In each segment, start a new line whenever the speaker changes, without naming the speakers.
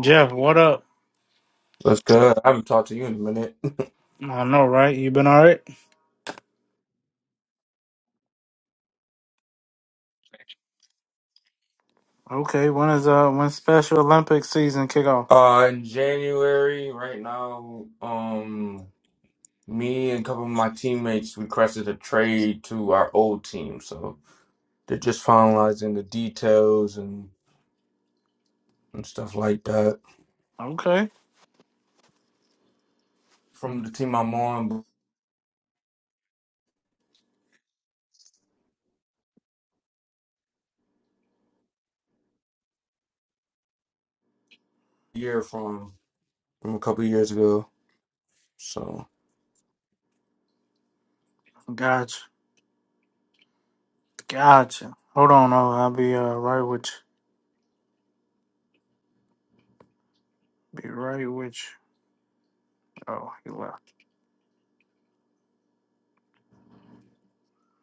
Jeff, what up?
That's good. I haven't talked to you in a minute.
I know, right? You been all right? Okay. When is uh when Special Olympics season kick off?
Uh, in January, right now, um, me and a couple of my teammates requested a trade to our old team, so they're just finalizing the details and, and stuff like that
Okay.
from the team I'm on, a year from from a couple of years ago. So.
Gotcha. Gotcha. Hold on, oh, I'll be uh right with you. Be right with you. Oh, he left.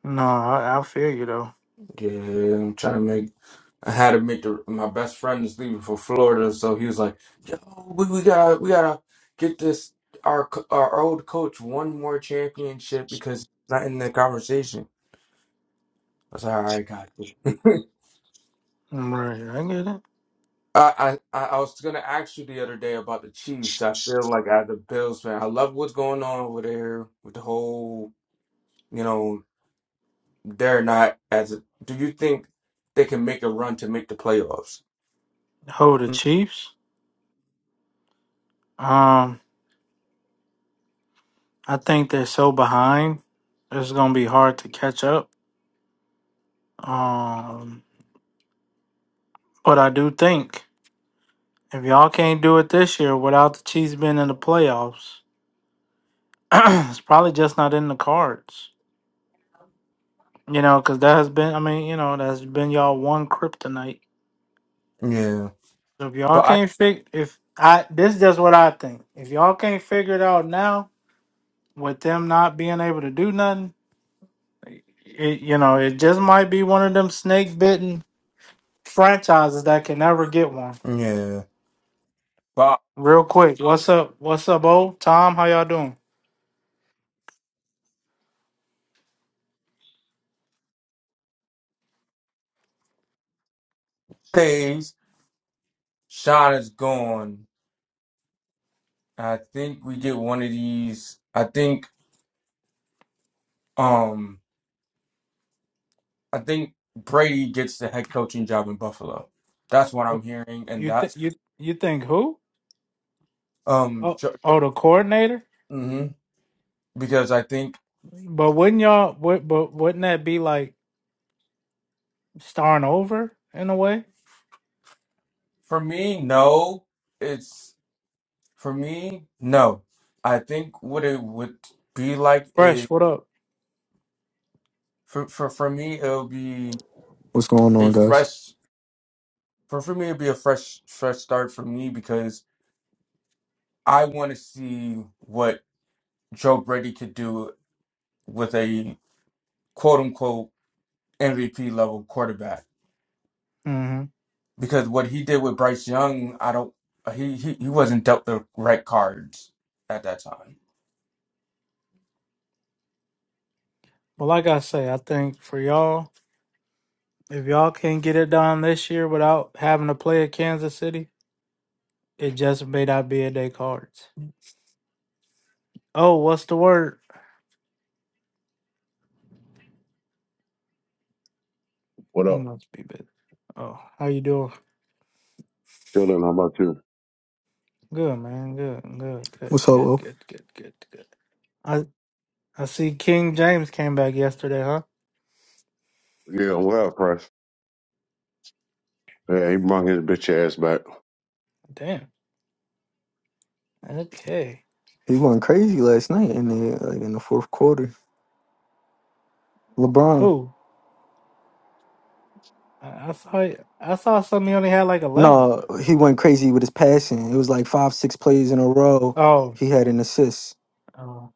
No, I, I feel you though.
Yeah, I'm trying to make. I had to make the my best friend is leaving for Florida, so he was like, "Yo, we, we gotta we gotta get this our co- our old coach one more championship because he's not in the conversation." I was like, "All right, got you."
Right, I get it.
I, I I was gonna ask you the other day about the Chiefs. I feel like I the Bills man. I love what's going on over there with the whole you know they're not as. Do you think they can make a run to make the playoffs?
Hold the Chiefs. Um, I think they're so behind. It's gonna be hard to catch up. Um, but I do think if y'all can't do it this year without the Chiefs being in the playoffs. it's probably just not in the cards, you know, because that has been, I mean, you know, that's been y'all one kryptonite.
Yeah,
So if y'all can't figure, if I, this is just what I think. If y'all can't figure it out now, with them not being able to do nothing, it, you know, it just might be one of them snake bitten franchises that can never get one.
Yeah. But
Real quick, what's up? What's up, old Tom? How y'all doing?
days, Sean is gone. I think we get one of these. I think um I think Brady gets the head coaching job in Buffalo. That's what I'm
Wh-
hearing, and
You think
that's
you you think who?
um
Oh, oh, the coordinator.
mm-hmm. because I think
But wouldn't y'all? would- But wouldn't that be like? starting over in a way.
for me, no, it's for me, no. I think what it would be like a
Fresh, what up?
for for, for me it'll be
What's going
a
on, guys?
fresh for, for me it would be a fresh fresh start for me because I want to see what Joe Brady could do with a quote unquote MVP level quarterback
hmm
because what he did with Bryce Young, I don't he he, he wasn't dealt the right cards at that time.
But like I say, I think for y'all, if y'all can't get it done this year without having to play at Kansas City, it just may not be a day cards. Oh, what's the word?
What
He
up?
must be busy. Oh, how you doing?
Chilling, how about you?
Good, man. Good, good, good,
What's up?
good,
Will?
good, good, good, good. I I see King James came back yesterday, huh?
Yeah, what up, well, Price. Yeah, he brought his bitch ass back.
Damn. Okay.
He went crazy last night in the like in the fourth quarter. LeBron,
Who? I, I saw I saw something he only had like eleven.
no, he went crazy with his passing. It was like five, six plays in a row.
Oh.
He had an assist.
Oh.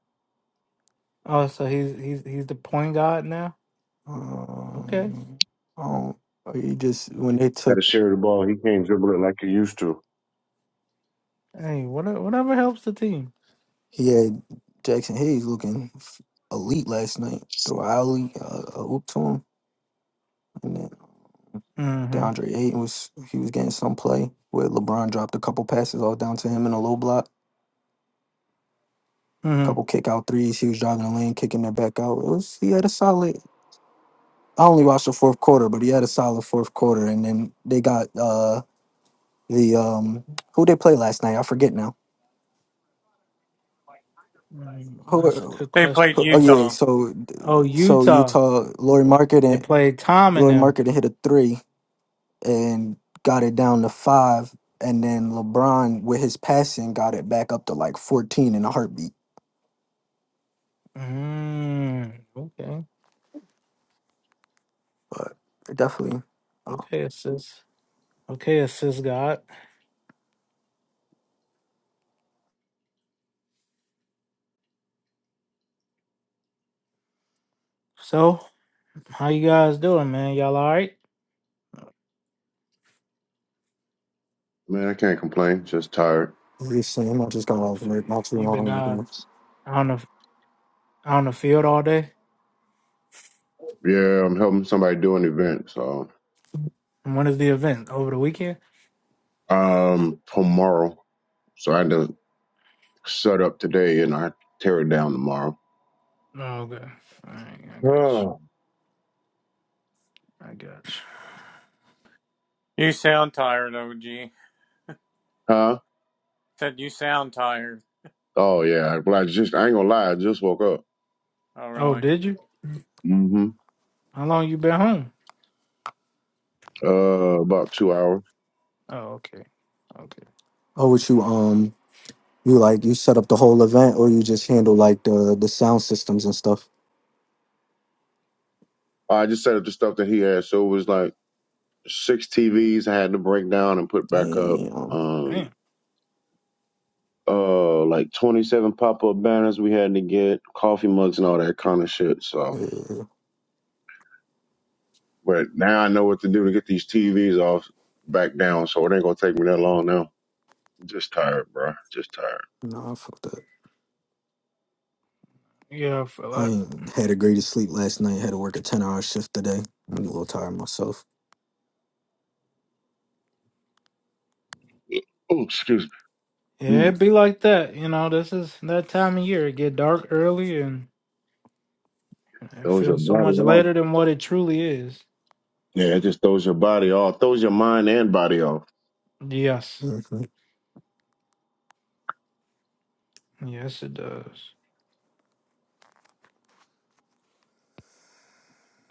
Oh, so he's he's he's the point guard now. Okay.
Um, I don't- he just when they
Had
took,
to share the ball. He can't dribble it like he used to.
Hey, whatever whatever helps the team.
he had Jackson Hayes looking f- elite last night. Threw a alley, uh, a hoop to him, and then
Mm-hmm.
DeAndre Ayton was he was getting some play where LeBron dropped a couple passes all down to him in a low block. couple
Mm-hmm.
kick out threes. He was driving the lane, kicking it back out. It was he had a solid. I only watched the fourth quarter, but he had a solid fourth quarter. And then they got uh the um who they play last night. I forget now.
Mm-hmm. That's a
Who?
good
They
question.
played
who oh
man.
yeah.
Utah.
So
Oh,
so
Utah.
Utah Lori Market
They
and
played Tom and
Lori
them.
Market hit a three and got it down to five. And then LeBron with his passing got it back up to like fourteen in a heartbeat.
Mm, okay.
But definitely. Uh,
Okay, assist. Okay, assist God. So, how you guys doing, man? Y'all all right?
Man, I can't complain. Just tired.
recently, i just got
Oh,
off
feel
work
you.
not too
You been
long
uh
ago.
on the on the field all day?
Yeah, I'm helping somebody do an event, so
And when is the event? Over the weekend?
um tomorrow. So I had to set up today and I tear it down tomorrow.
Oh, okay. All right, I got you.
Oh.
I got you.
You sound tired, OG.
Huh?
Said you sound tired.
Oh yeah. Well, I just I ain't gonna lie, I just woke up.
Oh,
Oh,
really?
did you?
Mm-hmm.
How long you been home?
Uh about two hours.
Oh, okay. Okay.
Oh, what you? um. You like you set up the whole event, or you just handle like the the sound systems and stuff.
I just set up the stuff that he had. So it was like six TVs I had to break down and put back up.
Damn.
Um.
Damn.
uh like 27 pop-up banners we had to get coffee mugs and all that kind of shit so
Yeah.
but now i know what to do to get these tvs off back down so it ain't gonna take me that long now just tired bro just tired
Nah, fuck that.
Yeah, I feel
I
that.
ain't had a greatest sleep last night. Had to work a ten hour shift today. I'm a little tired myself.
oh excuse me
Yeah,
mm,
it be like that. You know, this is that time of year. It get dark early and it
throws your
feels so
body
much
off
later than what it truly is.
yeah it just throws your body off throws your mind and body off
Yes.
hmm
Yes, it does.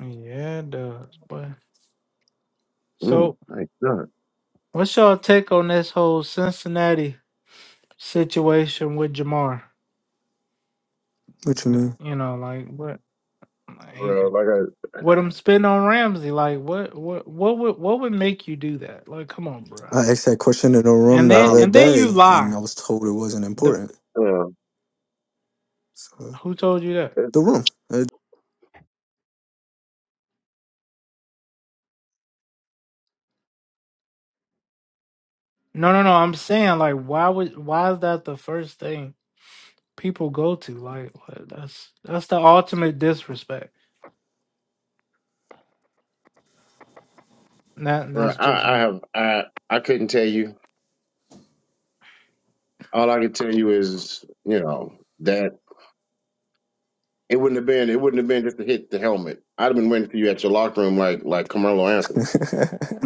Yeah, it does. But
mm,
so
nice done
what's y'all take on this whole Cincinnati situation with Jamar?
What you
Th-
mean?
You know, like what he,
bro like i
what I'm spitting on Ramsey, like what what what would what would make you do that? Like, come on, bro.
I asked that question in the room
And
the
i
then
other
don't
and then
like
day,
you
and
lie.
I was told it wasn't
The
important.
yeah
So
who told you that?
it's,
the room. It
No, no, no. I'm saying like why would why is that the first thing people go to? Like what- that's that's the ultimate disrespect. And That and
bro
that's just
i i
me.
have i i couldn't tell you all i could tell you is you know that. It wouldn't have been. It wouldn't have been just to hit the helmet. I'd have been waiting for you at your locker room, like like Carmelo Anthony.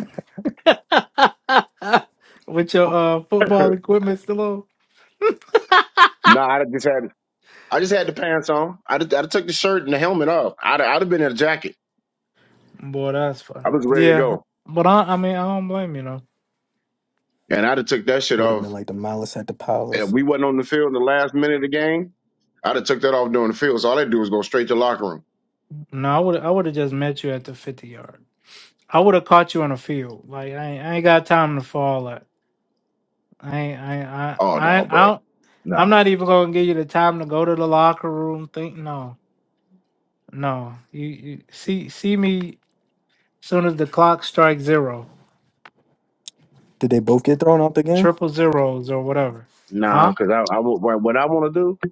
With your uh football equipment still on?
no, I just had. I just had the pants on. I'd have, I'd have took the shirt and the helmet off. I'd have, I'd have been in a jacket.
Boy, that's
I
funny.
was ready to
Yeah.
go,
But I I mean I don't blame you know.
and I'd have took that shit
would have been
off.
like the malice at the
If
palace.
we wasn't on the field in the last minute of the game, I'd have took that off during the field. So all I'd do was go straight to the locker room.
No, I would I would have just met you at the fifty yard. I would have caught you on the field. Like I ain't, I ain't got time to fall I ain't- I
Oh
I
no,
I I
bro,
don't, I'm
no,
not even gonna give you the time to go to the locker room. Think no, no. You, you see see me soon as the clock strikes zero,
Did they both get thrown out the game?
triple zeros or whatever,
no,
huh?
because I, I wa- what what I want to do,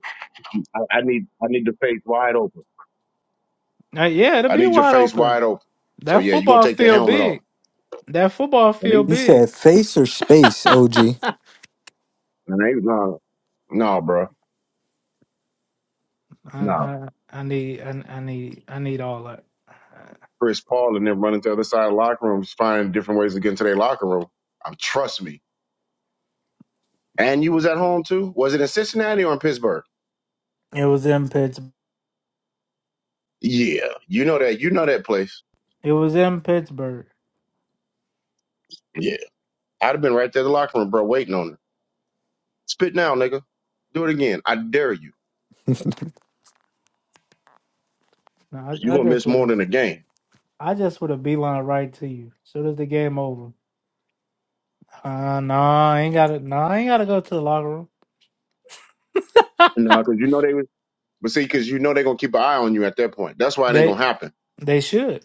I, I need I need the face wide open.
Uh, yeah, it'll
I
be
need your
wide
face wide
open.
open. So
That
yeah, you're gonna
football
take that
field
helmet off.
big. That football field
You said
big.
face or space,
I
OG?
And they no, no, bro, no.
I, I need I, I need I need all that.
Chris Paul and them running to the other side of the locker rooms, finding different ways to get into their locker room. Um, trust me. And you was at home too. Was it in Cincinnati or in Pittsburgh?
It was in Pittsburgh.
Yeah, you know that. You know that place.
It was in Pittsburgh.
Yeah, I'd have been right there in the locker room, bro, waiting on her. Spit now, nigga. Do it again. I dare you.
No,
You
I, I
gonna
just
miss
would
more
have
than a game.
I just would have beeline right to you soon as the game over. Uh, no, I ain't gotta. No, I ain't gotta go to the locker room.
No, because you know they was. But see, because you know they gonna keep an eye on you at that point. That's why it ain't gonna
They
happen.
they should.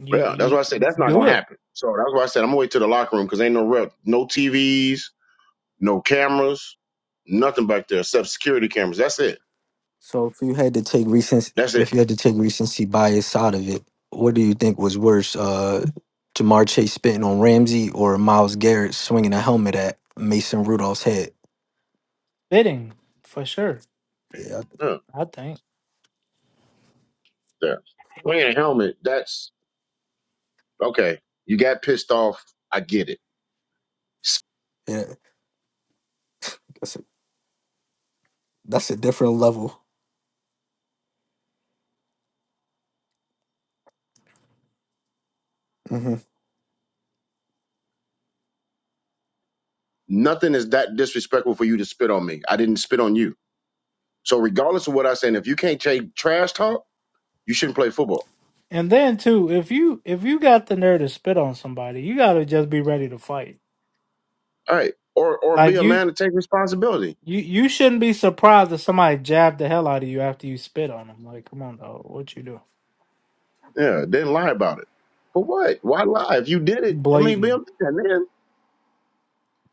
You
Yeah, that's
you
why I said that's not
do
gonna
it
happen. So that's why I said I'm gonna wait to the locker room because ain't no rep, no TVs, No cameras, nothing back there except security cameras. That's it.
So if you had to take recent,
That's it.
if you had to take recency bias out of it, what do you think was worse, uh, Jamar Chase spitting on Ramsey or Miles Garrett swinging a helmet at Mason Rudolph's head?
fitting for sure.
Yeah,
Huh,
I think.
yeah. Wearing a helmet, that's okay. You got pissed off. I get it. S-
yeah, that's a, that's a different level. hmm
Nothing is that disrespectful for you to spit on me. I didn't spit on you. So regardless of what I say, and if you can't take trash talk, you shouldn't play football.
And then too, if you if you got the nerve to spit on somebody, you gotta just be ready to fight.
All right. Or or be
Like
a
you
man to take responsibility.
you you shouldn't be surprised if somebody jabbed the hell out of you after you spit on them. Like, come on, dog, what you do?
Yeah, then lie about it. For what? Why lie? If you did it, I mean, be a
Blatant.
man, man.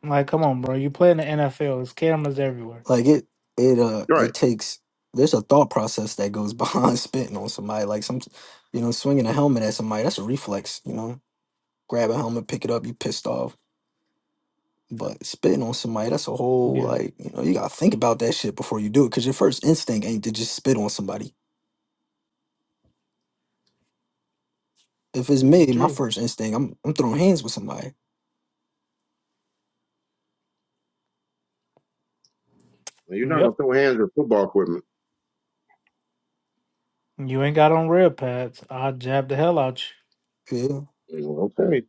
Like, come on, bro. You play in the NFL. There's cameras everywhere.
Like it, it, uh,
Right.
it takes. There's a thought process that goes behind spitting on somebody. Like some, you know, swinging a helmet at somebody. That's a reflex. You know, grab a helmet, pick it up. You pissed off But spitting on somebody, that's a whole
Yeah,
like, you know, you gotta think about that shit before you do it. Cause your first instinct ain't to just spit on somebody. If it's me, my
true.
first instinct, I'm I'm throwing hands with somebody.
Well, You're not gonna
Yep.
throw hands at football equipment.
You ain't got on red pads. I jab the hell out you.
Yeah.
Well, Okay.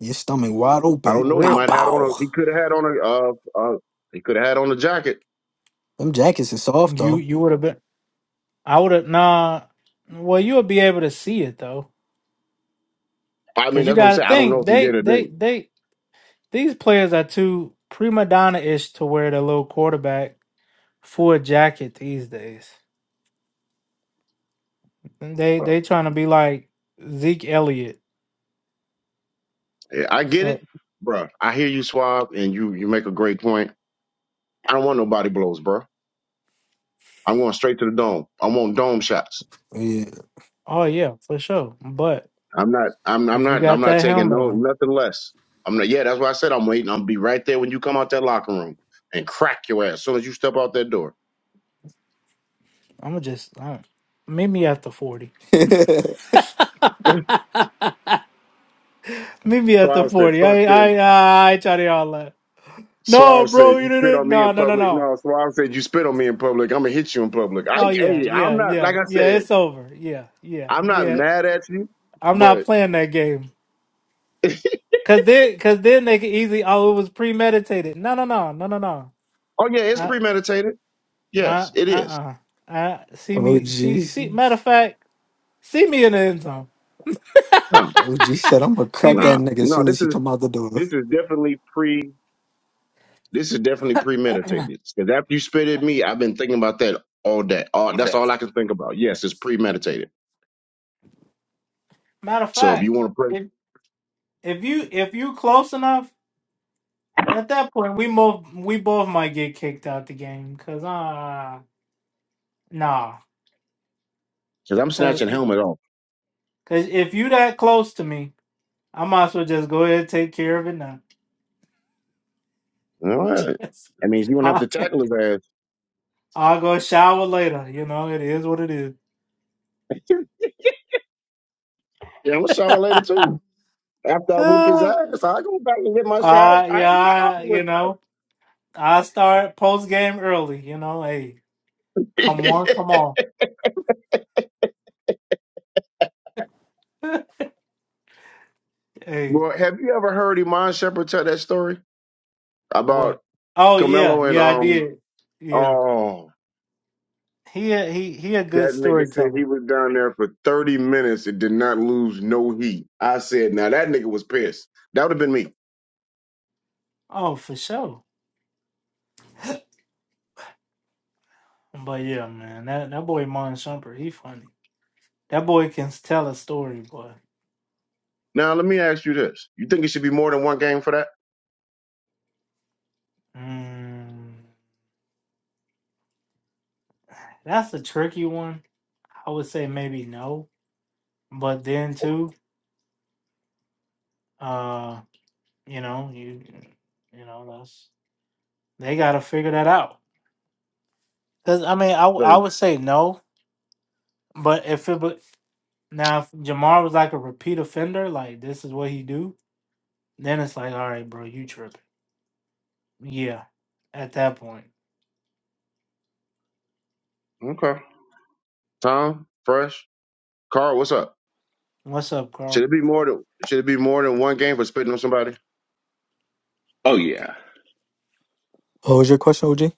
Your stomach wide
I
open.
don't know. He
Bow
Rip,
might have had on
bow.
a. He could have had on a. Uh, uh, he could have had on a jacket.
Them jackets is soft
you
though.
you would have been. I would have nah. Well, you would be able to see it though,
I mean,
because you
that's what I'm
got to
saying. I don't know
think
if he did
they
or
they
didn't.
they these players are too prima donna ish to wear the little quarterback full jacket these days. They
Well,
they trying to be like Zeke Elliott.
yeah, I get it,
So
bruh. I hear you, Swab, and you you make a great point. I don't want no body blows, bruh. I'm going straight to the dome. I want dome shots.
Yeah.
oh yeah, for sure. But
I'm not. I'm. I'm
if you
not. I'm
got
not
that
taking
helmet
no
on,
nothing less. I'm not. Yeah, that's why I said I'm waiting. I'll be right there when you come out that locker room and crack your ass as soon as you step out that door.
I'm gonna just uh, meet me at the forty. Meet me at the
Swab said,
forty.
"Fuck
I
this."
I I, I try to y'all that. No,
Suave
bro,
said,
you
"You spit
didn't.
on me
No,
in
no, no,
public."
no.
No, Suave said, "You spit on me in public. I'm gonna hit you in public." I,
Oh yeah,
hey, I'm
yeah,
not like
yeah,
I
yeah.
said.
It's over. Yeah, yeah,
I'm not
yeah.
mad at you,
I'm not
but
playing that game.
oh
Cause then, cause then they could easily. Oh, it was premeditated. No, no, no, no, no, no.
yeah, it's
I,
premeditated.
I, uh,
Yes, it is.
uh. I see
oh
me. See,
geez.
see. Matter of fact, see me in the end zone.
No,
OG said I'm gonna
See
crack that
nah,
me.
nigga as
no.
soon
This
as he
is
come out the door.
this is definitely pre. This is definitely premeditated. Because after you spit at me, I've been thinking about that all day. All that's all I can think about. Yes, it's premeditated.
Matter of
So if
fact,
you want to press,
if if you if you close enough, at that point we both we both might get kicked out the game. Cause uh, nah.
because I'm
Cause
snatching helmet off.
cause if you that close to me. I might as well just go ahead and take care of it now.
All right. That means you won't have
I,
to tackle his ass.
I'll go shower later. You know, it is what it is.
yeah, I'm gonna shower later too. After I whoop his ass, I go back and get
Uh,
my shot.
uh,
I
yeah,
ain't no
I,
problem with
you know, I start post game early. You know, hey, come on,
that.
come on. hey,
well, have you ever heard Iman Shepherd tell that story
what?
about
Oh yeah,
Camelo and
yeah, I
um?
did. Yeah,
Oh,
he a- he he a
that
good
nigga said he
storyteller.
was down there for thirty minutes and did not lose no heat. I said, now that nigga was pissed. That would have been me.
Oh, for sure. But yeah, man, that that boy Mon Shumpert, he funny. That boy can tell a story, boy.
Now let me ask you this: You think it should be more than one game for that?
Mm. That's a tricky one. I would say maybe no, but then too, uh, you know, you, you know, that's they got to figure that out. Cause I mean, I w- I would say no, but if it but now if Jamar was like a repeat offender, like this is what he do, then it's like, all right, bro, you tripping? Yeah, at that point,
Okay. Tom, Fresh, Carl, what's up?
what's up,
Should
Carl?
it be more than Should it be more than one game for spitting on somebody?
Oh yeah,
What was your question, OG?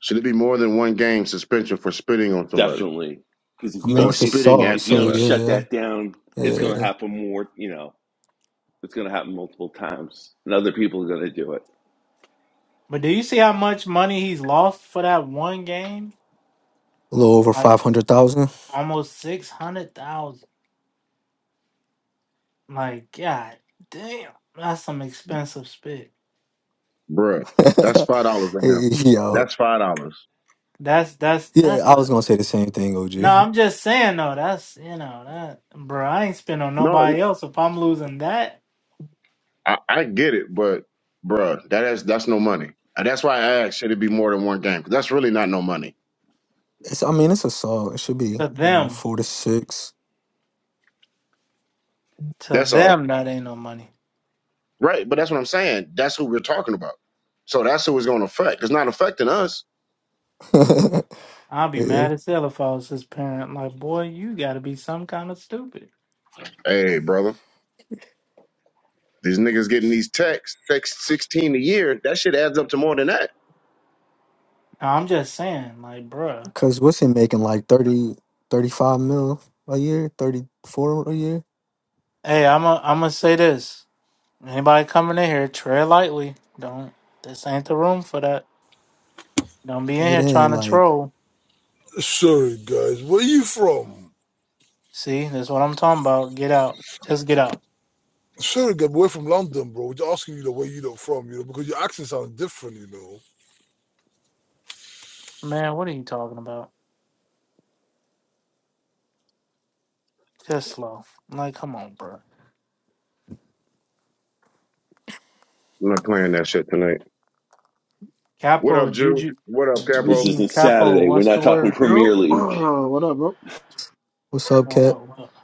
Should it be more than one game suspension for spitting on somebody
definitely. Because if
I
you
mean
or
don't
it's
if
spitting
assault,
at
if you
so
don't
somebody?
shut
yeah.
that down,
Yeah.
it's going to happen more. You know, it's going to happen multiple times, and other people are going to do it.
But do you see how much money he's lost for that one game?
A little over
Like
five hundred thousand.
almost six hundred thousand. Like, god damn, that's some expensive spit.
Bruh, that's five dollars a him.
Yo.
That's five dollars.
That's that's
Yeah,
that's
I was
a
gonna say the same thing, OG.
no. I'm just saying though. That's you know that bro. I ain't spend on
No,
nobody else. If I'm losing that
I, I get it, but bruh, that is that's no money. And that's why I asked, should it be more than one game? 'Cause that's really not no money.
It's, I mean, it's a song. It should be,
to
you know,
them,
four to six.
to
That's all.
them that ain't no money.
Right, but that's what I'm saying. That's who we're talking about. So that's who it's going to affect. It's not affecting us.
yeah.
I'll be mad as hell if I was his parent. Like, boy, you got to be some kind of stupid.
Hey, brother, these niggas getting these texts, text 16 a year. That shit adds up to more than that.
No, I'm just saying, like, bruh.
Cause what's he making like 30, 35 mil a year, 34 a year?
Hey, I'm a, I'm gonna say this. Anybody coming in here, tread lightly. Don't. This ain't the room for that. Don't be in
It
here
ain't
trying to
like,
troll.
Sorry, guys. Where you from?
See, that's what I'm talking about. Get out. Just get out.
Sorry, guys. We're from London, bro. We're just asking you know where you know from, you know, because your accent sounds different, you know.
Man, what are you talking about? Just slow. I'm like, come on, bro.
I'm not playing that shit tonight. What up,
Capo,
Jew?
Juju,
What up, Capo?
This
Juju,
isn't
Capo,
Saturday. We're
what's the
not talking
word?
Yo,
Premier League
what up, bro?
what's up,
What
Cap?
up, what up?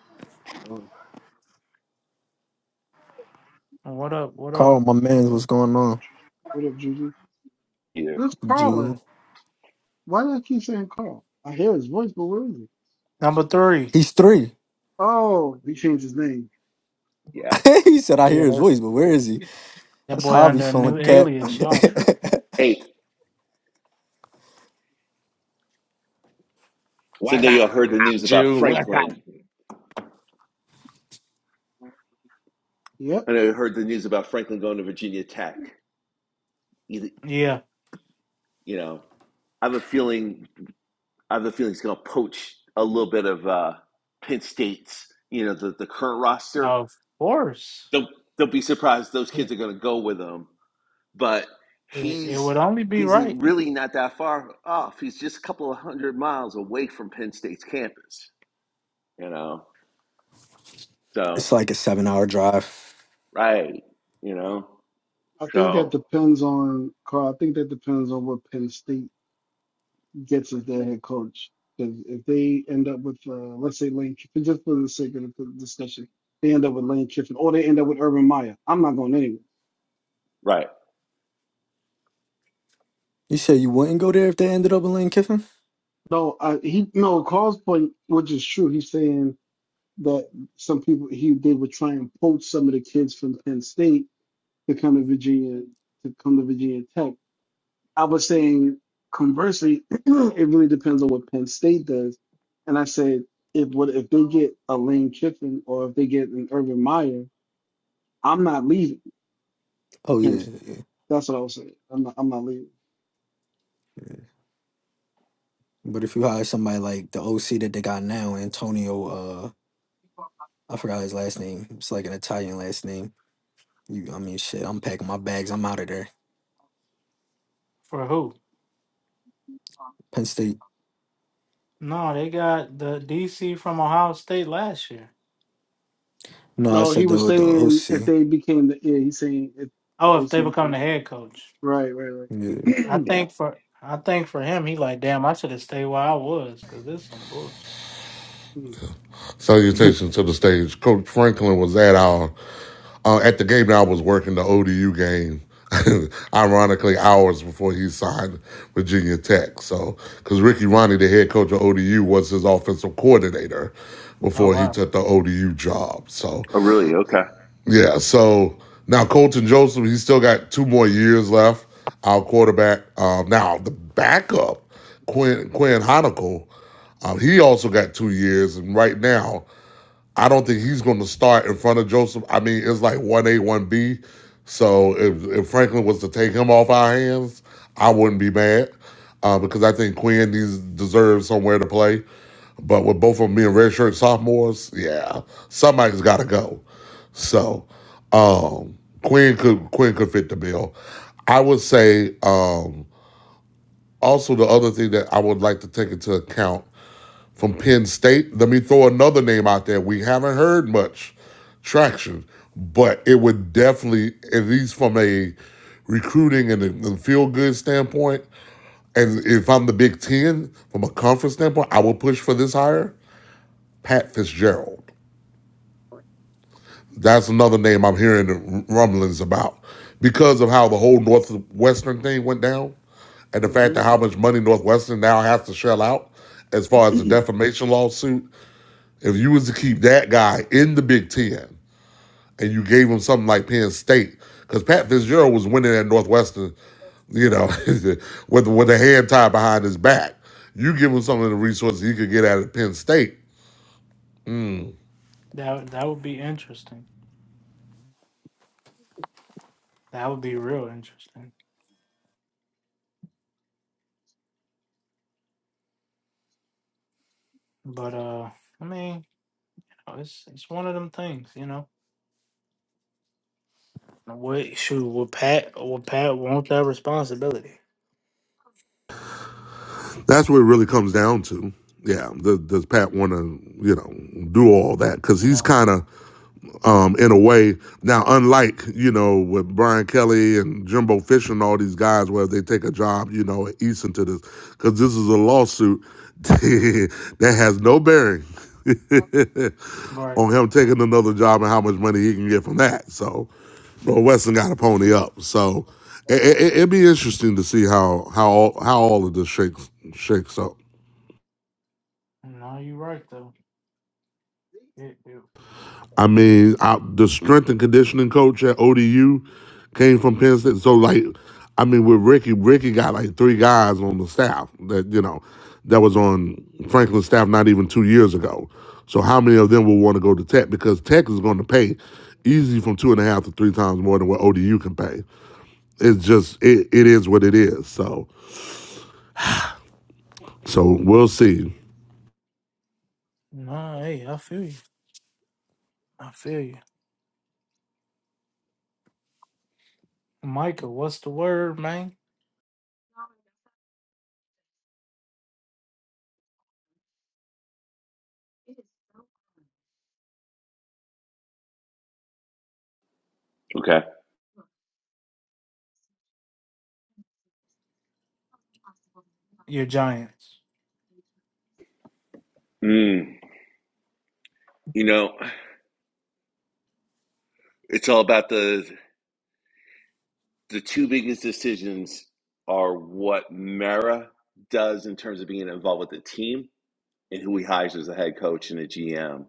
Oh,
What up, what
Carl,
up?
my man, what's going on?
What up, Juju?
either.
Where's Carl at?
Jew.
Why do I keep saying Carl? I hear his voice, but where is he?
Number three.
He's three.
Oh, he changed his name.
Yeah.
he said, I
Look
hear
at
his
that,
voice, but where is he?
that
That's
boy
how I be
under a
feeling,
new
Cap.
alias. Y'all tripping.
Hey, so
What's
now
up,
y'all heard the news about
Jew? What's up?
Franklin.
Yep.
I know you heard the news about Franklin going to Virginia Tech. You,
Yeah,
you know, I have a feeling. I have a feeling he's going to poach a little bit of uh, Penn State's. You know, the the current roster
of course.
they'll they'll be surprised those kids
It,
are going to go with him. But
it
he's
would only be
he's
right
really not that far off. He's just a couple of hundred miles away from Penn State's campus. You know, so
it's like a seven hour drive.
right, you know,
I think that
so
depends on Carl. I think that depends on what Penn State gets as their head coach. Because if they end up with, uh, let's say Lane Kiffin, just for the sake of the discussion, they end up with Lane Kiffin, or they end up with Urban Meyer. I'm not going anywhere.
right,
You said you wouldn't go there if they ended up in Lane Kiffin?
No, uh, he no. Carl's point, which is true, he's saying that some people he they would try and poach some of the kids from Penn State to come to Virginia to come to Virginia Tech. I was saying conversely, it really depends on what Penn State does. And I said if what if they get a Lane Kiffin or if they get an Urban Meyer, I'm not leaving
Oh,
Penn
yeah. yeah,
State.
yeah.
That's what I was saying. I'm not I'm not leaving.
But if you hire somebody like the OC that they got now, Antonio, uh, I forgot his last name. It's like an Italian last name. You, I mean, shit. I'm packing my bags. I'm out of there.
for who?
Penn State.
No, they got the DC from Ohio State last year.
No, I
No, he
said
was
the the
saying if
OC.
they became the yeah, he's saying if the
Oh, if
OC
they become the
became
head coach.
right, right,
Yeah.
I
right.
yeah.
think for I think for him, he like, damn, I should have stayed where I was because this some bullshit.
Salutations to the stage. Coach Franklin was at our uh, at the game that I was working the ODU game. Ironically, hours before he signed Virginia Tech. So, because Ricky Ronnie, the head coach of ODU, was his offensive coordinator
Oh
before he
wow,
took the ODU job. So,
Oh, really? Okay,
yeah. So now Colton Joseph, he's still got two more years left. Our quarterback. Um, now the backup Quinn Quinn Honicle. Um, he also got two years, and right now I don't think he's going to start in front of Joseph. I mean, it's like one A, one B. So if, if Franklin was to take him off our hands, I wouldn't be mad uh, because I think Quinn needs deserves somewhere to play. But with both of them being redshirt sophomores, yeah, somebody's got to go. So um, Quinn could Quinn could fit the bill. I would say um, also the other thing that I would like to take into account from Penn State. Let me throw another name out there. We haven't heard much traction, but it would definitely, at least from a recruiting and a feel good standpoint, and if I'm the Big Ten from a conference standpoint, I would push for this hire. Pat Fitzgerald. That's another name I'm hearing rumblings about because of how the whole Northwestern thing went down and the fact that how much money Northwestern now has to shell out as far as the
mm-hmm.
defamation lawsuit If you was to keep that guy in the Big Ten and you gave him something like Penn State, because Pat Fitzgerald was winning at Northwestern, you know, with with a hand tied behind his back. You give him some of the resources he could get out of Penn State.
that that would be interesting. That would be real interesting. But uh, I mean, it's it's one of them things, you know. What shoot? will Pat? will Pat want that responsibility?
That's what it really comes down to. Yeah, does, does Pat want to, you know, do all that? Because
You
he's
know,
kind of um, in a way. Now, unlike you know with Brian Kelly and Jimbo Fisher and all these guys, where they take a job, you know, at Easton to this, because this is a lawsuit that has no bearing
right?
on him taking another job and how much money he can get from that. So, bro, Weston got a pony
True.
up. So, it, it, it'd be interesting to see how how all, how all of this shakes shakes up.
No, you right though. It, it,
I mean, I, the strength and conditioning coach at ODU came from Penn State. So, like, I mean, with Ricky, Ricky got like three guys on the staff that you know that was on Franklin's staff not even two years ago. So, how many of them will want to go to Tech because Tech is going to pay easy from two and a half to three times more than what ODU can pay. It's just it, it is what it is. So, so we'll see.
nah, hey, I feel you. I feel you, Micah. What's the word, man?
okay.
Your Giants.
Mm, you know, it's all about the the two biggest decisions are what Mara does in terms of being involved with the team and who he hires as a head coach and a GM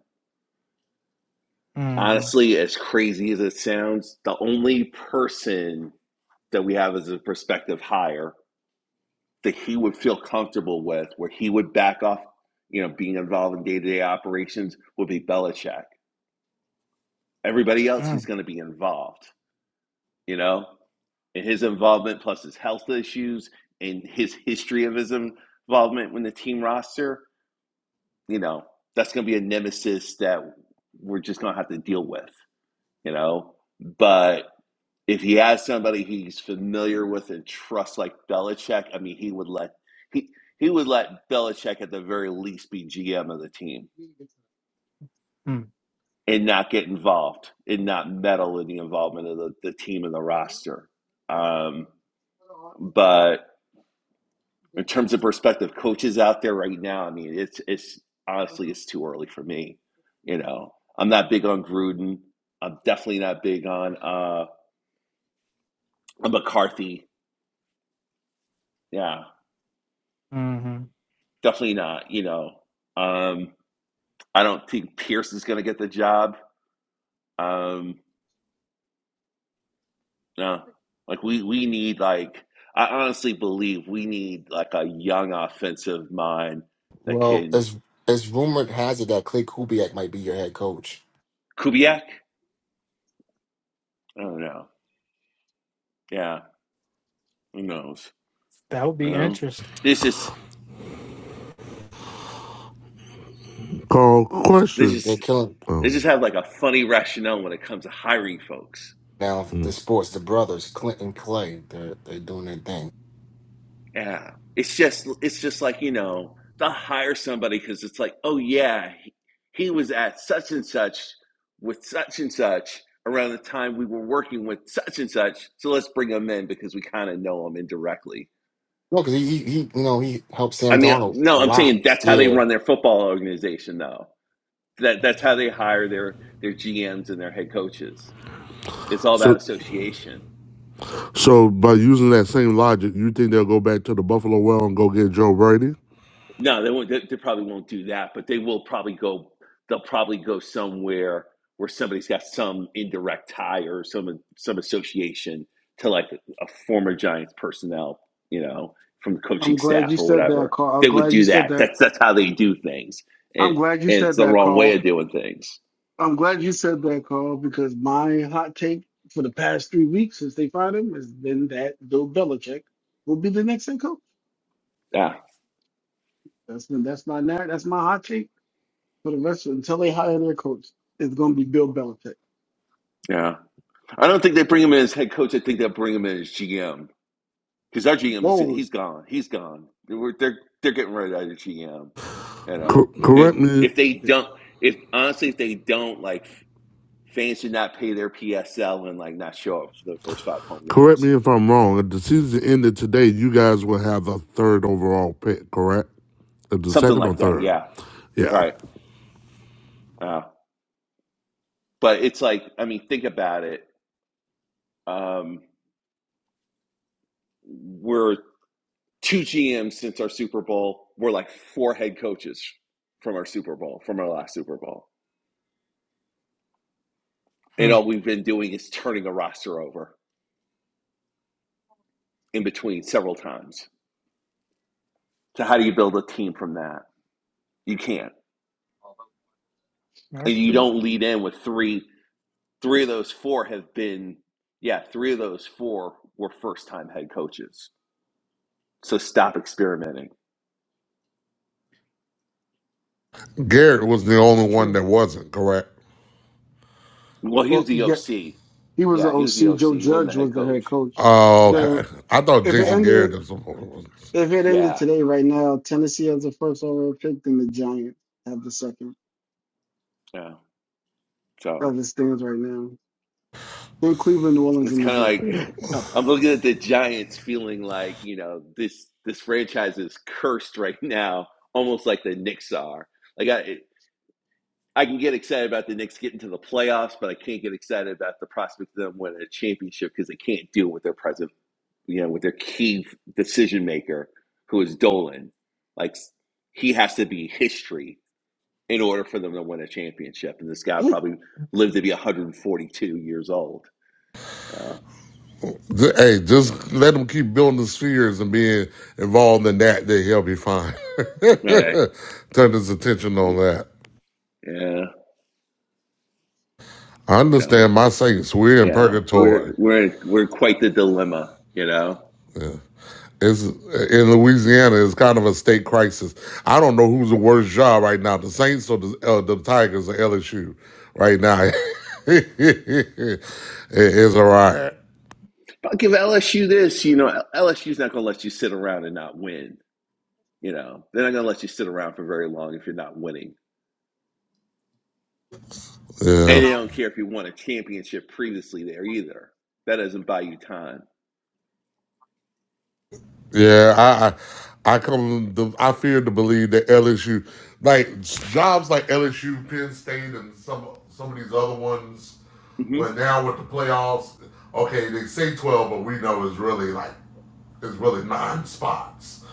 Mm-hmm.
honestly, as crazy as it sounds, the only person that we have as a prospective hire that he would feel comfortable with, where he would back off, you know, being involved in day to day operations, would be Belichick. Everybody else, he's going to be involved, you know, and his involvement plus his health issues and his history of his involvement with the team roster, you know, that's going to be a nemesis that we're just going to have to deal with, you know, but if he has somebody he's familiar with and trusts like Belichick, I mean, he would let he he would let Belichick at the very least be GM of the team
Mm-hmm.
and not get involved and not meddle in the involvement of the, the team and the roster. Um, but in terms of prospective coaches out there right now, I mean, it's it's honestly it's too early for me. You know, I'm not big on Gruden. I'm definitely not big on uh, McCarthy. Yeah,
Mm-hmm.
definitely not. You know. Um, I don't think Pierce is going to get the job. Um, no, like we we need like I honestly believe we need like a young offensive mind that
Well,
can
as as rumored has it that Clay Kubiak might be your head coach.
Kubiak. I don't know. Yeah, who knows?
That would
You
be
know,
interesting.
this is
Carl,
this
questions.
They're
is
killing
they
Oh,
just have like a funny rationale when it comes to hiring folks.
now the
Mm.
sports, the brothers, Clint and Clay. They're they're doing their thing.
Yeah. It's just it's just like, you know, they'll hire somebody because it's like, oh yeah, he, he was at such and such with such and such around the time we were working with such and such. So let's bring him in because we kind of know him indirectly.
No, because he, he he you know he helped
I
Sam
mean,
Donald a
no, I'm
lot.
saying that's how they
Yeah.
run their football organization though. That that's how they hire their their GMs and their head coaches. It's all about
so
association.
So by using that same logic, you think they'll go back to the Buffalo well and go get Joe Brady?
No, they won't. They, they probably won't do that, but they will probably go. They'll probably go somewhere where somebody's got some indirect tie or some some association to like a former Giants personnel, you know, from the
I'm
coaching
glad
staff
you
or
said that,
whatever.
Carl. I'm
They would
glad you
do
said
that.
that.
That's that's how they do things, and
I'm glad you
and it's
said
the
that,
wrong way
Carl.
of doing things.
I'm glad you said that, Carl, because my hot take for the past three weeks since they fired him has been that Bill Belichick will be the next head coach.
Yeah,
That's been that's my narr- that's my hot take for the rest of until they hire their coach. It's going to be Bill Belichick.
yeah. I don't think they bring him in as head coach. I think they'll bring him in as GM. because our GM is
Whoa,
he's gone. He's gone. They're they're, they're getting rid of their GM. You know,
Co-
I
it,
correct
mean,
me,
if they don't, if honestly, if they don't, like fans should not pay their PSL and like not show up for the first five home
correct
games,
me if I'm wrong. If the season ended today, you guys will have the third overall pick, correct? Uh, The
something
second or
like that.
third?
Yeah,
Yeah.
right. Uh, but it's like, I mean, think about it. Um, we're two GMs since our Super Bowl. We're like four head coaches from our Super Bowl, from our last Super Bowl, and
Hmm.
all we've been doing is turning a roster over in between several times. So how do you build a team from that? You can't.
That's
And you
true.
don't lead in with three three of those four have been yeah, three of those four were first time head coaches. So stop experimenting.
Garrett was the only
That's
one
true.
that wasn't correct.
Well, he was
well,
the
yeah,
OC.
he was the
Yeah, he was the
OC.
OC.
Joe
He wasn't the
Judge
head
was the
coach.
head coach.
Oh,
Yeah,
The
okay. I thought
if it
yeah,
Jason
ended.
Garrett was. was-
If it ended
yeah,
today, right now, Tennessee has the first overall pick, and the Giants have the second.
yeah. So
That it stands right now. Then Cleveland, New Orleans,
it's
and the
kind of
Jets.
like
Top five.
I'm looking at the Giants, feeling like you know this this franchise is cursed right now, almost like the Knicks are. Like I, I can get excited about the Knicks getting to the playoffs, but I can't get excited about the prospect of them winning a championship because they can't deal with their present, you know, with their key decision maker, who is Dolan. Like he has to be history in order for them to win a championship, and this guy
Damn.
probably lived to be 142 years old. Uh,
Hey, just let him keep building the spheres and being involved in that. Then he'll be fine.
right?
Turn his attention on that.
Yeah.
I understand
So
my saints. We're in
yeah,
purgatory.
we're we're we're quite the dilemma, you know.
It's in Louisiana. It's kind of a state crisis. I don't know who's the worst job right now, the Saints or the uh, the Tigers or LSU right now. it is a riot.
But I'll give LSU this, you know, LSU's not going to let you sit around and not win You know, they're not going to let you sit around for very long if you're not winning.
Yeah,
And they don't care if you won a championship previously there either. That doesn't buy you time.
yeah. I I, I come. To, I fear to believe that LSU, like jobs like LSU, Penn State, and some some of these other ones.
hmm
Well, now with the playoffs, okay, they say twelve, but we know it's really like It's really nine spots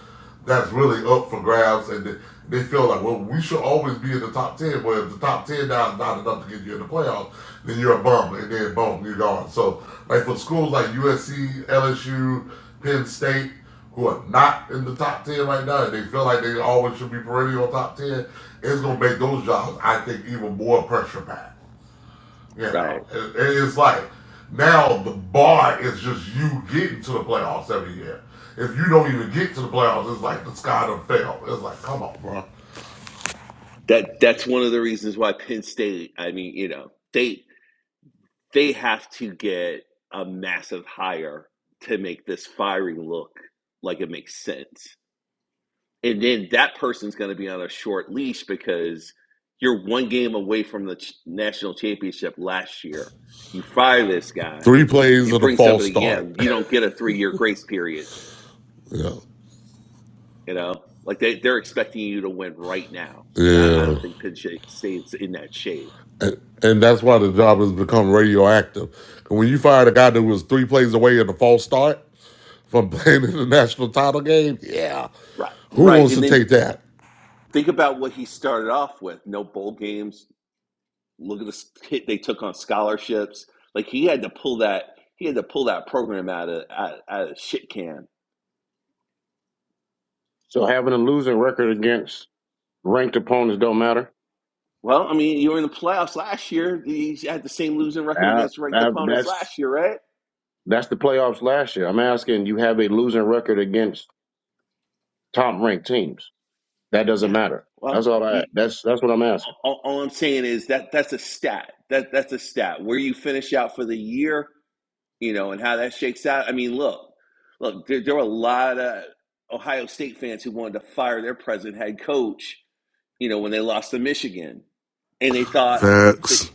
that's really up for grabs, and they, they feel like, well, we should always be in the top ten. Well, if the top ten now is not enough to get you in the playoffs, then you're a bum, and then boom, you're gone. So, like for schools like USC, LSU, Penn State, who are not in the top ten right now, and they feel like they always should be perennial top ten, it's gonna make those jobs, I think, even more pressure packed you
Right.
know, it, it's like now the bar is just you getting to the playoffs every year. If you don't even get to the playoffs, it's like the sky done fell. It's like, come on, bro.
That that's one of the reasons why Penn State. I mean, you know, they they have to get a massive hire to make this firing look like it makes sense. And then that person's going to be on a short leash because you're one game away from the ch- national championship last year. You fire this guy,
Three plays
You
and a
bring
false
somebody in,
start.
you don't get a three year grace period.
yeah,
You know, like they they're expecting you to win right now, and I, I
yeah,
don't think Pinche stays in that shape.
and that's why the job has become radioactive. And when you fired a guy that was three plays away and a false start from playing in the national title game, yeah,
Right,
who
right,
wants
and
to
then
take that?
think about what he started off with: no bowl games. Look at the hit they took on scholarships. Like he had to pull that he had to pull that program out of out, out of shit can.
So having a losing record against ranked opponents don't matter.
Well, I mean, you were in the playoffs last year. You had the same losing record
I,
against ranked
I,
opponents
that's
last year, right?
that's the playoffs last year. I'm asking you have a losing record against top ranked teams. That doesn't
Yeah.
matter. That's
Well,
all I.
you,
That's that's what I'm asking.
all, all I'm saying is that that's a stat. That that's a stat. Where you finish out for the year, you know, and how that shakes out. I mean, look, look, there, there were a lot of Ohio State fans who wanted to fire their president, head coach, you know, when they lost to Michigan, and they thought that
Facts.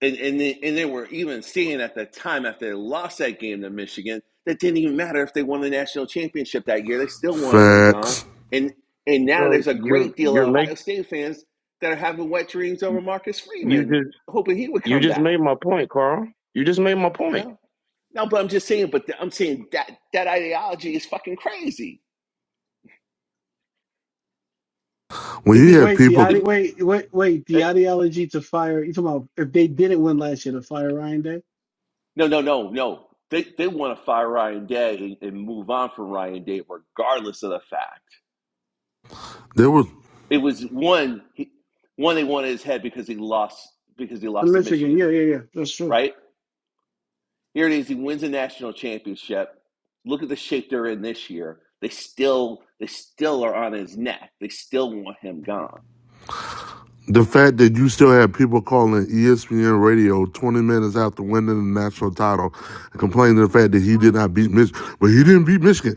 and and they, and they were even seeing at the time after they lost that game to Michigan that didn't even matter if they won the national championship that year. They still wanted them gone.
Facts.
And and now
So
there's a
you're
great deal
you're
of
make
Ohio State fans that are having wet dreams over Marcus
you
Freeman,
just
hoping he would
you
come
just made
back.
my point, Carl. You just made my
You
point.
know? No, but I'm just saying. But th- I'm saying that that ideology is fucking crazy.
When
If
you
he,
had
Wait, the
people,
if
ide- wait, wait, wait.
uh,
The ideology to fire. You talking about if they didn't win last year to fire Ryan Day?
no, no, no, no, they they want to fire Ryan Day and, and move on from Ryan Day, regardless of the fact.
there was
It was one. He, one they wanted his head because he lost because he
To
lost to
Michigan, yeah,
Michigan.
yeah, yeah. That's true.
Right here it is. He wins a national championship. Look at the shape they're in this year. They still they still are on his neck. They still want him gone.
The fact that you still have people calling ESPN radio 20 minutes after winning the national title and complaining the fact that he did not beat Michigan, but he didn't beat Michigan.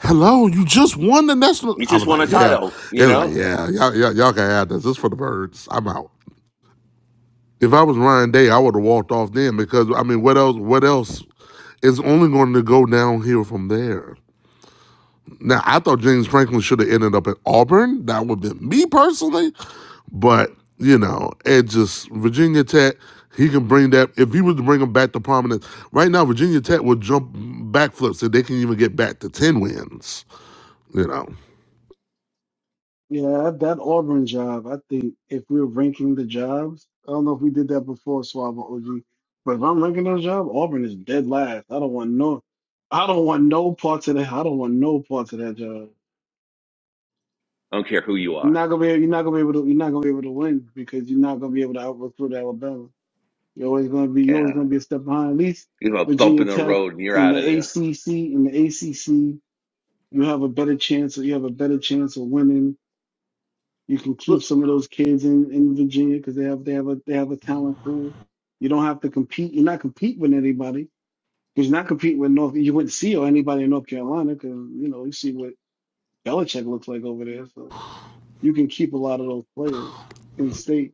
Hello, you just won the national.
He
I
just
was
won
like,
a
yeah.
title.
It
You
was like,
know.
yeah, y'all, y'all, y'all can have this. This is for the birds. I'm out. If I was Ryan Day, I would have walked off then because I mean, what else? What else? It's only going to go downhill from there. Now, I thought James Franklin should have ended up at Auburn. That would have been me personally. But, you know, it just, Virginia Tech, he can bring that. If he was to bring him back to prominence, right now, Virginia Tech would jump backflips if they can even get back to 10 wins, you know.
Yeah, that Auburn job, I think if we're ranking the jobs, I don't know if we did that before, Swab or OG, but if I'm ranking those jobs, Auburn is dead last. I don't want no, I don't want no parts of that. I don't want no parts of that job.
I don't care who you
You're
are.
not gonna be, you're not gonna be able to, you're not gonna be able to win because you're not gonna be able to out recruit Alabama. You're always gonna be, you're always
Yeah,
gonna be a step behind. At least
you have a bump
Virginia
in the
Tech
road and you're
in the
out of there.
ACC, in the ACC, you have a better chance, you have a better chance of winning You can
Look,
keep some of those kids in, in Virginia because they have they have a they have a talent pool. You don't have to compete. You're not competing with anybody because you're not competing with North. You wouldn't see or anybody in North Carolina because you know you see what Belichick looks like over there. So you can keep a lot of those players in state.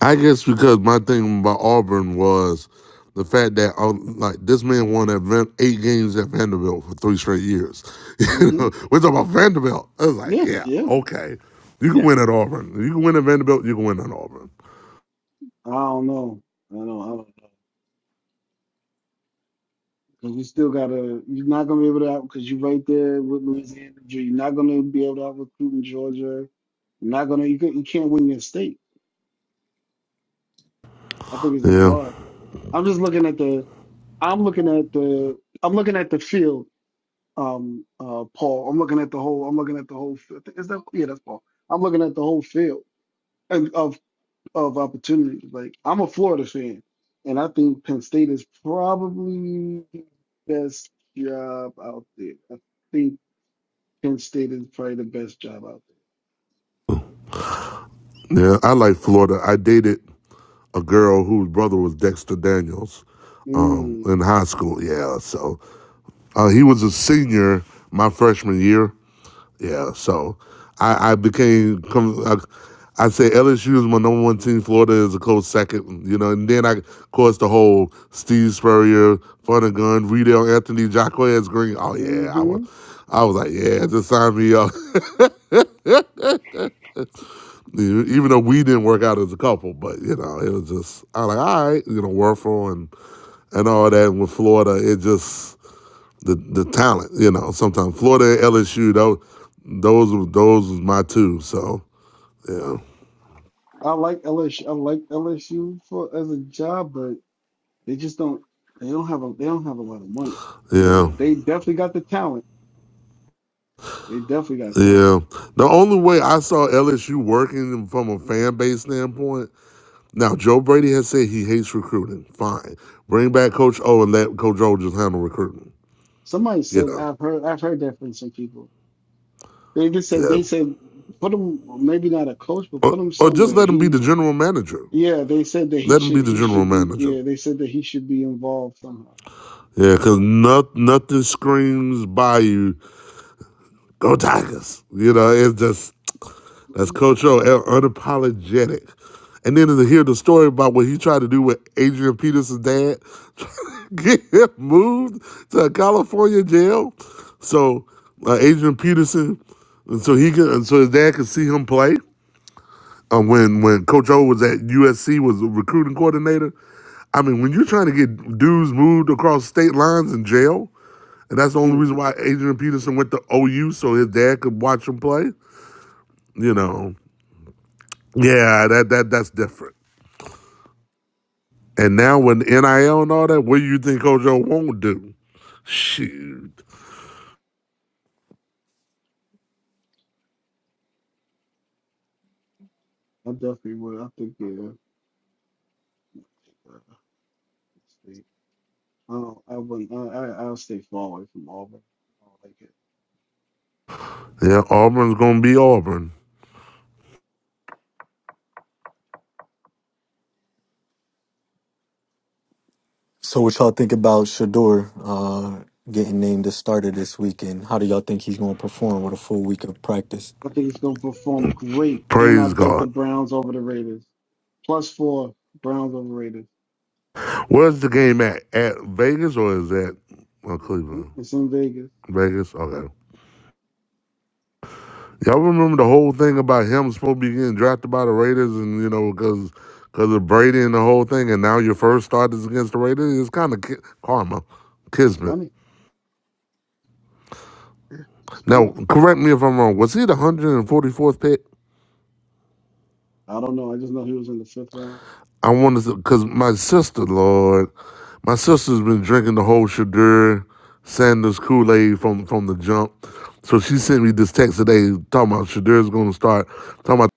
I guess because my thing about Auburn was the fact that uh, like this man
It's
won
true.
at Van- eight games at Vanderbilt for three straight years. You
hmm
know, We're talking about Vanderbilt. I was like,
Yeah,
yeah,
yeah.
okay, you can
yeah,
win at Auburn. You can win at Vanderbilt. You can win at Auburn.
I don't know. I don't. I don't know. Because you still gotta. You're not gonna be able to out because you're right there with Louisiana. You're not gonna be able to out recruit in Georgia. You're not gonna. You, can, you can't win your state. I think it's just
Yeah,
hard. I'm just looking at the I'm looking at the I'm looking at the field, um, uh, Paul. I'm looking at the whole. I'm looking at the whole. fi- Is that yeah? That's Paul. I'm looking at the whole field and of of opportunities. Like I'm a Florida fan, and I think Penn State is probably the best job out there. I think Penn State is probably the best job out
yeah. I like Florida. I dated a girl whose brother was Dexter Daniels
there.
um,
Mm,
in high school. Yeah, so uh, he was a senior my freshman year, Yeah, so I, I became com- I, I say LSU is my number one team. Florida is a close second, you know. And then I, of course, the whole Steve Spurrier, Gun, Riedel, Anthony, Jacquez Green. Oh yeah, I was,
hmm
I was like, yeah, just sign me up. Even though we didn't work out as a couple, but you know, it was just I was like, all right, you know, Werfel and and all that. And with Florida, it just the the talent, you know. Sometimes Florida, and LSU, those those those was my two. So yeah.
I like LSU. I like LSU for as a job, but they just don't. They don't have a. They don't have a lot of money.
Yeah,
But they definitely got the talent. They definitely got talent.
yeah. The only way I saw LSU working from a fan base standpoint. Now, Joe Brady has said he hates recruiting. Fine, bring back Coach O and let Coach O just handle recruiting.
Somebody
You
said
know,
I've heard I've heard that from some people. They just said they
yeah,
said put him maybe not a coach, but
or,
put him
or just
somewhere.
let him be
He
the general manager.
yeah, they said that he
Let him be
should
the
he
general
should be
manager.
yeah, they said that he should be involved somehow.
Yeah, because not, nothing screams by you. Go Tigers. You know, it's just That's
Mhm.
Coach O, unapologetic. And then to hear the story about what he tried to do with Adrian Peterson's dad, trying to get him moved to a California jail. So uh, Adrian Peterson, and so he could, and so his dad could see him play. Um, when when Coach O was at USC, was a recruiting coordinator. I mean, when you're trying to get dudes moved across state lines in jail, and that's the only
Hmm,
reason why Adrian Peterson went to OU so his dad could watch him play. You know, yeah, that that that's different. And now with NIL and all that, what do you think Ojo won't do? Shoot.
I definitely would. I think yeah. I think, uh, let's see. I don't I wouldn't I, I I'll stay far away from Auburn. I don't like it.
Yeah, Auburn's gonna be Auburn.
So what y'all think about Shador uh, getting named the starter this weekend? How do y'all think he's going to perform with a full week of practice?
I think it's gonna perform great and I
Praise
bet the
God.
Browns over the Raiders. Plus four Browns over Raiders.
Where's the game at? At Vegas or is that uh,
Mhm.
Cleveland?
It's in Vegas.
Vegas? Okay. Y'all remember the whole thing about him supposed to be getting drafted by the Raiders and, you know, because because of Brady and the whole thing, and now your first start is against the Raiders? It's kind of ki- karma,
It's
kismet.
funny. It's
Now,
funny.
correct me if I'm wrong. Was he the 144th pick?
I don't know. I just know he was in the fifth round.
I wanted to, because my sister, Lord, My sister's been drinking the whole Shadur Sanders Kool Aid from from the jump. So she sent me this text today talking about Shadur's going to start talking about.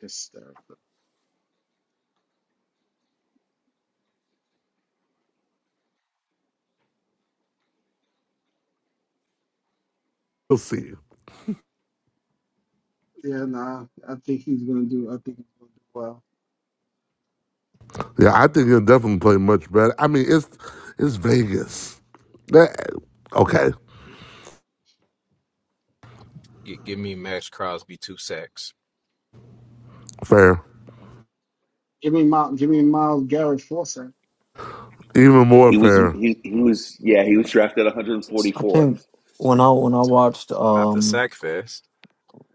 Hysterical.
We'll see.
Yeah, nah. I think he's gonna do. I think he's gonna do well.
Yeah, I think he'll definitely play much better. I mean, it's it's Vegas. That okay,
G- give me Max Crosby two sacks.
fair,
Give me Miles. Give me Miles Garrett Forsyth.
even more
he was
fair,
he he was yeah he was drafted
I
144th.
think when I when I watched
Not the
um
sack fest.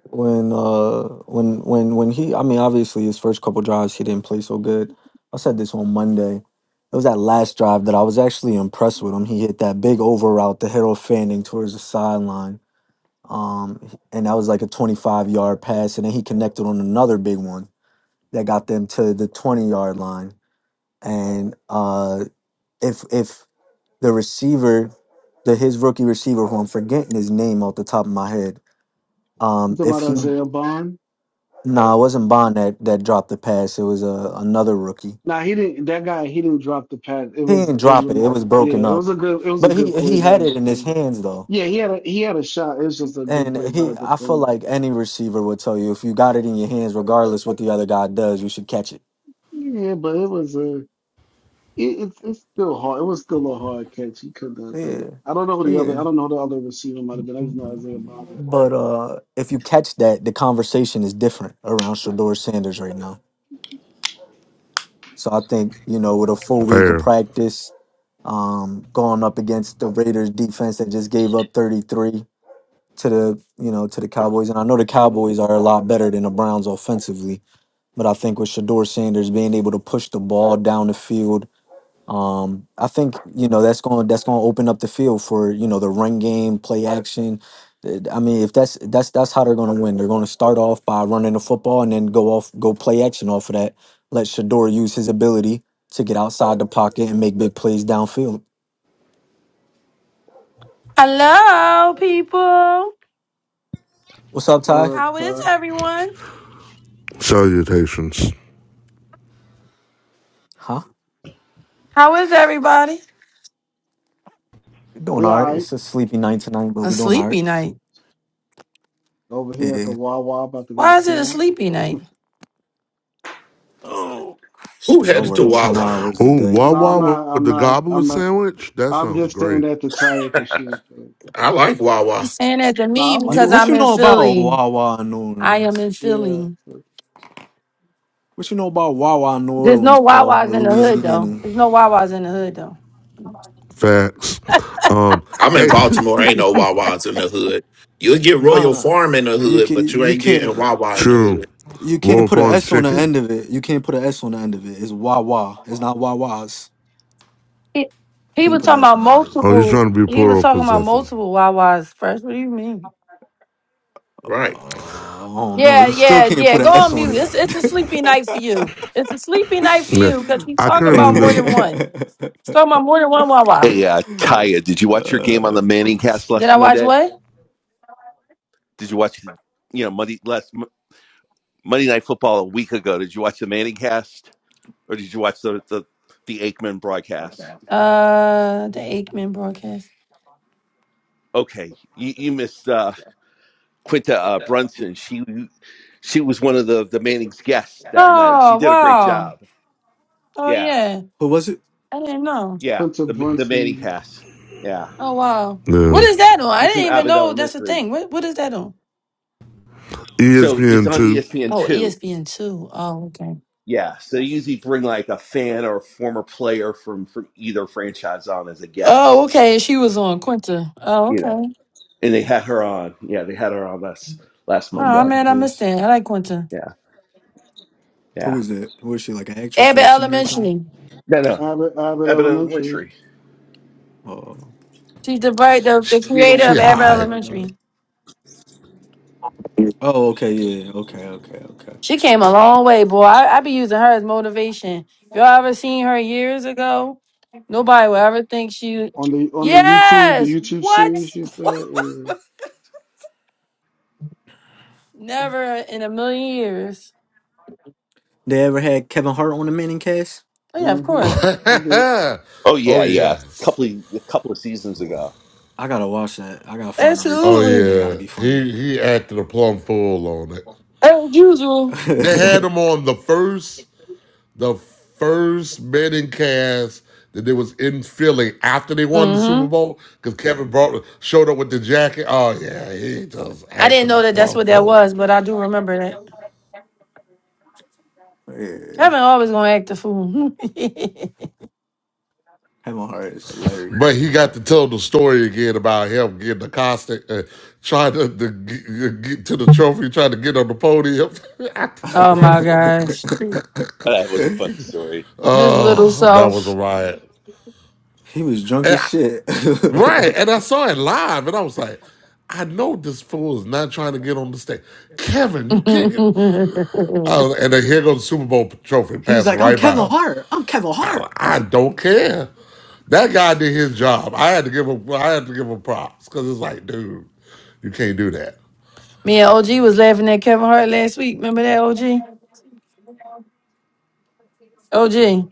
when uh when when when he I mean obviously his first couple drives he didn't play so good. I said this on Monday. It was that last drive that I was actually impressed with him. He hit that big over route to Harold Fanning towards the sideline. Um and that was like a 25 yard pass and then he connected on another big one that got them to the 20 yard line. And uh if if the receiver the his rookie receiver who I'm forgetting his name off the top of my head
You
um,
talking
if
about
he
Isaiah Bond?
Nah, it wasn't Bond that, that dropped the pass. It was uh, another rookie.
Nah, he didn't. That guy. He didn't drop the pass. It
He
was.
didn't
It
drop it.
was.
It was
Yeah,
broken
it
up.
was a good. It was a
But
good
he
play
he
by
had
the
it in his
defender.
hands though.
Yeah, he had a he had a shot. It was just a good
And
play by
he
the
I feel
defender.
like any receiver would tell you if you got it in your hands, regardless what the other guy does, you should catch it.
Yeah, but it was a. It, it's it's still hard. It was still a hard catch. He could have done it.
Yeah.
I don't know who the other. I
Yeah.
don't know who the other receiver might have been. I just know Isaiah Bond.
But uh if you catch that, the conversation is different around Shador Sanders right now. So I think, you know, with a full week of
fair.
practice, um, going up against the Raiders defense that just gave up 33. to the you know to the Cowboys, and I know the
Mm-hmm.
Cowboys are a lot better than the Browns offensively, but I think with Shador Sanders being able to push the ball down the field, um, I think you know that's going that's going to open up the field for you know the run game, play action. Uh, I mean, if that's that's that's how they're going to win. They're going to start off by running the football and then go off go play action off of that. Let Shador use his ability to get outside the pocket and make big plays downfield.
Hello, people.
What's up,
What
Ty?
up,
How is
Ty?
everyone?
Salutations.
Huh?
How is everybody?
We're doing
We
all
all
right.
right
It's a sleepy night tonight, but
A
we're doing all right.
sleepy night.
over here at
Yeah.
the Wawa about to get a
Why is it a
sandwich.
sleepy night?
Oh,
Who
Shoot, I
headed to
work ten
Wawa?
hours a
Ooh,
day.
No, I'm
Wawa with
not.
with
I'm
the
not.
gobbler
I'm not.
sandwich. That
I'm
sounds
just saying
great.
that to tire because she. had to-
I like Wawa.
He's saying that to
No, I
me
like
You,
because
what
Wawa
I'm
you
in
know
too.
about
Philly.
Wawa in New
I am
Orleans?
in
Yeah.
Philly.
So,
What you know about Wawa in New
There's
Orleans,
no
Paul,
Wawa's
or
in the hood though.
Louisiana?
There's no Wawa's in the hood though.
Facts. Um,
I'm in
hey,
Baltimore. Ain't no Wawas in the hood. You'll get Royal
Nah,
Farm in the
you
hood, but
can
you
you
ain't getting
can't
Wawa in the
true.
hood.
you can't
Wolf
put an
Farms
S on the
chicken.
end of it. You can't put an S on the end of it. It's Wawa. It's not Wawas.
He, he
Can't
was
mm,
put an
talking
S
about
on the end of it.
Oh, he's
multiple.
trying to be
He was
plural
talking about
possessive.
multiple Wawa's first. What do you mean?
Uh,
Right.
I don't know.
Yeah,
You still
yeah,
can't
yeah.
put
Go
an S
on
on
mute.
it.
It's it's a sleepy night for you. It's a sleepy night for
Yeah.
you because he's
I
talking
currently
about more
live
than one. He's talking about more than one Wawa.
Hey, uh, Kaya, did you watch your game on
uh,
the Manning cast
Did
last
I watch
Monday?
what?
Did you watch, you know, Monday last Monday Night Football a week ago? Did you watch the Manning cast or did you watch the the, the Aikman broadcast?
Uh, the Aikman broadcast.
Okay, you, you missed uh, Quinta uh, Brunson. She she was one of the the Manning's guests that night.
Oh
She did a great
wow!
job.
Oh
Yeah,
yeah,
who was it?
I didn't know.
yeah.
Quinta
The the Manning
Brunson,
cast. Yeah,
Oh wow, what
yeah.
is that on? I
she's from
didn't even
Abbott
know that's a
Elementary,
thing. What what is that on?
so it's
ESPN
on
two.
ESPN
Oh,
two.
ESPN two. Oh okay.
Yeah, so they usually bring like a fan or a former player from from either franchise on as a
Oh
guest.
okay, she was on Quinta. Oh
You know.
okay.
and they had her on. Yeah, they had her on last last
I don't know
Oh
Monday.
who
man,
that
I missed
is.
that. I like Quinta.
Yeah,
Who
yeah.
is it? Who is she? Like an actress or
Abbott
a singer or something?
Elementary.
No, no.
Abbott Abbott
Evan
Elementary.
Winfrey.
Oh,
She's the right the, the
You don't
creator
She
of
watch that
Abbott
high.
show, I got it.
Elementary.
oh, okay, yeah, yeah, okay, okay, okay.
She came a long way, boy. I, I be using her as motivation. If y'all ever seen her years ago, nobody will ever think she.
On the on the YouTube, the
Yes.
YouTube
What?
series used to. have, Yeah.
Never in a million years.
They ever had Kevin Hart on the Manning cast?
Oh, yeah, of
Mm-hmm.
course.
They did.
Oh
oh
yeah, yeah. A
yes.
couple of, a couple of seasons ago.
I gotta watch that. I gotta find a replay
Oh
of that.
Absolutely.
That gotta
yeah.
be funny.
He he acted a plumb fool on it.
As usual.
They had
yeah,
him on the first the first betting cast that they was in Philly after they won the Super
Mm-hmm.
Bowl because Kevin brought showed up with the jacket. Oh yeah, he just
I didn't
acted a
know that that's
plumb
what that
fool.
was, but I do remember that. Kevin always gonna act the fool.
Kevin Hart is hilarious.
But he got to tell the story again about him getting accosted and trying to, to get, get to the trophy, trying to get on the podium after the
oh my
first one.
gosh.
Uh, That was a funny story.
His little
Oh, that was a
self.
riot.
he was drunk
And
as
I-
shit.
right. And I saw it live and I was like, I know this fool is not trying to get on the stage. Kevin, you can't get. Oh, and then here goes the Super Bowl trophy
he was
passing
like, "I'm
right by
Kevin
him.
Hart. I'm Kevin
I,
Hart."
I don't care. That guy did his job. I had to give him I had to give him props because it's like, dude, you can't do that.
Me and OG was laughing at Kevin Hart last week. Remember that OG? OG.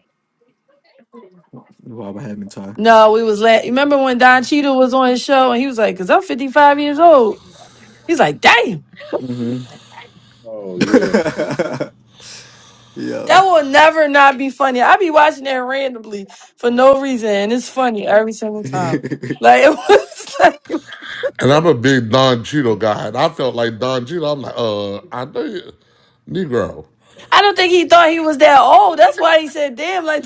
Bob Hamilton.
No, we was laughing. Remember when Don Cheadle was on his show and he was like, "Cause I'm 55 years old." He's like, "Damn,
Mm-hmm.
Oh yeah,
that
Yo.
will never not be funny." I be watching that randomly for no reason, and it's funny every single time. Like it was like
And I'm a big Don Cheadle guy, and I felt like Don Cheadle. I'm like, uh, I know you, Negro.
I don't think he thought he was that old. That's why he said, "Damn!" Like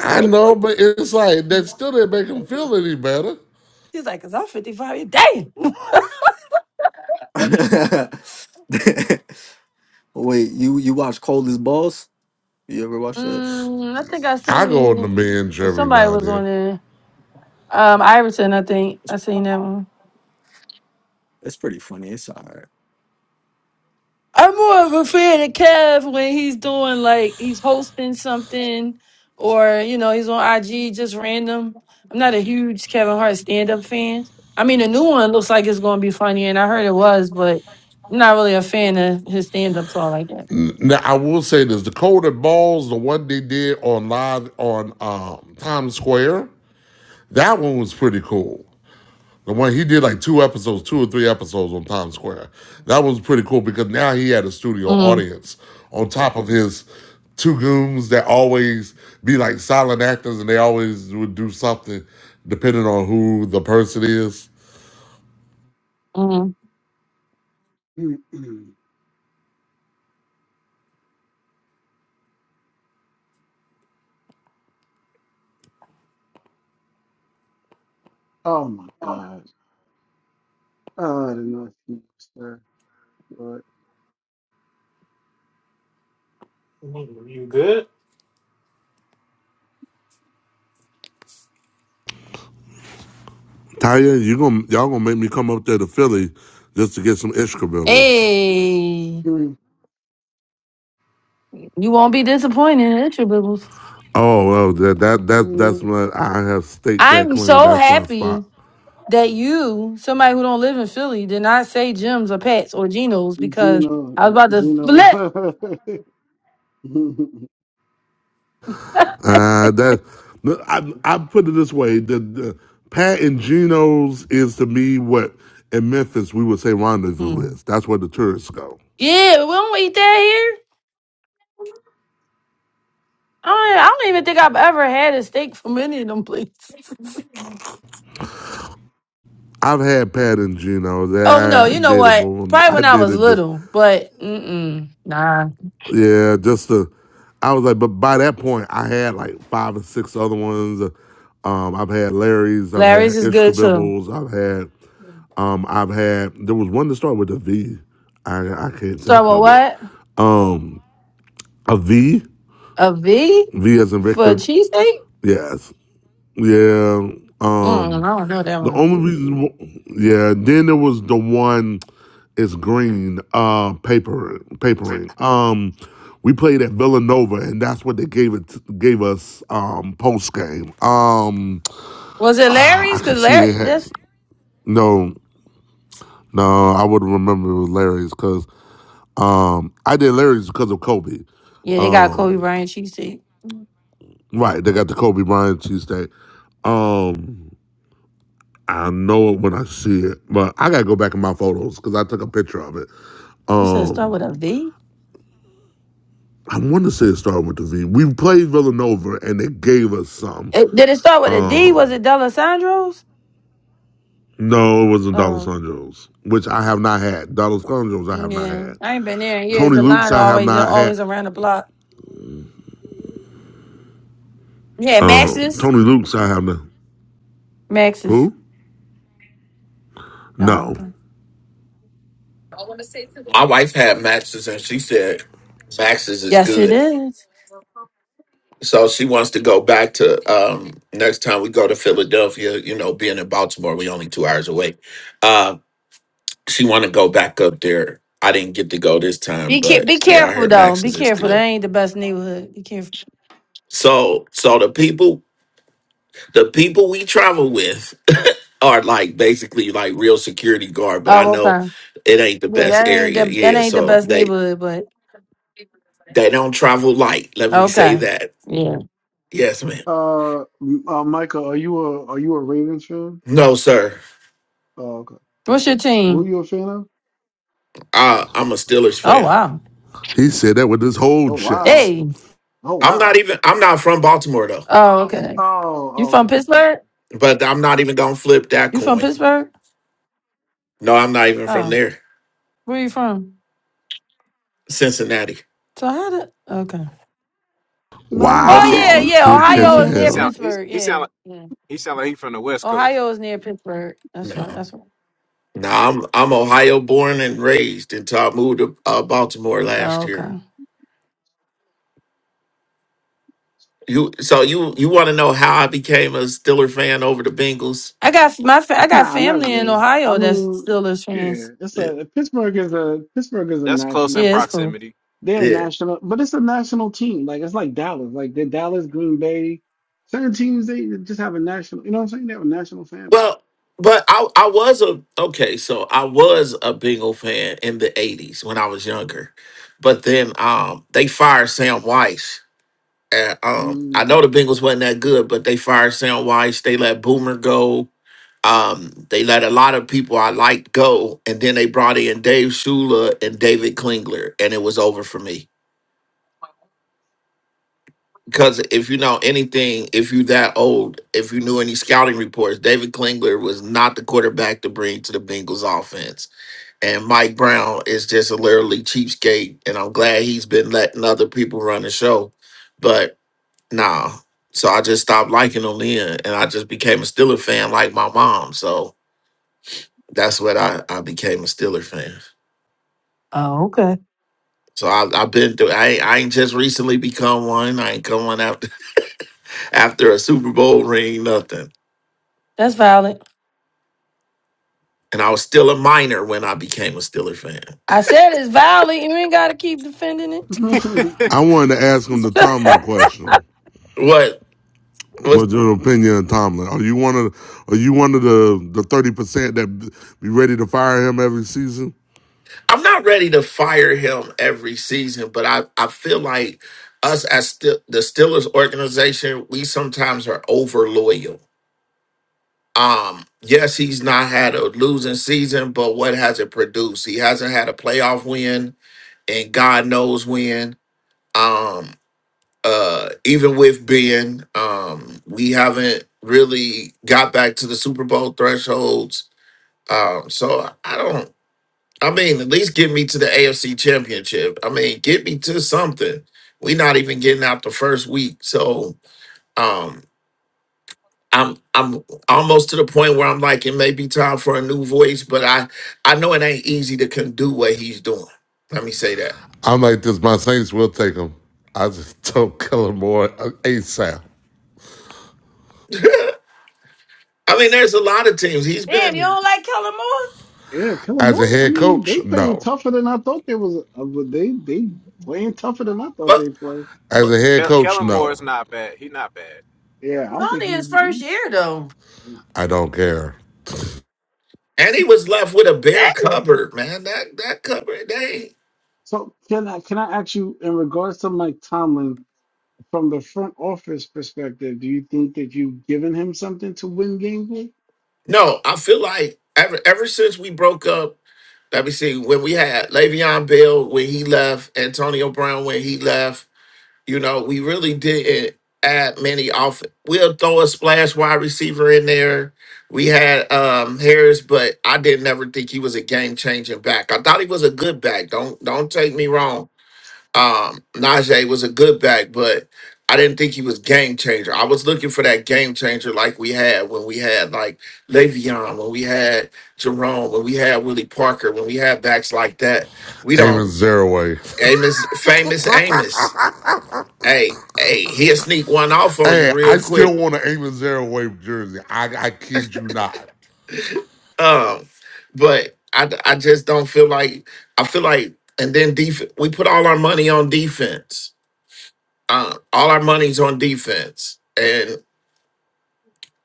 I know, but it's like that still didn't make him feel any better.
he's like, "Cause I'm 55. years- Damn."
Wait, you you watch Cold as Balls? You ever watch that?
Mm, I think I
I go on the
seen
binge
well
every
somebody
now and
was on
then.
there. Um, Iverson, I think
It's,
I seen that one.
it's pretty funny. It's all right.
I'm more of a fan of Kev when he's doing like he's hosting something or you know he's on IG just random. I'm not a huge Kevin Hart stand up fan. I mean, the new one looks like it's going to be funny, and I heard it was, but I'm not really a fan of his stand ups all like that.
N- Now I will say this: the Colder Balls, the one they did on live on um, Times Square, that one was pretty cool. The one he did like two episodes, two or three episodes on Times Square. That was pretty cool because now he had a studio
Mm,
audience on top of his two goons that always be like silent actors and they always would do something depending on who the person is.
mm.
Mm-mm. oh my God. Oh, I did not see you, sir. But
you good,
Taya, you gonna y'all gonna make me come up there to Philly just to get some extra
Hey,
mm,
you won't be disappointed, at your bibbles.
Oh well, that that that that's
mm,
what I have staked that
I'm
claim.
so
That's my
happy
spot.
that you, somebody who don't live in Philly, did not say Jim's or Pat's or Geno's because
Gino,
I was about
uh,
to
Gino.
flip.
Uh, that no, I I put it this way: the, the Pat and Geno's is to me what in Memphis we would say rendezvous
Mm.
is. That's where the tourists go.
Yeah, we don't eat that here. I don't, e, I don't even think I've ever had a steak from any of them places.
I've had Pat and Geno's.
oh no,
I, I
you know
did it, but
what?
when
Probably
I
when I
did
was
it just
little, but mm-mm, nah.
yeah, just to. I was like, but by that point, I had like five or six other ones. Um, I've had Larry's, I've
Larry's
had
is good too.
Ishkabibbles, I've had, um, I've had. There was one to start with a V. I I can't
Start
think
with
of it.
what?
Um, a V.
A V
V as in
for a
Victor.
cheesesteak?
Yes. Yeah.
Mm,
Um.
I don't know that
The
one.
only reason. wh- Yeah. Then there was the one. It's green. Uh. Paper. Papering. Um. We played at Villanova, and that's what they gave it gave us um, post game. Um,
Was it
ah, I
Larry's?
could
Cause
see it.
Larry,
Had,
that's
no, no, I would remember it was Larry's because um, I did Larry's because of Kobe.
yeah, they got Kobe
Um,
Bryant cheesesteak. You
right, they got the Kobe Bryant cheesesteak. Um, I know it when I see it, but I gotta go back in my photos because I took a picture of it.
said start
Um,
with a V.
I want to say it started with the V. We played Villanova and they gave us some.
It- did it start with a D? Was
Um,
it Delisandro's?
no, it wasn't Donald Sanjos, which I have not had. Donald Sanjos, I have not
Yeah,
had.
I ain't been there in years.
Tony
The
Luke's,
line
I have
always they're
not had.
always around the block. Yeah,
Um,
Max's.
Tony Luke's, I have not.
Max's.
Who?
Oh,
No,
okay.
My wife had Max's and she said Max's is
Yes, it
good.
is.
So she wants to go back to um next time we go to Philadelphia, you know, being in Baltimore, we only two hours away. Uh she wanna go back up there. I didn't get to go this time,
Be care- be
but yeah, I
careful
heard
though. Be
Max's is
careful. That
good.
ain't the best neighborhood. Be careful.
So so the people the people we travel with are like basically like real security guard, but I
Oh,
know
okay.
it ain't the
Yeah,
best
that ain't
area.
the that
Yeah,
ain't the
so
best
they
neighborhood, but
they don't travel light. Let me say
okay.
that.
Yeah.
Yes, man.
uh, m- uh, Michael, are you a are you a Ravens fan?
No, sir.
Oh, okay.
What's your
Who are
team?
you a fan of?
I I'm a Steelers
Oh
fan.
wow.
he
Oh,
said that with his whole
oh wow.
chest.
Hey.
Oh
I'm
wow.
not even I'm not from Baltimore though.
Oh, okay. You
Oh, okay.
from
Okay.
Pittsburgh?
But I'm not even gonna flip that
You from
coin.
Pittsburgh?
No, I'm not even from
Oh.
there.
Where you from?
Cincinnati.
So how did okay.
No, that
Oh
makes
Okay.
yeah,
Wow,
sense.
yeah.
he
Ohio
Cincinnati
is
catching
ain't
He
near
there.
hell.
sound he
Pittsburgh.
he
Yeah.
sound like,
yeah.
he sound like he from the West Coast.
Ohio is near Pittsburgh. That's
No.
right. That's right.
No, I'm I'm Ohio born and raised until I moved to uh, Baltimore last
Oh,
year.
okay.
You so you you want to know how I became a Stiller fan over the Bengals?
I got my fa- I got
Nah, not
family in
really. I
Ohio that's
mean,
Steelers
yeah,
fans.
it's
Yeah.
a Pittsburgh is a Pittsburgh is a
That's close in
national
Yeah,
team.
it's cool.
proximity.
They're a
yeah.
national, but it's a national team. Like it's like Dallas, like the Dallas, Green Bay. Certain teams they just have a national. You know what I'm saying? They have a national fan base.
Well, but I I was a okay, so I was a Bengal fan in the '80s when I was younger, but then um they fired Sam Weiss. And, um, I know the
Mm.
Bengals wasn't that good, but they fired Sam Weiss. They let Boomer go. Um, they let a lot of people I liked go, and then they brought in Dave Shula and David Klingler, and it was over for me. because if you know anything, if you that old, if you knew any scouting reports, David Klingler was not the quarterback to bring to the Bengals offense. And Mike Brown is just a literally cheapskate. And I'm glad he's been letting other people run the show. But nah. So I just stopped liking him then and I just became a Steeler fan like my mom. So that's what I, I became a Steeler fan.
Oh, okay.
So I, I've been through. I ain't, I ain't just recently become one. I ain't come one after after a Super Bowl ring. Nothing.
That's valid.
and I was still a minor when I became a Steeler fan.
I said it's valid. You ain't got to keep defending it.
I wanted to ask him the Tomlin question.
What was
What's your opinion on Tomlin? Are you one of are you one of the the thirty percent that be ready to fire him every season?
I'm not ready to fire him every season, but I I feel like us as still the Steelers organization, we sometimes are over loyal. Um, yes, he's not had a losing season, but what has it produced? He hasn't had a playoff win, and God knows when. Um, uh, even with Ben, um, we haven't really got back to the Super Bowl thresholds Um, so I don't. I mean, at least get me to the AFC Championship. I mean, get me to something. we not even getting out the first week, so um, I'm I'm almost to the point where I'm like, it may be time for a new voice, but I I know it ain't easy to can do what he's doing. Let me say that.
I'm like this. My Saints will take him. I just don't kill him more ASAP.
I mean, there's a lot of teams he's
Damn, you
been,
don't like Kellen Moore?
Yeah, kill 'em
As a
I
head
mean, they
coach,
playing
no.
tougher than I thought they was. uh, but They they playing tougher than I thought
but,
they played.
As
but
a head
Kel-
coach,
Kellen Moore
no.
is not bad. He not bad.
Yeah,
It's
I think
only
he's.
his
he-
first
he-
year though.
yeah.
I don't care.
and he was left with a bare
Damn.
cupboard, man. That that cupboard, they.
So can I can I ask you in regards to Mike Tomlin from the front office perspective? Do you think that you've given him something to win games
No, I feel like ever ever since we broke up, let me see, when we had Le'Veon Bell when he left, Antonio Brown when he left, you know, we really didn't add many off. We'll throw a splash wide receiver in there. We had um Harris, but I didn't ever think he was a game changing back. I thought he was a good back. Don't don't take me wrong um Najee was a good back, but I didn't think he was game changer. I was looking for that game changer like we had when we had like Le'Veon, when we had Jerome, when we had Willie Parker, when we had backs like that. We don't
Aiming zero way.
Amos famous Amos. Hey, hey, he'll sneak one off on you
Hey, I
real quick.
still want an Aiming zero way jersey. I, I kid you not.
Um, but I I just don't feel like I feel like and then def- we put all our money on defense. Uh, all our money's on defense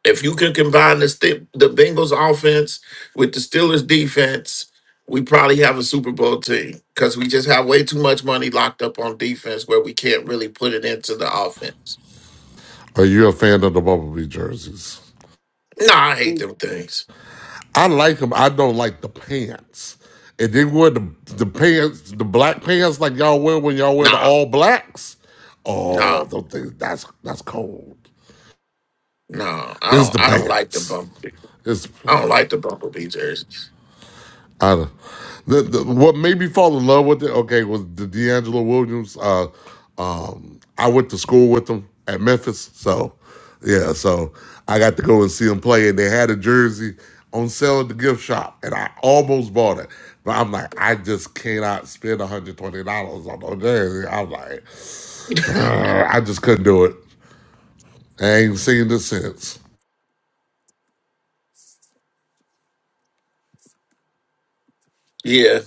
If you could combine the sti the Bengals offense with the Steelers defense, we probably have a Super Bowl team because we just have way too much money locked up on defense where we can't really put it into the offense.
Are you a fan of the Bumblebee jerseys?
Nah, I
with?
hate them things.
I like them. I don't like the pants. And they wear the the pants, the black pants like y'all wear when y'all wear the
Nah,
all blacks.
nah,
Oh, don't think that's that's cold.
nah. I
It's the
don't. I don't like the
pants.
bumblebee.
It's
I don't like the bumblebee jersey.
I don't. The, the, what made me fall in love with it, okay, was the D'Angelo Williams. Uh, um, I went to school with him at Memphis, so yeah, so I got to go and see him play, and they had a jersey on sale at the gift shop, and I almost bought it, but I'm like, I just cannot spend 120 dollars on no jersey. I'm like, I just couldn't do it. I ain't seen this since.
Yeah,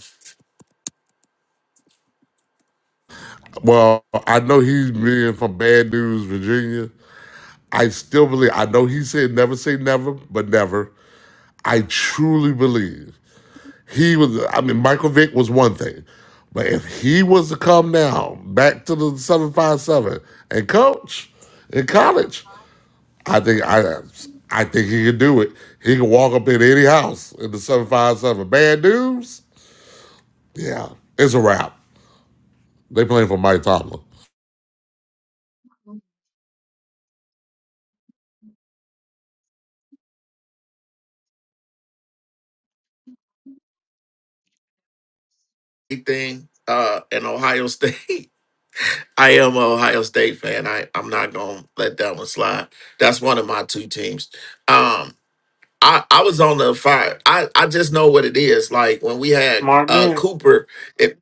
Well, I know he's being from Bad News, Virginia. I still believe. I know he said never say never, but never. I truly believe he was. I mean, Michael Vick was one thing, but if he was to come now back to the seven five seven and coach in college, I think I. I think he could do it. He can walk up in any house in the seven five seven. Bad news, yeah, it's a wrap. They playing for Mike Tomlin.
thing. Uh, in Ohio State, I am an Ohio State fan. I I'm not gonna let that one slide. That's one of my two teams. Um, I, I was on the fire. I, I just know what it is. Like when we had
Mark?
uh
Man,
Cooper, if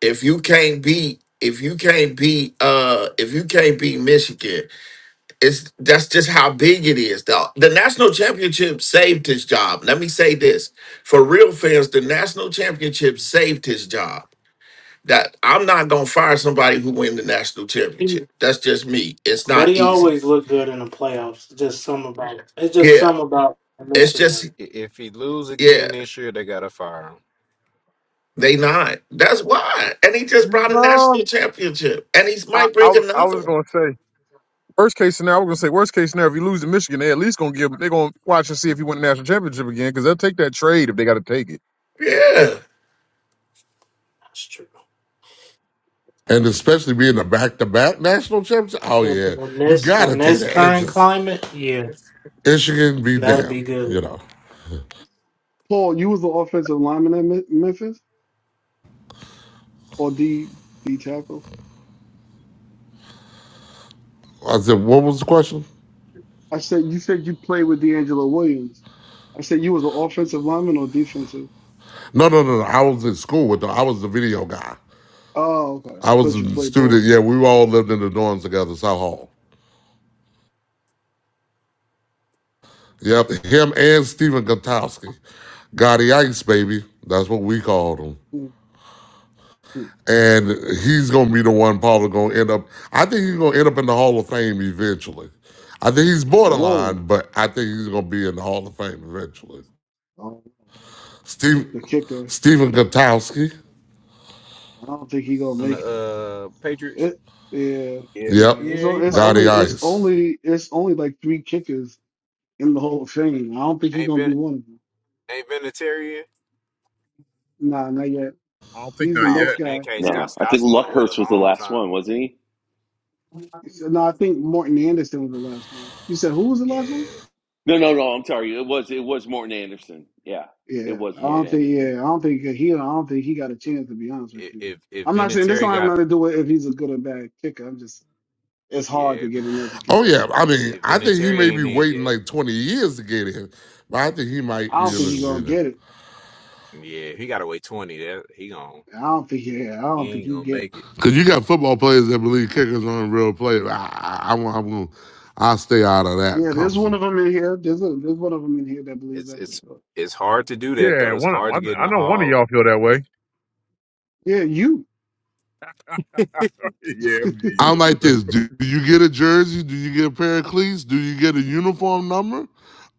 if you can't beat if you can't beat uh if you can't beat Michigan, it's that's just how big it is. The, the national championship saved his job. Let me say this. For real fans, the national championship saved his job. That I'm not gonna fire somebody who win the national
he,
championship. That's just me. It's
but
not
he
easy.
always looked good in the playoffs. It's just some about it. It's just
Yeah.
some about
It's
Michigan.
just
I- If he lose
yeah.
again this year, they gotta fire him.
They not. That's why. And he just brought a
No,
national championship. And he
I,
might
I
bring
I was
another one.
gonna say worst case scenario. I was gonna say worst case scenario. If you lose to Michigan, they at least gonna give. They gonna watch and see if you win the national championship again because they'll take that trade if they got to take it.
Yeah.
That's true.
And especially being a back to back national championship. Oh
And
yeah.
in
You
this
gotta
in
take
this
the
current
edges.
climate, yeah,
Michigan be
that'll be
damned, you
good.
know.
Paul, you was the offensive lineman at Me- Memphis or D D tackle?
I said, what was the question?
I said you said you played with D'Angelo Williams. I said you was the offensive lineman or defensive.
No, no, no, no. I was in school with the, I was the video guy.
Oh, okay.
I was
Thought you
a
played
student.
ball.
Yeah, we all lived in the dorms together, South Hall. Yep, him and Stephen Gutowski, Gotti Ice, baby. That's what we called him.
Mhm.
And he's going to be the one probably going to end up, I think he's going to end up in the Hall of Fame eventually. I think he's
Whoa,
borderline, but I think he's going to be in the Hall of Fame eventually.
oh,
Steve,
the kicker.
Stephen Gutowski.
I don't think he gonna
On the
make it.
uh, Patriots,
It,
Yeah.
yeah,
Yep,
yeah. It's
yeah,
o-
he
it's
probably
Gotti
only
will.
it's
Ice.
only it's only like three kickers in the Hall of Fame. I don't think he
Ain't
gonna be
been
one of them.
ain't been a Terrier.
Nah, not yet.
I don't think
He's the
not
Oh,
next
well,
yet. I
in
don't
that
guy.
think he
case,
is.
No, I think
Goskowski gonna wait a
Luckhurst was the
long
last
time.
one, wasn't he?
No, I think Morton Anderson was the last one. You said who was the last one?
Yeah,
No, no, no. I'm sorry. It was it was Morton Anderson. Yeah, it
Yeah,
was
I
yeah.
Morton
don't
That,
think. Yeah,
Anderson.
I don't think he. I don't think he got a
i-
chance. To be honest with
i-
you,
if if
I'm not saying this
Vinatieri
don't have
got
nothing to do with if he's a good or bad kicker. I'm just it's
yeah,
hard to
if,
get in as a
Oh
kicker.
yeah, I mean,
if
I think he
Vinatieri
may be
ain't in
waiting
yet,
like twenty years to get in, but I think he might,
I don't
you
think he gonna
know,
get it.
Yeah, he got to wait twenty. That he gon'
I don't think. Yeah, I
he
don't think
ain't
he
gonna
get it.
make it.
because you got football players that believe kickers aren't real players. I, I, I will I'm gonna, I'll stay out of that
Yeah, there's one
conversation.
of them in here. There's a, there's one of them in here that believes
It's
that for
it's
sure.
it's hard to do that
Yeah,
though. It's
one,
hard to
one.
get in
I
the
know one of
hall,
y'all feel that way.
Yeah, you.
yeah, I mean, yeah,
I'm
it's
like
true.
this: Do you get a jersey? Do you get a pair of cleats? Do you get a uniform number?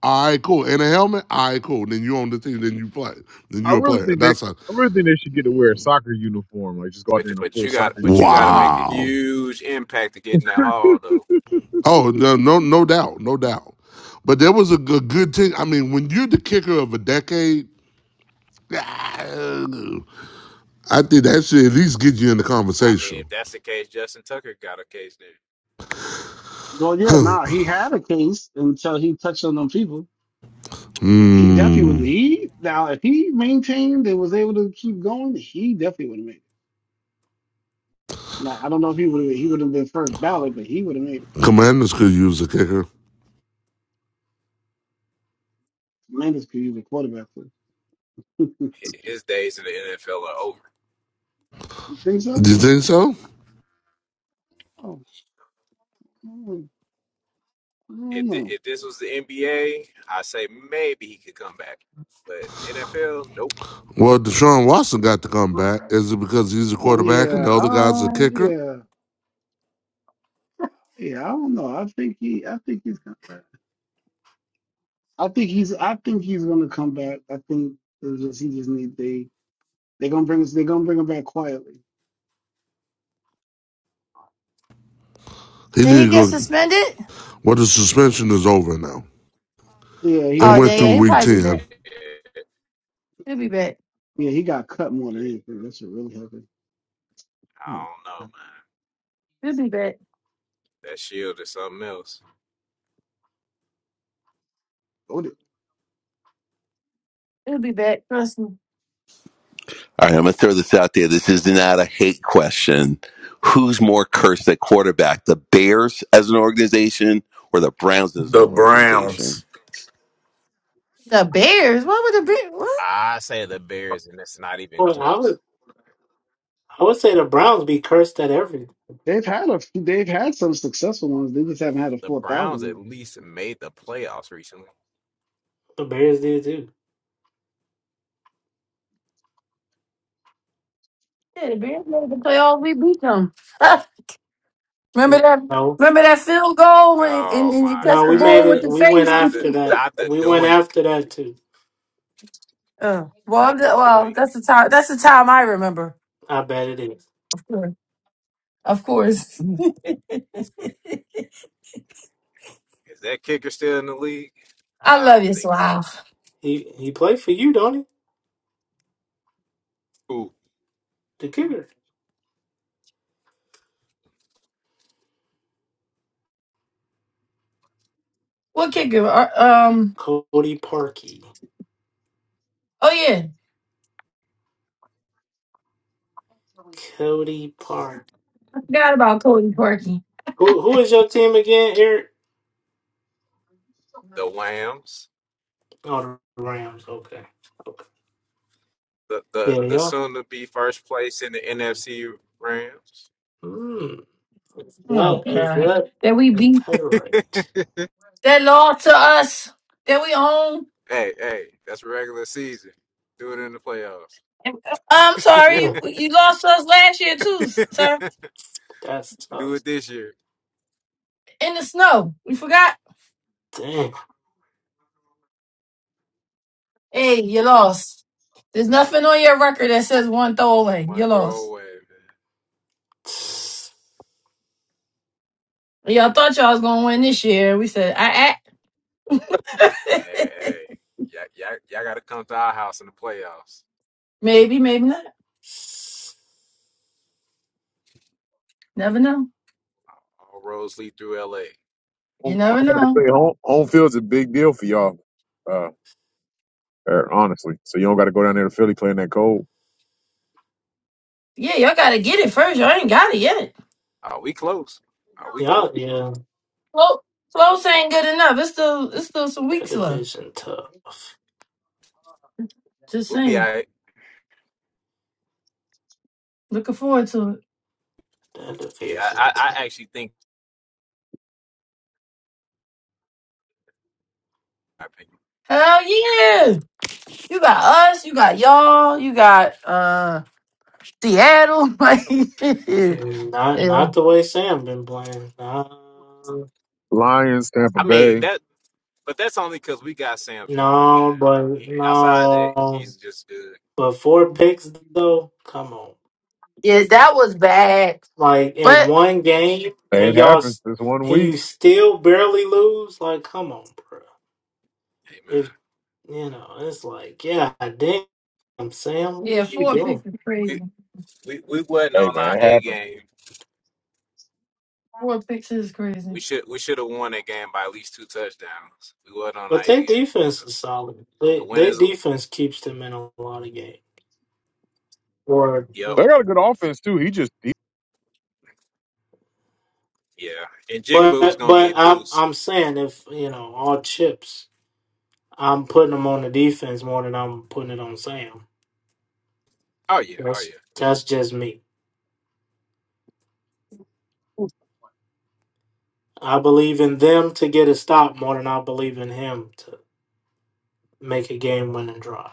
All right, cool. And a helmet? All right, cool. Then you own the team. Then you play. Then
I
you're a
really
player.
think they.
That's a
I really think they should get to wear a soccer uniform. Like just go out
but
there in a
but
full
you got
soccer
but you got to
uniform.
make
And
a
wow.
huge impact to get in that hall though.
Oh no, no, no doubt, no doubt. But there was a good, good thing. I mean, when you're the kicker of a decade I think that should at least get you in the
I mean,
conversation.
if that's the case, Justin Tucker got a case then.
Well, yeah,
Huh.
nah. He had a case until he touched on them people. He definitely was.
Hmm.
He now if he maintained and was able to keep going, he definitely would have made it. Now I don't know if he would he would have been first ballot, but he would have made it.
Commanders could use a kicker.
Landis could use a quarterback for. it.
Hi- His days in the NFL are over.
Think so?
Do you think so?
Oh, I don't I don't
If thi-
know.
if this was the NBA, I say maybe he could come back, but NFL, nope.
Well, Deshaun Watson got to come
I
back.
don't
Is it because he's a
know.
quarterback and
yeah,
the other guy's a
oh
kicker?
yeah, yeah. I don't know. I think he. I think he's. Gonna, I think he's. I think he's gonna come back. I think it's just he just need they. They're gonna bring us. They're gonna bring him back quietly.
He
Did he
didn't
get
go.
suspended?
Well, the suspension is over now.
Yeah, he
Yeah,
It
Oh,
got
went
yeah, yeah.
cut.
through
He'll
yeah.
week
probably be back.
10.
He'll be back.
Yeah, he got cut more than
yeah.
anything. That should really happen.
I
Oh my
don't know,
god.
man.
He'll be back.
That shield is something else.
Oh, they-
He'll be back. Trust me.
All right, I'm going to throw this out there. This is not a hate question. Who's more cursed at quarterback, the Bears as an organization or the Browns as an
The Browns.
organization?
The Bears? What would the Bears? What?
I say the Bears, and it's not even
Well, I
close.
would I would say the Browns be cursed at everything.
They've had a. They've had some successful ones. They just haven't had a
The
four thousand.
Browns
one.
at least made the playoffs recently.
The Bears did too.
Yeah, the Bears made the playoffs. We beat them. Remember that?
No,
Remember that field goal when and,
Oh
and you
my
no,
touched the
we made
ball with
God!
it.
the
We went
face?
Not the
after that.
not the
We went
doink,
after that too.
Uh, well, I'm
not
the-
the
well,
doink.
that's the time. That's the time I remember.
I bet it is.
Of course, of course.
Is that kicker still in the league?
I
I
love
don't
you,
think.
Swag.
He he played for you, don't he?
Who
The kicker,
What kicker? Uh, Um.
Cody Parkey.
Oh yeah,
Cody Park.
I forgot about Cody Parkey.
Who who is your team again, Eric?
the Lambs?
Oh, the Rams. Okay. Okay.
The the
Yeah,
the
yeah.
soon to be first place in the NFC Rams.
Hmm. Is that
Oh
is
God,
that
that we
is
beat,
that right?
that lost to us, that we own.
Hey hey, that's regular season. Do it in the playoffs.
I'm sorry,
Damn,
you lost to us last year too, sir.
that's
Do
tough.
it this year.
In the snow, we forgot.
Damn.
Hey, you lost. There's nothing on your record that says one throwaway. You
One throw
lost.
away, man.
Y'all thought y'all was gonna win this year. We said, I,
Hey,
I.
hey, y'all, y'all, y'all got to come to our house in the playoffs.
maybe, maybe not. Never know.
All roads lead through LA.
You
Home- I'm
never
about to
know.
say home home field's a big deal for y'all. Uh, er, honestly, so you don't got to go down there to Philly playing that cold.
Yeah, y'all gotta get it first. Y'all ain't got it yet.
Are we close? Are we
Yeah,
close?
yeah.
Close, close ain't good enough. It's still, it's still some
That
weeks left.
division tough.
Just
We'll be all
saying.
right.
Looking forward to it.
That
Yeah,
division
I, I
tough.
I actually think. I think.
Hell yeah! You got us. You got y'all. You got uh Seattle. Like,
Yeah,
yeah,
Not not the way Sam been playing. Nah.
Lions, Tampa
I
Bay.
mean that, but that's only because we got Sam's number, man.
No, but
He, outside of that,
no.
he's just good.
But four picks though, come on.
yeah, that was bad.
Like in
But
one game
Hey,
and
It
y'all
happens
s-
this one
and
week.
you still barely lose, like come on, bro.
Hey,
If
man,
you know, it's like, yeah, damn, Sam, what
Yeah,
are you
four
doing?
picks is crazy.
we we we wasn't
Hey
on our
man, it
A
happens.
game.
Four picks is crazy.
We should we should have won that game by at least two touchdowns. We wasn't on our
But
A
their
game, so
defense is solid.
a
They
win
their
is a
defense keeps them in a lot of games. Or
yep,
They got a good offense too. He just he,
yeah. And Jigaboo was
but
gonna
but
get
I'm
loose.
I'm saying if you know, all chips, I'm putting them on the defense more than I'm putting it on Sam.
Oh yeah, oh yeah.
That's that's just me. I believe in them to get a stop more than I believe in him to make a game winning drive.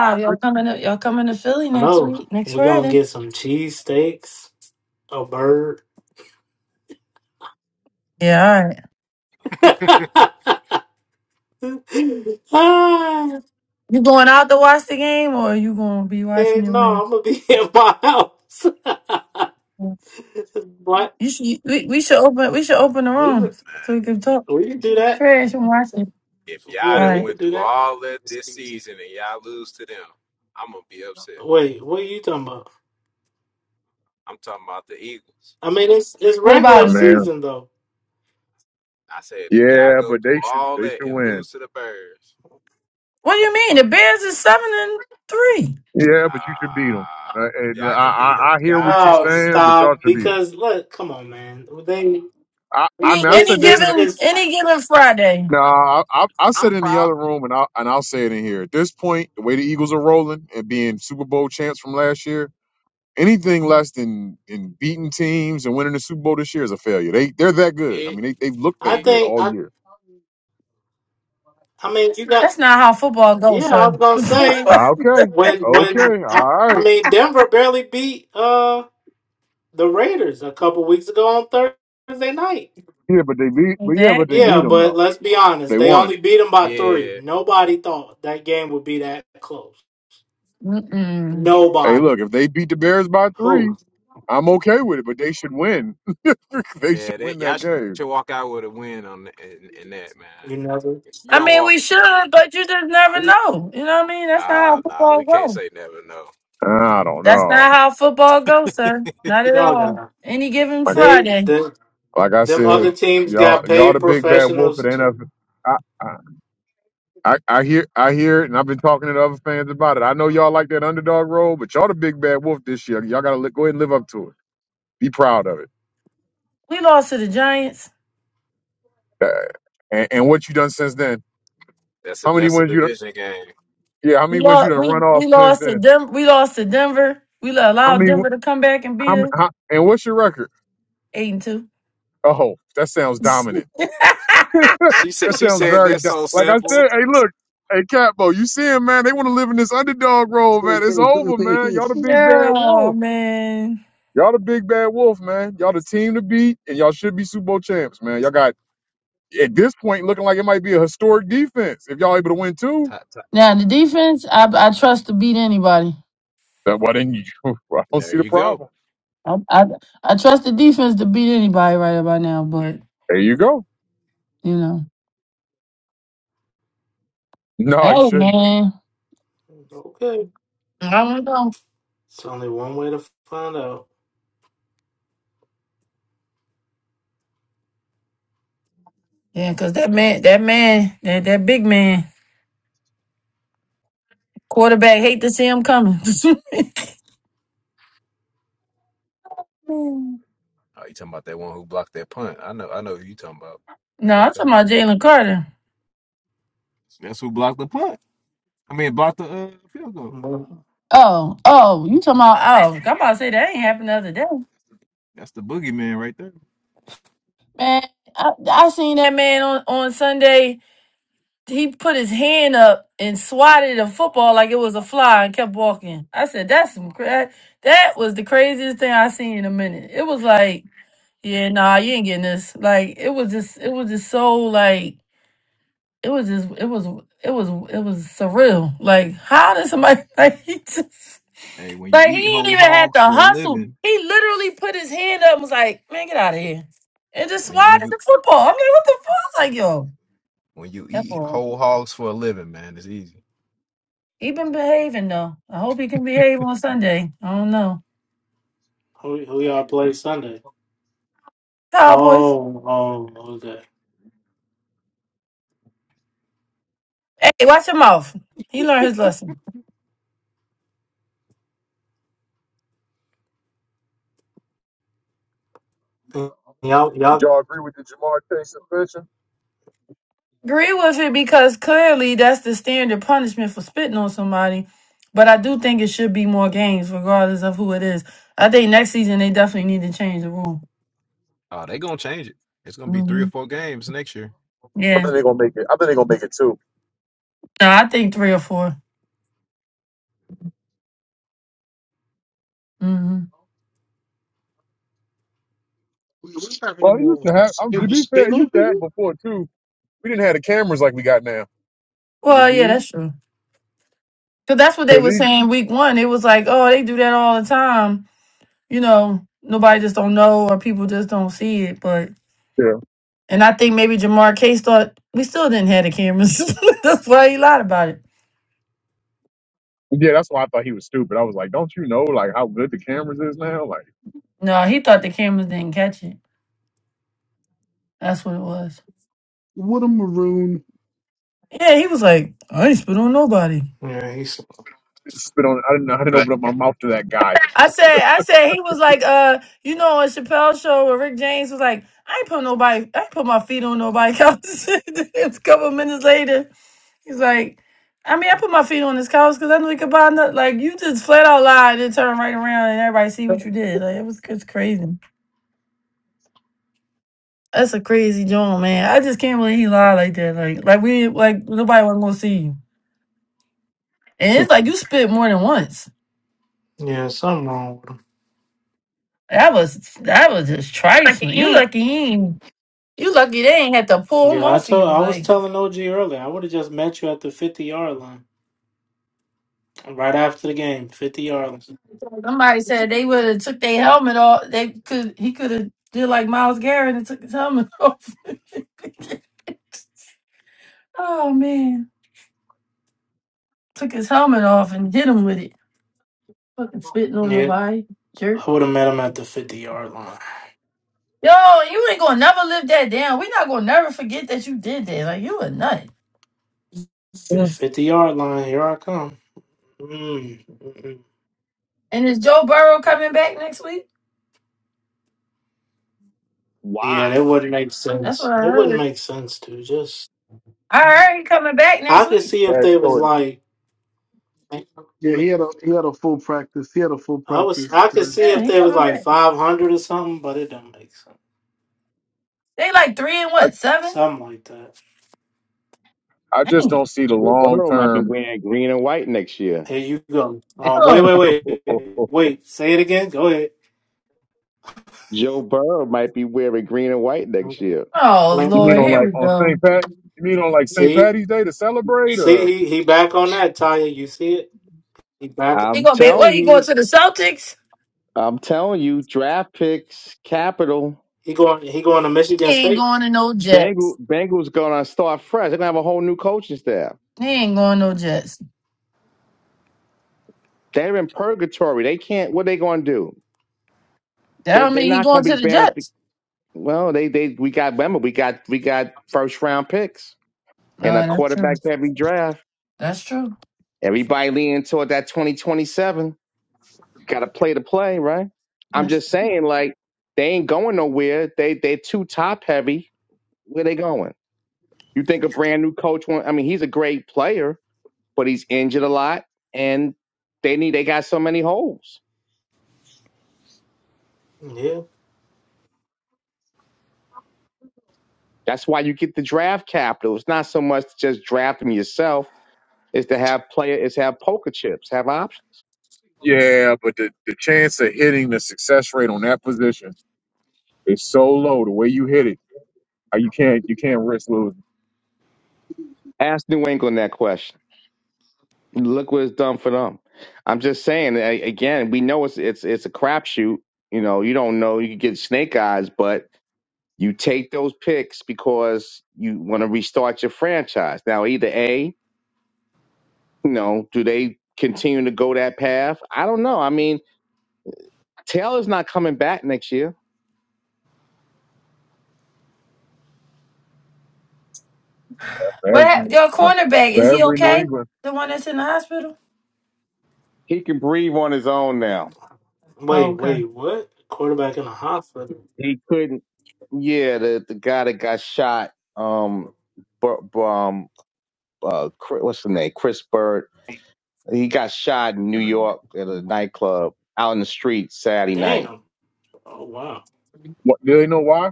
I agree.
y'all coming to y'all coming to Philly
I
next
know
week, next
we're gonna
Friday.
get some cheese steaks, a bird.
Yeah, all right.
ah,
You going out to watch the game, or you gonna be watching
heck
it
no,
where?
I'm gonna be in my house. what?
You should. We, we should open. We should open the
We
room
could,
man.
so we can talk
we could
If,
do that.
trash and watch it.
if y'all
Yeah,
All
done
we
right.
could
went
do
through
that.
all that this season and y'all lose to them, I'm gonna be upset.
Wait, what are you talking about?
I'm talking about the Eagles.
I mean, it's it's
What
regular
about
I
him?
mean,
season though.
I said if y'all
yeah,
go
but
through
they should
all
they
that
should
and
win.
lose to the Bears,
What do you mean? The Bears is seven and three.
nah,
Yeah, but you should beat them. Uh, and I,
y'all can beat them.
I I hear
Y'all
what you're
can
Oh,
beat them.
saying, but y'all
stop!
should beat them.
Because look, come on, man. they.
I I mean,
Any
I
any
said
It's
this in
it's
given
it's.
any given Friday.
no,
I,
I, I I
I'm
said it in the
proud.
other room, and I and I'll say it in here. At this point, the way the Eagles are rolling and being Super Bowl champs from last year, anything less than in beating teams and winning the Super Bowl this year is a failure. They they're that good. I mean,
It,
they they've looked
I
that
it,
good
think
all
I.
year.
I mean, you got.
That's not how football goes,
Yeah, I
sir.
was gonna say
Okay,
when when
okay,
I,
all
I
right.
mean Denver barely beat uh the Raiders a couple weeks ago on Thursday night.
Yeah, but they beat, but yeah, but they
exactly.
beat
Yeah,
them
but
though.
let's be honest,
They
they
won.
only beat them by three.
yeah,
Nobody thought that game would be that close.
Mm-mm.
Hey,
Nobody.
look, if they beat the Bears by three,
Who
I'm okay with it. But they should win. they
yeah.
should
That
win
y'all
that game.
should walk out with a win on th- in, in that
you never
man. You
I
don't
mean,
walk.
we should, but you just never know. You know what I mean? That's not how
Ah, nah,
football
we can't
goes.
say never. No,
I don't
That's
know.
not how football goes, sir. Not at
y'all
all.
got
Any given
Like,
they
Friday,
the
like I
them
said,
other teams
y'all,
got
y'all the
paid
big bad wolf
professionals
of the
too.
NFL. I, I, I I hear, I hear it, and I've been talking to the other fans about it. I know y'all like that underdog role, but y'all the big bad wolf this year. Y'all gotta li- go ahead and live up to it. Be proud of it.
we lost to the Giants.
Uh, and, and what you done since then?
that's a
How many
that's a
wins you?
division game.
Yeah, how
We
many wins you
lost.
done
We
run off
we
since
lost to
then?
Denver. We lost to Denver. We lo-
How
allowed
many?
Denver to come back and
How,
beat us
how And what's your record?
eight and two.
Oh, that sounds dominant. that
She said she
sounds
said
very
that's
do-
so
like I
simple.
said. Hey, look, hey Capo, you see him, man? They want to live in this underdog role, man. It's
Wait,
over, man. Y'all the big bad
Yeah,
wolf.
man.
Y'all the big bad wolf, man. Y'all the team to beat, and y'all should be Super Bowl champs, man. Y'all got at this point looking like it might be a historic defense if y'all able to win two.
Ta- ta-
Now the defense, I I trust to beat anybody.
Then why didn't you? I don't
There
see the
you go.
problem.
I, I I trust the defense to beat anybody right about now. But
There you go.
you know,
No, you
hey
shouldn't.
man,
Okay,
I don't know.
it's only one way to find out.
Yeah, cause that man, that man, that, that big man, quarterback hate to see him coming. no,
Oh, you talking about that one who blocked that punt? I know. I know who you talking about. That's
I'm
okay.
talking about Jalen Carter.
That's who blocked the punt. I mean, blocked the uh, field goal.
Oh, oh, you talking about? Oh, I'm about to say that ain't happened the other day.
That's the boogeyman right there.
Man, I, I seen that man on on Sunday. He put his hand up and swatted a football like it was a fly and kept walking. I said, "That's some cra- that was the craziest thing I seen in a minute." It was like, "Yeah, nah, you ain't getting this." Like it was just, it was just so like it was just it was it was it was surreal. Like how did somebody like he just
Hey, when you
like he
eat
didn't
whole
even had
hogs
to
for a
hustle.
living,
He literally put his hand up and was like, "Man, get out of here," and just
when you when
swatted
you
the football. I mean, what the fuck? Like yo,
when you
that
eat
boy,
whole hogs for a living, man, it's easy.
he been behaving though. I hope he can behave on Sunday. I don't know.
Who, who y'all play Sunday?
Cowboys,
Oh, oh, okay.
hey, watch your mouth. He learned his lesson.
Y'all,
Did
y'all,
y'all agree with the Jamar Chase suspension?
agree with it because clearly that's the standard punishment for spitting on somebody. But I do think it should be more games, regardless of who it is. I think next season they definitely need to change the rule.
Oh, they gonna change it. It's gonna be three or
hmm
four games next year.
I
Yeah.
think they're gonna make it. I think they're gonna make it too.
No, I think three or 4 hmm
What's
Well,
happening
it
more
used to
often?
have. I'm,
He
to
was
be fair,
spitting
it
on
used to have
people.
before too. We didn't have the cameras like we got now.
Well, yeah,
hmm
that's true. Because that's what they
Cause
were
he,
saying week one. It was like, oh, they do that all the time. You know, nobody just don't know or people just don't see it. But
yeah,
and I think maybe Jamar Case thought we still didn't have the cameras. that's why he lied about it.
yeah. That's why I thought he was stupid. I was like, don't you know like how good the cameras is now? Like
No, he thought the cameras didn't catch it. That's what it was.
What a maroon.
Yeah, he was like, I ain't spit on nobody.
yeah, he's
spit on. I didn't. I didn't open up my mouth to that guy.
I said, I said he was like, uh, you know, on Chappelle's show where Rick James was like, I ain't put nobody, I ain't put my feet on nobody couch. it's a couple minutes later, he's like, I mean, I put my feet on this couch because I knew he could buy nothing. Like you just flat out lied and turn right around and everybody see what you did. Like it was it's crazy. That's a crazy joint, man. I just can't believe he lied like that. Like like we like nobody wasn't gonna see you. And
Bad
it's like you spit more than once.
yeah, something wrong with
That was that was just trifling. You lucky he ain't, you lucky they ain't had to
him.
pull him
Yeah, I
off of
told
you.
I was
Like
telling OG earlier. I would have just met you at the fifty yard line right after the game. Fifty yard line.
somebody said they would have took their helmet off. They could he could have did like Miles Garrett and took his helmet off. oh man. Took his helmet off and hit him with it. Fucking spitting on
Yeah,
nobody. Jerk.
I would have met him at the fifty yard line.
Yo, you ain't gonna never live that down. we not gonna never forget that you did that. Like you a nut.
F- Fifty yard line. Here I come. Mm. mm. mm.
And is Joe Burrow coming back next week?
Yeah,
Why?
that wouldn't make
That's what
sense.
I
It wouldn't
heard.
make sense to just.
I heard he coming back
I
next
could
week.
see if they was
choice.
Yeah, he
like.
had a he had a full practice. He had a full
I was
practice
I could
today.
see
Yeah,
if
he
they was
coming
like
back.
five hundred or something, but it don't make sense.
They like three and what seven?
Something like that.
I just
Damn.
don't see the
Joe
long
Burrow might be
term.
wearing green and white next year.
Here you go. Uh, wait,
Oh,
you
wait, wait, wait. Say it again. Go ahead.
Joe Burrow might be wearing green and white next year.
oh
Like,
mean
Lord,
on
here
like
we
on St.
go.
Pat? You mean on like St.
See,
Patty's Day to celebrate?
see,
Uh,
he, he back on that, Taya. You see it? He back.
He
I'm
gonna be. What
telling
he going
you,
to the Celtics?
I'm telling you, draft picks, capital,
He going. He going to Michigan
He ain't
State.
going to no
Bengal,
Jets.
Bengals gonna start fresh. They're gonna have a whole new coaching staff.
He ain't going no Jets.
They're in purgatory. They can't. What they gonna do?
That
They
don't
they're
mean he
not gonna
going
be
to the
banned up. The,
Jets.
well, they they we got remember we got we got first round picks and a
Oh, that's true.
quarterback every draft.
That's true.
Everybody leaning toward that 2027. got to play to play, right? I'm
That's
just
true.
saying, like, they ain't going nowhere. They they too top heavy. Where they going? You think a brand new coach? Want, I mean, he's a great player, but he's injured a lot, and they need they got so many holes.
Yeah.
That's why you get the draft capital. It's not so much to just draft them yourself. It's to have player. It's have poker chips. Have options.
yeah, but the the chance of hitting the success rate on that position is so low. The way you hit it. Uh, You can't you can't risk losing
Ask New England that question. look what it's done for them. I'm just saying a- again, we know it's it's it's a crapshoot. You know, you don't know. You could get snake eyes, but you take those picks because you want to restart your franchise. Now, either a, you know, do they continue to go that path? I don't know. I mean, Taylor's not coming back next year.
for
what hap-
everyone
your
for
cornerback
for
is he
every New
okay?
England.
The one that's in the hospital.
He can breathe on his own now.
Oh,
Wait,
okay.
wait. What? Quarterback in the hospital.
He couldn't. Yeah, the the guy that got shot, um, Bur- Bur- um, uh, Chris- what's the name? Chris Bird He got shot in New York at a nightclub out in the street Saturday night.
Damn. Oh wow.
What do they know why?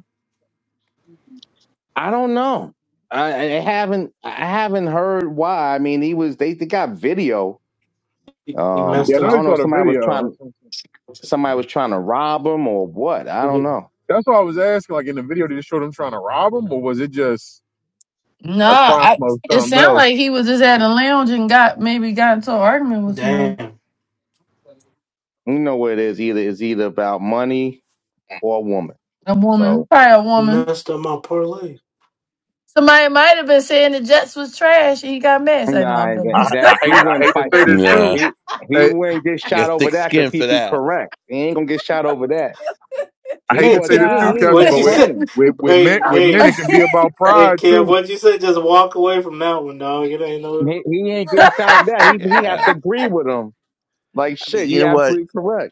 I don't know. I, I haven't I haven't heard why. I mean, he was they, they got video.
He, he
Um,
Yeah,
messed
I
I
know
up.
they
don't know.
saw
if
the
Somebody was
video.
trying somebody was trying to rob him or what. I
He
don't
did-
know.
That's why I was asking. Like in the video, did it show them trying to rob them, or was it just
No,
a crime
I,
of
it
something
sounded
else?
like he was just at a lounge and got maybe got into an argument with someone,
Damn.
You know what it is? Either it's either about money or a woman.
a woman,
So
probably a
You
woman.
messed up my parlay.
Somebody might have been saying the Jets was trash and he got mad. Say, no,
nah,
I'm joking.
that,
I, I
that he
hate I
wouldn't
hate to
fight.
say this too.
Nah,
He he
Hey,
wouldn't get
you
shot
got
over
thick
that because
skin
he'd
for
be
that.
correct. He ain't gonna get shot over that.
I
He
hate to
Hey,
wasn't.
say
He,
this
nah,
too,
he
I'm
ain't
Kevin,
what
even
but
you
playing.
with
said?
playing.
with with men
Hey,
with
I'm,
hey.
men it can be
playing.
about
Hey,
pride
Kev,
too.
what'd you say? Just walk away from that one, dog. It ain't no.
He, he ain't getting sound out. He he has
Yeah.
to agree with him. Like
I mean,
shit,
you
you
know what?
absolutely correct.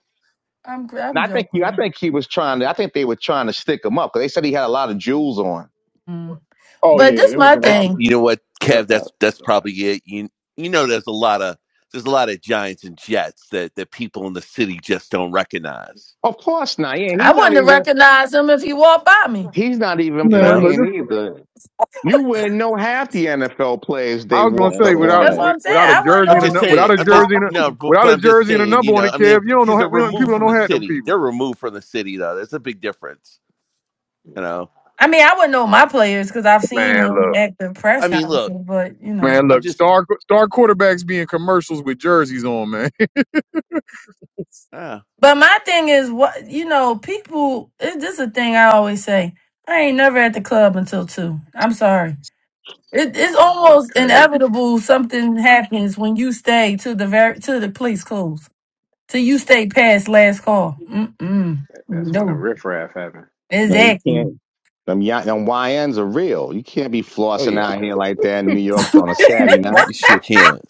I'm,
And
I'm
I think you. I
joking.
think he was trying to. I think they were trying to stick him up because they said he had a lot of jewels on.
Mm.
Oh yeah,
But
yeah,
this
it was
my
a
That-
robbery.
thing.
You know what, Kev? That's that's probably it. You you know, there's a lot of there's a lot of Giants and Jets that that people in the city just don't recognize.
Of course not. Yeah, he's
I
not
wouldn't have
even.
recognized him if he walked by me.
He's not even
You
Man,
know,
look,
playing
this,
either. You wouldn't know half the NFL players they
I was gonna
walked
say
up
without
on
That's
you.
what
That,
with,
I'm saying.
without a
I wouldn't
jersey
I'm
and a
know who
just
nu-
he is
without
saying.
if
a
he
I'm just
walked
jersey
by
and a
no,
me.
but,
without
but
a
I'm just
jersey and a
saying.
number
You
on
know,
it,
I mean,
Kev, you don't know
because
how-
they're
we don't, people
removed
don't
from
know
the
how them
city.
people.
They're removed from the city, though. There's a big difference. You know.
I mean, I wouldn't know my players because I've seen
Man,
them
look.
at the press
I mean,
conference,
look.
but you know.
Man,
I'm
look,
just.
star star quarterbacks being commercials with jerseys on, man.
Uh,
But my thing is, what you know, people. It, this is a thing I always say. I ain't never at the club until two. I'm sorry. It, it's
no, no, that's
almost
crazy.
inevitable something happens when you stay to the very to the police calls till you stay past last call. Mm-mm.
That, that's when the
No,
riffraff happened.
No, you
exactly.
can't. Them, y- them YNs are real. You can't be
oh
flossing out
yeah,
here like that in New York on a Saturday night.
you sure can.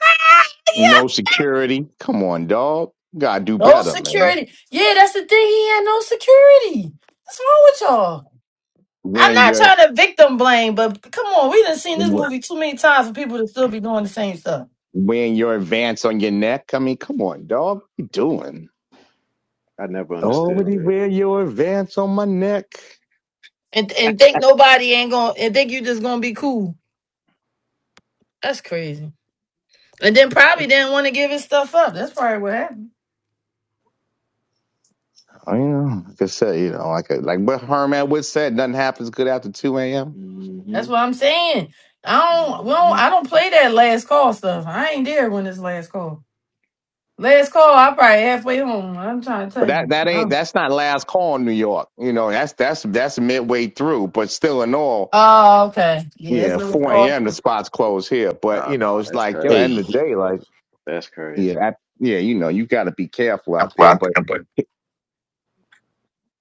Ah, yeah,
No security. Come on, dog. You gotta do
no
better, man.
security. Yeah, that's the thing. He had no security. What's wrong with y'all? I'm
Wearing
not
your
trying to victim blame, but come on, we done seen this movie too many times for people to still be doing the same stuff.
wearing your advance on your neck. I mean, come on, dog. What you doing?
I
Oh, would he
never.
wear your advance on my neck?
and and think nobody ain't gonna and think you just gonna be cool. That's crazy. And then probably didn't want to give his stuff up. That's probably what happened.
I, you know, like I said, you know, like like what Herman would said, nothing happens good after two a.m.
Mm-hmm.
That's what I'm saying. I don't, we don't
Mm-hmm.
I don't play that last call stuff. I ain't there when it's last call. Last call, I probably halfway home. I'm trying to
But
tell
that
you.
that ain't
Oh,
that's not last call in New York. You know, that's that's that's midway through. But still, in all,
Oh, okay. Yeah, it's
yeah,
last
four
Yeah.
call.
a.m. the spots close here. But
Oh
you know,
no,
it's
that's
like you know,
crazy.
Hey.
end of the
he-
day, like
That's crazy.
yeah, that, yeah, you know, you got to be careful
I'm
out there.
glad to
But
hear it.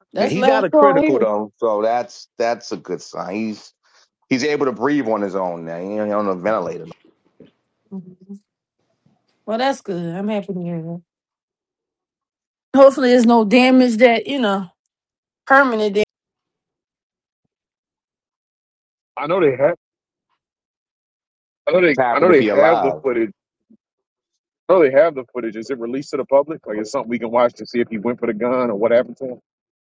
yeah,
That's
he's out
last
of
call
critical
here.
though, so that's that's a good sign. He's He's able to breathe on his own now. He ain't on a ventilator.
Mhm. Well, that's good. I'm happy to hear that. Hopefully, there's no damage that you know permanent. Damage.
I know they have. I know they.
He's
I
happy
know
to
they
be
have the
alive.
footage. I know they have the footage. Is it released to the public? Like, it's something we can watch to see if he went for the gun or what happened to him?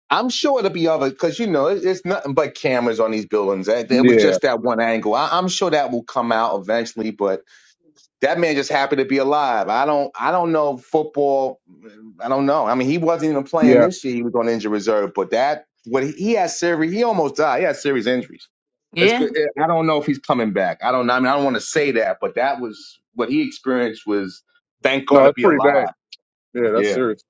I'm sure it'll be other because you know it's nothing but cameras on these buildings. It was
Yeah,
just that one angle. I, I'm sure that will come out eventually, but that man just happy to be alive. I don't. I don't know football. I don't know. I mean, he wasn't even playing
yeah.
this year. He was on injury reserve, but that what he, he had serious. He almost died. He had serious injuries. It's
Yeah.
good. Eh, I don't know if he's coming back. I don't. know. I mean, I don't want to say that, but that was what he experienced. Was thank God
No,
to
that's
be
pretty bad.
alive.
Yeah,
Yeah.
that's serious.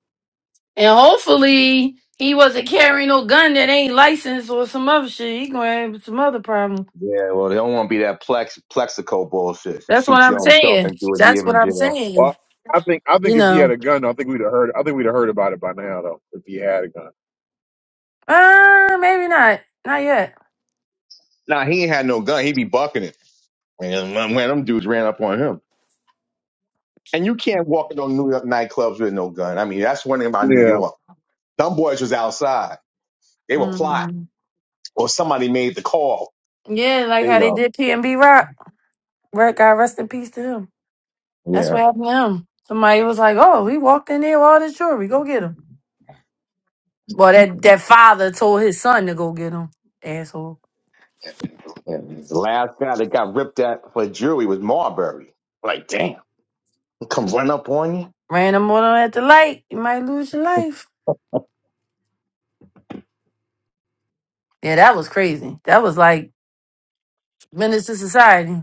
And hopefully he wasn't carrying no gun that ain't licensed or some other shit. He gonna have some other problem.
Yeah, well, they don't want to be that plex plexico bullshit.
That's what
Shoot
I'm
your own self
saying.
and do a
That's
year
what
in
I'm
jail.
Well,
saying.
I think. I
You
think if he had
know.
a gun, I think we'd have heard. I think we'd have heard about it by now, though. If he had a gun.
Uh maybe not. Not yet.
Nah, he ain't had no gun. He be bucking it. Man, man, man, them dudes ran up on him. And you can't walk into New York nightclubs with no gun. I mean, that's one thing about New
Yeah.
York. Them boys was outside. They were plotting,
hmm
or somebody made the call.
Yeah, like
You
how they
know.
did P and B Rock. Rock God rest in peace to him. That's
Yeah.
what happened to him. Somebody was like, Oh, he walked in there with all this jewelry, go get him. Well that that father told his son to go get him. Asshole.
yeah. The last guy that got ripped at for jewelry was Marbury. Like, damn, come run up on you.
Ran him on at the light, you might lose your life. Yeah, that was crazy. That was like Menace to society.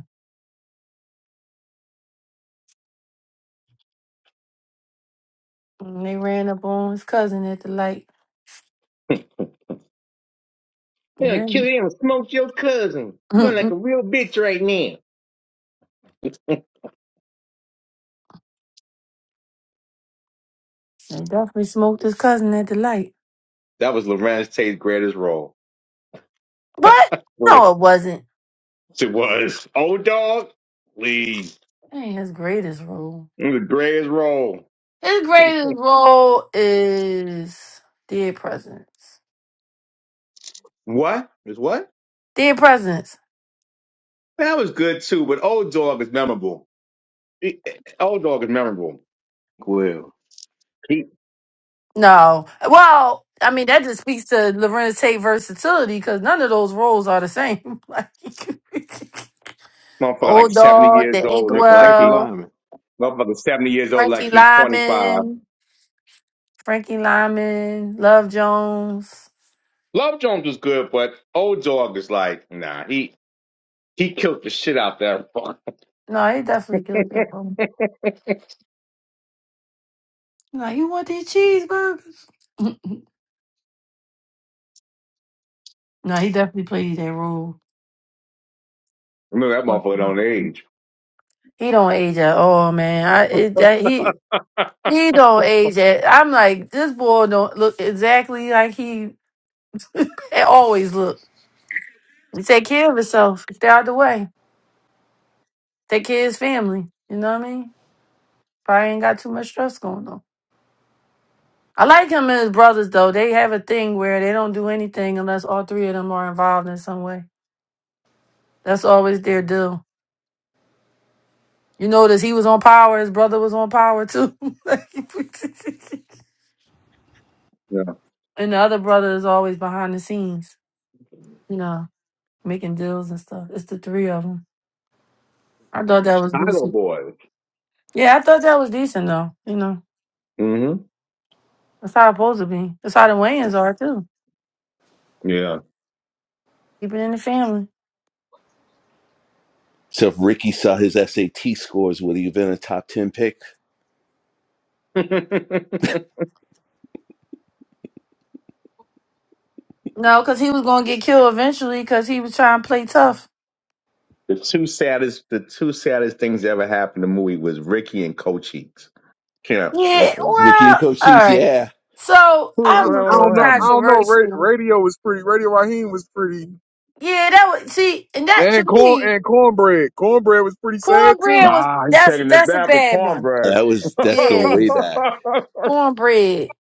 And they ran up on his cousin at the light.
Yeah,
Yeah.
kill him. smoke your cousin. You look like
Mm-mm.
a real bitch right now.
They definitely smoked his cousin at the light.
That was Lorenz Tate's greatest role.
But
Yes,
no, it wasn't.
It was. Old dog, please.
That ain't his greatest role.
It was the greatest role.
His greatest role is dead presidents.
What? Is what?
Dead presidents.
That was good too, but old dog is memorable. It- old dog is memorable.
Well,
He
No. Well, I mean, that just speaks to Lorenz Tate versatility because none of those roles are the same. like,
motherfucker like
Old
seventy
Dog,
years
The
old,
Frank
looking like
Frankie
he
Inkwell,
Lyman.
motherfucker seventy years old, like
Frankie
he's twenty five.
Lyman. Frankie Lyman, Love Jones.
Love Jones was good, but old dog is like nah. He he killed the shit out that. fuck.
No, he definitely killed that role. No, you want these cheeseburgers? no, he definitely played that role.
Remember that motherfucker don't age.
He don't age at all, man. I it, that he he don't age at. I'm like this boy don't look exactly like he always look. He take care of himself. Stay out the way. Take care of his family. You know what I mean? Probably ain't got too much stress going on. I like him and his brothers though. They have a thing where they don't do anything unless all three of them are involved in some way. That's always their deal. You notice he was on power, his brother was on power too. and the other brother is always behind the scenes, you know, making deals and stuff. It's the three of them. I thought
Mm.
that was
Chicago
decent.
boy.
Yeah, I thought that was decent though. You know,
hmm
that's how it's supposed to be. That's how the Wayans are too.
Yeah.
Keep it in the family.
So if Ricky saw his SAT scores, would he have been a top ten pick?
the
No, because he was going to get killed eventually because he was trying to play tough.
two saddest, the two saddest things that ever happened to Mui was Ricky and Cochise. Can't.
Yeah,
Mm-mm.
Ricky and
well, all
Cochise,
right.
yeah.
So
Well,
I,
I'm a
I don't
bit
what
know. I
happened?
don't know. Ra-
controversial.
radio was pretty. Radio Raheem was pretty.
Yeah, that was see, and that to
And corn
me,
and cornbread. Cornbread was pretty sad too.
cornbread was
Ah, he's
that's
taking it
that's a
back with
bad one.
cornbread.
That was that's going
Yeah,
way back.
cornbread.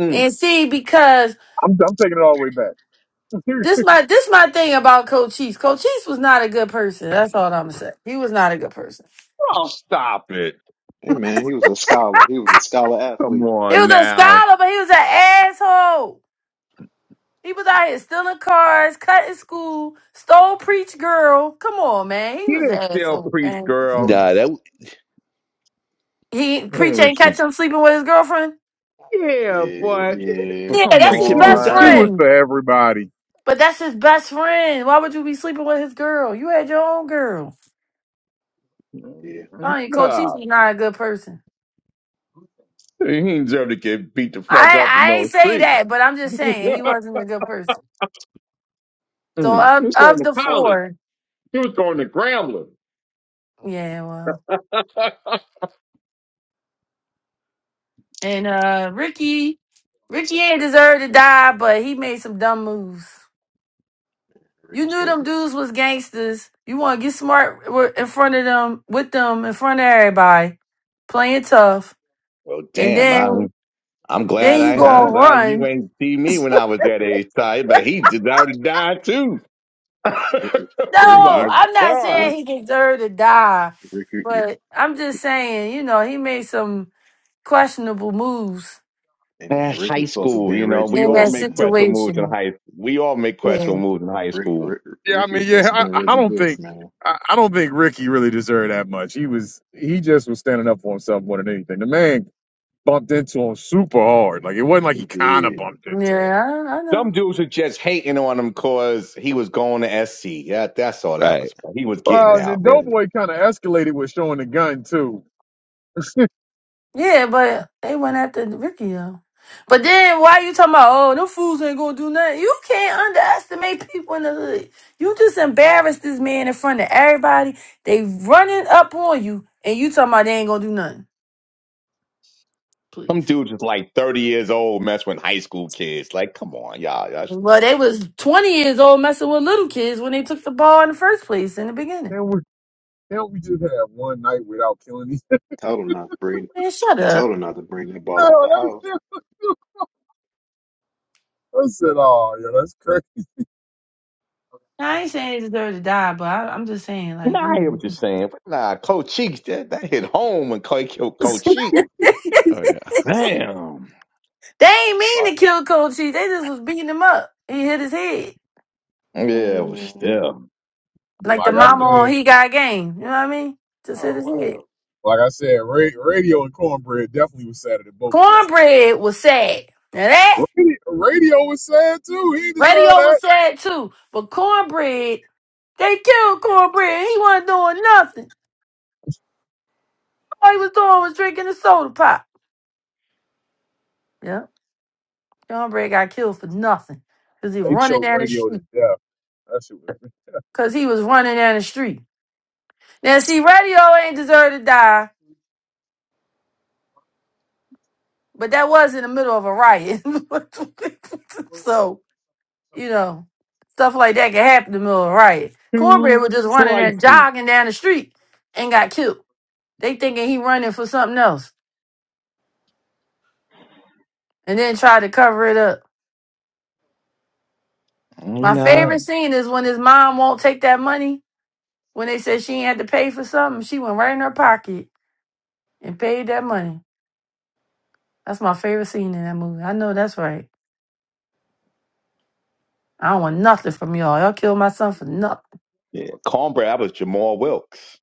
mm.
And see, because
I'm, I'm taking it all the way back.
this my this my thing about Cochise. Cochise was not a good person. That's all I'm gonna say. He was not a good person.
Oh, stop it!
Hey man, he was a scholar. He was a scholar
Come
athlete.
He
on
was a
now.
scholar, but he was an asshole. He was out here stealing cars, cutting school, stole preach girl. Come on, man. He
He
was
didn't
an
still
asshole,
preach,
man.
girl.
Nah, that
He preacher
Hmm.
ain't catch him sleeping with his girlfriend.
Yeah,
Yeah,
but yeah,
yeah,
but
Yeah,
come
that's his
preacher
She, was,
best
moved
she
on.
was
on.
friend.
for everybody.
But that's his best friend. Why would you be sleeping with his girl? You had your own girl.
yeah.
I mean, Cochise
God,
was not a good person.
he deserved to get beat the fuck
I
up in
I
no
ain't say
street.
that, but I'm just saying he wasn't a good person. So
Mm. He
of
was going
of
to
the
college.
four,
He was going to Grambling.
yeah, well, and uh Ricky, Ricky ain't deserve to die, but he made some dumb moves.
Rick
You
was
knew
supposed
them
to
dudes was gangsters. You want to get smart wi- in front of them, with them, in front of everybody, playing tough
Well,
and
damn,
then
I'm I'm glad
then
Yeah,
you
I I'm
go
huh?
and
glad you
run.
ain't see me when I was that age, Ty. But he deserved to die too.
Rick
oh
Rick
No,
my
Rick
I'm not
God.
saying
Rick
he deserved to die,
Ricky
but I'm just saying, you know, he made some questionable moves
hey man,
Man, high
Ricky's supposed to have
school,
been
you know,
Reggie
we
in
all
that
Bush,
make
man.
questionable moves in
situation.
high we all make
Yeah,
questionable moves in high
Rick,
school.
Rick
Yeah, I
Ricky was
mean, yeah,
supposed to
I,
have been
I
Reggie
don't
Bush,
think,
man.
I, I don't think Ricky really deserved that much. He was, he just was standing up for himself more than anything. The man bumped into him super hard. Like it wasn't like
He
he kind of
did.
bumped into him.
yeah, I, I
Some
know.
dudes were just hating on him cause he was going to SC. That that's all that
Right.
was. He was
And
getting
Well, and
that's
out.
then
and
Doughboy kind of escalated with showing the gun too.
Yeah, but they went after Ricky though. But then why you talking about? Oh, them fools ain't gonna do nothing. You can't underestimate people in the hood. You just embarrassed this man in front of everybody. They running up on you, and you talking about they ain't gonna do nothing.
Some
please.
dude just like 30 years old messing with high school kids. Like, come on, y'all. y'all just-
Well,
come
they was 20 years old messing with little kids when they took the ball in the first place in the beginning.
And we, can't we just have one night without killing each.
told him not to bring
Man, shut up.
told him not to bring that ball
other.
out the house.
I said, oh, yeah, that's crazy.
I ain't saying they deserve to die, but I, I'm just saying,
on.
like, you
Nah, I hear
know.
what you're saying. But nah, Coach Cheeks, that, that hit home when Clay killed Coach Cheeks.
Oh yeah.
Damn.
they ain't mean
Like
to kill Cold Cheese. They just was beating him up. He hit his head.
Yeah, but
Man,
still.
they
Like the
like I
beat
mama
him.
on
said.
He Got Game. You know what I mean? Just hit
Oh
his head.
wow.
Like I said, ra- radio and cornbread definitely was sad at both of them.
Cornbread was sad. Now that
Radio, radio was sad too. He deserved
radio
that.
was sad too. But cornbread, they killed cornbread. He wasn't doing nothing. All he was doing was drinking a soda pop. Yeah. John Bray got killed for nothing because he
They
running
choked
down the
radio to
street.
death. That shit was
Because he was running down the street. Now, see, radio ain't deserve to die, but that was in the middle of a riot. so, you know, stuff like that can happen in the middle of a riot. Cornbread
Two
was just running there,
slices.
jogging down the street and got killed. They thinking he running for something else and then tried to cover it up.
You
My
know?
favorite scene is when his mom won't take that money. When they said she ain't had to pay for something, she went right in her pocket and paid that money. That's my favorite scene in that movie. I know that's right. I don't want nothing from y'all. Y'all killed my son for nothing.
Yeah, cornbread. That was Jamal Wilkes.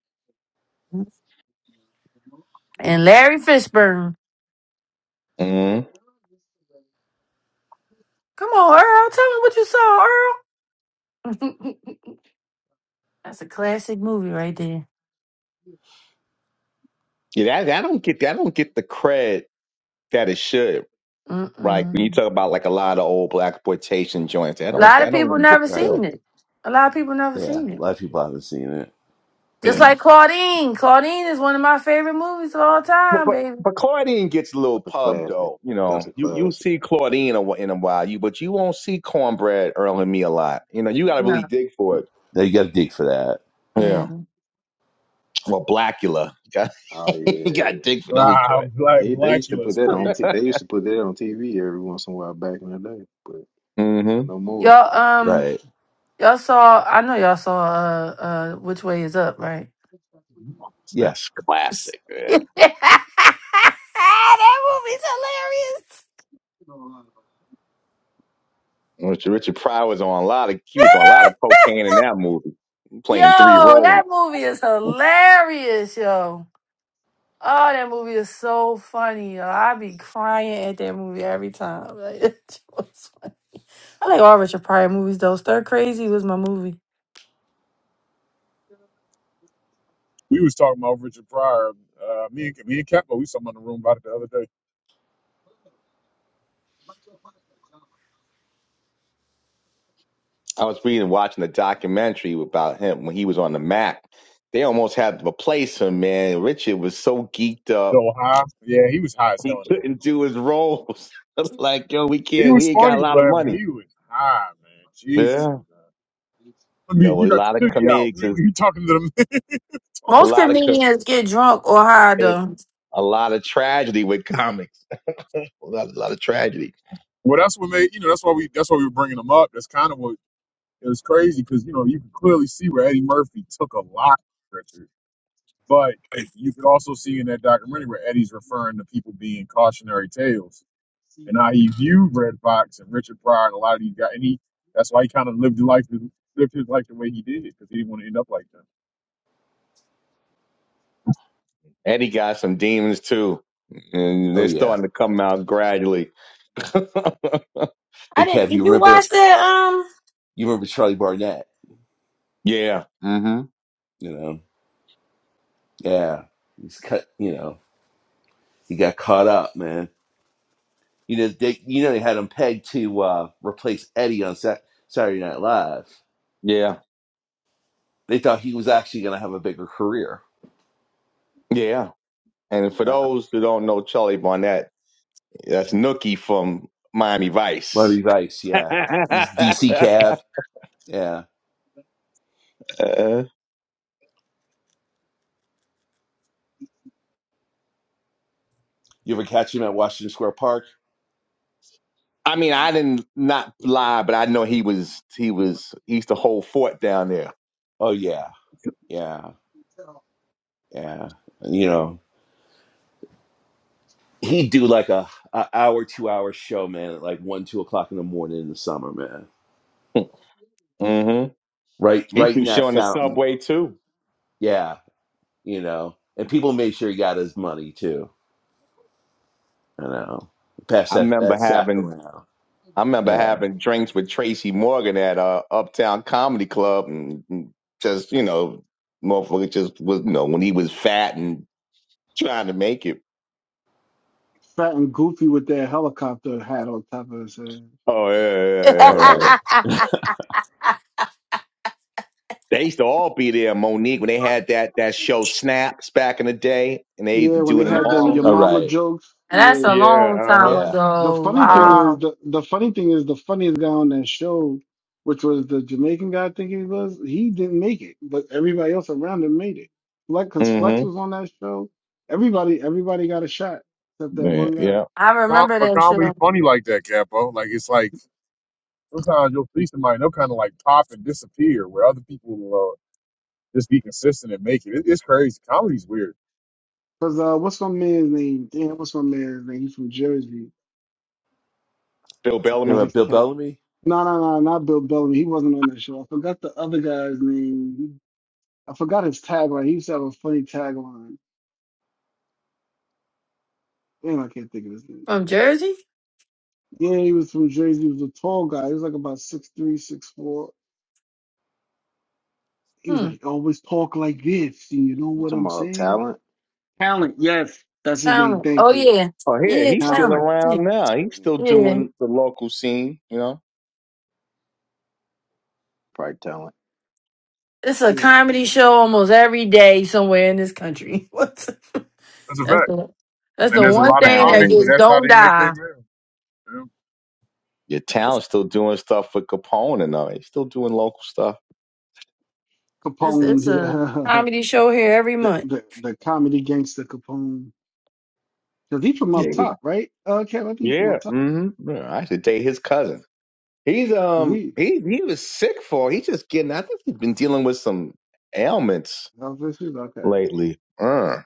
And Larry Fishburne.
hmm
Come on, Earl. Tell me what you saw, Earl. that's a classic movie right there.
Yeah, that, I don't get. that. I don't get the cred that it should. Right. When you
Mm-mm.
talk about like a lot of old black exploitation joints, I
A
don't
lot
I
of
don't
people
really get
never
the film.
Right.
seen it. A lot of people never
Yeah.
seen
A
it.
lot of people haven't seen it.
Just
Yeah.
like Claudine. Claudine is one of my favorite movies of all
But
time,
but,
baby.
but Claudine
Yeah,
gets a little
That's a
pub
classic.
though. You know,
That's a
you you
classic.
see Claudine a wh- in a while, you but you won't see Cornbread Earl and me a lot. You know, you got to
No.
really dig for it.
Now you got to dig for that.
Yeah.
Yeah. Well, Blackula, you got
Oh
you got to
yeah,
dig for those
ah,
joints.
black
they they used to put
Blackula's
that on.
crazy.
T they used to put that on TV every once in a while back in the day. But I
Mm-hmm.
know more.
Y'all, um,
Right.
y'all saw, I know y'all saw, uh, uh, Which Way Is Up, right?
Yeah.
That's classic, man.
that movie's
Richard Richard Pryor was on a lot of he was on a lot of cocaine in that movie,
hilarious.
playing three
Yo,
roles.
that movie is hilarious, yo. Oh, that movie is so funny, yo. I be crying at that movie every time. Like, it was funny. I like all Richard Pryor movies though. Stir Crazy was my movie.
We was talking about Richard Pryor. Uh, me and me and Capo, we was talking about in the room about it the other day.
I was reading, watching a documentary about him when he was on the Mac. They almost had to replace him, man. Richard was so geeked up,
So high, yeah, he was high as
he
hell in him.
couldn't do his roles. like, yo, we
He
can't,
was
we ain't got a
funny,
lot of
but but
money.
he was high, man. Jesus, he
Yeah.
was high. I mean,
No,
you
a
got
lot of
your titty out.
comedics
You
is
you talking to the man?
a
Talking
Most
to-
lot of, co-
comedians get drunk or high
and
though.
a lot of tragedy with comics. a, lot, a lot of tragedy.
well, that's what made you know. That's why we. That's why we were bringing him up. That's kind of what It was crazy because you know you could clearly see where Eddie Murphy took a lot, Richard, but you could also see in that documentary where Eddie's referring to people being cautionary tales and how he viewed Red Fox and Richard Pryor and a lot of these guys, and he that's why he kind of lived his life lived his life the way he did because he didn't want to end up like that.
And he got some demons too. And
Oh
they're
yeah.
starting to come out gradually.
I
Hey
didn't.
Kev, you
Did you watch
remember?
that?
You remember Charlie Barnett?
yeah. hmm
You know? Yeah. He's cut. You know? He got caught up, man. You know they. You know they had him pegged to uh, replace Eddie on Sat- Saturday Night Live.
Yeah.
They thought he was actually going to have a bigger career.
Yeah. And for
Yeah.
those who don't know Charlie Barnett, that's Nookie from Miami Vice.
Robbie Vice. Yeah. He's DC Cab. Yeah.
Uh,
You ever catch him at Washington Square Park?
I mean, I didn't not lie, but I know he was he was he used to hold fort down there.
Oh yeah, yeah, yeah. You know, he'd do like a, a hour, two hour show, man, at like one, two o'clock in the morning in the summer, man.
hmm
Right,
He used
right
to
in that
show on the
fountain.
subway too.
Yeah, you know. And people made sure he got his money too. You know, pass
I
that
remember
that sack
having
around.
I remember
Yeah.
having drinks with Tracy Morgan at uh, Uptown Comedy Club, and and just you know, motherfucker just was you know when he was fat and trying to make it.
Fat and goofy with that helicopter hat on top of his head.
Oh yeah,
Um.
All
yeah,
right.
They used to all be there, Monique, when they had that that show Snaps back in the day, and they used to
Yeah, when
do
they
it in
had the your
Harlem.
All
Mm.
mama
right.
jokes.
That's
Yeah,
a
Yeah,
long time
Yeah.
the
ago.
funny
uh-huh.
thing
uh
Wow.
is the, the funny thing is the funniest guy on that show, which was the Jamaican guy I think he was, he didn't make it, but everybody else around him made it. Like because Flex
Mm-hmm.
was on that show, everybody everybody got a shot except that
Yeah,
one guy.
yeah.
I
Com-
remember
but
that
comedy's
show
funny like that, Capo. Like it's like sometimes you'll see somebody and they'll kind of like pop and disappear where other people will uh, just be consistent and make it. it it's crazy. Comedy's weird.
Cause uh, what's my man's name? Damn, what's my man's name? He's from Jersey.
Bill
I
You
forgot
Bellamy.
know,
his
Bill
tat.
Bellamy.
No, no, no, not Bill Bellamy. He wasn't on that show. I forgot the other guy's name. I forgot his tagline. He used to have a funny tagline. Damn, I can't think of his name.
from Jersey.
Yeah, he was from Jersey. He was a tall guy. He was like about six three, six four. He was
Hmm.
like, always talk like this. You know
You
what
talking
I'm
about
saying?
talent?
Talent, yes. That's his name.
Cameron.
Thank
Oh
you.
yeah,
Oh, here
yeah,
he's still
Talent.
Cameron. Yeah,
around now. He's
Yeah,
still
yeah.
doing the local scene, you know.
Probably talent.
It's a
yeah,
comedy show
talent.
almost every day somewhere in this country. What?
That's a fact.
That's the that's
And
the
there's a
Yeah,
one
lot of
thing that
comics,
Talent.
but
gets
that's how
don't
they make their
die.
meal. Yeah.
Your
It's,
Talon's still doing stuff with Capone and all. He's still doing local stuff.
it's
Capone,
it's a
yeah.
comedy show here every
the,
month.
the the comedy gangster Capone. Because he from up
Yeah,
top, right? Uh, Cam, I think he's from
yeah.
up top.
Mm hmm yeah I should date his cousin. He's
Because
um
he,
he he was sick for. He's just getting. I think he's been dealing with some ailments
oh, this is- okay.
lately. Uh.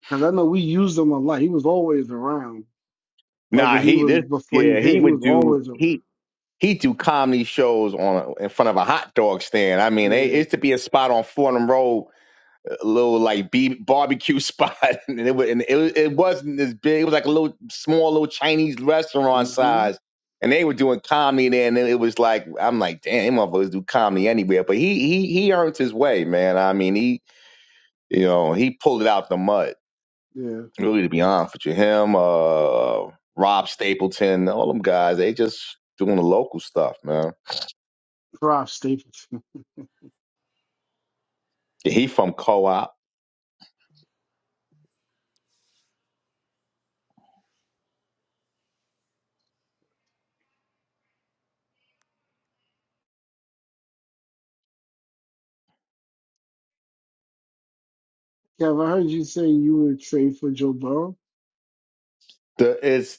Because I know we used him a lot. He was always around. Like
Nah,
when he
he
was,
this
before he
yeah, he
hit, he
would
was
do
always around.
he he do comedy shows on in front of a hot dog stand. I mean, it it
Yeah.
used to be a spot on Fordham Road, a little like B, barbecue spot, and it was, and it, it wasn't as big. It was like a little small, little Chinese restaurant
hmm
size, and they were doing comedy there. And it was like I'm like, damn, them motherfuckers do comedy anywhere. But he he he earned his way, man. I mean, he you know he pulled it out the mud.
Yeah.
Really, to be honest with you, him, uh, Rob Stapleton, all them guys, they just doing the local stuff, man.
Prof. Stapleton.
Yeah, He from co-op.
Kev, I heard you say you would trade for Joe Burrow.
The it's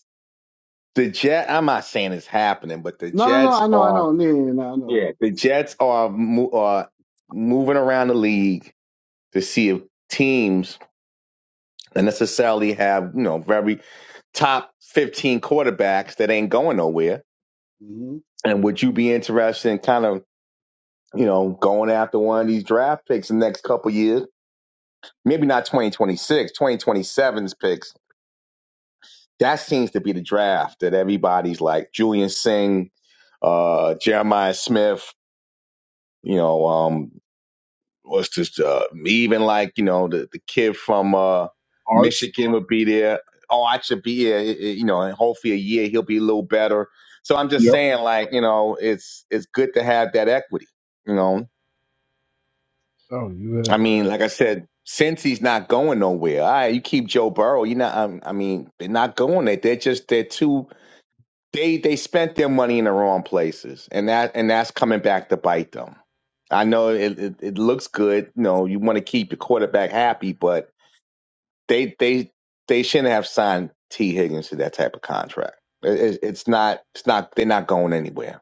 the Jet. I'm not saying it's happening, but the
No, no, no.
Jets
I know, I
are
know. Yeah, yeah, yeah, no, I know, I
yeah,
know.
the Jets are mo- are moving around the league to see if teams that necessarily have you know very top 15 quarterbacks that ain't going nowhere.
hmm
And would you be interested in kind of you know, going after one of these draft picks in the next couple years. Maybe not twenty twenty six, twenty twenty seven's picks. That seems to be the draft that everybody's like Julian Singh, uh, Jeremiah Smith, you know, um, what's this, uh, even like, you know, the, the kid from, uh,
Arch.
Michigan would be there. Oh, I should be here, it- it- you know, and hopefully a year he'll be a little better. So I'm just
Yep.
saying like, you know, it's, it's good to have that equity, you know,
Oh, you
I
have.
mean,
Uh,
like I said, since he's not going nowhere, all right, you keep Joe Burrow. You know, um, I mean, they're not going there. They're just they're too they they spent their money in the wrong places, and that and that's coming back to bite them. I know it it, it looks good. You know, you want to keep your quarterback happy, but they they they shouldn't have signed T Higgins to that type of contract. It, it, it's not it's not they're not going anywhere.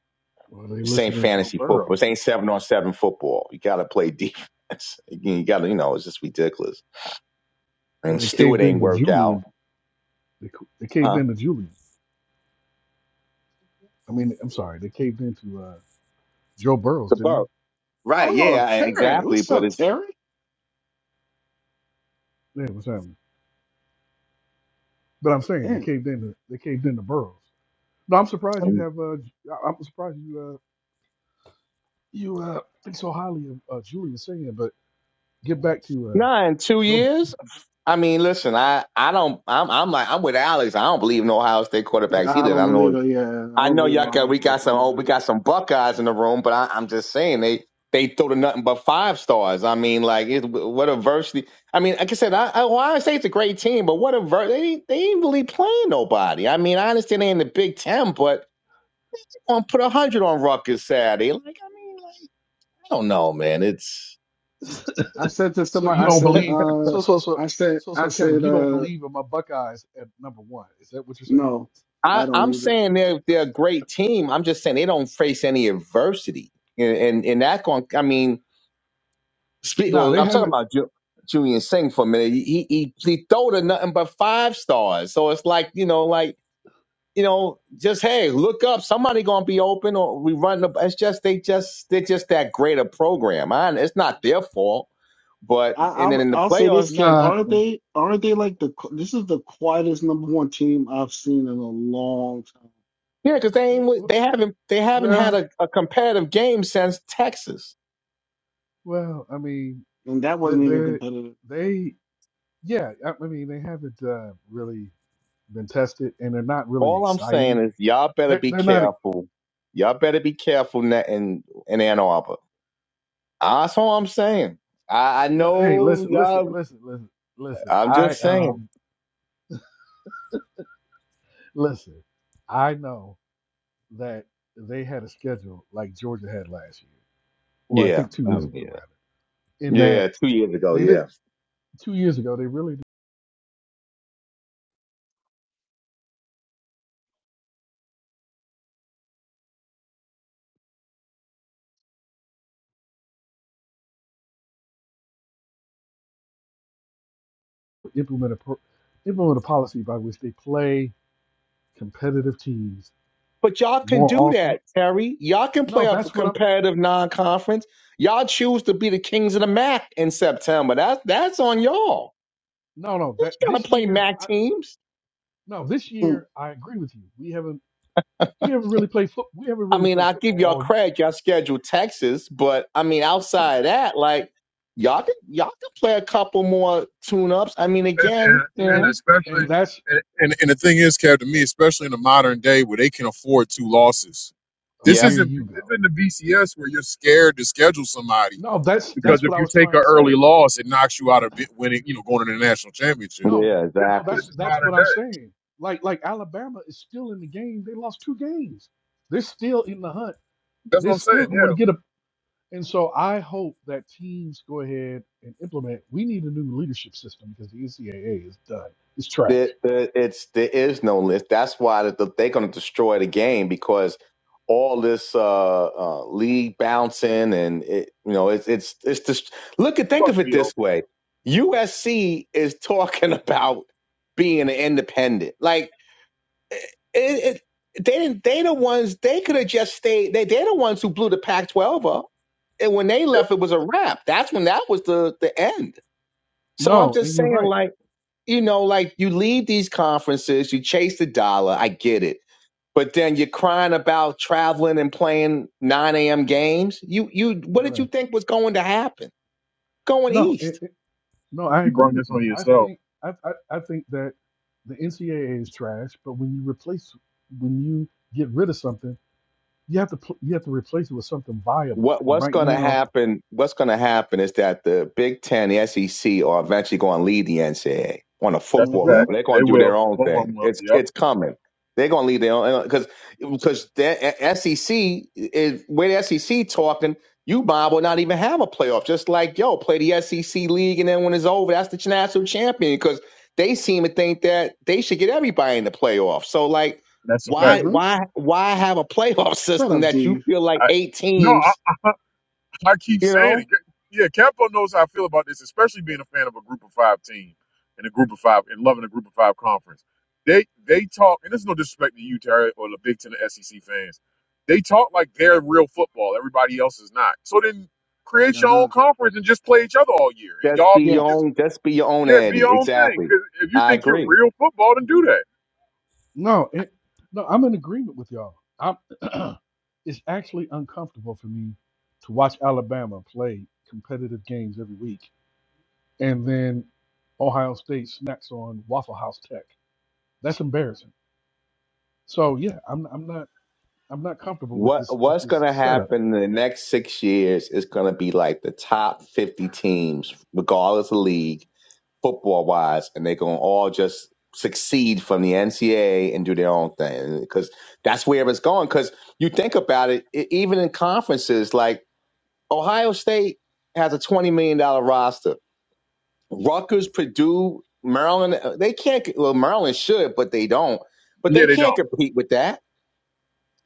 well, they
This ain't
listened to Joe
fantasy football. This
Burrows.
ain't seven on seven football. You got to play defense. You got to you know it's just ridiculous.
Well,
and
they
Stewart
caved in
ain't
to
work out,
Julian. They, c- they caved
huh?
in to Julian. I mean, I'm sorry, they caved in to uh, Joe Burrows,
The
didn't
boat, right?
Oh,
Yeah, I-
Terry.
exactly.
What's
But
up,
it's
Terry?
they? Yeah, what's happening? But I'm saying they
Damn.
caved in. To, they caved in to Burrows. No, I'm surprised you have. Uh, J- I- I'm surprised you uh, you uh, think so highly of uh, Julian Singing. But get back to uh,
nah. In two
Joe. B-
years, I mean, listen, I I don't. I'm I'm like I'm with Alex. I don't believe in Ohio State
Yeah,
quarterbacks
I
either.
don't
I know
believe it. Yeah, I
I
don't
know
believe in
y'all got
Ohio
we
State
got some oh we
quarterback.
got some Buckeyes in the room, but I, I'm just saying they they throw to nothing but five stars. I mean, like it, what a varsity. I mean, like I said, I, I, Ohio State's a great team, but what a ver- they ain't- they ain't really playing nobody. I mean, I understand they in the Big Ten, but gonna put a hundred on Ruckus Saturday. Like, I mean, like, I don't know, man. It's
I said to
So
somebody,
you
I
don't
said,
believe.
uh,
So so so
I said,
so
I
so Kevin,
said,
you don't
uh,
believe in my Buckeyes at number one. Is that what you're saying?
no, I
I,
don't
I'm
either.
saying they're they're a great team. I'm just saying they don't face any adversity, and and, and that going. I mean, speak,
Nah,
well,
they
I'm talking
haven't.
about Ju- Julian Singh for a minute. He he he throwed a nothing but five stars, so it's like you know, like you know, just hey, look up. Somebody gonna be open, or we run. The, it's just they just they're just that great a program. I, it's not their fault, but
I,
and then
I'll,
in the
I'll say this,
playoffs.
Kev.
Nah.
Aren't they, aren't they like the, qu- this is the quietest number one team I've seen in a long time.
Yeah, because they ain't,
w-
wi-
w-
they haven't they haven't had
Well,
a, a competitive game since Texas.
Well, I mean,
And that
they,
wasn't even
they,
competitive.
they yeah, I I mean, they haven't uh, really been tested, and they're not really
All I'm saying
exciting.
is y'all better
They're,
be
they're not. ex-
careful. Y'all better be careful na- in in Ann Arbor. That's all I'm saying. I, I
no, Hey,
know
listen, listen,
y'all.
listen, listen, listen.
I'm
I
just saying.
um, listen. I know that they had a schedule like Georgia had last year, or I
Yeah,
think two years
um,
ago,
yeah,
rather. In that
yeah. Two years ago,
they did
yeah.
two years ago, they really did implement a pro- implement a policy by which they play competitive teams
But y'all can
more
do
often.
that, Terry. Y'all can play
No,
up a
that's what I'm.
competitive non-conference. Y'all choose to be the kings of the MAC in September. That's that's on y'all.
No, no.
You
That
gotta
this
play
year,
MAC
I,
teams.
no, this year I agree with you. We haven't we haven't really played foot. We haven't
I
really
mean,
played
I give
football
y'all
all
credit, y'all scheduled Texas, but I mean, outside of that, like y'all could y'all could play a couple more tune ups. I mean, again,
And,
you
and
and
know.
especially,
and that's
and, and, and the thing is, Kev, to me, especially in the modern day where they can afford two losses,
oh
this
Yep.
here
isn't
you
this
go.
isn't the BCS where you're scared to schedule somebody
No, that's
Mm,
because
that's
if
what I
you
was
take
trying
an
to
early
say.
loss, it knocks you out of bi- winning, you know, going to the national championship.
No,
Yeah,
This,
no,
exactly.
this
that's
is
that's what
modern day.
I'm saying. Like like Alabama is still in the game. They lost two games. They're still in the hunt.
That's
They're
what I'm
still
saying.
going to
Yeah,
get a. And so I hope that teams go ahead and implement. We need a new leadership system because the NCAA is done. It's
There,
trash.
there, it's there is no list. That's why that the, they're going to destroy the game because all this uh, uh, league bouncing and it, you know it's it's it's just look at
it's
think
about
of
to
it
be
this
over.
way. USC is talking about being an independent. Like it, it they didn't they the ones they could have just stayed they they're the ones who blew the Pac twelve up. And when they
Yep.
left it was a wrap. That's when that was the the end. So I'm
No, and
just
you're
saying
right.
like, you know, like you leave these conferences, you chase the dollar, I get it. But then you're crying about traveling and playing nine AM games. You you what did
You're
you
right.
think was going to happen? Going
No,
east.
No, I
You
agree
bring
with
this on
you. I
yourself.
think I, I, I think that the NCAA is trash, but when you replace when you get rid of something, you have to pl- you have to replace it with something viable.
what
And
what's
right
going to
now,
happen? What's going to happen is that the Big Ten, the SEC, are eventually going to lead the NCAA on a
That's a
football
Mm-hmm.
fact.
level. They're
They
going to do
will.
their own
Both of
thing.
them will.
It's
Yep.
it's coming. They're going to lead their own because because the SEC is where the SEC talking. You Bob will not even have a playoff. Just like yo, play the SEC league, and then when it's over, that's the national champion because they seem to think that they should get everybody in the playoff. So like.
That's a fact.
Why,
Mm-hmm.
why, why have a playoff
Shut
system
up,
that you
Dave.
feel like
I
eight
no.
teams
I, I keep
you
saying
know,
it. Yeah, Capo knows how I feel about this, especially being a fan of a group of five team and a group of five and loving a group of five conference. They they talk, and there's no disrespect to you, Terry, or the Big Ten or SEC fans. They talk like they're real football. Everybody else is not. So then create
Y'all
your own
not.
conference and just play each other all year, and
that's
y'all
be
be
your
Yes.
just
own. That's be your own
yeah, be your
Eddie.
own thing.
Exactly.
Because if you
I
think you're
agree.
real football, then do that.
no, it, no, I'm in agreement with y'all. I'm, it's actually uncomfortable for me to watch Alabama play competitive games every week, and then Ohio State snacks on Waffle House Tech. That's embarrassing. So yeah, I'm I'm not I'm not comfortable with
What
this with
What's going
this
to
setup
happen in the next six years is going to be like the top fifty teams, regardless of league, football wise, and they're going to all just succeed from the NCAA and do their own thing because that's where it's going. Because you think about it, e- even in conferences, like Ohio State has a twenty million dollar roster Rutgers, Purdue, Maryland, they can't. Well, Maryland should, but they don't. But
Yeah,
they
they
can't
don't.
compete with that.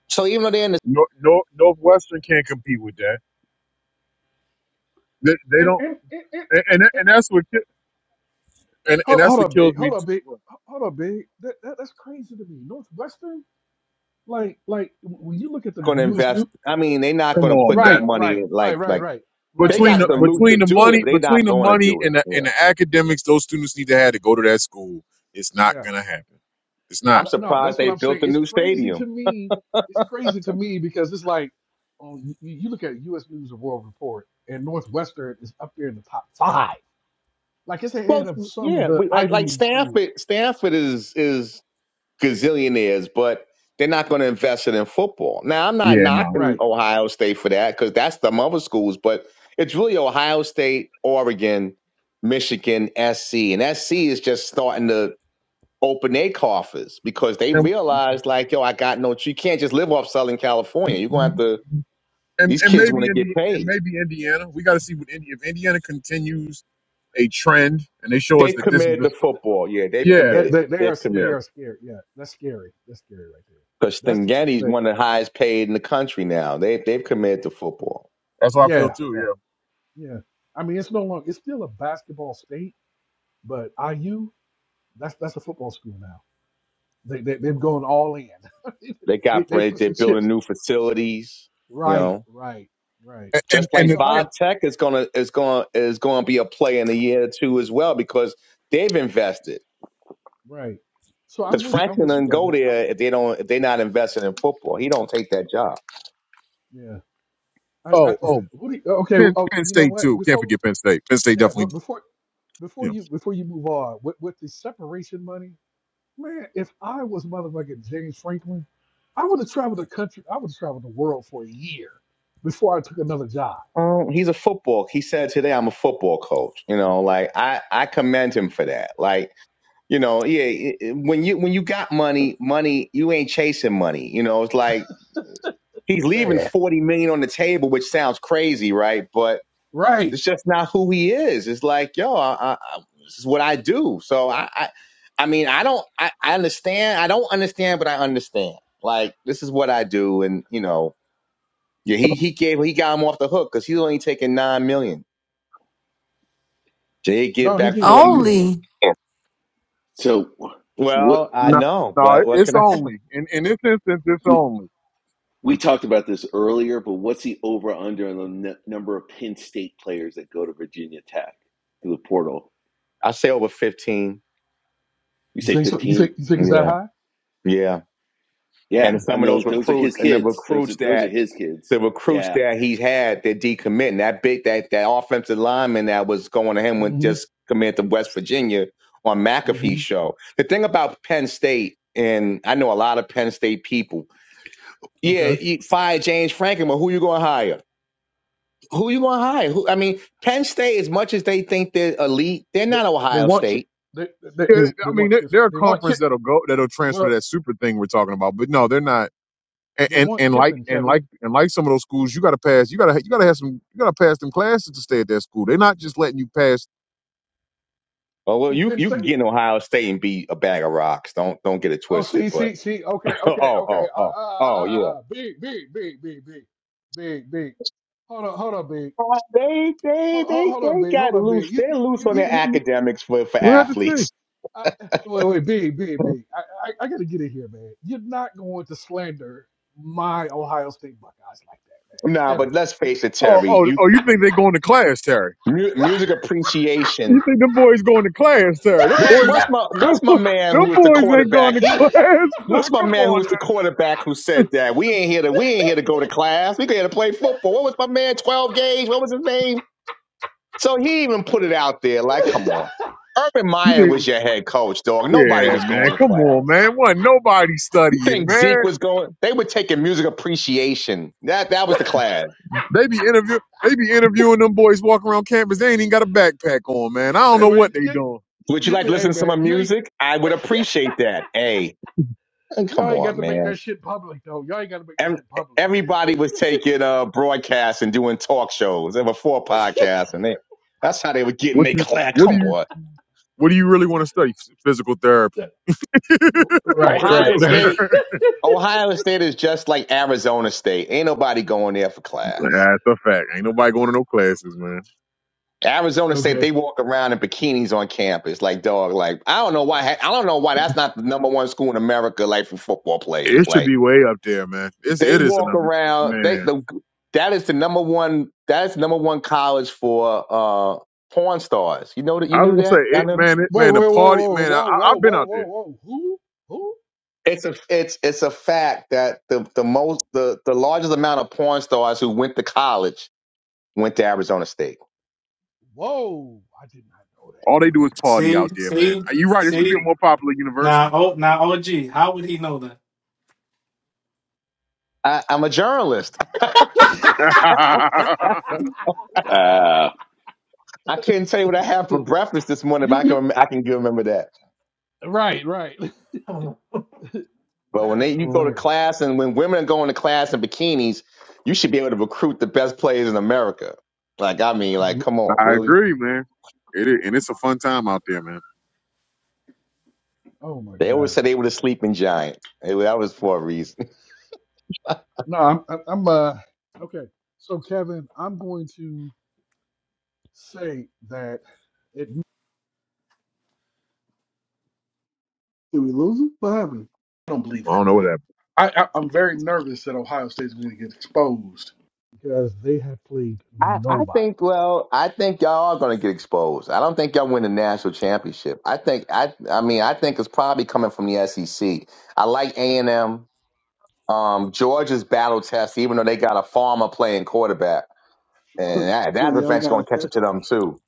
So even though they're not
No, no, Northwestern can't compete with that. They, they
And,
don't,
and, and, and,
and, and
and-
and that's what ki- and and
hold,
that's
hold
what
up,
kills
big.
me.
Hold up, big.
too.
Hold up, big. That, that that's crazy to me. Northwestern, like like when you look at the
going to
U.S.
invest,
new,
I mean, they're not
Come
going to
on,
put that
man.
right,
money
right,
in.
right,
Like,
right,
like
right,
they
right,
Between
got
right,
the
the
right.
loot
When you,
to
between the
do it,
money
but they're
between
not
the
going to
money
do it.
and the and
Yeah,
the academics those students need to have to go to that school, it's not
yeah,
gonna happen. It's
I'm
not.
Th- no,
surprised
that's what
they
I'm saying.
built a
It's
new
crazy
stadium.
to me. It's crazy to me because it's like, um, you, you look at U.S. News and World Report, and Northwestern is up there in the top five. Like it's ahead
Well,
of some of
yeah,
the
we, like
Ivy
like
League schools.
Stanford. Stanford is is gazillionaires, but they're not going to invest it in football. Now, I'm not
Yeah, no.
knocking
Right.
Ohio State for that because that's the mother schools, but it's really Ohio State, Oregon, Michigan, SC. And SC is just starting to open their coffers because they
And
realize, like, yo, I got no, you can't just live off Southern California. You're going to have to,
and,
these
and
kids
maybe
want to get
Indi- and
paid.
maybe Indiana. We got to see what Indi- if Indiana continues a trend and they show us
They've
that this is
committed
the
to
st-
football. Yeah, they've
yeah
They,
committed.
they they are
They've
they
yeah.
committed.
are scary. Yeah, that's scary. That's scary right there.
Because
That's the team
Stingetti's
that
one of the highest paid in the country now. They, they've committed to football.
That's how I feel
yeah,
too.
yeah,
Yeah.
yeah. I mean it's no longer it's still a basketball state, but IU, that's that's a football school now. They, they they've gone all in.
They
they
got
they
bread.
push
They're
the
building
chips.
new facilities. You
Right,
know,
right, right.
And
just
and
like
So
and,
I don't
and,
VodTech is gonna is gonna is gonna be a play in a year or two as well because they've invested.
right. So
Because
I'm with I'm
Franklin
with you,
doesn't go
Kevin. I,
there if they don't if they're not investing in football. He don't take that job.
yeah. I, I
oh oh
what do you, okay,
Penn,
oh
Penn
you know
State
what?
too. Can't
Before
forget Penn State. Penn State
yeah, but
definitely.
before before
Yeah.
you before you move on, with with the separation money, Man, if I was motherfucking James Franklin, I would have traveled the country. I would have traveled the world for a year before I took another job.
Um, he's a football. He said today, "I'm a football coach." You know, like I I commend him for that. Like you know, yeah, it- it- when you when you got money, money you ain't chasing money. You know, it's like he's leaving
Man,
forty million on the table, which sounds crazy, right? But
right?
It's just not who he is. It's like, yo, I, I, I- this is what I do. So I, I, I mean, I don't, I, I understand. I don't understand, but I understand. Like, this is what I do, and you know, yeah, he he gave he got him off the hook because he's only taking nine million. Jay give
No, he
back
did. He
forty
did.
Only.
million.
So, what?
Well, I
No,
know,
no,
but what
it's
can I? Say?
only in in this instance, it's only.
We talked about this earlier, but what's the over under on the n- number of Penn State players that go to Virginia Tech through the portal?
I say over fifteen.
You
You
say
think so? You
15?
think you think it's that
Yeah,
high?
yeah.
Yeah.
And
Mm,
I mean,
some of
that's
those
those,
that's.
those are his
recruits and the
kids. Those are,
recruits
those
that
are his kids.
the recruits
Yeah.
that he had that decommitting. That big that that offensive lineman that was going to him went
hmm
just committed to West Virginia on McAfee's
hmm
show. The thing about Penn State, and I know a lot of Penn State people. Yeah,
Okay.
you fire James Franklin, but who you going to hire? Who you going to hire? Who, I mean, Penn State, as much as they think they're elite, they're
They,
not
they
Ohio
want Ki-
State.
they, they
Yeah,
they they
I mean,
want
there,
Kiffin.
there are
They want Kiff.
conference that'll go that'll transfer
Well,
to that super thing we're talking about, but no, they're not. And
they
and,
want
and like
Kiffin,
and
Kevin.
like and like some of those schools, you got to pass. You got to you got to have some. You got to pass them classes to stay at that school. They're not just letting you pass.
Oh well,
Who
you
Penn
you can get
State?
in Ohio State and be a bag of rocks. Don't don't get it
Oh,
twisted.
see,
But
see, see. Okay,
oh
okay, okay.
oh oh
Uh, uh, uh,
oh yeah.
uh, uh. Big, big, big, big, big, big, big. Hold on, hold on, big.
Uh, they they
Hold, hold,
they
hold up,
they
big.
got
Hold up, big.
loose.
You,
They're loose
you,
on
you,
their
you.
academics for for
What did to say?
athletes.
I, wait, wait, big, big, big. I, I, I gotta get in here, man. You're not going to slander my Ohio State Buckeyes like
Nah,
that,
but
man.
let's
Kevin,
face it,
Oh
Terry.
oh
You
oh! You think they going to class, Terry?
mu- music
You
appreciation.
think them boys going to class, Terry? Them
What's
boys,
you,
what's my
them,
what's my
bo-
man
them
who was the
boys ain't going
quarterback?
to
He
class.
what's my
come
man who
on,
was the
now.
quarterback who said that we ain't here to we ain't here to go to class. We here to play football. What was my man? Twelve gauge. What was his name? So he even put it out there. Like, come on, Urban
You
Meyer was
think-
your head coach, dog. Nobody
yeah,
was
man.
going to
Come on,
class.
man. Wasn't nobody
You
studying,
think Zeke
man.
was going? They were taking music appreciation. That that was the class.
They be interview they be interviewing them boys walking around campus. They ain't even got a backpack on, man. I don't know
man,
what
man,
they
you,
doing.
Would you like
you,
to
hey,
listen to some
man,
of
you ain't,
music? I would appreciate that. Hey, hey, come
y'all ain't got
on,
to make
man.
that shit public though. Y'all ain't got to make that
Ev-
shit public.
Everybody was taking uh, broadcasts and doing talk shows. There were four podcasts, and they, that's how they were getting
What
their
you
class.
what do
Come
you
on,
what do you really want to study? Phys- Physical therapy.
That-
Physical
right, right.
Ohio State.
therapy.
Ohio State is just like Arizona State. Ain't nobody going there for class.
Nah, That's a fact. Ain't nobody going to no classes, man.
Arizona State,
okay.
they walk around in bikinis on campus, like dog. Like I don't know why. I don't know why that's not the number one school in America, like for football players.
It should
Like
be way up there, man. It's
they
it is an
walk
am-
around. They
man.
the that is the number one. That is the number one college for uh porn stars. You know that you
I
knew
was gonna
that.
say
Y'all
it,
know that?
man. It,
Wait, wait,
man,
whoa,
the party,
whoa,
man. I,
whoa,
I-
whoa,
I've been
whoa,
out
whoa,
there.
whoa. Who? Who?
It's a it's it's a fact that the the most the the largest amount of porn stars who went to college went to Arizona State.
Whoa! I did not
All they do is party
See,
out there, man.
see,
You're right. It should be a
see.
more popular university.
Now, oh, now, OG, how would he know that?
I, I'm a journalist.
know
I
Uh,
I couldn't tell you what I had
that.
for breakfast this morning, but
You
I
you
can I can remember that.
right right.
Oh,
But when
That
they
is
you go to
hilarious.
class and when women are going to class in bikinis, you should be able to recruit the best players in America. Like I mean, like
You,
come on, really?
agree, man. It is, and it's a fun time out there, man.
oh my
They always
god.
said they were the sleeping giant. It- that was for a reason.
No, I'm I'm I'm, uh okay. So Kevin, I'm going to say that it,
Did we lose him? What happened?
I don't believe
I
that.
don't know what happened.
I, I I'm very nervous that Ohio State's going to get exposed because they have played
I, I
nobody.
think well, I think y'all are gonna get exposed. I don't think y'all win the national championship. I think I I mean I think it's probably coming from the SEC. I like A and M. Um, Georgia's battle test, even though they got a farmer playing quarterback. and that, that
Y'all
effect's going
got
to catch up
it.
to them too.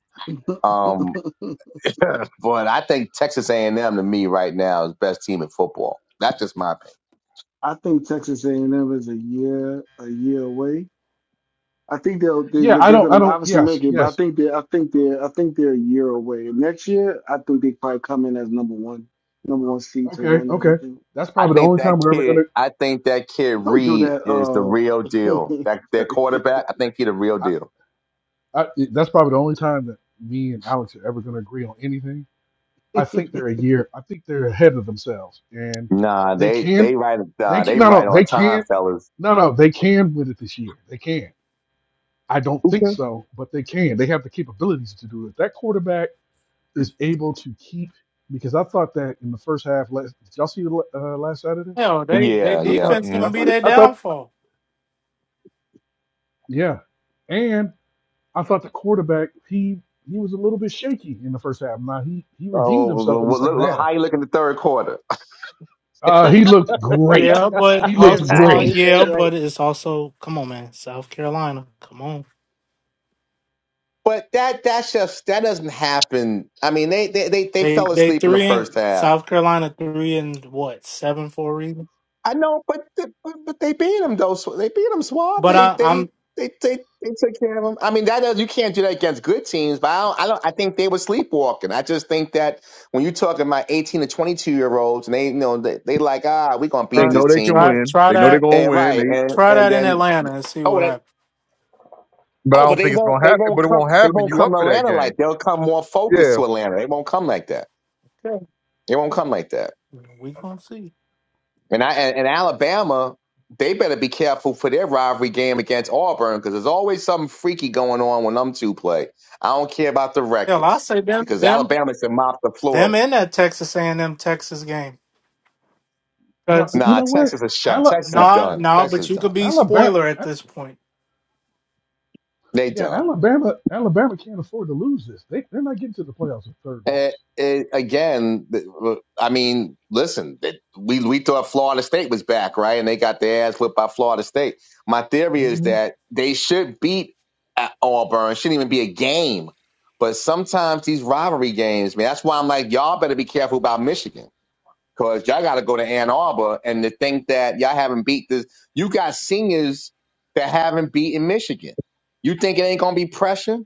Um, but I think Texas A&M to me right now is best team in football. That's just my opinion.
I think Texas A&M is a year a year away. I think they'll they're,
Yeah,
go-
I
they're
don't
going
I
to
don't.
obviously make
Yes
it, but I
yes.
think they I think they are I think they're a year away. Next year, I think they probably come in as number one number one seed to
Okay
run
okay.
everything.
That's
I
probably the
think
only
that
time we're ever
kid,
gonna.
I think that kid
Don't do
Reed
that,
is the
uh,
real deal. That their
Terry.
quarterback, I think he the real deal.
I, I, that's probably the only time that me and Alex are ever gonna agree on anything I think they're a year. I think they're ahead of themselves, and
Nah,
they
they they
can.
right,
They
nah,
can.
they
No,
right
no,
on
they
time,
can.
fellas.
No, no, they can win it this year. They can. I don't think
Okay.
so, but they can. They have the capabilities to do it. That quarterback is able to keep because I thought that in the first half. Last, did y'all see the uh, last Saturday?
Hell, they they
Yeah,
I
yeah.
thought.
defense
I
gonna
Mhm.
be
thought. it-
their
I thought.
downfall.
Yeah, and I thought the quarterback he he was a little bit shaky in the first half. Now he he redeemed
Oh, well,
himself in the
well, look,
second
look
half.
how you look in the third quarter.
Uh, he looked great.
Yeah, but
He
uh,
looked
uh,
great.
exactly.
yeah, but it's also come on, man. South Carolina, come on.
But that that's just that doesn't happen. I mean, they they they, they
They
fell
they
asleep in the
three
first
and
half
South Carolina three and what seven for a reason.
I know, but but, but they beat him though. Sw- They beat him Swab.
But
They
I,
they
I'm
they they they took care of him. I mean, that does you can't do that against good teams. But I don't. I don't. I think they were sleepwalking. I just think that when you're talking about 18 to 22 year olds, and they you know they, they like ah, we gonna
They
beat
uh,
this
know they can
team.
try
win.
try
They know they're
that
gonna
And,
win.
right,
They,
and
try
and
that in
then
Atlanta and see
oh
what
and
happens.
but I
oh, but
don't
they
think it's
won't.
gonna
They
happen.
won't
But it
come.
won't
They
happen.
won't
You
come
up
to
for that
Atlanta
game?
like they'll come more focused
Yeah,
to Atlanta. They won't come like that.
Okay.
They won't come like that.
We gonna see.
And I and, and Alabama, they better be careful for their rivalry game against Auburn because there's always something freaky going on when them two play. I don't care about the
Hell, I
records
say them
because
them
Alabama should mop the
them
floor.
in that Texas A&M Texas game.
No,
Because
you
Nah,
know what?
Texas is shut.
Ala-
Texas
A-
is
nah,
done.
nah,
Texas is
but you could
done.
be
Alabama,
spoiler at
A-
this point.
They
yeah,
done.
Alabama, Alabama can't afford to lose this. They they're not getting to the playoffs with third
Uh
loss.
it, again, th- I mean, listen, that we we thought Florida State was back, right? And they got their ass whipped by Florida State. My theory is
hmm
that they should beat at Auburn. It shouldn't even be a game. But sometimes these rivalry games, man, that's why I'm like, y'all better be careful about Michigan. Cause y'all gotta go to Ann Arbor and to think that y'all haven't beat this you got seniors that haven't beaten Michigan. You think it ain't gonna be pressure?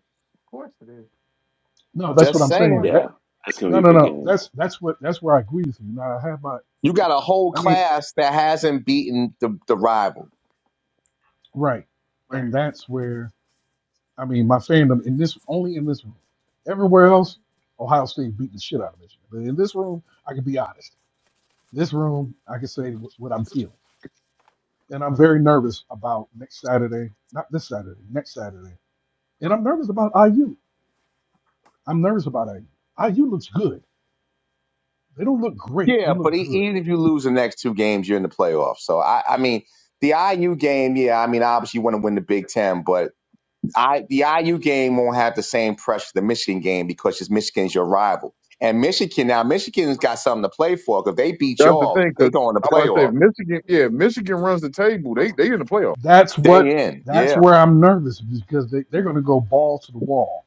No, that's what
Just
I'm
Of
saying.
saying.
course.
That
yeah. That's going
no,
to be a
no,
big
no.
game.
That's that's what that's where I agree with you. Now I have my,
You got a whole
I mean,
class that hasn't beaten the, the rival.
right, and that's where I mean my fandom in this only in this room. Everywhere else, Ohio State beat the shit out of Michigan. But in this room, I can be honest. This room, I can say wh- what I'm feeling, and I'm very nervous about next Saturday. Not this Saturday. Next Saturday And I'm nervous about IU. I'm nervous about IU. IU looks good. They don't look great. They
Yeah, but
look
e-
good.
even if you lose the next two games, you're in the playoffs. So I, I mean, the IU game, yeah, I mean, obviously you want to win the Big Ten, but I the IU game won't have the same pressure the Michigan game because it's Michigan's your rival. And Michigan now, Michigan's got something to play for If they beat
that's the
y'all,
thing.
they
Cause
go in the
I'm about to say if
playoff.
Michigan. Yeah, if Michigan runs the table. They they in the playoff.
That's what.
They in. yeah.
That's where I'm nervous because they, they're going to go ball to the wall.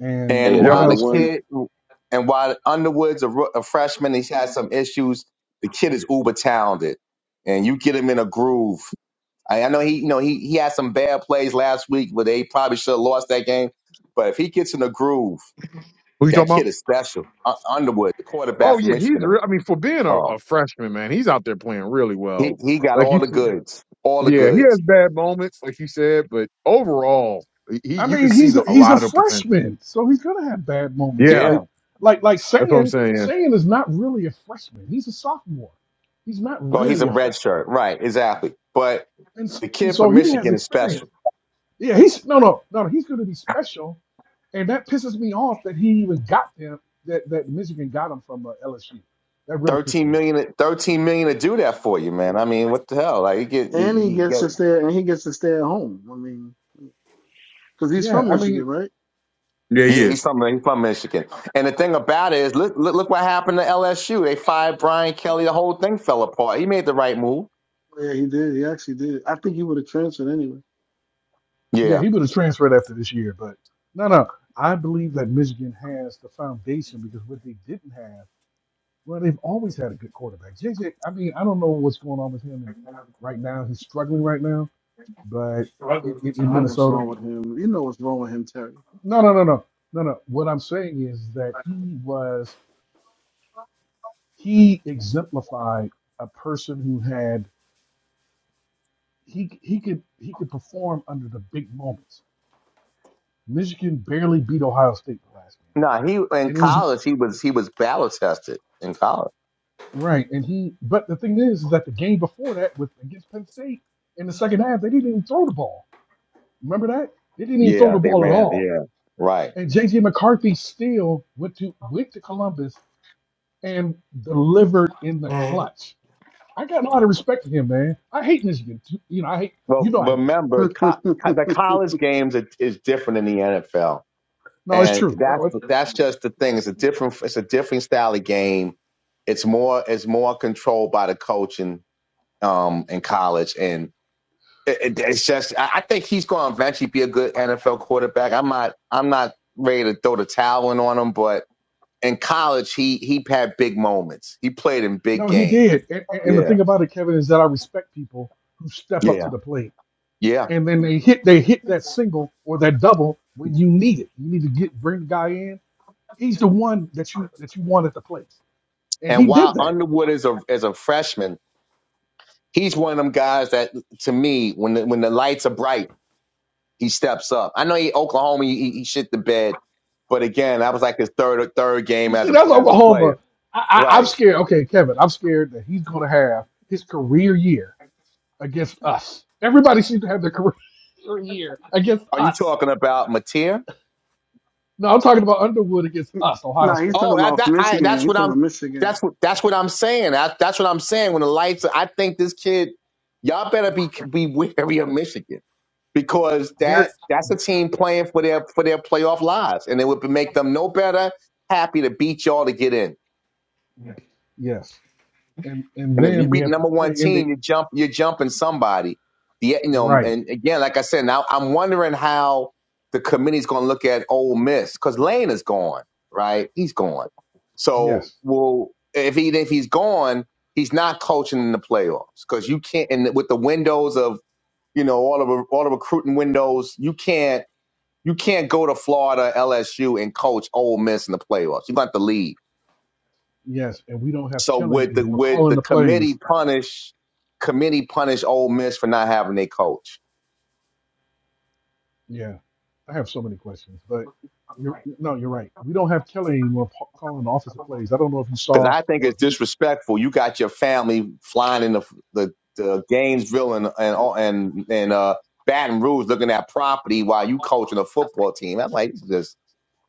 And
Hey,
And
Yeah.
while
Ohio
another
the
State.
one?
kid, and while Underwood's a, roo- a freshman, he's had some issues. The kid is uber talented, and you get him in a groove. I, I know he, you know, he he had some bad plays last week, but they probably should have lost that game. But if he gets in a groove,
Who you talking
that
about?
kid is special. U- Underwood, the quarterback
Oh
from
yeah, he's.
Michigan,
Re- I mean, for being a,
um,
a freshman, man, he's out there playing really
he
well.
he got
Like you.
all the
said-
goods, all the
Yeah, he
goods.
has bad moments, like you said, but overall, he
I
you can
mean,
see
he's a,
the, a
he's a
lot of the potential.
freshman, so he's going to have bad moments.
Yeah,
Yeah.
Like like like
that's what I'm
saying
saying.
saying is not really a freshman. He's a sophomore. He's not
Well, he's
really
Yeah.
a
a
red
freshman,
shirt, right? Exactly. But
and s-
the
and
kid
so
from
he has
Michigan is special
experience. Yeah, he's no, no, no. no, He's going to be special, and that pisses me off that he even got them. That that Michigan got him from uh, LSU. That really pisses
Thirteen
me
million,
off.
thirteen million to do that for you man i mean what the hell like you get, you
and he
you
gets
get
to stay and he gets to stay at home. I mean, because he's
Yeah,
from
I
Michigan,
mean,
right?
Yeah, he
yeah he's
is.
from he's from michigan and the thing about it is look, look look what happened to lsu they fired brian kelly the whole thing fell apart he made the right move
Yeah, he did. He actually did. I think he would have transferred anyway.
yeah,
yeah
he would have transferred after this year, but no, no. I believe that Michigan has the foundation because what they didn't have, well, they've always had a good quarterback. JJ, I mean, I don't know what's going on with him and right now. He's struggling right now, but in, in,
You
in
know what's
Minnesota,
wrong with him. You know what's wrong with him, Terry.
no, no, no, no, no, no. What I'm saying is that he was he exemplified a person who had he he could he could perform under the big moments. Michigan barely beat Ohio State the last game,
no he in
and it was
college he was he was battle tested in college
right. And he, but the thing is, is that the game before that with against Penn State in the second half, they didn't even throw the ball. Remember that they didn't even throw
yeah
the
they
ball at
ran
all.
yeah right
And JJ McCarthy still went to went to Columbus and delivered in the clutch. I got a lot of respect for him, man. I hate Michigan. You know, I hate
well
you know I hate Michigan.
remember co- co- the college games is, is different than the nfl
No, it's
and
true. That
that's
was.
that's just the thing. It's a different it's a different style of game. It's more it's more controlled by the coach in um in college, and it, it- it's just I, I think he's going to eventually be a good NFL quarterback. I'm not I'm not ready to throw the towel in on him, but in college he he had big moments. He played in big
No, he
games.
did. And, and and the
Yeah,
thing about it, Kevin, is that I respect people who step up
yeah,
to the plate
yeah.
and then they hit they hit that single or that double when you need it. You need to get bring the guy in. He's the one that you that you want at the plate, and
And
he did
while
that.
Underwood is a is a freshman, he's one of them guys that to me when the, when the lights are bright. he steps up. I know he Oklahoma he, he shit the bed, but again, that was like his third third
You
game as
see,
a
that's
as a
Oklahoma.
player.
I, I, I'm
Right?
scared. Okay, Kevin, I'm scared that he's going to have his career year against us. Everybody seems to have their career year against
Are you
us.
talking about Mateer?
No, I'm talking about Underwood against us, Ohio
nah, he's
State.
talking
Oh, that,
about
that I,
Michigan.
that's
He's
what
talking
I'm.
about Michigan.
That's what that's what I'm saying. That, that's what I'm saying. When the lights, are- I think this kid, y'all better be be wary of Michigan because
Very
that that's a team playing for their for their playoff lives, and it would make them no better happy to beat y'all to get in.
yes and and
And if you
then we
beat
have to
number one
play.
team, you jump, you're jumping somebody. The, you know,
Right.
and again, like I said, now I'm wondering how the committee's going to look at Ole Miss because Lane is gone, right? He's gone. So,
Yes.
well, if he if he's gone, he's not coaching in the playoffs because you can't. And with the windows of you know all the all the recruiting windows, you can't you can't go to Florida LSU and coach Ole Miss in the playoffs. You got to leave
Yes. And we don't have
so
Kelly
would the
anymore
would
calling
the
the
committee
plays.
punish committee punish Ole Miss for not having their coach?
Yeah. I have so many questions, but you're no, you're right. We don't have Kelly anymore pa- calling the offensive plays. I don't know if you
Because
saw
I think
or
it's
if you
disrespectful. You got your family flying in the the, the Gainesville and and and and uh, Baton Rouge looking at property while you coaching a football team. I'm like, this is just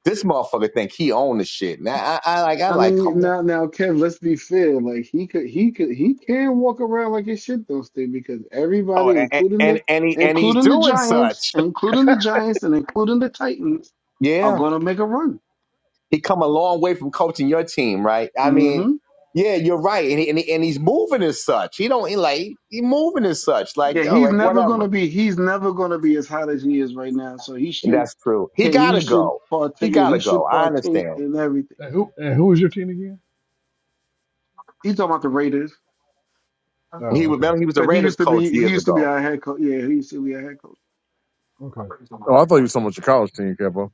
this motherfucker think he own the shit. Now I, I like I
I
like come
mean,
on.
now, now, Kev. Let's be fair. Like he could, he could, he can walk around like his shit don't stink because
Oh,
everybody,
and
including the,
and and, he, and he's
including the
doing
Giants,
such.
including the Giants, and including the Titans,
Yeah.
are gonna make a run.
He come a long way from coaching your team, right? I mean,
Mm-hmm.
yeah, you're right, and he, and, he, and he's moving as such. He don't he like he moving as such, like
Yeah,
yo,
he's
like
eh, eh,
never
whatever.
gonna be. He's never gonna be as hot as he is right now. So he
And
should.
that's true. He
yeah, He
gotta
should
go. He
partake. Yeah, he
gotta go.
should
I
partake
understand.
in everything.
eh, who and who is your team again?
He's talking about the Raiders
He
Oh,
was
okay,
remember he was the
because he
Raiders
used to
coach
be. He
years
used to be
ago.
our head coach. Yeah, he used to be our head coach.
okay.
Oh, I thought he was talking about your college team, Kevo.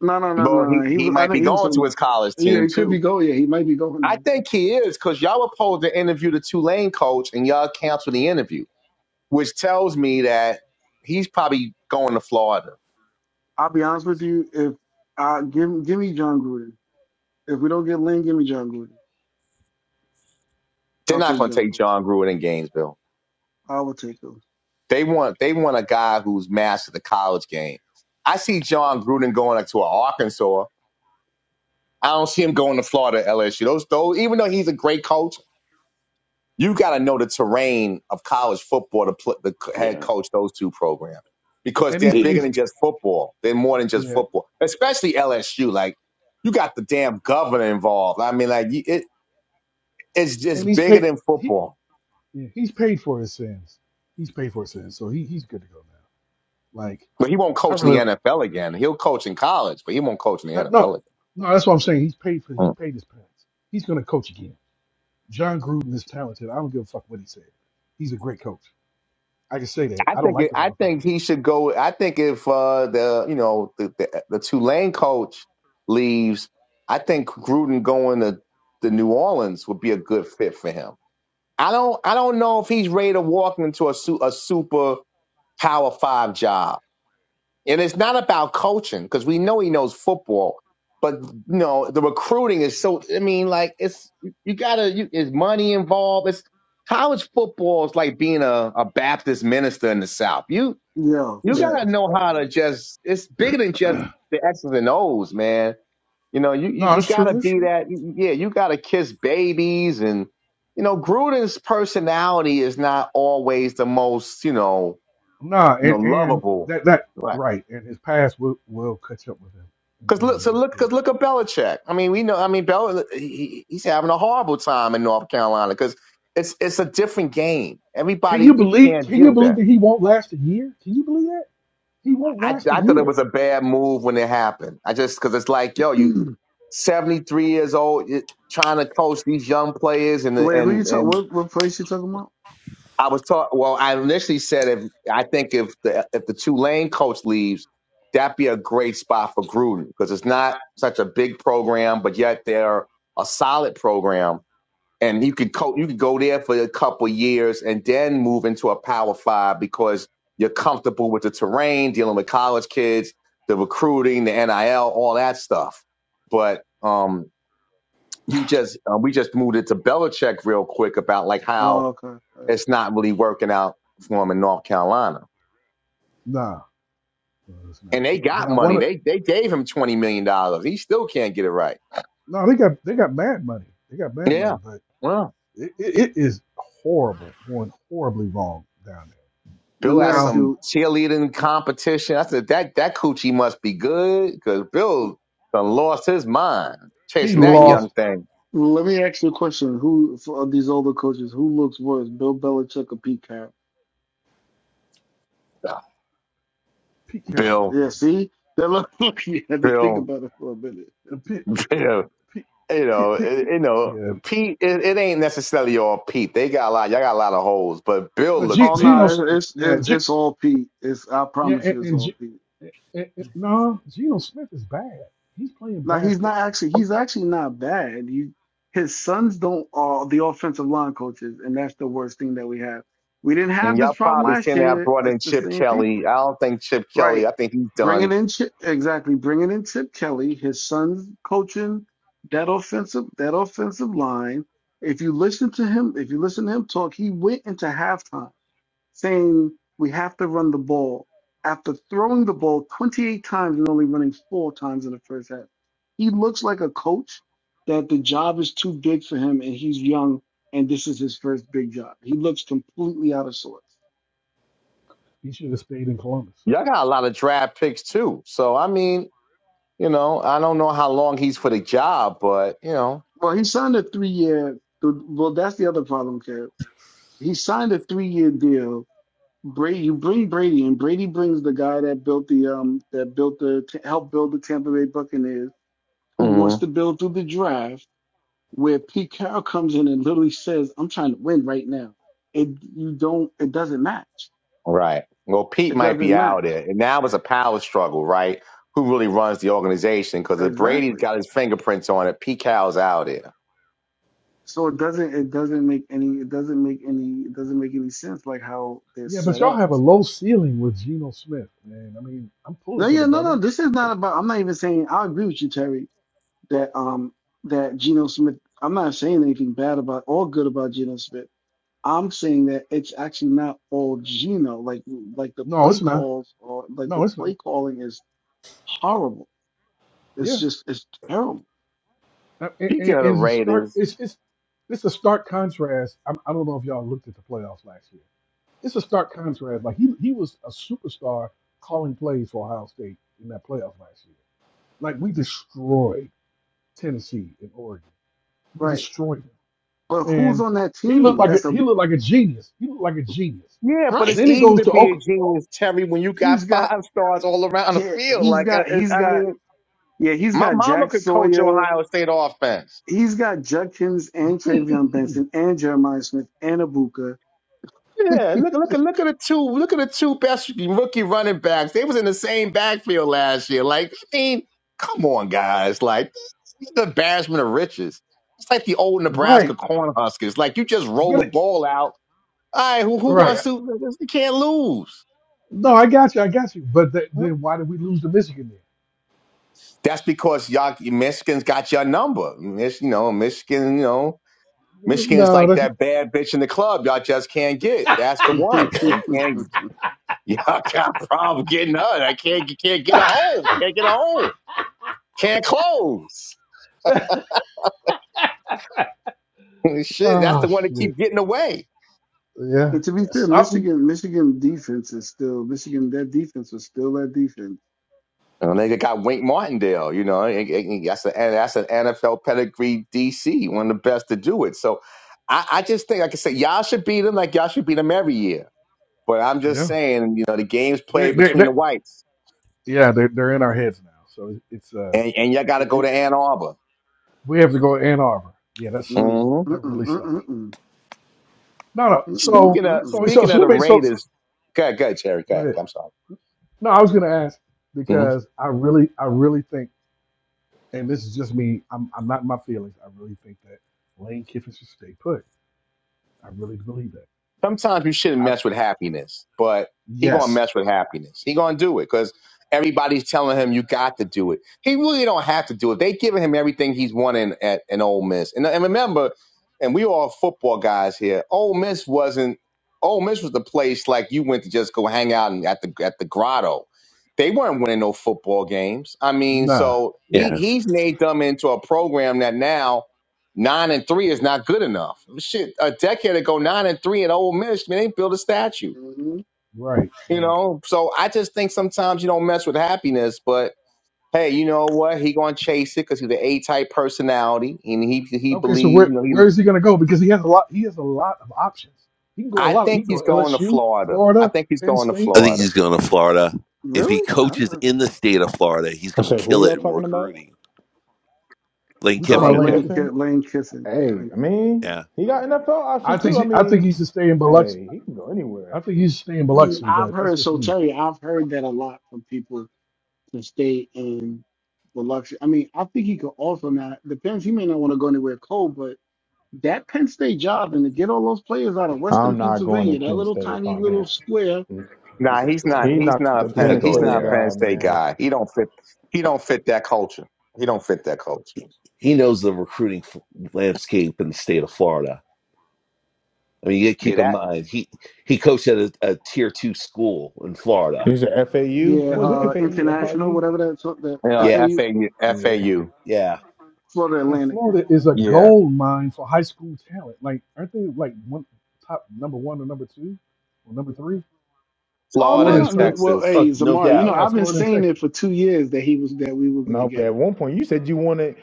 No, no, no,
Well,
no. no.
he
He
he
was. I
might
know
be
he was
going
talking
to his
about. that.
college
Yeah,
team
it could
too.
be going. Yeah, he might be going
I
there.
think he is because y'all were supposed to interview the Tulane coach and y'all canceled the interview, which tells me that he's probably going to Florida.
I'll be honest with you. If I give give me John Gruden. If we don't get Lynn, give me John Gruden.
They're
I'll
not
take
going to
John
take
Gruden.
John Gruden in Gainesville.
I will take him.
They want they want a guy who's mastered the college game. I see John Gruden going to Arkansas. I don't see him going to Florida, LSU. Those those even though he's a great coach, you got to know the terrain of college football to put the c- head
Yeah.
coach those two programs because
And he's
they're
It,
bigger
paid.
than just football. They're more than just
Yeah,
football, especially LSU. Like you got the damn governor involved. I mean, like you- it, it's
and
just
he's
bigger
paid.
than
He
football.
yeah, he's paid for his sins. He's paid for his sins, so he, he's good to go now. Like
But he won't
I
coach in the
really
NFL again. He'll coach in college, but he won't coach in the
that, no
NFL again.
no. That's what I'm saying. He's paid for. He paid his penance. He's gonna coach again. John Gruden is talented. I don't give a fuck what he said. He's a great coach. I can say that.
I
I don't
think
like
it,
the
I think he
motherfucker.
should go. I think if uh, the you know the, the the Tulane coach leaves, I think Gruden going to the New Orleans would be a good fit for him. I don't I don't know if he's ready to walk into a su- a super power five job, and it's not about coaching because we know he knows football. But you know the recruiting is so. I mean, like it's you gotta. You, is money involved? It's college football is like being a, a Baptist minister in the South. You
Yo,
you
that
gotta
is
know how to
crazy.
just it's bigger than just the X's and O's, man. You know, you you,
no,
you
it's
gotta
true. It's
be
true.
that yeah, you gotta kiss babies and you know, Gruden's personality is not always the most, you know,
Nah,
you know,
and and
lovable.
that that
Right.
right. And his past will will catch up with him in
Cause look,
terms of
so look,
recruiting.
cause look at Belichick. I mean, we know. I mean, Bel, he- he's having a horrible time in North Carolina because it's it's a different game.
Can you
Everybody
believe?
can't
Can
deal
you
with
believe
that.
that he won't last a year? Can you believe that he won't
I,
last a
I thought it
year?
was a bad move when it happened. I just because it's like, yo, you 73 years old, it- trying to coach these young players. And
Wait, who you
and
talk?
and
What what place you talking about?
I was taught. Well, I initially said if I think if the if the Tulane coach leaves, that'd be a great spot for Gruden because it's not such a big program, but yet they're a solid program. And you could co- you could go there for a couple years and then move into a Power Five because you're comfortable with the terrain, dealing with college kids, the recruiting, the NIL, all that stuff. But um, you just uh, we just moved it to Belichick real quick about like how
Oh, okay. All right.
it's not really working out for him in North Carolina,
Nah, no, it's not.
and they
But
got
I
money.
want to.
They they gave him twenty million dollars. He still can't get it right.
No, they got they got mad money. They got mad money,
Yeah,
but
well,
it, it, it is horrible, going horribly wrong down there.
Let
Bill
me
has
ask
Now
some
you.
cheerleading competition. I said that that coochie must be good because Bill done lost his mind
he
chasing
Let
that
me
lost
young thing.
let me ask you a question. Who for- of these older coaches who looks worse, Bill Belichick or Pete Carroll?
Ah,
Pete Carroll was
Bill,
done.
Yeah, see, that look. look, You had to think
Bill,
about it for a minute.
And Pete, the
Bill.
Pete,
you know,
Pete, Pete,
it, you know,
yeah.
Pete. It, it ain't necessarily all Pete. They got a lot. Y'all got a lot of holes, but Bill
But
looks
G,
Oh
Geno,
bad.
no, it- it's
yeah,
it's
G,
it's all Pete. It's I
yeah,
promise you,
and,
it's
and,
all
G,
Pete.
and, and and- no, Geno Smith is bad. He's playing
Now
bad
he's not
football.
actually he's actually not bad. You his sons don't are the offensive line coaches, and that's the worst thing that we have. We didn't
And
have
y'all
this problem
probably
last
seen that I
year.
brought
It's
in
the
Chip
same people.
Kelly. I don't think Chip
Right.
Kelly. I think he's done.
Bringing in Chip, exactly. Bringing in Chip Kelly, his son's coaching that offensive that offensive line. If you listen to him, if you listen to him talk, he went into halftime saying we have to run the ball. After throwing the ball 28 times and only running four times in the first half, he looks like a coach that the job is too big for him and he's young and this is his first big job. He looks completely out of sorts.
He should have stayed in Columbus.
Y'all got a lot of draft picks too. So I mean, you know, I don't know how long he's for the job, but you know,
Well, he signed a three year. Well, that's the other problem, Kev. He signed a three year deal. Brady, you bring Brady in. Brady brings the guy that built the um that built the t- helped build the Tampa Bay Buccaneers, who wants
Mhm.
to build through the draft, where Pete Carroll comes in and literally says, "I'm trying to win right now." It you don't. It doesn't match.
right. Well, Pete
It
might be
doesn't
out
match
there, and now it's a power struggle, right? Who really runs the organization? Because if Brady's
exactly.
got his fingerprints on it, Pete Carroll's out there.
So it doesn't. It doesn't make any. It doesn't make any. It doesn't make any sense like how they're
Yeah, but
set
y'all
up.
have a low ceiling with Geno Smith, man. I mean, I'm pulling
No,
for the
yeah, no,
brother.
no. This is not about. I'm not even saying. I agree with you, Terry. That um, that Geno Smith. I'm not saying anything bad about or good about Geno Smith. I'm saying that it's actually not all Geno. Like, like the
No,
play
it's not.
calls or like
No,
the
it's
play
not.
calling is horrible. It's
Yeah,
just it's terrible,
Uh, and, and,
Speaking of the
and it's a stark.
Raiders,
It's it's it's a stark contrast. I, I don't know if y'all looked at the playoffs last year. it's a stark contrast. Like he he was a superstar calling plays for Ohio State in that playoff last year. Like we destroyed Tennessee and Oregon. We
right?
destroyed
But
them,
who's
and
on that
he looked
team?
like a,
That's
he
a
looked like a genius. He looked like a genius.
Yeah, but
right.
it's
Then he
easy
goes
to
to
be a
Oklahoma,
genius, Terry, when you got
He's got
five stars all around the
yeah.
field.
He's
Like, I,
got he's
I I
got
mean,
yeah. He's
my
got
mama
Jack
could coach
Sawyer.
Ohio State offense.
He's got Judkins and Travion Benson and Jeremiah Smith and Abuka. and
Yeah, look, look, at look at the two, look at the two best rookie running backs. They was in the same backfield last year. Like, I mean, come on, guys. Like, this is the embarrassment of riches. It's like the old
right?
Nebraska Cornhuskers. Like, you just roll
But
the
it-
ball out. All right, who who wants
right.
to? You can't lose.
No, I got you. I got you. But th- then why did we lose to Michigan then?
That's because y'all Michigan's got your number. Mich- you know, Michigan, you know, Michigan's
No,
like
that's
that bad bitch in the club. Y'all just can't get. That's the one. And can't y'all got a problem getting her. I can't can't get her home. Can't get her home. Can't close. Shit, that's
oh
the one that
shit.
keep getting away.
Yeah,
to be
yeah,
fair,
something.
Michigan Michigan defense is still Michigan. That defense was still that defense.
You know, they got Wink Martindale. You know, and- and- that's an that's an NFL pedigree DC, one of the best to do it. So. I, I just think, like I said, y'all should beat them like y'all should beat them every year. But I'm just
Yeah,
saying, you know, the game's
they are
played
they
between
they
the whites,
yeah they're they're in our heads now. So it's uh.
and and y'all got to
It-
go to
it-
Ann Arbor.
we have to go to Ann Arbor. Yeah, that
Mm,
sucks.
hmm
That
mm-mm,
really sucks.
mm-mm,
No, no.
mm-mm, mm-mm,
Speaking
So,
of
so,
mm-mm.
so,
speaking
so
of the
let me. So, so
Raiders, go ahead, go ahead, Cherry. Go
go
ahead.
ahead.
I'm sorry.
No, I was going to ask because I really, I really think, and this is just me. I'm, I'm not in my feelings. I really think that Lane Kiffin should stay put. I really believe that.
sometimes you shouldn't
I,
mess with happiness, but he gonna
yes.
mess with happiness. He gonna do it because everybody's telling him you got to do it. He really don't have to do it. They giving him everything he's wanting at an Ole Miss. And, and remember, and we all football guys here. Ole Miss wasn't. Ole Miss was the place like you went to just go hang out and at the at the grotto. They weren't winning no football games. I mean,
Nah.
so he
yeah.
he's made them into a program that now Nine and three is not good enough. Shit, a decade ago, nine and three in Ole Miss, man, they built a statue.
Mhm.
Right.
You
Right.
know, so I just think sometimes you don't mess with happiness, but hey, you know what? He gonna chase it because he's an A type personality, and he he
Okay. So
believes. You
where,
know, he.
where is he going to go? Because he has a lot. He has a lot of options. He can go a
I
lot. He
think
can
he's
go
going to
LSU,
Florida. I
Florida,
think he's
Penn
going to
State.
I think
Florida.
he's going to Florida. If he
Really? I, I, I
coaches
not
in the
see
state
it.
of Florida, he's
I
going
said,
to
who
kill it
y'all
in
talking about?
recruiting. Lane
We talking
Uh,
about
Lane
Oh,
Kiffin.
Lane
Lane
Kiffin.
Ki-
Kiffin.
Kiffin.
Lane Kiffin.
Hey,
Lane
I
Kiffin.
mean,
Yeah,
he got NFL
I
options
think
too. I
she, I think
mean,
he should stay in Biloxi.
hey, he can go anywhere.
I think he should stay in
Mm,
Biloxi,
I've
but that's
heard
just
so
me.
Terry. I've heard that a lot from people to stay in the luxury. I mean, I think he could also now. Depends. He may not want to go anywhere cold, but That Penn State job and to get all those players out of Western
I'm not going to
Pennsylvania, that
Penn
little
State if
tiny
I'm
little
him.
square,
he's
Nah,
not
he's
going
not.
He
there.
He's
not
not a
the
He's not
Penn
Penn. He's
going
not
State
a
there.
Penn
guy,
State
man.
guy. He don't fit. He don't fit that culture. He don't fit that culture.
he knows the recruiting f- landscape in the state of Florida. I mean, you gotta
Yeah,
keep in
that.
mind he he coached at a, a tier two school in Florida.
He's a FAU.
yeah,
What
And
was
look
it?
uh,
at the
FAU?
yeah,
international,
FIU?
whatever that's the
You know,
Yeah,
FAU,
FAU.
Yeah.
yeah,
Florida
and
Atlantic.
Florida is a
Yeah,
gold mine for high school talent. Like aren't they like one top number one or number two or number three?
Oh
Florida
no,
Florida and
and
no. yeah,
Stern,
Well,
Texas.
oh,
hey,
no
Zamari, you know
doubt.
yeah,
I've been
Florida and
saying
Texas.
it for two years that he was that we were going to
No, but
get
at
him.
one point you said you wanted.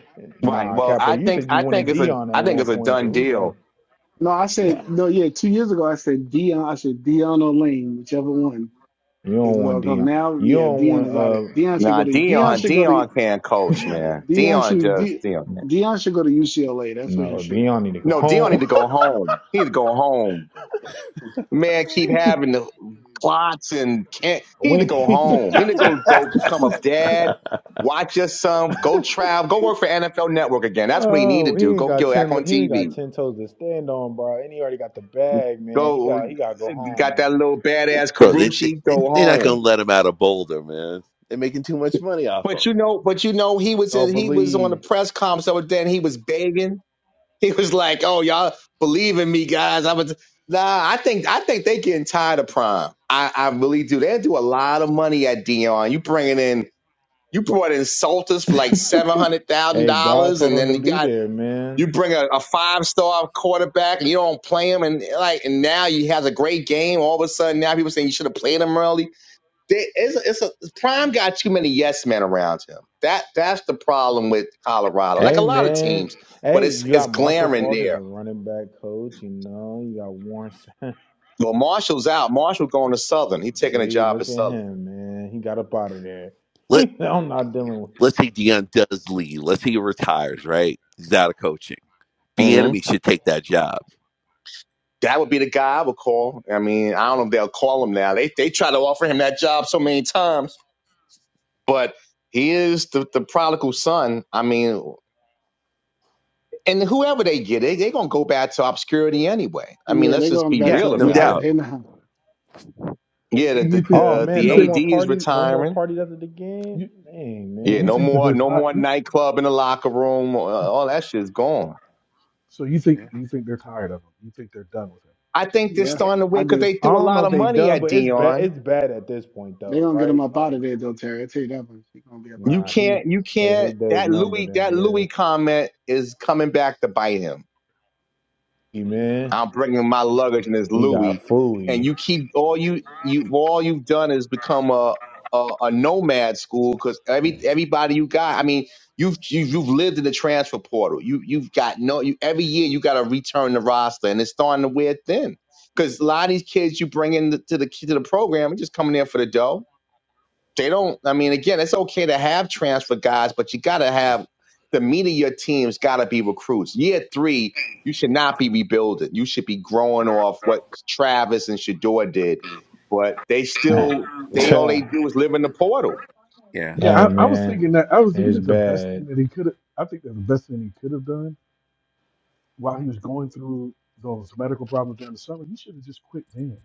Right.
Nah,
Well,
Capo,
I
you
think
said you
I
wanted
think it's a
Dion at
I think
one
it's a
point. So
done
who knows?
deal.
No, I said
Yeah,
no. Yeah, two years ago I said Dion. I said Dion or Lane, whichever one
You
is
don't want
going to come.
Dion.
Now,
You
yeah,
don't
Dion
want
is out
uh.
there. Dion should
Nah,
go to Dion
Dion
should go to
Dion can't coach, man.
Dion
Dion
should
just
De,
Dion can't.
Dion should go to UCLA. That's where he
No,
should
Dion need to go
No, Dion need to
home.
go home. He need to go home.
go.
Man, keep having the clots and can't. He need to go
we.
home. He need to go go become a dad. Watch your son. Go travel. Go work for NFL Network again. That's what he need to
Oh, he
do.
ain't
Go
got
get back
ten.
on
He ain't got
TV.
ten toes to stand on, bro. And he already got the bag, man. He
Go.
got. He got to go home,
Got
man.
that little badass
bro, they, they
Carucci.
they-
Go
they're not
home.
gonna let him out of Boulder, man. They're making too much money off
But
him.
you know, but you know, he was
Y'all
in, he was on the
believed.
press conference over there, and he was begging. He was like, "Oh, y'all believe in me, guys." I was nah. I think I think they getting tired of Prime. I, I really do. They do a lot of money at Dion. You bringing in, you brought in Salters for like seven hundred thousand
Hey, God
dollars,
told
and
him
then
to
you
be
got
there,
you
man.
bring a, a five star quarterback, and you don't play him, and like, and now he has a great game. All of a sudden, now people saying you should have played him early they, it's, a, it's a prime got too many yes men around him. That that's the problem with Colorado, like
Hey,
a lot of
man.
teams. But
Hey,
it's
you
it's
got Marshall
glaring
Falk as the
there.
running back coach. You know, you got Warren. Sapp.
Well, Marshall's out. Marshall going to Southern. He's taking a
See,
job at
look at
Southern.
him, man. He got up out of there.
Let
I'm not dealing with.
let's say Dion does leave. Let's say he retires. Right, he's out of coaching. B
hmm
enemy should take that job.
That would be the guy I would call. I mean, I don't know if they'll call him now. They they try to offer him that job so many times, but he is the, the prodigal son. I mean, and whoever they get, they they gonna go back to obscurity anyway. I mean,
Yeah,
let's
they're
just
going
be
back
Yeah,
real
to
no
about
yeah,
it.
doubt.
they not.
And,
Yeah, the
and you
the
think
Oh
you,
the,
man,
you
no
the
think
more
AD is
parties. No more
retiring.
parties after the game.
you
Dang,
and
Yeah,
you
no
man.
think that
more,
they're
no
tired.
more
You,
nightclub in the locker room. Uh, All that shit's gone.
so you think
Yeah,
you think they're tired of him. You think they're done with him.
I think they're
Yeah,
yeah,
starting to win
I
because
do.
they
I
threw a
don't know
lot
if
of
they
money
done,
at
but it's bad.
Dion.
It's bad at this point,
They're
though,
gonna get him
right?
up out
Like.
of there though, Terry. I tell you that much. He's gonna be up out
You
of
Nah,
there.
he
can't, you
his his
can't.
day's
That
numbered
Louis,
over
that
there.
Louis comment is coming back to bite him.
He man,
I'm bringing my luggage and it's
he got
Louis. And
fooey.
you keep all you you all you've done is become a a, a nomad school because every everybody you got. I mean, you've you've you've lived in the transfer portal. You you've got no. You, every year you got to return the roster, and it's starting to wear thin. Because a lot of these kids you bring in the, to the to the program are just coming there for the dough they don't. I mean, again, it's okay to have transfer guys, but you got to have the meat of your team's got to be recruits. Year three, you should not be rebuilding. You should be growing off what Travis and Shador did, but they still they all they
Damn.
do is live in the portal.
yeah.
Yeah,
hey
I, I was
man,
thinking that. I was thinking
it's
that the best
bad.
thing that he could. I think that the best thing he could have done while he was going through those medical problems during the summer, he should have just quit then.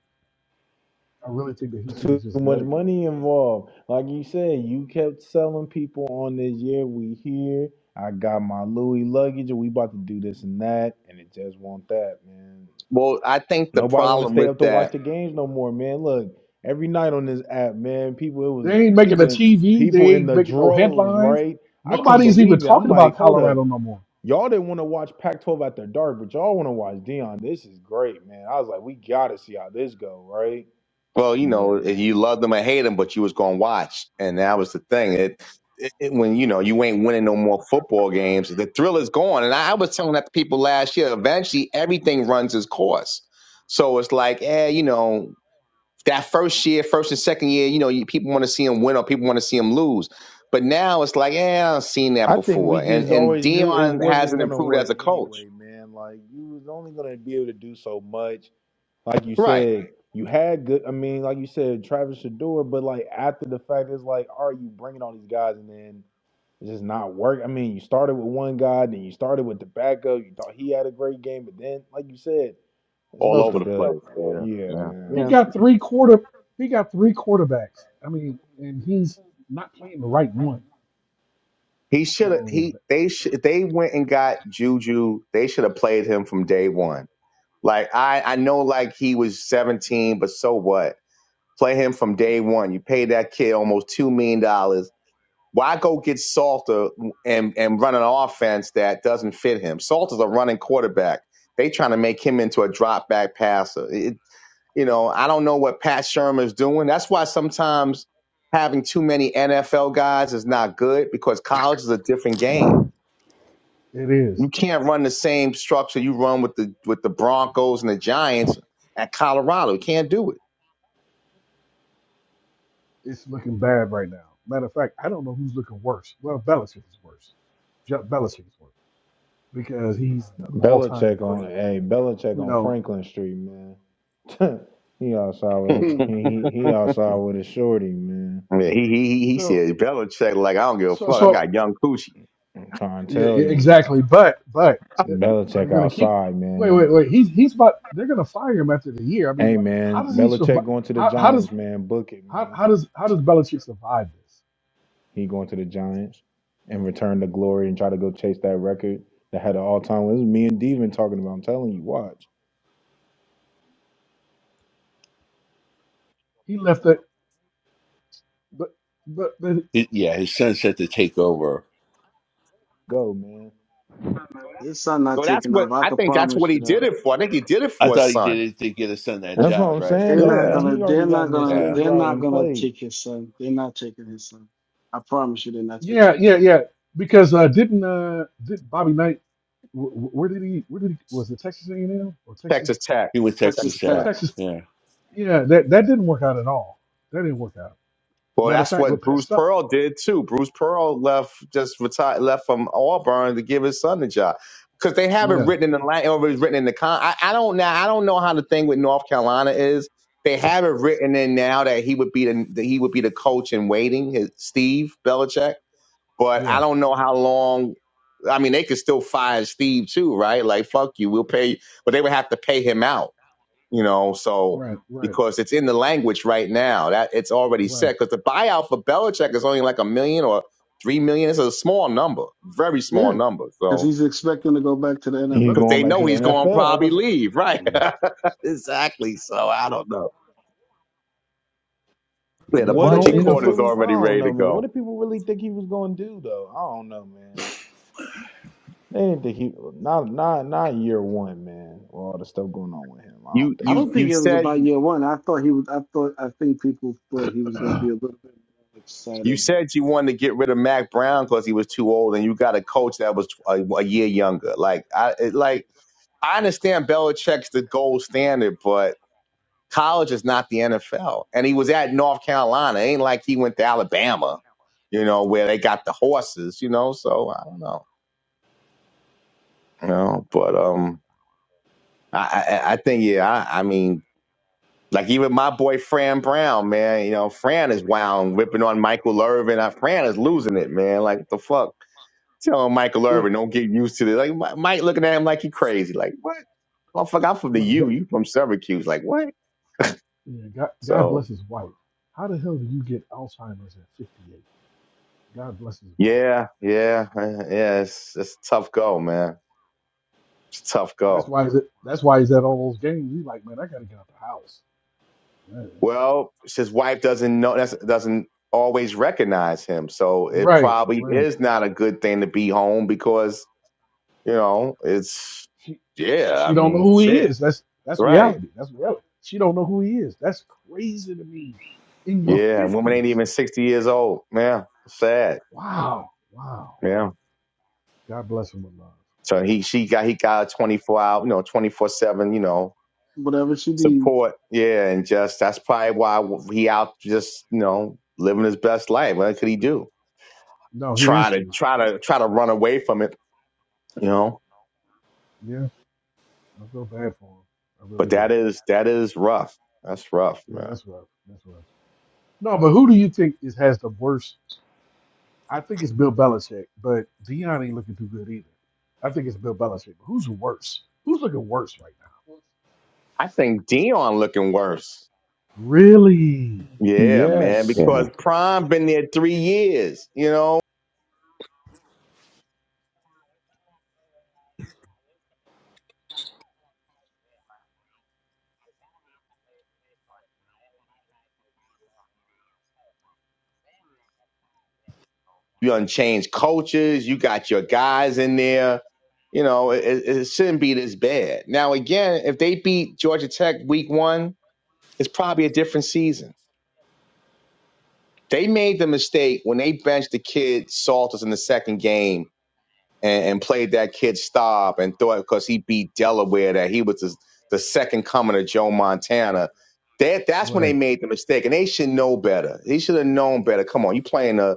I really think that he
There's
should have
Too
just
much
let it go
money
then.
involved. Like you said, you kept selling people on this year. We here. I got my Louis luggage, and we about to do this and that, and it just won't that man.
Well, I think the
Nobody want to
problem
stay
with
up to
that
watch the games no more, man. Look, every night on this app, man, people it was
They ain't making the
people in
TV.
people
They
in
ain't
the
making no
droves,
headlines.
right? I couldn't
Nobody's even
believe it. I'm
talking
like,
about
hold up,
Colorado no more.
y'all didn't want to watch Pac-12 after dark, but y'all want to watch Dion. This is great, man. I was like, we gotta see how this go, right?
Well, you
Yeah,
know,
man.
you loved him or hate him, but you was gonna watch, and that was the thing. It, it, it- when you know you ain't winning no more football games, the thrill is gone. And I, I was telling that to people last year. Eventually, everything runs its course. So it's like, eh, you know, that first year, first and second year, you know, you, people want to see him win or people want to see him lose. But now it's like, eh, I've seen that
I think we
before. And
just
and
always knew it
Dion
wasn't
hasn't
gonna
improved as
work
a coach,
anyway, man. Like you was only gonna be able to do so much Like you
right?
said, you had good. I mean, like you said, Travis Shador, but like after the fact, it's like, are you bringing all these guys and then it's just not work? I mean, you started with one guy, then you started with the backup. You thought he had a great game, but then, like you said, there's
All
no
over the
stability.
place. Yeah,
Yeah,
yeah,
He
man.
yeah.
got three quarter. He got three quarterbacks. I mean, and he's not playing the right one.
He should have.
So
He they sh- they went and got Juju. They should have played him from day one. Like I I know like he was seventeen, but so what? Play him from day one. You paid that kid almost two million dollars. Why go get Salter and and run an offense that doesn't fit him? Salter's a running quarterback. They trying to make him into a drop back passer. It, you know I don't know what Pat Shermer's doing. That's why sometimes having too many NFL guys is not good because college is a different game
it is.
you can't run the same structure you run with the with the Broncos and the Giants at Colorado. You can't do
It's looking bad right now. Matter of fact, I don't know who's looking worse. Well, Belichick is worse. Jeff Belichick is worse because he's the all-time
Belichick on,
great.
hey, Belichick
You
on
know.
Franklin Street, man. he outside
it.
with
Hmm.
he he he outside with a shorty, man.
Hmm. Yeah, he he he he
So
said Belichick like I don't give a
So,
fuck. I
so
got young coochie.
I'm trying to
yeah,
tell
yeah,
you,
exactly. But, but uh, are they
Belichick
going to keep?
outside,
Wait,
man.
wait, wait. He's he's about. They're going to fire him after the year. I mean,
Hey
like, how
man,
does he
Belichick
survive?
going to the
How how does
Giants, man. Book it,
how,
man.
how does how does Belichick survive this?
He going to the Giants and return to glory and try to go chase that record that had an all time. This is me and Devin talking about. I'm telling you, watch.
He left it, but but but
He- yeah, his son said to take over.
Go, man.
His son not
So that's
taking
what
over. I
I
can
think. That's what
promise you
he did
that.
it for. I think he did it
I
for his
thought he
son.
did it to get his son that
That's what
job.
I'm
Right.
saying
They're
though,
not
Yeah.
Yeah,
man.
gonna
He
they're
already got
not
an
gonna
escape
Yeah.
they're
route
not
in
gonna
place.
take his son. They're not taking his son. I promise you they're not taking
yeah
his
yeah
son.
yeah. Because uh, didn't uh did Bobby Knight? wh- wh- Where did he? Where did he? Was it Texas A and M or
Texas
Texas
Tech,
He went to
Texas
Texas
Texas Tech.
Tech.
Tech.
Texas?
Yeah.
Yeah, that that didn't work out at all. That didn't work out.
Well,
Matter of
that's
fact, with
what
Pat
Bruce
Stuff.
Pearl did too. Bruce Pearl left just retired, left from Auburn to give his son the job because they have it
Yeah
written in the line or it's written in the con. I, I don't know. I don't know how the thing with North Carolina is. They have it written in now that he would be the that he would be the coach in waiting, his, Steve Belichick. But I
yeah
don't know how long. I mean, they could still fire Steve too, right? Like fuck you, we'll pay, but they would have to pay him out you know, so
right right
because it's in the language right now that it's already
right
set because the buyout for Belichick is only like a million or three million. It's a small number, very small
Yeah.
number.
Because
So
he's expecting to go back to the
He's
NFL.
because
going
they
back to
know
the
he's going to
NFL.
probably
was
leave, right?
Mm.
exactly. So I don't know. Yeah, the
but
what did
no
bungee
niggas
cord
NFL.
is
really I
already
don't
ready
know,
to
man. What
go.
did people really think he was gonna do though? I don't know, man. They didn't think he not not not year one, man. With all the stuff going on with him, I
You
don't
I
think
you
so.
don't think
you
it was
said
about year one. I thought he was. I thought. I think people thought he was going to be a little bit more
you
excitable.
said you wanted to get rid of Mac Brown because he was too old, and you got a coach that was a, a year younger. Like I it, like I understand Belichick's the gold standard, but College is not the NFL. And he was at North Carolina. It ain't like he went to Alabama, you know, where they got the horses, you know. So I don't know, you know. But um, I I, I think yeah. I, I mean, like even my boy Fran Brown, man. You know, Fran is wound ripping on Michael Irvin. Uh, Fran is losing it, man. Like what the fuck. Telling Michael
Mm,
Irvin, don't get used to this. Like Mi- Mike looking at him like he crazy. Like what? Motherfucker, I'm from the
Well,
U.
God,
You from Syracuse? Like what?
yeah, God, God
So
bless his wife. How the hell do you get Alzheimer's at 58? God bless his wife.
Yeah, yeah, yeah. yeah, It's it's a tough go, man. It's a tough
That's
go.
why is it. That's why he's at all those games. He's like, man, I gotta get out the house. Yes.
Well, his wife doesn't know that's doesn't always recognize him, so it
Right,
probably
right.
is not a good thing to be home because you know it's
She, she
yeah. I
she don't know
mean,
who he
shit,
is. That's that's
right?
reality. That's reality. She don't know who he is. That's crazy to me. In your
Yeah, woman ain't
50s.
even sixty years old. Yeah, sad.
Wow, wow.
Yeah.
God bless him with love.
So he she got he got a twenty four hour, you know, twenty four seven, you know,
Whatever she needs.
support. Yeah, and just that's probably why he out just you know living his best life. What could he do?
No, he
Try
has
to
to.
try
And
to try to run away from it, you know.
yeah, I feel bad for him. I really
But
do.
that is that is rough. That's rough,
Yeah,
man.
that's rough. That's rough. No, but who do you think is has the worst? I think it's Bill Belichick, but Dion ain't looking too good either. I think it's Bill Belichick. But who's worse? Who's looking worse right now?
I think Dion looking worse.
Really?
Yeah, man,
Yes,
Yeah.
because Prime been there three years. You know, you done changed coaches. You got your guys in there. You know, it, it it shouldn't be this bad. Now, again, if they beat Georgia Tech week one, it's probably a different season They made the mistake when they benched the kid Salters in the second game and, and played that kid stop and thought because he beat Delaware that he was the, the second coming of Joe Montana. That that's when they
Right.
made the mistake, and they should know better. They should have known better. Come on, you playing a,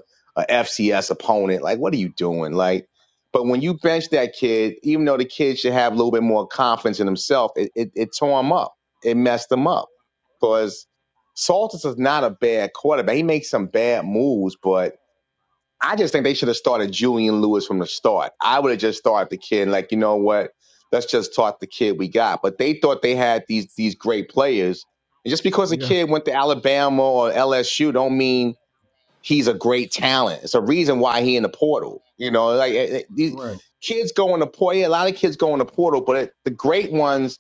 FCS opponent? Like, what are you doing? Like, but when you bench that kid, even though the kid should have a little bit more confidence in himself, it it, it tore him up. It messed him up because Saltis is not a bad quarterback. He makes some bad moves, but I just think they should have started Julian Lewis from the start. I would have just started the kid, and like, you know what? Let's just talk the kid we got. But they thought they had these these great players. And just because a
Yeah.
kid went to Alabama or LSU don't mean he's a great talent. It's a reason why he in the portal. You know, like eh, eh, these
Right.
kids go in the portal. Yeah, a lot of kids go in the portal, but it, the great ones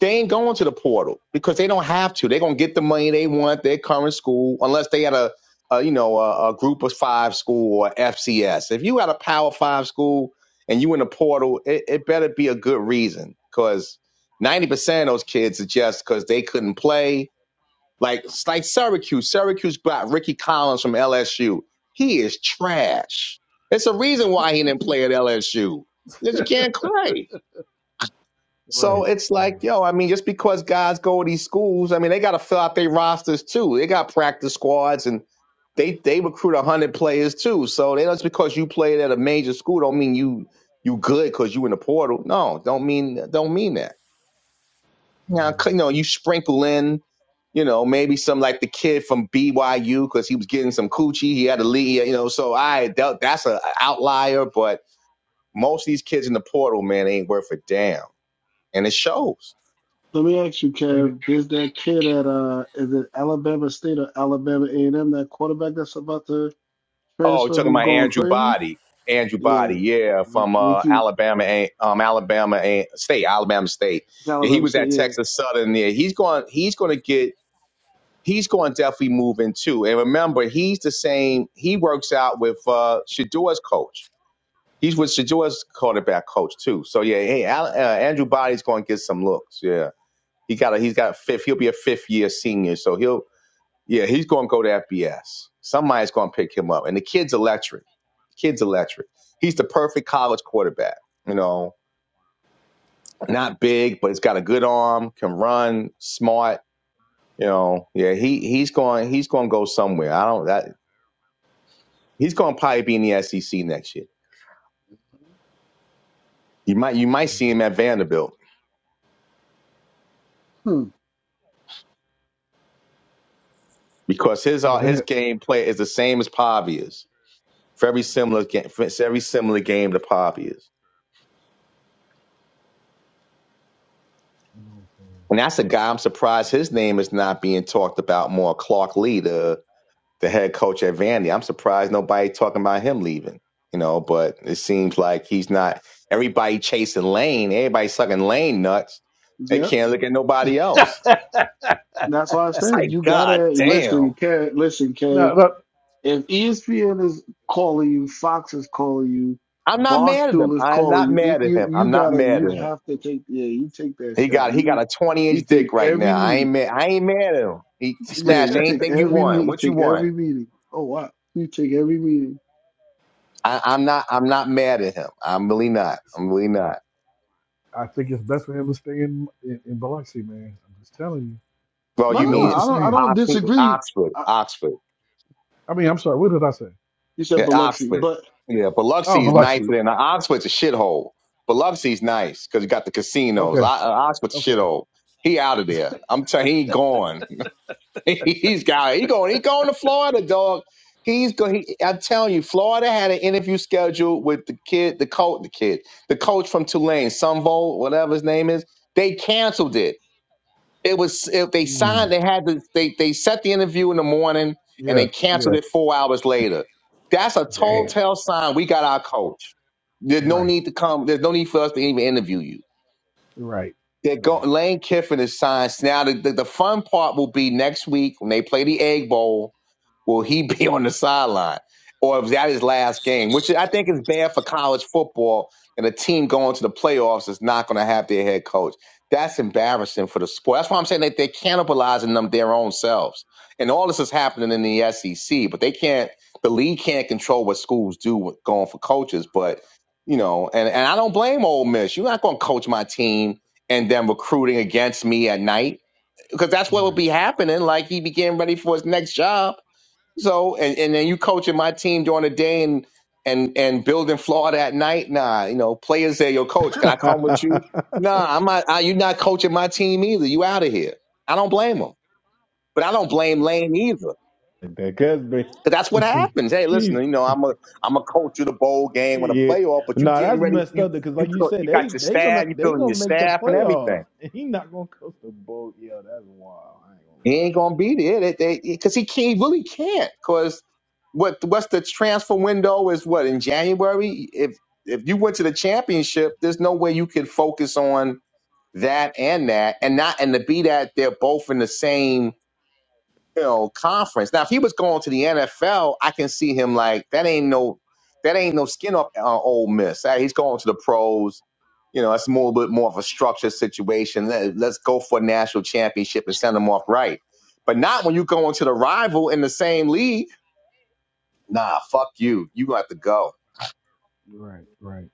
they ain't going to the portal because they don't have to. They're gonna get the money they want. Their current school, unless they had a, a you know a, a group of five school or FCS. If you had a Power Five school and you in the portal, it, it better be a good reason because ninety percent of those kids are just because they couldn't play. Like it's like Syracuse. Syracuse got Ricky Collins from LSU. He is trash. It's a reason why he didn't play at LSU because You can't play. So
Right.
it's
Right.
like, yo, I mean, just because guys go to these schools, I mean, they got to fill out their rosters too. They got practice squads and they they recruit a hundred players too. So they, just because you played at a major school don't mean you you good because you in the portal. No, don't mean don't mean that. Now,
Yeah.
you know, you sprinkle in, you know, maybe some like the kid from BYU because he was getting some coochie. He had a lead, you know. So I that, that's an outlier, but most of these kids in the portal, man, they ain't worth a damn, and it shows.
Let me ask you,
And it,
Kev. There's that kid at uh, is it Alabama State or Alabama A&M? That quarterback that's about to
Oh, you're
transfer,
talking
who's
about
going
Andrew
crazy?
Body. Andrew
Yeah.
Body, yeah,
W-
from uh,
Would you?
Alabama, A- um, Alabama A- State, Alabama State.
It's
Yeah, he
Alabama
was
State.
at
Yeah.
Texas Southern. There, he's going. He's going to get. He's going to definitely move in too. And remember, he's the same. He works out with uh, Shador's coach. He's with Shador's quarterback coach too. So yeah, hey, Al, uh, Andrew Body's going to get some looks. Yeah, he got. A, he's got a fifth. He'll be a fifth year senior, so he'll yeah, he's going to go to FBS. Somebody's going to pick him up. And the kid's electric. Kid's electric. He's the perfect college quarterback. You know, not big, but he's got a good arm, can run, smart. You know, yeah, he he's going he's going to go somewhere. I don't that he's going to probably be in the SEC next year. You might you might see
yeah,
him at Vanderbilt
Hmm.
because his
Yeah,
uh,
they
his
had.
game play is the same as Pavia's. Very similar game, very similar game to Pavia's.
I know what
And that's a guy I'm surprised his name is not being talked about more. Clark Lee, the the head coach at Vandy. I'm surprised nobody talking about him leaving. You know, but it seems like he's not everybody chasing Lane, everybody sucking Lane nuts. They
Yep.
can't look at nobody
you're
else.
saying.
That's why I
It's
said
like,
you
God
gotta listen,
damn.
Kev. Listen, Kev.
no, no,
If ESPN is calling you, Fox is calling you,
I'm not mad at him.
Barstool is
I am
calling
not
you, you
mad at
you
him.
you
I'm not
gotta
mad
you
at him.
have to take yeah, you take that
He
shot.
got he got
You
a twenty
you
inch dick
take
right
every
now. I ain't
meeting.
mad I ain't mad at him. He, he
Yeah,
smashed
you take
anything you
every me
want.
you
What you
take
want?
every meeting. Oh wow. You take every meeting.
I, I'm not. I'm not mad at him. I'm really not. I'm really not.
I think it's best for him to stay in, in in Biloxi, man. I'm just telling you.
Well,
No
I
you
know
no no,
what
mean
you're
I don't I
saying.
don't
Oxford?
disagree.
Oxford?
I,
Oxford?
I mean, I'm sorry. What did I say?
you said
Yeah,
Biloxi,
Oxford.
but
Yeah,
Oh,
Biloxi is nicer
Biloxi.
than Oxford's a shithole. Biloxi's nice because you got the casinos. O- uh,
Okay.
Oxford's a
Okay.
shithole. He out of there. I'm telling. He gone. He's got. He going. He going to Florida, dog. He's going. He, I'm telling you, Florida had an interview scheduled with the kid, the coach, the kid, the coach from Tulane, Sunvol, whatever his name is. They canceled it. It was if they
Hmm.
signed, they had to they they set the interview in the morning and
Yeah.
they canceled
Yeah.
it four hours later. That's a telltale
Damn.
sign we got our coach. There's no
Right,
need to come. There's no need for us to even interview you.
right,
They're go,
right,
Lane Kiffin is signed. Now the, the, the fun part will be next week when they play the Egg Bowl Will he be on the sideline? Or is that his last game? Which I think is bad for college football and a team going to the playoffs is not going to have their head coach. That's embarrassing for the sport. That's why I'm saying that they're cannibalizing them their own selves. And all this is happening in the SEC, but they can't, the league can't control what schools do with going for coaches. But, you know, and, and I don't blame Ole Miss. You're not going to coach my team and then recruiting against me at night because that's what would
right,
be happening. Like he'd be getting ready for his next job so and, and then you coaching my team during the day and and and building Florida at night. Nah, you know, players say, "Yo, coach, can I come with you?"
that
Nah, I'm not. I, you're not coaching my team either. You out of here. I don't blame him, but I don't blame Lane either.
Cosby.
Cause that's what happens. Hey, listen,
He's
you know, I'm a I'm a coach of the bowl game and a
yeah.
playoff, but
No,
you
nah,
getting
that's
ready.
messed
You
up because,
you
like you
co-
said,
you
they
got your
they gonna
staff. You
they
building your
gonna make the
staff and everything.
playoffs, and he not gonna coach the boat. Yo, that's wild. I ain't gonna
He
lie.
ain't gonna be there. They, they, because he can't, he really can't. Because what what's the transfer window is what in January. If if you went to the championship, there's no way you could focus on that and that, and not and to be that they're both in the same you know, conference. Now, if he was going to the NFL, I can see him like that ain't no that ain't no skin up uh, Ole Miss. Uh, He's going to the pros. You know, it's more a bit more of a structured situation. Let, let's go for a national championship and send them off right. But not when you go into the rival in the same league. Nah, fuck you. You have to go.
right, right,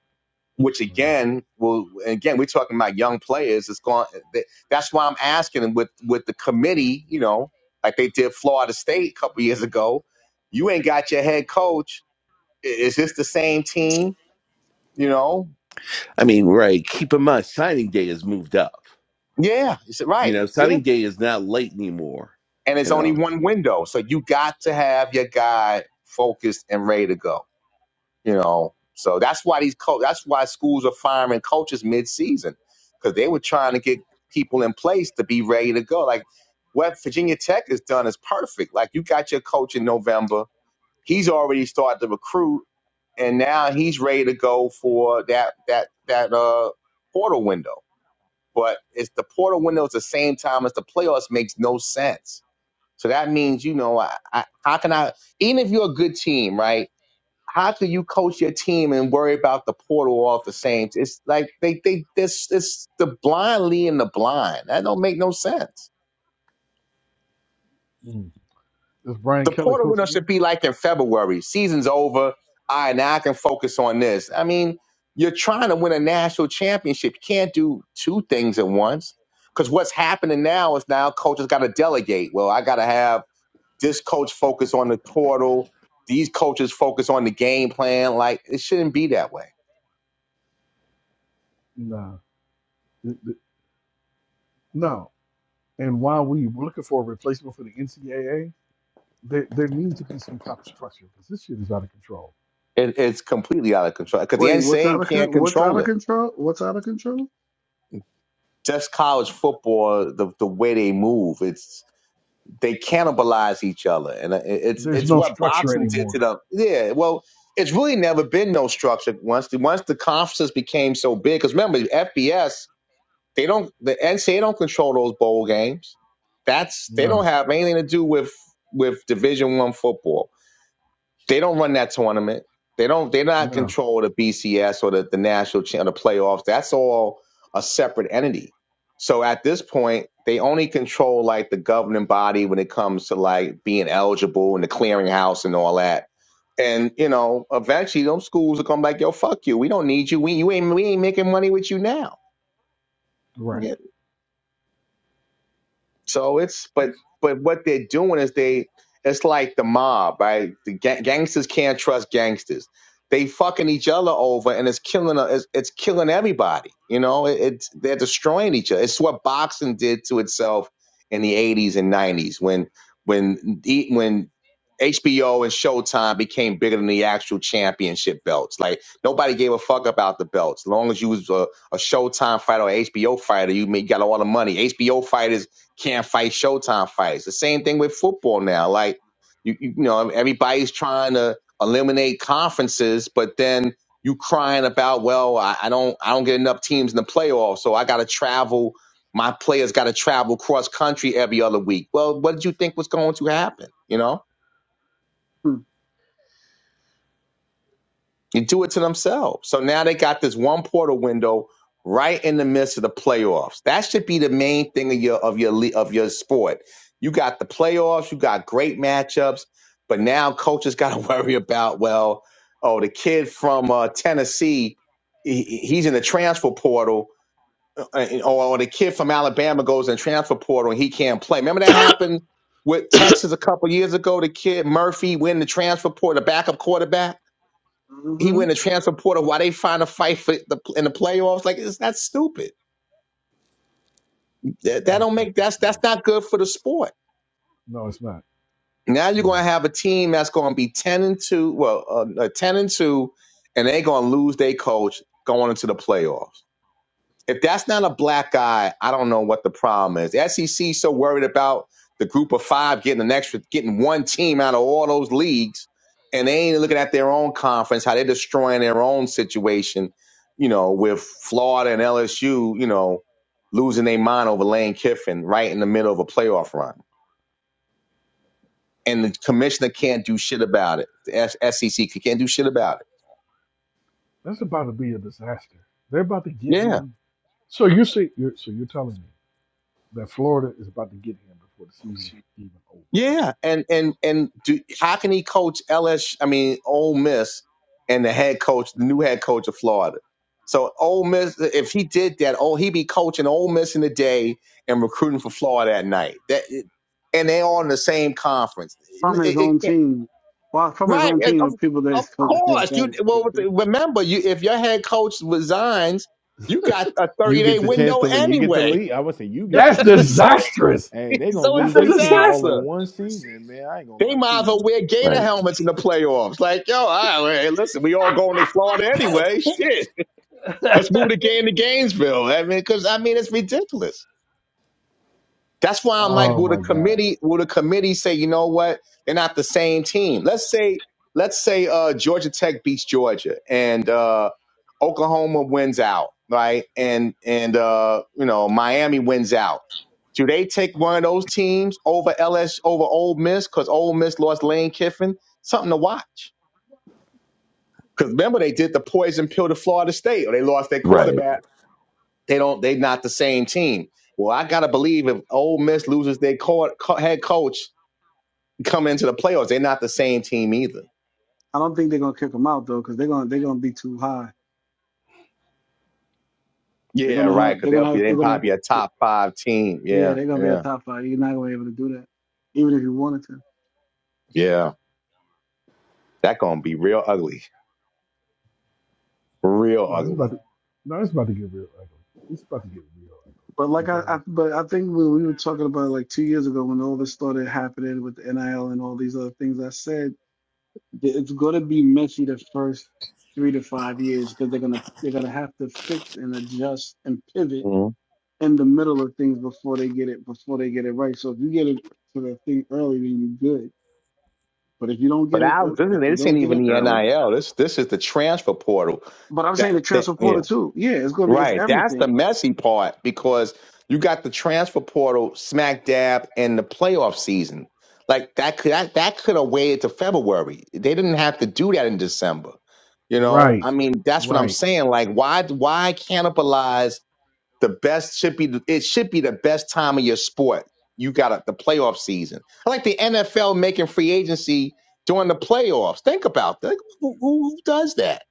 which
right.
again will again we're talking about young players it's going that- that's why i'm asking with with the committee you know like they did florida state a couple years ago you ain't got your head coach I- is this the same team you know
I mean, right. Keep in mind, signing day has moved up.
yeah is it
You
right
know,
yeah
signing day is not late anymore.
and it's
You
only
know,
one window so you got to have your guy focused and ready to go You know, so that's why these co- that's why schools are firing coaches mid-season because they were trying to get people in place to be ready to go. Like what Virginia Tech has done is perfect. Like you got your coach in November, he's already started to recruit, and now he's ready to go for that that that uh portal window. But it's the portal window at the same time as the playoffs makes no sense. So that means you know I, I, how can I even if you're a good team, right? how can you coach your team and worry about the portal all at the same? It's like they they this this the blind leading the blind. That don't make no sense.
Mm. Is Brian
The
Kelly
portal
coach
window should
again?
be like in February. Season's over. All right, now I can focus on this. I mean, you're trying to win a national championship. You can't do two things at once. Because what's happening now is now coaches got to delegate. Well, I got to have this coach focus on the portal. These coaches focus on the game plan. Like it shouldn't be that way.
No, Th- th- no. And while we were looking for a replacement for the NCAA, there, there needs to be some type of structure because this shit is out of control.
It, it's completely out of control because the
wait, what's out
NCAA
of
can't
con- what's out
control
of
it.
control? What's out of control?
Just college football, the the way they move, it's they cannibalize each other, and it- it's
Mm-hmm.
There's
it's
no
what
structure
boxing did
anymore.
to them. Yeah, well, it's really never been no structure once the once the conferences became so big. Because remember, FBS they don't the NCAA don't control those bowl games. That's they don't
No,
have anything to do with with Division One football They don't run that tournament. They don't. They're not
no,
control the BCS or the, the national cha- or the playoffs. That's all a separate entity. So at this point, they only control like the governing body when it comes to like being eligible and the clearinghouse and all that. And you know, eventually, them schools will come like, "Yo, fuck you. We don't need you. We you ain't we ain't making money with you now."
right.
So it's but
That's
but what they're doing is they it's like the mob, right? The ga- gangsters can't trust gangsters. They fucking each other over, and it's killing uh, it's, it's killing everybody. You know, it, it's they're destroying each other. It's what boxing did to itself in the '80s and '90s when when e- when HBO and Showtime became bigger than the actual championship belts. Like nobody gave a fuck about the belts, as long as you was a, a Showtime fighter or HBO fighter, you made, got all the money. HBO fighters can't fight Showtime fights. The same thing with football now. Like you, you know, everybody's trying to eliminate conferences, but then you crying about, well, I, I don't, I don't get enough teams in the playoffs, so I got to travel. My players got to travel cross country every other week. Well, what did you think was going to happen? You know. You do it to themselves. So now they got this one portal window right in the midst of the playoffs. That should be the main thing of your of your le- of your sport. You got the playoffs, you got great matchups, but now coaches got to worry about well, oh, the kid from uh, Tennessee, he, he's in the transfer portal, uh, or, the kid from Alabama goes in the transfer portal and he can't play. Remember that happened with Texas a couple years ago. The kid Murphy went in the transfer portal, the backup quarterback he
Mm-hmm.
went to transfer portal. while they find a fight for the in the playoffs? Like it's that's stupid.
it's
That, that
ass
don't make
backwards,
that's that's
dude.
not good for the sport.
No, it's not.
Now you're gonna
No,
have a team that's gonna be ten and two. Well, uh, uh, ten and two, and they're gonna lose their coach going into the playoffs. if that's not a black guy, I don't know what the problem is. The SEC so worried about the group of five getting an extra, getting one team out of all those leagues, and they ain't looking at their own conference, how they're destroying their own situation, you know, with Florida and LSU, you know, losing their mind over Lane Kiffin right in the middle of a playoff run. And the commissioner can't do shit about it. The SEC can't do shit about it.
that's about to be a disaster. They're about to get
Yeah.
him. So you see, you're, so you're telling me that Florida is about to get him before the season's even over.
Yeah, and and and do, how can he coach LSU? I mean, Ole Miss and the head coach, the new head coach of Florida. So Ole Miss, if he did that, oh, he'd be coaching Ole Miss in the day and recruiting for Florida at night. That and they all in the same conference. It-
From his
it
own
can
team. Well, from his
right?
own
it-
team
Of,
of people that
of
he's calling
course, you. Well, with the- remember, you if your head coach resigns, you got a
You
thirty day
get the chance
window
to leave. You get the
anyway.
lead. I would say you get the
That's
lead.
so
disastrous.
Hey, they gonna
so it's
lose
That's a
their team all
disaster.
in
disaster.
one season, man. I ain't gonna
They
lie to
might as
you.
well wear gator
Right.
helmets in the playoffs. Like, yo, all right, well, hey, listen, we all going to Florida anyway. Shit. Let's move the game to Gainesville. I mean, because, I mean, it's ridiculous. That's why I'm like,
Oh
will the
my God.
committee will the committee say, you know what, they're not the same team? Let's say let's say uh, Georgia Tech beats Georgia and uh, Oklahoma wins out, right? And and uh, you know Miami wins out. Do they take one of those teams over LS over Ole Miss because Ole Miss lost Lane Kiffin? Something to watch. Because remember they did the poison pill to Florida State, or they lost their
Right.
quarterback they don't. They not the same team. Well, I gotta believe if Ole Miss loses their co- co- head coach coming into the playoffs, they're not the same team either.
I don't think they're gonna kick him out though, because they're gonna they're gonna be too high. They're
Yeah,
gonna
right.
have
Because
they're
they'll
gonna
be
have
they
they're gonna
probably be a top five team.
yeah
Yeah,
they're gonna be a
yeah,
top five. You're not gonna be able to do that, even if you wanted to.
yeah. That gonna be real ugly, real
No, it's about
ugly.
to no, it's about to get real ugly. It's about to get real
But
ugly.
like I, I
Because
but I think when we were talking about it like two years ago when all this started happening with the NIL and all these other things, I said that it's gonna be messy the first three to five years because they're gonna they're gonna have to fix and adjust and pivot
Mhm.
in the middle of things before they get it before they get it right. So if you get it to the thing early, then you're good But if you don't
But
get in,
now
ear-
this,
but
is-
if you
this
don't
ain't
get in
even the
early,
NIL. This this is the transfer portal.
but I'm saying
That,
the
that
transfer
yeah.
portal too. Yeah, it's gonna be it's
Right. That's the
everything.
messy part because you got the transfer portal smack dab in the playoff season. Like that could that, that could have waited to February. They didn't have to do that in December. You know,
right,
I mean, that's what I'm
right.
saying. Like, why why cannibalize the best should be it should be the best time of your sport. You got a, the playoff season. I like the NFL making free agency during the playoffs. Think about that. Who, who who does that?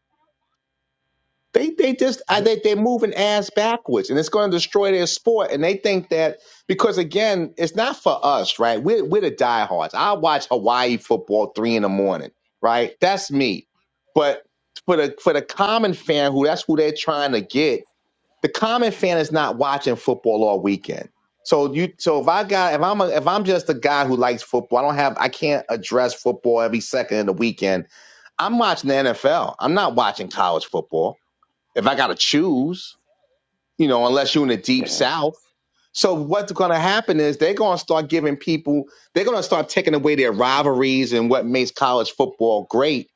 They they just I
That-
think they're moving ass backwards, and it's going to destroy their sport. And they think that because again, it's not for us, right? We're we're the diehards. I watch Hawaii football three in the morning, right? That's me. But for the for the common fan, who that's who they're trying to get, the common fan is not watching football all weekend. So you so if I got if I'm a, if I'm just a guy who likes football, I don't have I can't address football every second of the weekend. I'm watching the NFL. I'm not watching college football if I got to choose, you know, unless you're in the deep
Yeah,
south. So what's going to happen is they're going to start giving people, they're going to start taking away their rivalries and what makes college football great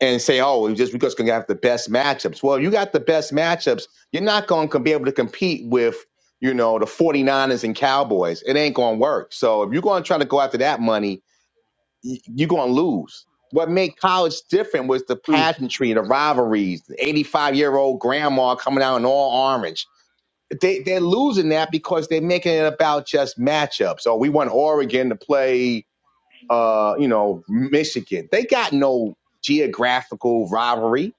and say, oh, it's just because we're going to have the best matchups. Well, you got the best matchups. You're not going to be able to compete with, you know, the 49ers and Cowboys. It ain't going to work. So if you're going to try to go after that money, you're going to lose. What made college different was the
Mm,
pageantry, the rivalries, the 85 year old grandma coming out in all orange. They, they're losing that because they're making it about just matchups. Oh, we want Oregon to play, uh, you know, Michigan. They got no geographical rivalry,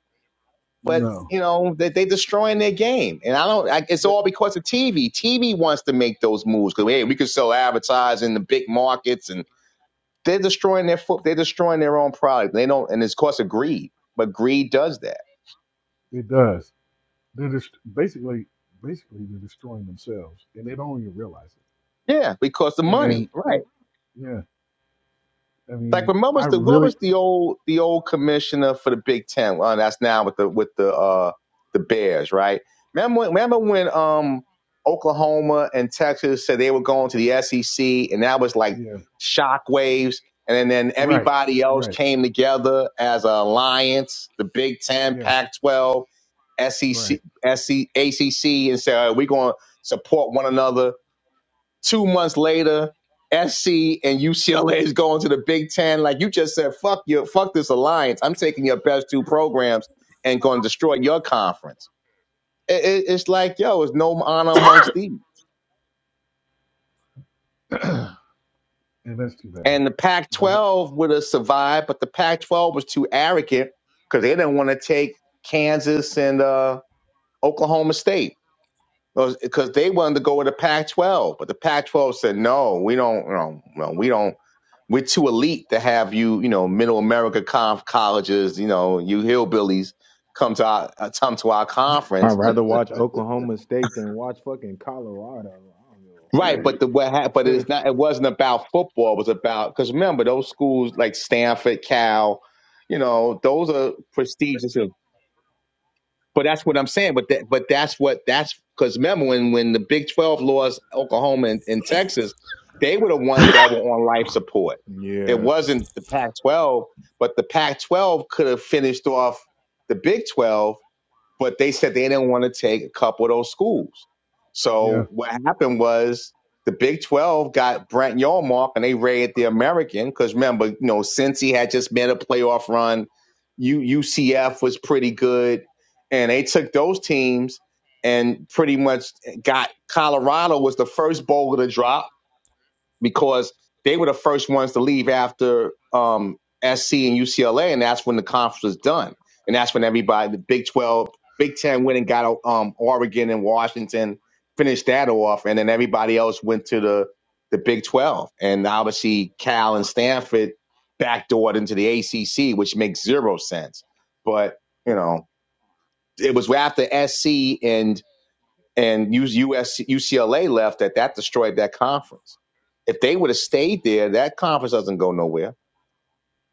but,
no.
you know, they, they destroying their game. And I don't, I, it's
That,
all because of TV. TV wants to make those moves because, hey, we can sell advertising in the big markets and they're destroying their foot. They're destroying their own product. They don't, and it's cause of greed. But greed does that.
it does. They're just basically basically they're destroying themselves and they don't even realize it.
Yeah, because the money,
And
right?
it, yeah, I
Like
mean,
remember
I
the what
really,
was the old the old commissioner for the Big Ten? Uh, that's now with the with the uh the Bears, right? Remember when, remember when um Oklahoma and Texas said they were going to the SEC, and that was like
yeah,
shockwaves. And then, then
right,
everybody else
right,
came together as an alliance, the Big Ten,
yeah,
Pac-12, SEC,
right.
ACC, and said, "All right, we're going to support one another Two months later, SC and UCLA is going to the Big Ten. Like you just said, fuck you, fuck this alliance. I'm taking your best two programs and going to destroy your conference. It, it, it's like, yo, it's no honor amongst thieves.
and that's too bad.
And the Pac
Because, uh,
12 would have survived, but the Pac 12 was too arrogant because they didn't want to take Kansas and uh, Oklahoma State. because they wanted to go with the Pac-12, but the Pac-12 said no, we don't, no, no, we don't. We're too elite to have you, you know, middle America conf colleges, you know, you hillbillies come to our uh, come to our
I'd
conference,
rather watch Oklahoma State than watch fucking Colorado. I
right?
don't
right,
But the what hap- but
give a fuck.
it's not. It wasn't about football. It was about because remember those schools like Stanford, Cal, you know, those are prestigious. But that's what I'm saying. But that, but that's what that's because remember when when the Big Twelve lost Oklahoma and, and Texas, they were the ones that were on life support. It
yeah.
wasn't the Pac-12, but the Pac-12 could have finished off the Big Twelve but they said they didn't want to take a couple of those schools.
Yeah,
So what happened was the Big 12 got Brent Yarmark and they raided the American because remember, you know, since he had just made a playoff run, U- UCF was pretty good. And they took those teams and pretty much got Colorado was the first bowl to drop because they were the first ones to leave after um, SC and UCLA, and that's when the conference was done, and that's when everybody, the Big Twelve, Big Ten, went and got um, Oregon and Washington, finished that off, and then everybody else went to the the Big Twelve, and obviously Cal and Stanford backdoored into the ACC, which makes zero sense, but you know it was after SC and and U S U C L A left that that destroyed that conference. If they would have stayed there, that conference doesn't go nowhere.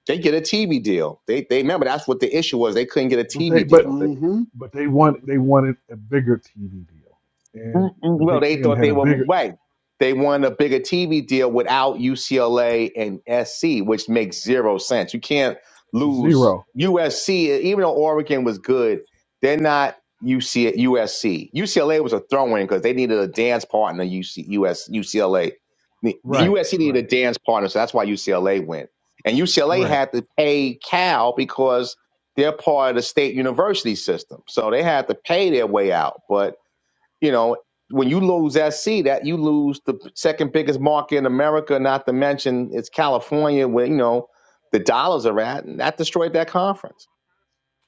They get a T V deal. They they remember that's what the issue was. They couldn't get a
but
T V
they, but
deal.
mm-hmm.
but they want they wanted a bigger TV deal, and
Mm-mm.
the
Well,
Big
they
Ten
thought
had
they
a
were
bigger
right. They won a bigger TV deal without UCLA and SC, which makes zero sense. You can't lose
zero.
USC, even though Oregon was good. They're not UC, USC. UCLA was a throw-in because they needed a dance partner. UC, UCLA, the
Right,
USC needed
right,
a dance partner, so that's why UCLA went. And UCLA
right.
had to pay Cal because they're part of the state university system, so they had to pay their way out, but you know, when you lose SC, that you lose the second biggest market in America, not to mention it's California where, you know, the dollars are at, and that destroyed that conference.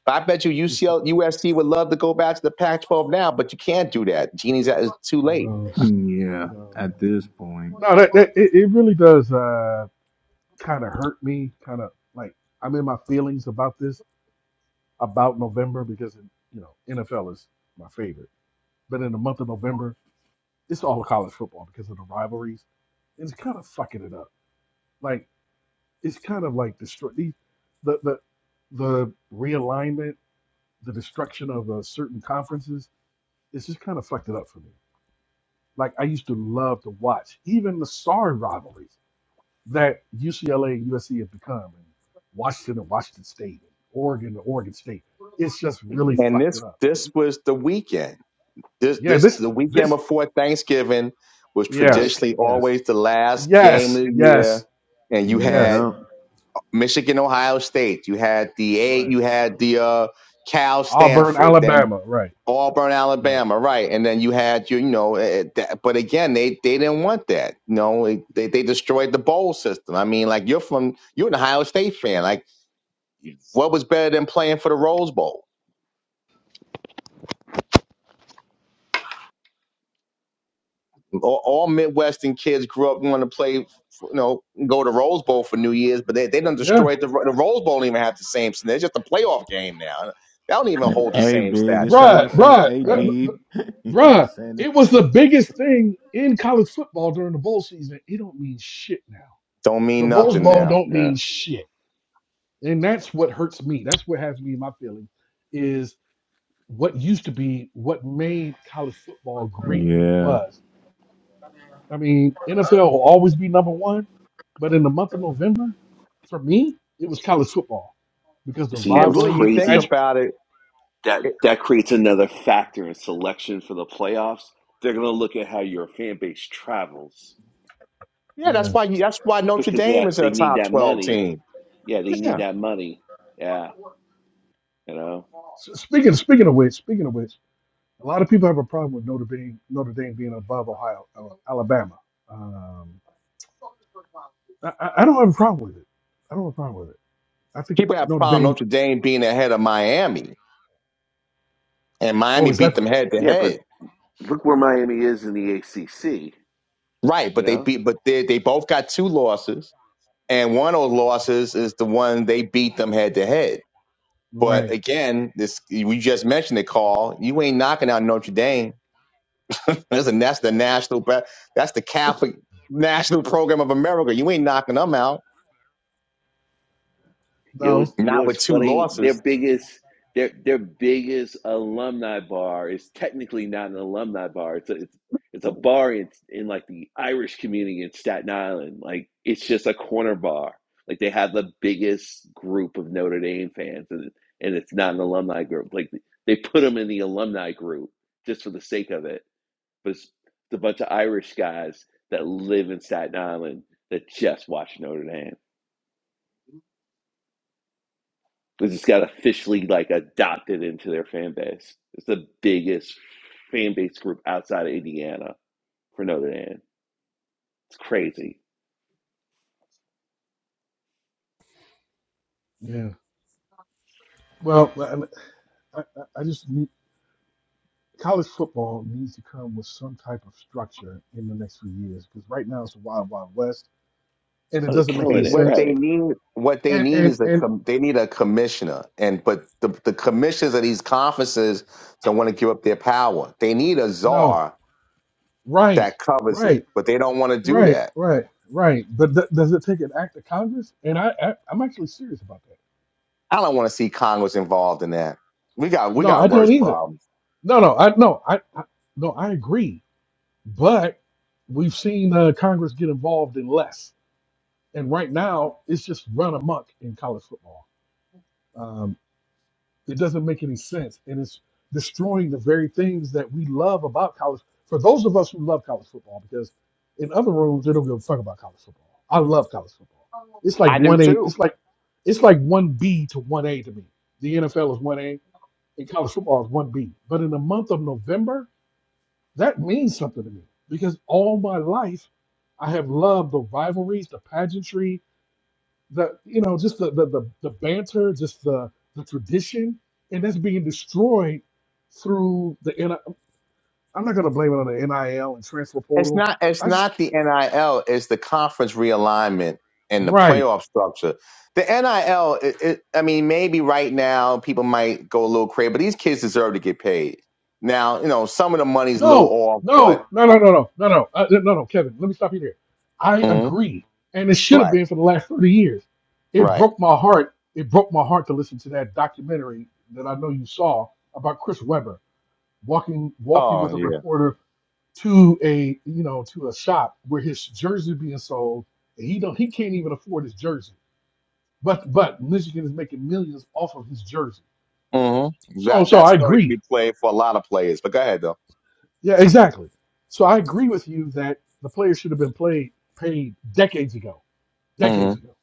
I bet you UCL, would love to go back to the Pac 12 now, but you can't do that. Genie's out, it's too
No,
late.
no,
Yeah.
no.
At this point.
That, that it, it really does uh, kind of hurt me. Kind of like I'm in my feelings about this about November because you know NFL is my favorite, but in the month of November, it's all college football because of the rivalries, and it's kind of fucking it up. Like it's kind of like destroy the the the, the realignment, the destruction of uh, certain conferences. It's just kind of fucked it up for me. Like I used to love to watch even the star rivalries. that UCLA and USC have become, and Washington and Washington State, and Oregon and Oregon State. It's just really
hmm
And
fucked
this
it up.
this was the weekend. This
Yeah,
this
this,
the weekend
this,
before Thanksgiving was
right,
yes,
traditionally
yes,
always the last game of
yes,
the
yes,
year. And you had
yes,
Yep.
Michigan, Ohio State. You had the eight.
right.
You had the uh, Cal,
Auburn,
Stanford. Then
Alabama, right,
Auburn,
right.
Alabama. Right, and then you had your, you know. eh, eh, that, but again, they they didn't want that. You know, it- they they destroyed the bowl system. I mean, like you're from you're an Ohio State fan. Like, what was better than playing for the Rose Bowl? All, all Midwestern kids grew up wanting to play. You know, go to Rose Bowl for New Year's, but they they done
Yeah,
destroyed the the Rose Bowl. Don't even have the same. It's just a playoff game now. They don't even hold the
Hey,
same
big. This
stature.
sound
bruh,
like some
bruh,
AD.
that-
right.
he
bruh.
was saying the
It was the
same.
biggest thing in college football during the bowl season. It don't mean shit now.
Don't
The
mean
Rose
nothing
Bowl
now.
don't
Yeah.
mean shit. and that's what hurts me. That's what has me in my feelings is what used to be what made college football great what it
Yeah.
was. I mean, NFL will always be number one, but in the month of November, for me, it was college football because the
So you know,
And
it's
really,
rivalries,
you
the
think
pageant.
crazy
about it, it-
that that creates another factor in selection for the playoffs. They're going to look at how your fan base travels
yeah, that's
Yeah.
why you, that's why Notre
because of
Dame is
that
a
they need
top
that
twelve
money.
team.
Yeah, they need
Yeah,
that money. Yeah, you know.
S- Speaking speaking of which, speaking of which, a lot of people have a problem with Notre Dame Notre Dame being above Ohio uh, Alabama. Um, I, I I don't have a problem with it. I don't have a problem with it. I think
people have
Notre
problem
Dame,
Notre Dame being ahead of Miami, and Miami
or is
beat
that?
them head to
Yeah, but
head.
look where Miami is in the ACC.
Right,
You
but they
know,
beat, but they they both got two losses, and one of those losses is the one they beat them head to head. But
Right.
again, this we just mentioned it, Carl. You ain't knocking out Notre Dame. Listen, that's the
Right.
national, that's the Catholic National Program of America. You ain't knocking them out
you know, it's,
No.
you
Not
know, it's
with two
funny. Their
losses.
biggest, their their biggest alumni bar is technically not an alumni bar. It's a, it's it's a bar in, in like the Irish community in Staten Island. Like it's just a corner bar. Like they have the biggest group of Notre Dame fans, and and it's not an alumni group. Like they put them in the alumni group just for the sake of it. But it's, it's a bunch of Irish guys that live in Staten Island that just watch Notre Dame. They just got officially like adopted into their fan base. It's the biggest fan base group outside of Indiana for Notre Dame. It's crazy.
Yeah. Well, I, I, I just need, college football needs to come with some type of structure in the next few years because right now it's a wild, wild west, and it
Oh, they're
doesn't
What
make
they
any
killing it,
what they
sense.
right?
need what they
And
need
and
is a
and
com- they need a commissioner and but the the commissioners of these conferences don't want to give up their power. They need a
no.
czar
Right.
that covers it,
Right.
but they don't want to do
Right.
that.
Right. Right. But th- does it take an act of Congress? And I, I I'm actually serious about that.
I don't want to see Congress involved in that. We got we
No,
got
I
No,
worse
don't either.
problems.
No, no, I no, I, I no, I agree. But we've seen uh, Congress get involved in less. And right now, it's just run amok in college football. Um, it doesn't make any sense, and it's destroying the very things that we love about college. For those of us who love college football, because in other rooms they don't give a fuck about college football. I love college football. It's like
I do
one A.
too.
It's like it's like one B to one A to me. The NFL is one A, and college football is one B. But in the month of November, that means something to me because all my life I have loved the rivalries, the pageantry, the you know just the the the, the banter, just the the tradition, and that's being destroyed through the. N- I I'm not gonna blame it on the NIL and transfer
It's
portal.
not. It's
I just
not the NIL. It's the conference realignment and the
right.
playoff structure. The NIL. It, it, I mean, maybe right now people might go a little crazy, but these kids deserve to get paid. Now, you know, some of the money's a little
No,
off, but
no, no, no, no, no, no, no, uh, no, no, Kevin. Let me stop you there. I
Mhm.
agree, and it should have
right,
been for the last thirty years. It
right.
broke my heart. It broke my heart to listen to that documentary that I know you saw about Chris Webber walking walking
Oh
with a
yeah.
reporter to a you know to a shop where his jersey being sold and he don't he can't even afford his jersey but but michigan is making millions off of his jersey
hmm
so
That
so
that
i
story can
agree
be played for a lot of players. But go ahead though.
yeah exactly so i agree with you that the players should have been played paid decades ago
hmm
decades ago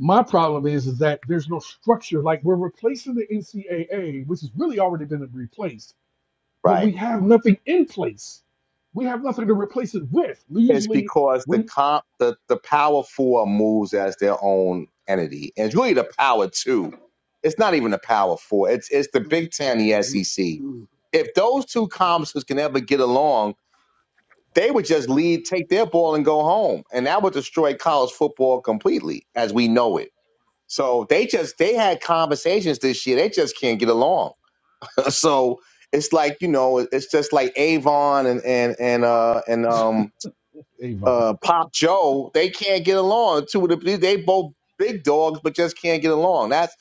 my problem is is that there's no structure like we're replacing the ncaa which has really already been replaced but
Right.
we have nothing in place we have nothing to replace it with we
It's
usually
because the
we
comp the, the power four moves as their own entity. And it's really the power two. It's not even the power four. It's it's the Big Ten, the
Mm-hmm.
SEC.
mm
If those two conferences can ever get along, they would just lead, take their ball and go home. And that would destroy college football completely as we know it. So they just they had conversations this year. They just can't get along. so it's like, you know, it's just like Avon and and and uh and um
Avon.
uh, Pop Joe, they can't get along. Two of the they both big dogs, but just can't get along. That's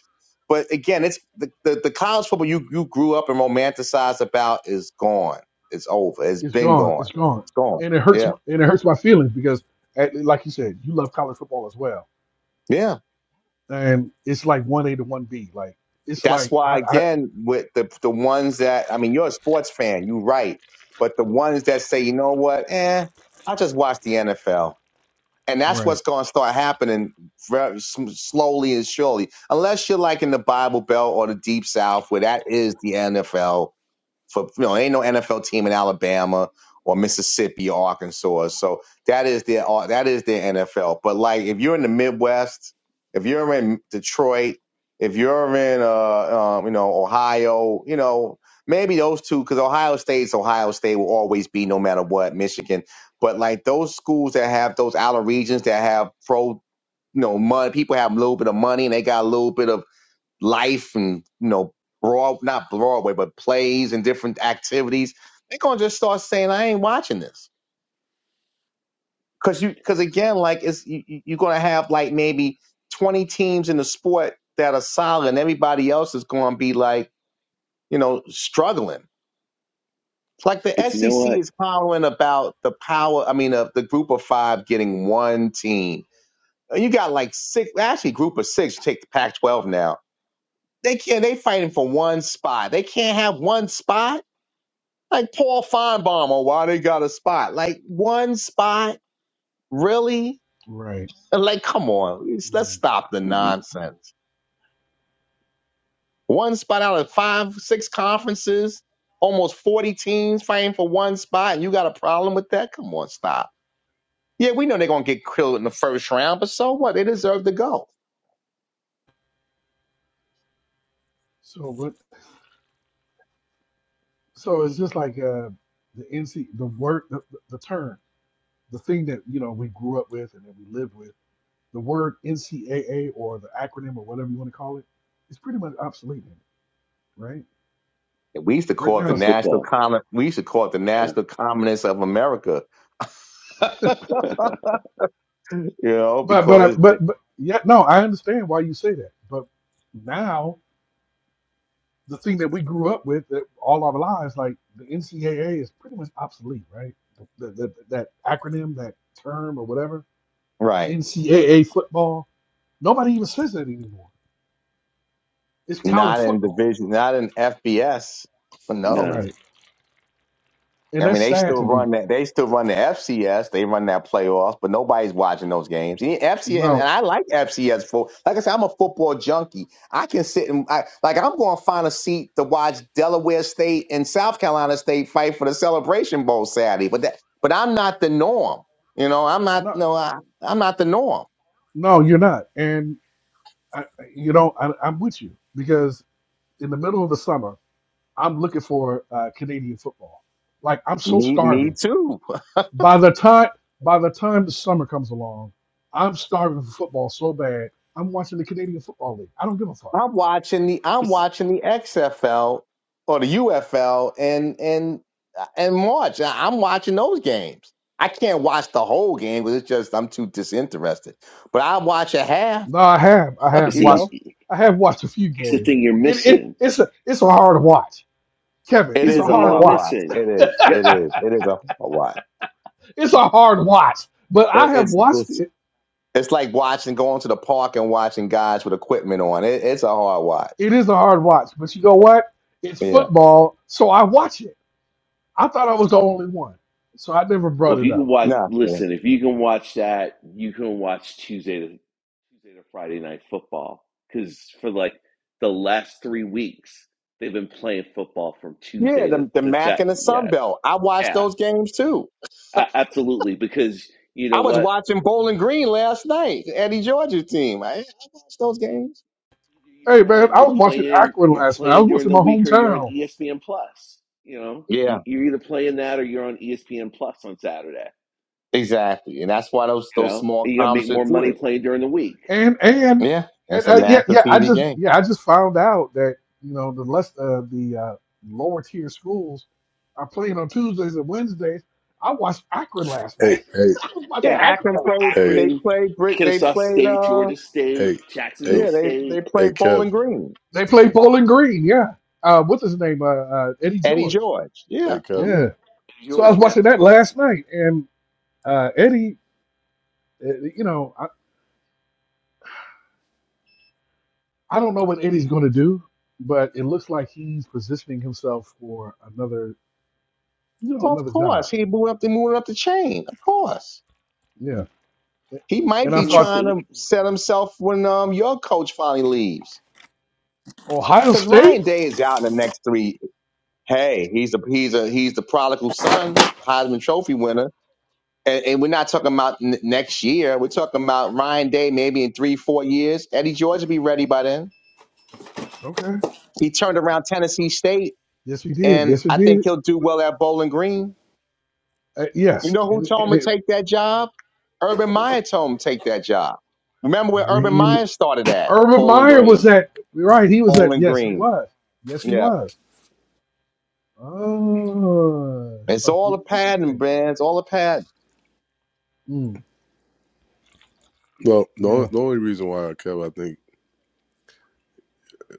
but again, it's the, the, the college football you you grew up and romanticized about is gone. It's over. It's
It's
been
gone.
gone.
It's gone.
It's gone.
And it hurts.
Yeah,
my- And it hurts my feelings because, eh, like you said, you love college football as well.
yeah.
And it's like one A to one B. Like it's
That's
like
why
I, I.
again with the the ones that I mean, you're a sports fan. You're right, but the ones that say, you know what, eh, I will just watch the NFL. and that's what's
Right.
going to start happening very s- slowly and surely unless you're like in the bible belt or the deep south where that is the nfl for you know ain't no NFL team in Alabama or Mississippi or Arkansas. So that is their uh, that is their NFL. But like if you're in the Midwest, if you're in Detroit, if you're in uh um, you know Ohio, you know maybe those two because Ohio State's Ohio State will always be no matter what Michigan. But like those schools that have those outer regions that have pro you know money, people have a little bit of money and they got a little bit of life and you know broad not broadway but plays and different activities they're going to just start saying i ain't watching this because you because again like it's you, you- are going to have like maybe 20 teams in the sport that are solid and everybody else is going to be like you know struggling it's like the
but you know
sec
what?
is hollering about the power i mean of the group of five getting one team you got like six actually group of six take the pac 12 now they can't they fighting for one spot they can't have one spot Like Paul Feinbaum, why they got a spot? Like one spot, really?
Right.
Like, come on, let's let's
Right.
stop the
hmm
nonsense. One spot out of five, six conferences, almost forty teams fighting for one spot, and you got a problem with that? Come on, stop. Yeah, we know they're gonna get killed in the first round, but so what? They deserve to go.
So what? So it's just like uh, the NC, the word, the, the, the term, the thing that you know we grew up with and that we lived with. The word NCAA or the acronym or whatever you want to call it, it's pretty much obsolete. in it, Right.
And we used to
Right
call it
now,
the
For
it's,
national
football,
common. We used to call it the
yeah.
national communists of America, you know,
but but I-
because
but but yeah. No, I understand why you say that, but now the thing that we grew up with that all our lives, like the NCAA is pretty much obsolete, right? The, the, that acronym, that term, or whatever,
right,
NCAA football, nobody even says that anymore. It's college
not in
football,
division, not in FBS. No.
no,
right? And
I mean,
that's
they
sad
still
to me.
run that. They still run the FCS. They run that playoffs, but nobody's watching those games. And FCS, and, and
No,
I like FCS for. Like I said, I'm a football junkie. I can sit and I, like I'm going to find a seat to watch Delaware State and South Carolina State fight for the Celebration Bowl Saturday. But that, but I'm not the norm. You know, I'm not.
no,
No, I, I'm not the norm.
no, you're not. And I- you know, I, I'm with you because in the middle of the summer, I'm looking for uh, Canadian football. Like I'm so
Me,
starving
me too.
By the time by the time the summer comes along, I'm starving for football so bad. I'm watching the Canadian Football League. I don't give a fuck.
I'm watching the I'm
but
watching the XFL or the UFL and and and March. I- I'm watching those games. I can't watch the whole game because it's just I'm too disinterested. But I watch a half.
No, I have I have
You
see,
watched
know,
I have watched a few
here's the
games.
thing you're
It, it
missing.
it's a it's a hard watch, Kevin.
it
Here's
It's
the
a
is a
thing
hard
y'all
hard
watch.
watch.
missing.
It is.
Yep.
It is. It is a hard watch.
It's a hard watch. But I
It,
have
it's
watched
it's
it.
it's like watching going to the park and watching guys with equipment on. It, it's a hard watch.
It is a hard watch. But you know what? It's
Yeah.
football, so I watch it. I thought I was the only one, so I never brought
Well, if
it
you
up.
can watch,
Nah. Yeah.
listen, if you can watch that, you can watch Tuesday to Tuesday to Friday night football because for like the last three weeks they've been playing football from
Yeah,
Tuesday to
The the
to
Mac
Saturday.
and the Sun
Yeah,
Belt. I watch
yeah,
those games too.
a- absolutely. Because you
I
know
was
what,
watching Bowling Green last night, Eddie Georgia team. I, I watched those
You-
games.
Hey
you're
man,
on,
I
you're
was watching
playing,
Akron
you're
last night. I
playing
was
during
watching
the
my
week, or you're on
hometown.
ESPN Plus. You know,
Yeah,
You- you're either playing that or you're on ESPN Plus on Saturday.
exactly. And that's why those
You
those
know,
small
and you got to make
comps are
more
do
money
it.
playing during the week.
and and
Yeah,
and
that's a
uh, yeah,
national
yeah. I
TV
just
game.
yeah, I just found out that you know the less uh, the uh, lower tier schools are playing on Tuesdays and Wednesdays. I watched Akron last
Hey,
night.
hey,
I was
Yeah,
watching
Yeah,
Akron.
Akron played.
hey,
They
Prin,
played Brick. They
Kennesaw
played.
State,
Uh,
Georgia
hey,
State,
hey,
Jacksonville
yeah, they they
State,
hey,
played
Kev,
Bowling Green.
They play Bowling Green. Yeah. Uh, what's his name? Uh, uh, Eddie
Eddie
George.
George. Yeah,
hey, Kev.
mm
Yeah. So I was
Georgia.
watching that last night, and uh, Eddie, uh, you know, I, I don't know what Eddie's going to do, but it looks like he's positioning himself for another, you know,
of
another
course
job.
he moved up. They moving up the chain. Of course
hmm
Yeah.
he might
And I
He's
be
in the
thought.
trying
state.
to set himself when um your coach finally leaves.
Ohio
Since
State?
Ryan Day is out in the next three Hey, he's a he's a he's the prodigal son, Heisman Trophy winner, and, and we're not talking about n- next year. We're talking about Ryan Day maybe in three four years. Eddie George will be ready by then.
Okay.
He turned around Tennessee State,
Yes, we did.
and
Yes, we
I think
did.
he'll do well at Bowling Green.
Uh,
You
yes,
know who
and
told
and
him to
it
take that job? Urban Meyer told him to take that job. Remember where Urban
really.
Meyer started at?
Urban
Bowling
Meyer was
Green.
that you're right? He was that.
Bowling
Yes, he
Green.
was. Yes, he
Yeah,
was. Oh, it
it's
starts
all a
getting
pattern,
interesting.
man. It's all a pattern.
Mm,
Well, the only,
yeah,
the only reason why, Kev, I think,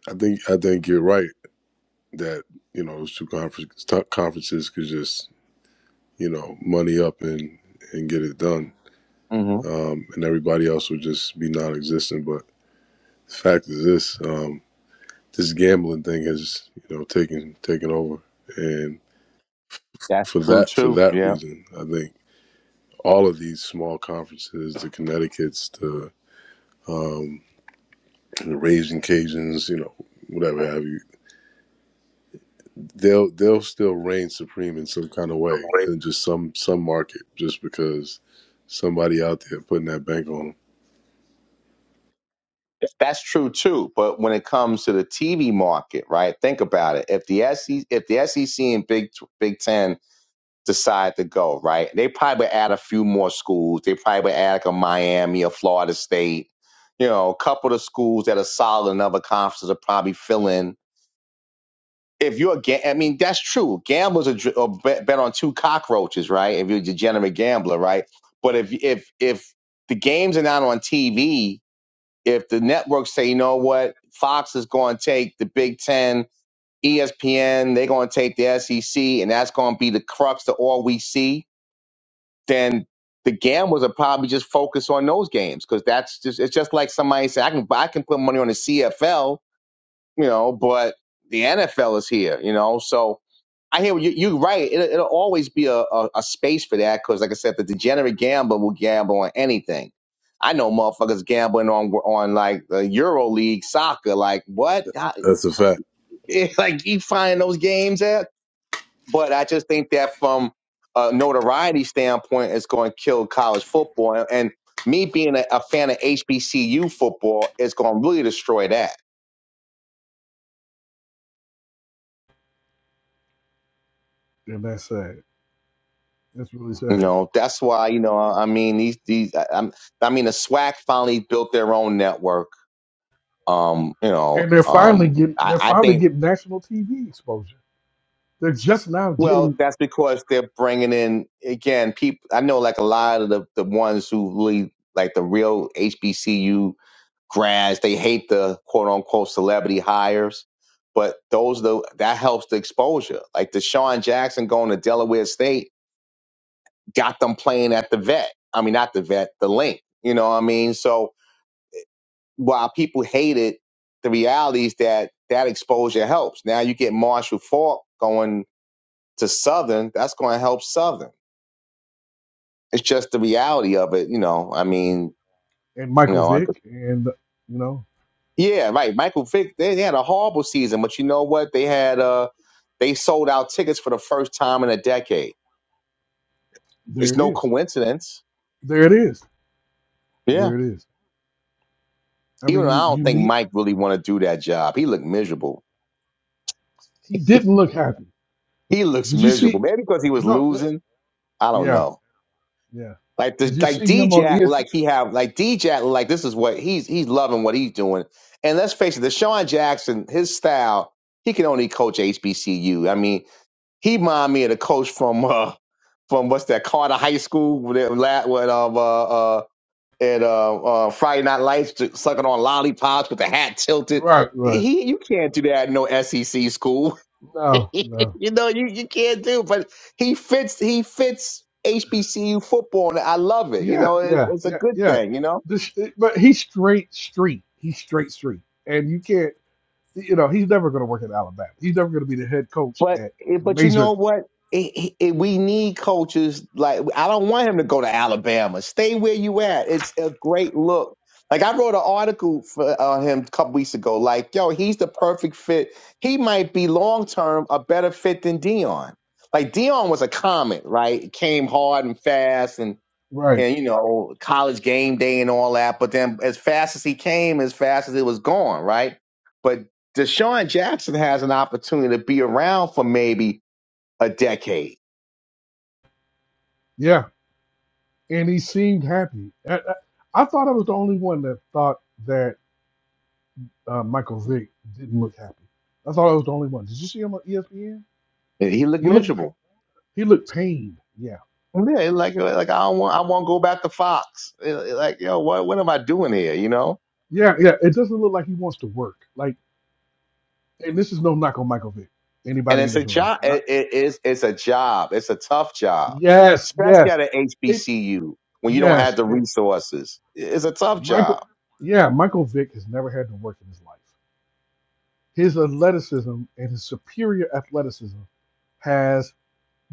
I think, I think you're right that you know those two conferences, conferences could just you know money up and and get it done,
hmm
um, and everybody else would just be non-existent. But the fact is this: um, this gambling thing has you know taken taken over, and
That's
for
true
that for
too.
that
Yeah.
reason, I think all of these small conferences, the Connecticut's, the um, the raising Cajuns, you know, whatever have you, they'll they'll still reign supreme in some kind of way in just some some market, just because somebody out there putting that bank on them.
That's true too. But when it comes to the TV market, right? Think about it. If the SEC, if the SEC and Big Big Ten decide to go, right? They probably would add a few more schools. They probably would add like a Miami, a Florida State. You know, a couple of schools that are solid in other conferences are probably filling. If you're a ga- I mean, that's true. Gamblers are, dr- are bet, bet on two cockroaches, right? If you're a degenerate gambler, right? But if if if the games are not on TV, if the networks say, you know what, Fox is going to take the Big Ten, ESPN, they're going to take the SEC, and that's going to be the crux of all we see, then the gamblers are probably just focused on those games because that's just it's just like somebody said, I can I can put money on the CFL, you know, but the NFL is here, you know, so I hear you. You're right. It'll, it'll always be a, a, a space for that because, like I said, the degenerate gambler will gamble on anything. I know motherfuckers gambling on on like the Euro League soccer. Like what? How-
That's a fact.
like you find those games at? But I just think that from a notoriety standpoint, it's going to kill college football. And me being a, a fan of HBCU football, it's going to really destroy that.
and that's sad. That's really
You
sad.
know, that's why you know. I mean, these these. I, I'm, I mean, the SWAC finally built their own network Um, you know,
And they're finally
um,
getting.
I,
They're
I
finally
think
getting national TV exposure. They're just now
well,
getting.
that's because they're bringing in again people. I know like a lot of the the ones who really like the real HBCU grads. They hate the quote unquote celebrity hires, but those the that helps the exposure. Like the Deshaun Jackson going to Delaware State got them playing at the vet. I mean, not the vet, the link. You know what I mean? So while people hate it, the reality is that that exposure helps. Now you get Marshall Faulk going to Southern, that's going to help Southern. It's just the reality of it, you know. I mean,
And
you
Michael
know, I could,
Vick, and you know,
yeah, right. Michael Vick, they, they had a horrible season, but you know what? They had uh, they sold out tickets for the first time in a decade.
there
It's
it
no
is.
coincidence.
There it is.
Yeah,
There it is. I
even though
mean,
I don't
you
think
need.
Mike really want to do that job. He looked miserable.
He didn't look happy.
He looks
Did you see?
miserable, maybe because he was
No, uh,
losing. I don't
yeah,
know.
yeah.
Like the
Did you
like
see him on
DJ,
ESPN?
like he have like DJ, like this is what he's he's loving what he's doing. And let's face it, the Deshaun Jackson, his style, he can only coach HBCU. I mean, he remind me of the coach from uh from what's that Carter High School with that la- with um uh uh and uh, uh Friday Night Lights sucking on lollipops with the hat tilted.
Right, right.
He you can't do that in no SEC school.
No, no.
you know, you, you can't do, but he fits he fits HBCU football, and I love it. You
Yeah,
know, it's,
yeah,
it's a
yeah,
good
yeah.
thing. You know,
This, eh, but he's straight street. He's straight street, and you can't. You know, he's never going to work at Alabama. He's never going to be the head coach
but
at
eh,
a
but you
major.
know what? It, it, it- we need coaches like I don't want him to go to Alabama. Stay where you at. It's a great look. Like I wrote an article for on him a couple weeks ago. Like, yo, he's the perfect fit. He might be long term a better fit than Dion. Like Dion was a comet, right? Came hard and fast, and
Right.
and you know college game day and all that. But then as fast as he came, as fast as it was gone, right? But Deshaun Jackson has an opportunity to be around for maybe a decade.
Yeah, and he seemed happy. I, I, I thought I was the only one that thought that uh, Michael Vick didn't look happy. I thought I was the only one. Did you see him on ESPN?
And He looked
He looked. pa-
miserable.
He looked pained. Yeah,
Yeah, like like I don't want I won't go back to Fox. Eh, eh, Like yo, what what am I doing here? You know.
Yeah, yeah. It doesn't look like he wants to work. Like, and this is no knock on Michael Vick.
And
Anybody in
it's a
this room? This is
job.
not.
It, it is it's a job. It's a tough job,
Yes,
especially
yes.
at an
It
HBCU when you don't have
yes.
the
And
resources. It's a tough job.
Michael, yeah, Michael Vick has never had to work in his life. His athleticism and his superior athleticism has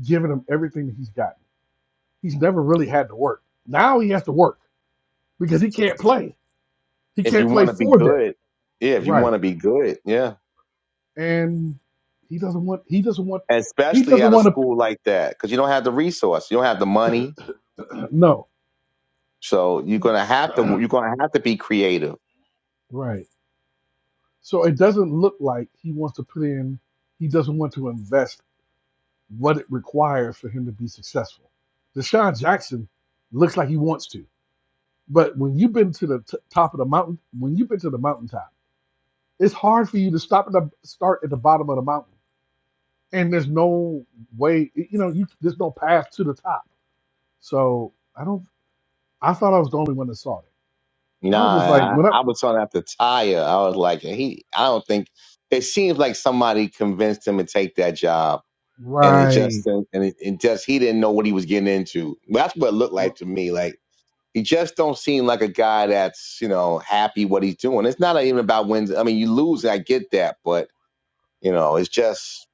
given him everything that he's gotten. He's never really had to work. Now he has to work because he can't play. He
if you
can't play
want to be
for them.
good, yeah, if you want
Right.
to be good, yeah,
And he doesn't want. He doesn't want.
and
He
especially
doesn't
at a
want to.
school like that, because you don't have the resource, you don't have the money,
No.
so you're gonna have to
no.
you're gonna have to be creative.
right. So it doesn't look like he wants to put in, he doesn't want to invest what it requires for him to be successful. Deshaun Jackson looks like he wants to. But when you've been to the t- top of the mountain, when you've been to the mountaintop, it's hard for you to stop at the start at the bottom of the mountain. And there's no way, you know, you, there's no path to the top. So I don't, I thought I was the only one that saw it. I was just
Nah,
like,
I,
when I,
I was talking after Tyre, I was like, he, I don't think it seems like somebody convinced him to take that job, and it
right.
just and it, it just he didn't know what he was getting into. That's what it looked like to me, like. He just don't seem like a guy that's you know happy what he's doing. It's not even about wins. I mean, you lose, I get that, but You know, it's just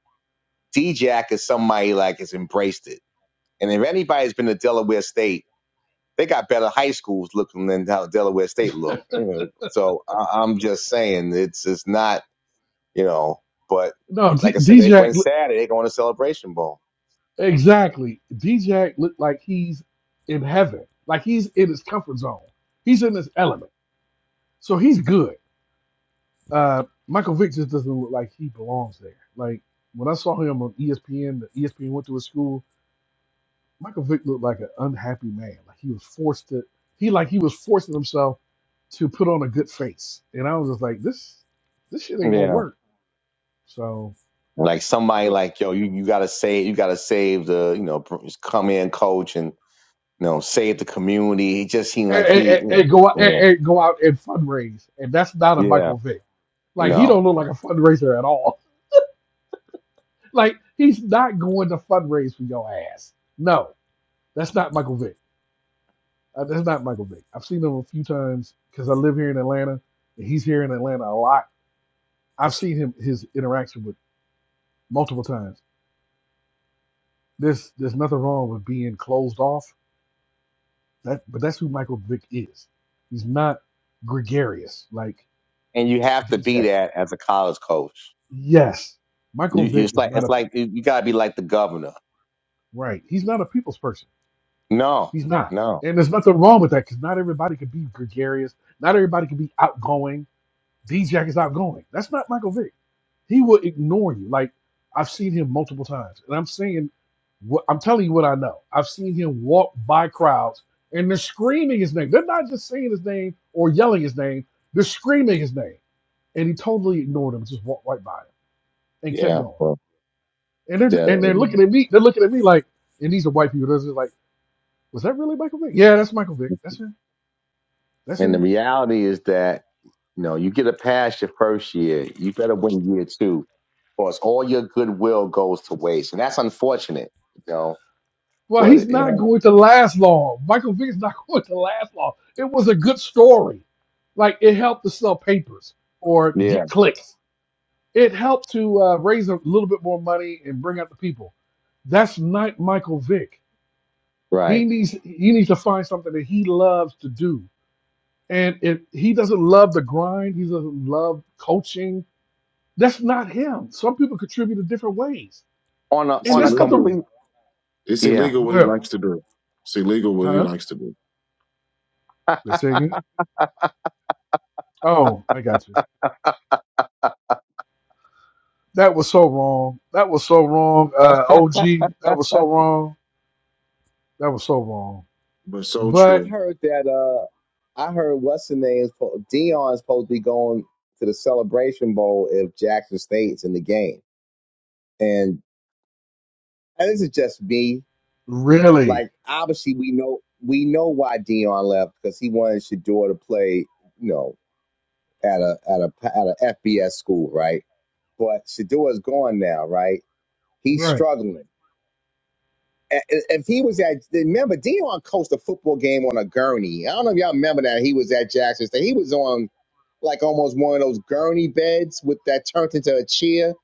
D-Jack is somebody like has embraced it. And if anybody's been to Delaware State, they got better high schools looking than how Delaware State look. You know, so I, I'm just saying it's it's not you know. But
No, D-
like I said, they went
DJ.
Saturday. They going to Celebration Bowl.
Exactly. Dijak looked like he's in heaven, like he's in his comfort zone. He's in his element, so he's good. Uh, Michael Vick just doesn't look like he belongs there. Like when I saw him on ESPN, the ESPN went to his school. Michael Vick looked like an unhappy man. Like he was forced to. He like he was forcing himself to put on a good face, and I was just like, this, this shit ain't gonna
Yeah,
work. So,
like somebody
so
like yo, you you gotta save, you gotta save the you know br- come in coach and you know save the community. It just seemed
and,
like
and,
he,
and and go out
yeah,
and, and go out and fundraise, and that's not a
yeah, yeah.
Michael Vick. Like he don't
no,
look like a fundraiser at all. Like he's not going to fundraise for your ass. No, that's not Michael Vick. Uh, that's not Michael Vick. I've seen him a few times because I live here in Atlanta, and he's here in Atlanta a lot. I've seen him his interaction with multiple times. There's there's nothing wrong with being closed off. That but that's who Michael Vick is. He's not gregarious like
and you have to be
DJ.
that as a college coach.
Yes,
You,
Michael
you-
Vick
it's
is
like
not
it's
a
like you you gotta be like the governor.
right. He's not a people's person.
No,
He's not.
no,
And there's nothing wrong with that because not everybody can be gregarious. Not everybody can be outgoing. D-Jack is outgoing. That's not Michael Vick. He will ignore you. Like, I've seen him multiple times. And I'm saying, what, I'm telling you what I know. I've seen him walk by crowds and they're screaming his name. They're not just saying his name or yelling his name. They're screaming his name. And he totally ignored them, just walked right by him and kept
yeah.
going.
Well,
And they're, and they're
the,
looking at me. They're looking at me like, and these are white people. They're just like, was that really Michael Vick? Yeah, that's Michael Vick. That's him. That's it.
and the reality is that you know you get a pass your first year, you better win year two, or it's all your goodwill goes to waste, and that's unfortunate. You know,
Well, he's
but you
not
know,
going to last long. Michael Vick's not going to last long. It was a good story. Like it helped to sell papers or
yeah,
get clicks. It helped to uh, raise a little bit more money and bring out the people. That's not Michael Vick. He
right.
needs he needs to find something that he loves to do. And if he doesn't love the grind, he doesn't love coaching. That's not him. Some people contribute in different ways,
On a
it's
and
on a
that's not the
illegal.
complete,
It's
yeah.
illegal what he
well,
likes to do. It's illegal what he
huh?
likes to do.
They say again. Oh, I got you. That was so wrong. That was so wrong. Uh, OG, that was so wrong. That was so wrong.
But so
I
But
true.
heard that. uh I heard what's the name's po- Dion's supposed to be going to the Celebration Bowl if Jackson State's in the game. and. And this is just me.
really,
Like obviously we know we know why Dion left because he wanted Shador to play, you know, at a at a at a FBS school, right? But Shador's gone now, right? He's
right,
struggling. A- a- If he was at, remember Dion coached a football game on a gurney. I don't know if y'all remember that. He was at Jackson State. He was on like almost one of those gurney beds with that turned into a chair,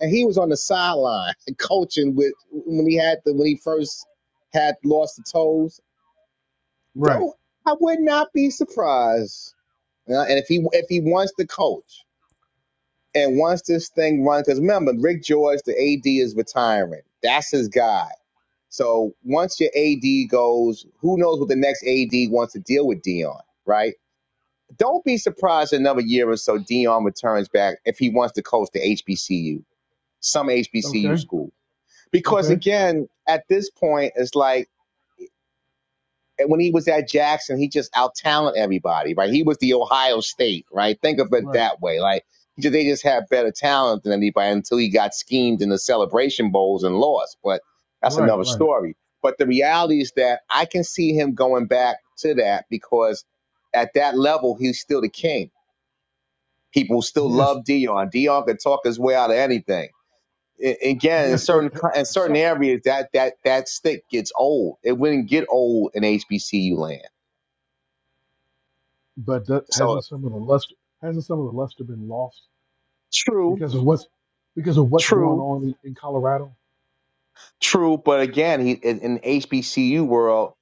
and he was on the sideline coaching with when he had the when he first had lost the toes.
right,
Don't I would not be surprised. You know, and if he if he wants to coach and wants this thing run, because remember Rick George, the AD is retiring. That's his guy. So once your AD goes, who knows what the next AD wants to deal with Dion, right? Don't be surprised in another year or so Dion returns back if he wants to coach the HBCU, some HBCU
okay,
school. Because
okay,
again, at this point, it's like and when he was at Jackson, he just out talented everybody, right? He was the Ohio State, right? Think of it
right,
that way. Like he ju- they just had better talent than anybody until he got schemed in the celebration bowls and lost. But that's
right,
another
right.
story. But the reality is that I can see him going back to that because at that level, he's still the king. People still
Yes,
love Dion. Dion could talk his way out of anything. I- again, in
yes, but
certain
h-
co- in certain
some,
areas, that that that stick gets old. It wouldn't get old in HBCU land
but that,
So
hasn't some of the luster hasn't some of the luster been lost
true,
because of what's because of what's going
true.
on in, in Colorado?
True, but again, he in, in HBCU world,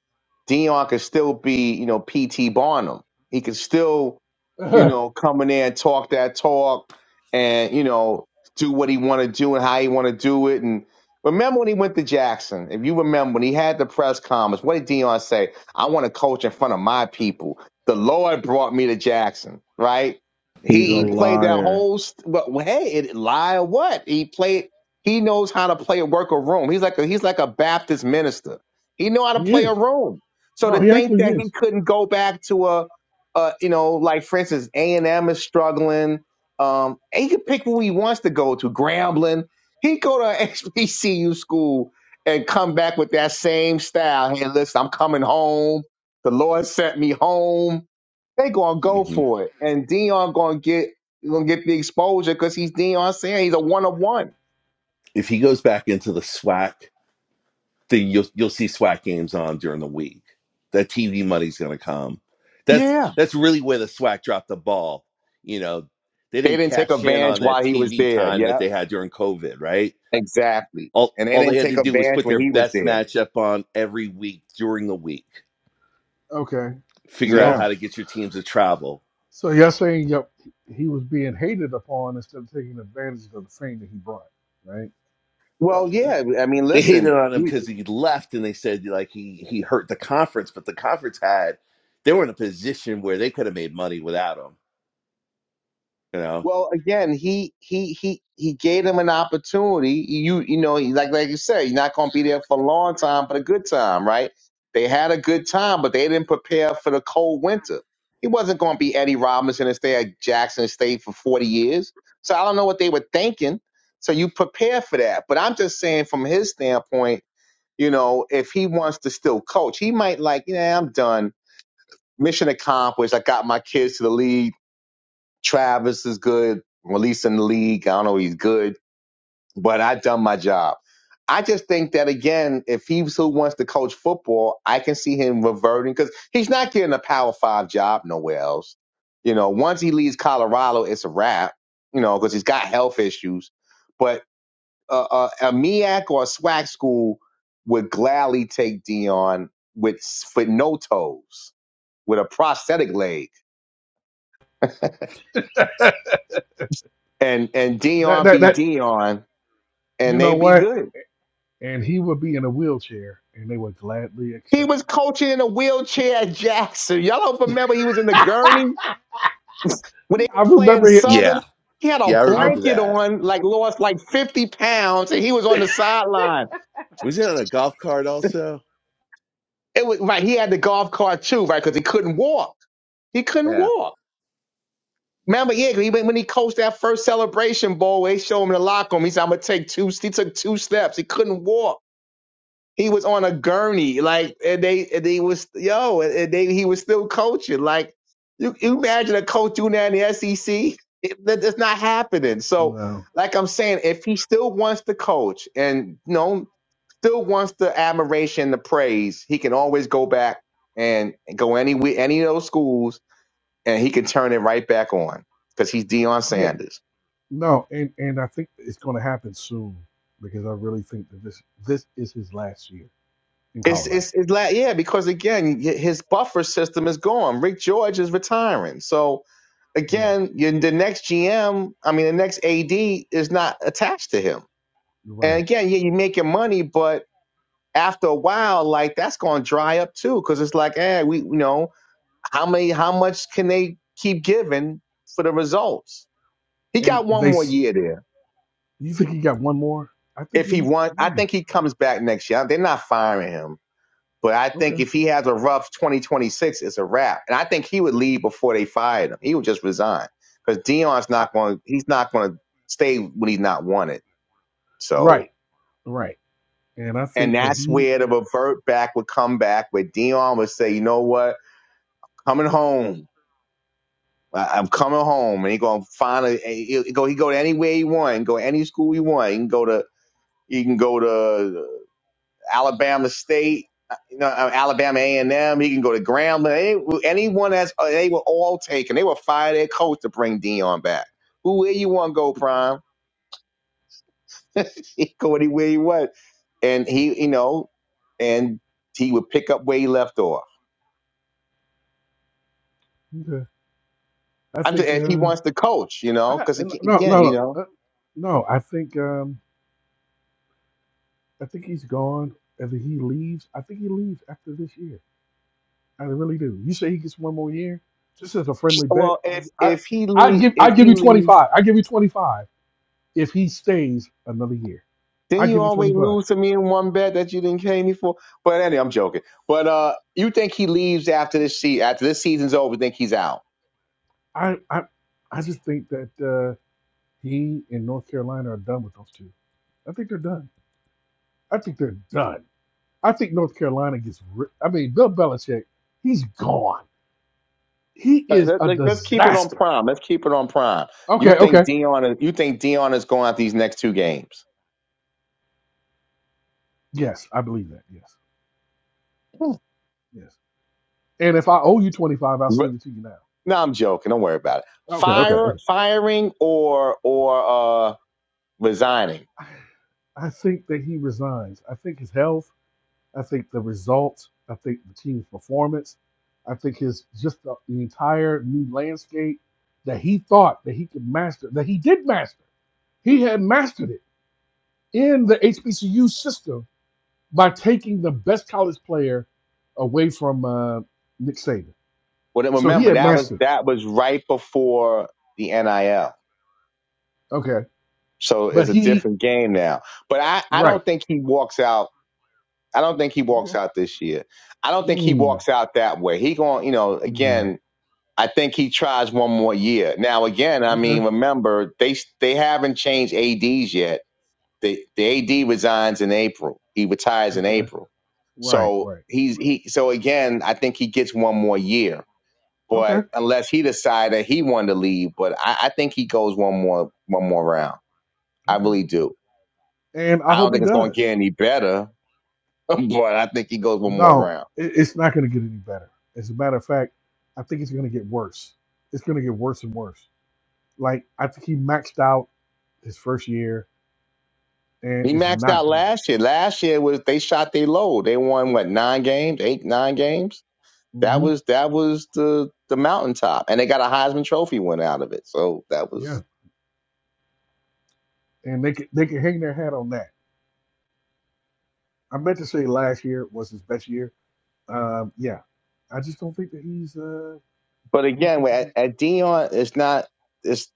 Dion could still be, you know, PT Barnum. He could still, you
right,
know, come in there and talk that talk and, you know, do what he wanna do and how he wanna do it. And remember when he went to Jackson, if you remember when he had the press conference, what did Dion say? I wanna coach in front of my people. The Lord brought me to Jackson, right?
He's
He
a
he played that
liar.
whole st- well, well, hey, it lie or what? He played he knows how to play work a room. He's like a, he's like a Baptist minister. He know how to
he
play a
is.
room. So
No,
to
he
think
actually
that he
is.
couldn't go back to a, a you know, like for instance, A and M is struggling. Um, and he could pick who he wants to go to. Grambling. He go to HBCU school and come back with that same style. Hey, listen, I'm coming home. The Lord sent me home. They gonna go
hmm
for it, and Dion gonna get gonna get the exposure because he's Dion Sanders. he's a one of one.
If he goes back into the SWAC thing, you'll you'll see SWAC games on during the week. That TV money's going to come. That's
Yeah.
that's really where the SWAC dropped the ball. You know, they
They
didn't
didn't take
cash in
advantage
on that
while he was
TV
there.
time that
Yeah,
they had during COVID, right?
exactly.
All
And they
all they
didn't
had
take
to do was
advantage
put
when
their
he was
best
there.
matchup on every week during the week.
Okay,
Figure out
so
Yeah.
how to get your teams to travel.
So you're saying yep, he was being hated upon instead of taking advantage of the fame that he brought, right?
Well, yeah. I mean,
they hated
listen.
on him
he,
because he left and they said like he he hurt the conference but the conference had they were in a position where they could have made money without him you know
Well, again, he he he he gave them an opportunity. You you know, like like you said, you're not going to be there for a long time, but a good time, right? They had a good time, but they didn't prepare for the cold winter. He wasn't going to be Eddie Robinson and stay at Jackson State for 40 years. So I don't know what they were thinking. So you prepare for that. But I'm just saying, from his standpoint, you know, if he wants to still coach, he might like, yeah, I'm done. Mission accomplished. I got my kids to the league Travis is good. Release in the league. I don't know if he's good, but I done my job. I just think that again, if he's who wants to coach football, I can see him reverting because he's not getting a power five job nowhere else. You know, once he leaves Colorado, it's a wrap. You know, because he's got health issues. But uh, uh, a MEAC or a SWAC school would gladly take Dion with with no toes, with a prosthetic leg, and and
That
Dion
that
be
that
Dion
you
and they
know
be
what?
good.
And he would be in a wheelchair, and they would gladly
He
accept
was
him.
coaching in a wheelchair at Jackson. Y'all don't remember he was in the gurney when they were
I
playing
remember it.
Southern.
Yeah.
He had a
yeah i
I
remember
blanket
that
on, like lost like 50 pounds, and he was on the sideline.
was he on a golf cart also
It was right. He had the golf cart too, right? Because he couldn't walk. He couldn't
yeah
walk. Remember, yeah, he, when he coached that first celebration bowl, they showed him in the locker room. He said, "I'm gonna take two." He took two steps. He couldn't walk. He was on a gurney, like and they and they was yo, and they he was still coaching. Like you, you imagine a coach doing that in the SEC? It, that, that's not happening. So,
no,
like I'm saying, if he still wants to coach and you know still wants the admiration, the praise, he can always go back and go any wi- any of those schools, and he can turn it right back on because he's Deion
yeah,
Sanders.
no, and and I think it's going to happen soon because I really think that this this is his last year in
It's
Colorado.
it's, it's like yeah, because again, his buffer system is gone. Rick George is retiring, so
Yeah,
again, you- the next GM, I mean, the next AD is not attached to him.
you're
And
right.
again, yeah, you're making money, but after a while, like that's going to dry up too, because it's like, eh, we, you know, how many, how much can they keep giving for the results? He
And
got one
they,
more
s-
year there.
you think he got one more? I think
If he
he.
won, I
mm,
think he comes back next year. They're not firing him. But I think
okay,
if he has a rough 2026, it's a wrap. And I think he would leave before they fired him. He would just resign because Dion's
I,
not going. He's not going to stay when he's not wanted. So,
right, right. And I
and
think that
that's
he
where the
and
revert back would come back, where Dion would say, "You know what? Coming home. I- I'm coming home." And he going to find a he go. He go to anywhere he want. He can Go to any school he want. He can go to. He can go to. Alabama State, uh, you know, uh, Alabama A and M. He can go to Grambling. Any, anyone that's uh, they were all taken. They will fire their coach to bring Dion back. Who where you want to go, Prime? he go anywhere he went, and he you know, and he would pick up where he left off.
okay. I
I'm just,
think
if he
uh,
wants to coach, you know,
I
because
no no
again, you
no
know,
uh, no. I think um, I think he's gone. As he leaves, I think he leaves after this year. I really do. You say he gets one more year? This is a friendly bet.
well,
I
if
I
if he
I
le-
give I
if
give
he
you twenty
leaves.
five. I give you twenty five if he stays another year.
Didn't
I
you
give you
always
twenty five.
lose to me in one bet that you didn't pay me for? But anyway, I'm joking. But uh, you think he leaves after this season? After this season's over, think he's out?
I I I just think that uh, he and North Carolina are done with those two. I think they're done. I think they're done. I think North Carolina gets. Ri- I mean, Bill Belichick, he's gone He
Uh,
is
Let,
a
let, let's keep it on
disaster.
prime. Let's keep it on prime. You
Okay,
think
okay.
Dion? Is, you think Dion is going out these next two games?
Yes, I believe that. Yes, yes. And if I owe you 25, I'll
Re-
send it to you now.
No, I'm joking. Don't worry about it.
Okay, okay,
Fire,
okay.
firing or or uh, resigning.
I I think that he resigns. I think his health, I think the results, I think the team's performance, I think his just the, the entire new landscape that he thought that he could master, that he did master. He had mastered it in the HBCU system by taking the best college player away from uh, Nick Saban.
Well,
So he
remember
had
that was
mastered it.
that was right before the NIL,
Okay.
so it's
But
a
he
different game now. But I, I
right.
don't think he walks out I don't think he walks
Okay.
out this year. I don't think he
Mm.
walks out that way. He going, you know,
Mm.
again, I think he tries one more year. Now, again, I mean,
Okay.
remember they they haven't changed ads yet. The the ad resigns in April. He retires in
Okay.
April.
Right.
So
Right.
he's he. So again, I think he gets one more year.
Okay.
But unless he decided that he wanted to leave, but I, I think he goes one more one more round. I
Okay.
really do.
And I
I don't
hope
think
he
it's going to
does.
get any better, but I think he goes one more
No,
round.
it, it's not going to get any better. As a matter of fact, I think it's going to get worse. It's going to get worse and worse. Like I think he maxed out his first year, and
He
it's
maxed
not
out
going to get.
last year. Last year was they shot their low. They won what nine games, eight nine games. That
hmm
was that was the the mountaintop, and they got a Heisman Trophy win out of it. So that
Yeah.
was.
And they can they can hang their hat on that. I meant to say last year was his best year. Um, yeah. I just don't think that he's. Uh,
But
I don't
again,
think that
at,
he's.
at Dion, it's not. It's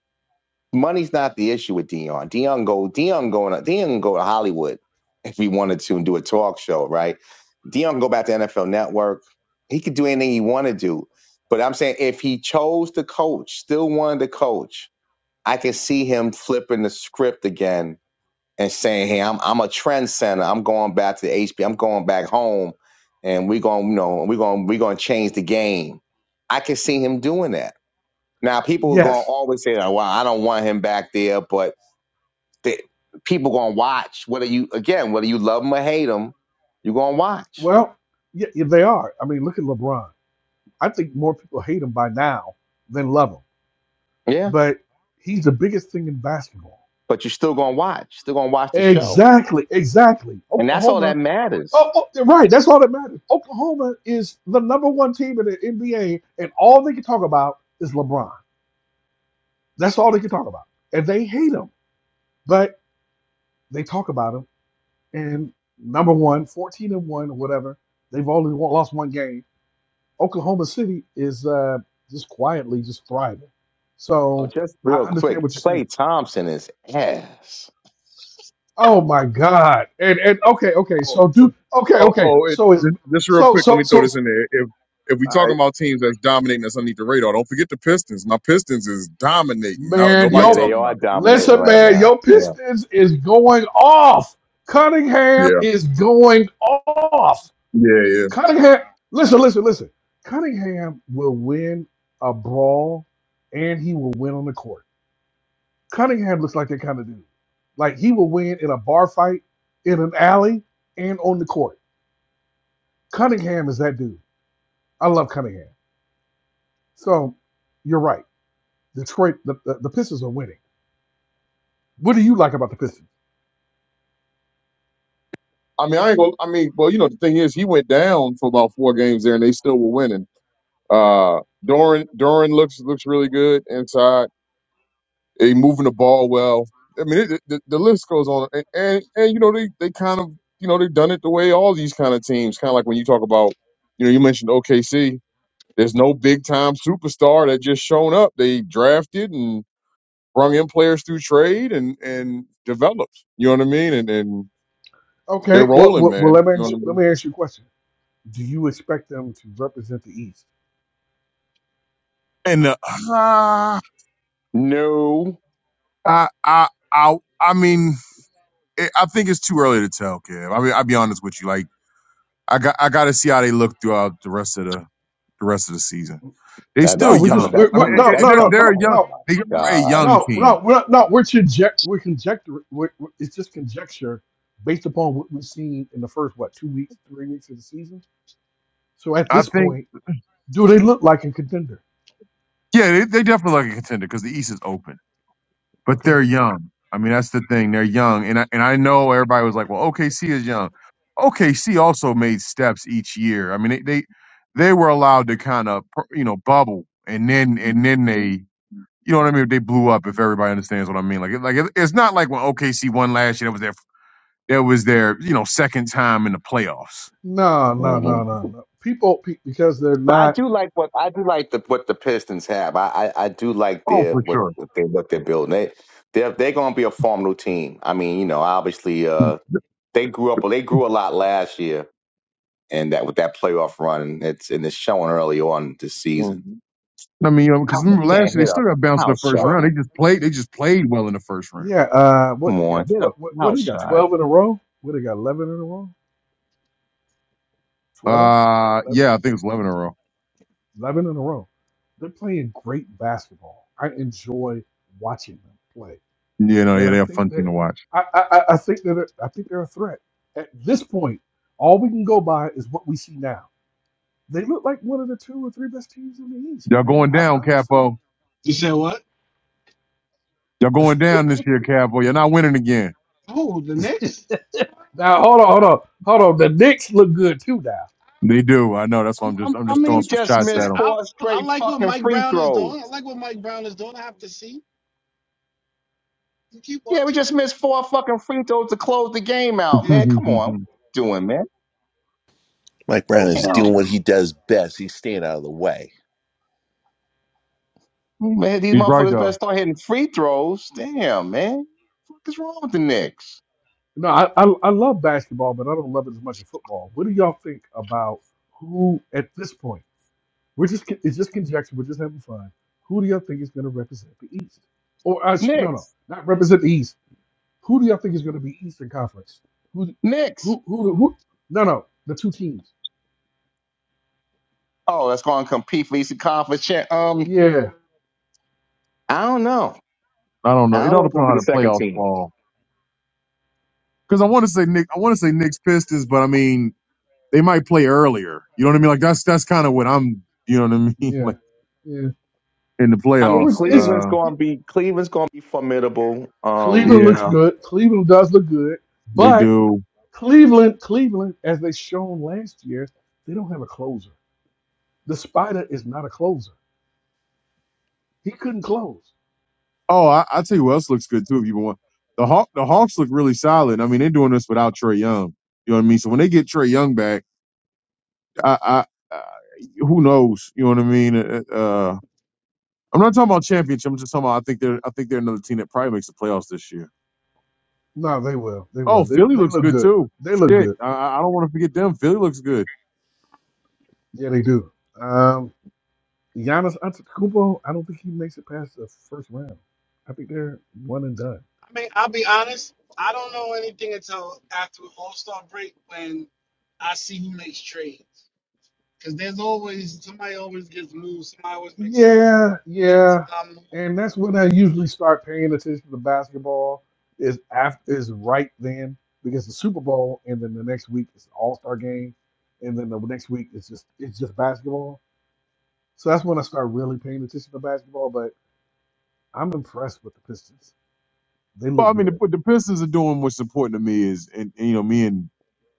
money's not the issue with Dion. Dion go Dion going Dion can go to Hollywood if he wanted to and do a talk show, right? Dion can go back to NFL Network. He could do anything he wanted to do. But I'm saying if he chose to coach, still wanted to coach, I can see him flipping the script again and saying, "Hey, I'm I'm a trend center. I'm going back to HB. I'm going back home, and we're going, to you know, we're going, to we're going to change the game." I can see him doing that. Now, people are going to
Yes.
always say, "Oh, "Well, I don't want him back there," but the, people going to watch whether you again whether you love him or hate him, you're going to watch.
Well, yeah, yeah, they are. I mean, look at LeBron. I think more people hate him by now than love him,
Yeah,
but he's the biggest thing in basketball.
but you're still going to watch. Still going to watch the show,
Exactly, exactly.
and that's all
Oklahoma.
that matters.
Oh, oh, you're right. That's all that matters. Oklahoma is the number one team in the NBA, and all they can talk about is LeBron. That's all they can talk about. And they hate him, but they talk about him. And number one, 14 and one, or whatever, they've only won- lost one game Oklahoma City is uh, just quietly just thriving.
Oh,
So
just
I
real
understand
quick,
what you're saying.
Clay Thompson is ass.
Oh my God! And and okay, okay.
Oh,
So do okay,
oh,
okay.
oh it,
So is
th- just real
so
quick, let
so
me
so.
throw this in
All
there. If if we talking
right,
about teams that's dominating us underneath the radar, don't forget the Pistons. My Pistons is dominating. No,
man.
nobody
Yeah, they
Yo,
talking
are
about
dominating
listen,
right
man.
now.
Your
Yeah.
Pistons is going off.
it.
Cunningham
Yeah,
is going off.
yeah, yeah.
Cunningham. Listen, listen, listen. Cunningham will win a brawl, and he will win on the court. Cunningham looks like that kind of dude. Like he will win in a bar fight, in an alley, and on the court. Cunningham is that dude. I love Cunningham. So you're right. Detroit, the, the, the Pistons are winning. What do you like about the Pistons?
I mean, I ain't gonna. I mean, well, you know, the thing is, he went down for about four games there, and they still were winning. Uh, Doran, Doran looks looks really good inside. He moving the ball well. I mean, it, it- the, the list goes on, and, and and you know, they they kind of you know they've done it the way all these kind of teams, kind of like when you talk about you know you mentioned OKC There's no big time superstar that just shown up. They drafted and brung in players through trade and and developed. You know what I mean? And and
Okay.
they're
Well,
rolling,
well, well
man.
let me
You know
ask,
what I
let
mean?
me ask you a question. Do you expect them to represent the East?
And uh,
No.
I, I, I, I mean, I I think it's too early to tell, Kev. I mean, I'll be honest with you. Like, I got, I got to see how they look throughout the rest of the, the rest of the season. They
That,
still
No,
that's
we
coming.
just
young.
That's
we're,
I
we're
mean,
coming.
i
no
i
That's
no
they're
no
coming.
no
they're a
Oh
young.
no
my
They are a
gosh.
young
no no
team.
we're not, no we're conject we're conjecture we're, we're- it's just conjecture based upon what we've seen in the first what two weeks three weeks of the season So at
I
this
think.
point, do they look like a contender?
Yeah, they, they definitely like a contender because the East is open. but
Okay.
they're young. I mean, that's the thing. They're young, and I, and I know everybody was like, "Well, OKC is young." OKC also made steps each year. I mean, they they, they were allowed to kind of you know bubble, and then and then they you know what I mean. They blew up. If everybody understands what I mean, like it, like it, it's not like when OKC won last year. That was their that was their you know second time in the playoffs.
No, no,
hmm
no, no, no. People pe- because they're
But I
not.
do like what I do like the what the Pistons have. I I, I do like
Oh,
their
for
what,
sure.
what they what they're building. They they're they're going to be a formidable team. I mean, you know, obviously, uh, they grew up. They grew a lot last year, and that with that playoff run, and it's and it's showing early on this
Well,
season.
I mean, you know,
I
because remember last
can't
year they
hit a
still got bounced in
foul
the first
shot.
round.
Well,
They just played. They just played well in the first round.
yeah. Uh, what
Come
they
on,
got?
hit a
What what, what
foul
they got?
shot.
Twelve in a row. What they got? Eleven in a row. 12?
Uh,
11,
yeah, I think it's eleven in a row.
eleven in a row. They're playing great basketball. I enjoy watching them play,
You know,
and
yeah,
I
they're
think
fun team
that
to watch.
I I, I I think that I think they're a threat. At this point, all we can go by is what we see now. They look like one of the two or three best teams in the East,
Y'all
man.
going
I,
down,
I'm just saying.
Capo. Y'all going down this year, Capo. You're not winning again.
Oh,
Now hold on, hold on, hold on. The Knicks look good too now.
They do. I know. That's why
I'm,
I'm just
I'm,
I'm
I
just
mean,
throwing
We
some
like
just
I
shots
missed
said,
at him.
I,
four
I
straight
like what
fucking
Mike
free
Brown is
throws.
doing. I like what Mike Brown is doing. I have to see. You keep
Yeah, we
watching.
just missed four fucking free throws to close the game out,
Yeah.
man. Come on. What you doing, man?
mike brown is
Damn.
doing what he does best he's staying out of the way
Man, these
He's right
motherfuckers better
though.
start hitting free throws. Damn, man. What the fuck is wrong with the Knicks?
No, I, I I love basketball, but I don't love it as much as football. What do y'all think about who at this point? We're just con- it's just conjecture. We're just having fun. Who do y'all think is going to represent the East? Or I sh- no no
Knicks.
not represent the East. Who do y'all think is going to be Eastern Conference? Who
Knicks.
who who who? No no the two teams.
Oh, that's going to compete for Eastern Conference. Champ. Um,
Yeah
I don't know.
I don't
I
know. It
don't
all
know who's
depends
going to be
on how
the
the
second
playoffs
team.
fall. Because I want to say Nick, I want to say Knicks Pistons, but I mean they might play earlier. You know what I mean? Like that's that's kind of what I'm. You know what I mean?
yeah
like
yeah.
in the
I
But
mean,
we're,
playoffs.
it's
Cleveland's
Uh,
going to be Cleveland's going to be formidable.
Cleveland
Um,
looks
yeah,
good. Cleveland does look good,
they
but
do.
Cleveland, Cleveland, as they shown last year, they don't have a closer. The spider is not a closer. He couldn't close.
Oh, I, I tell you what else looks good too. If you want the Hawk, the Hawks look really solid. I mean, they're doing this without Trey Young. You know what I mean? So when they get Trey Young back, I, I, I who knows? You know what I mean? Uh, uh, I'm not talking about championship. I'm just talking about I think they're I think they're another team that probably makes the playoffs this year.
No, they will. They will.
Oh,
They,
Philly
they
looks
look
good
good.
too.
They look
Shit,
good.
I, I I don't want to forget them. Philly looks good.
Yeah, they do. Um, Giannis Antetokounmpo, I don't think he makes it past the first round. I think they're one and done.
I mean, I'll be honest. I don't know anything until after All Star break when I see who makes trades. Because there's always somebody always gets moved. Somebody always makes some
Yeah,
big
yeah,
time move.
and that's when I usually start paying attention to basketball. Is after is right then because the Super Bowl, and then the next week is All Star game, and then the next week it's just it's just basketball. So that's when I start really paying attention to basketball. But I'm impressed with the Pistons. They
Well,
look
I mean, the,
good.
what the Pistons are doing what's important to me is, and, and you know, me and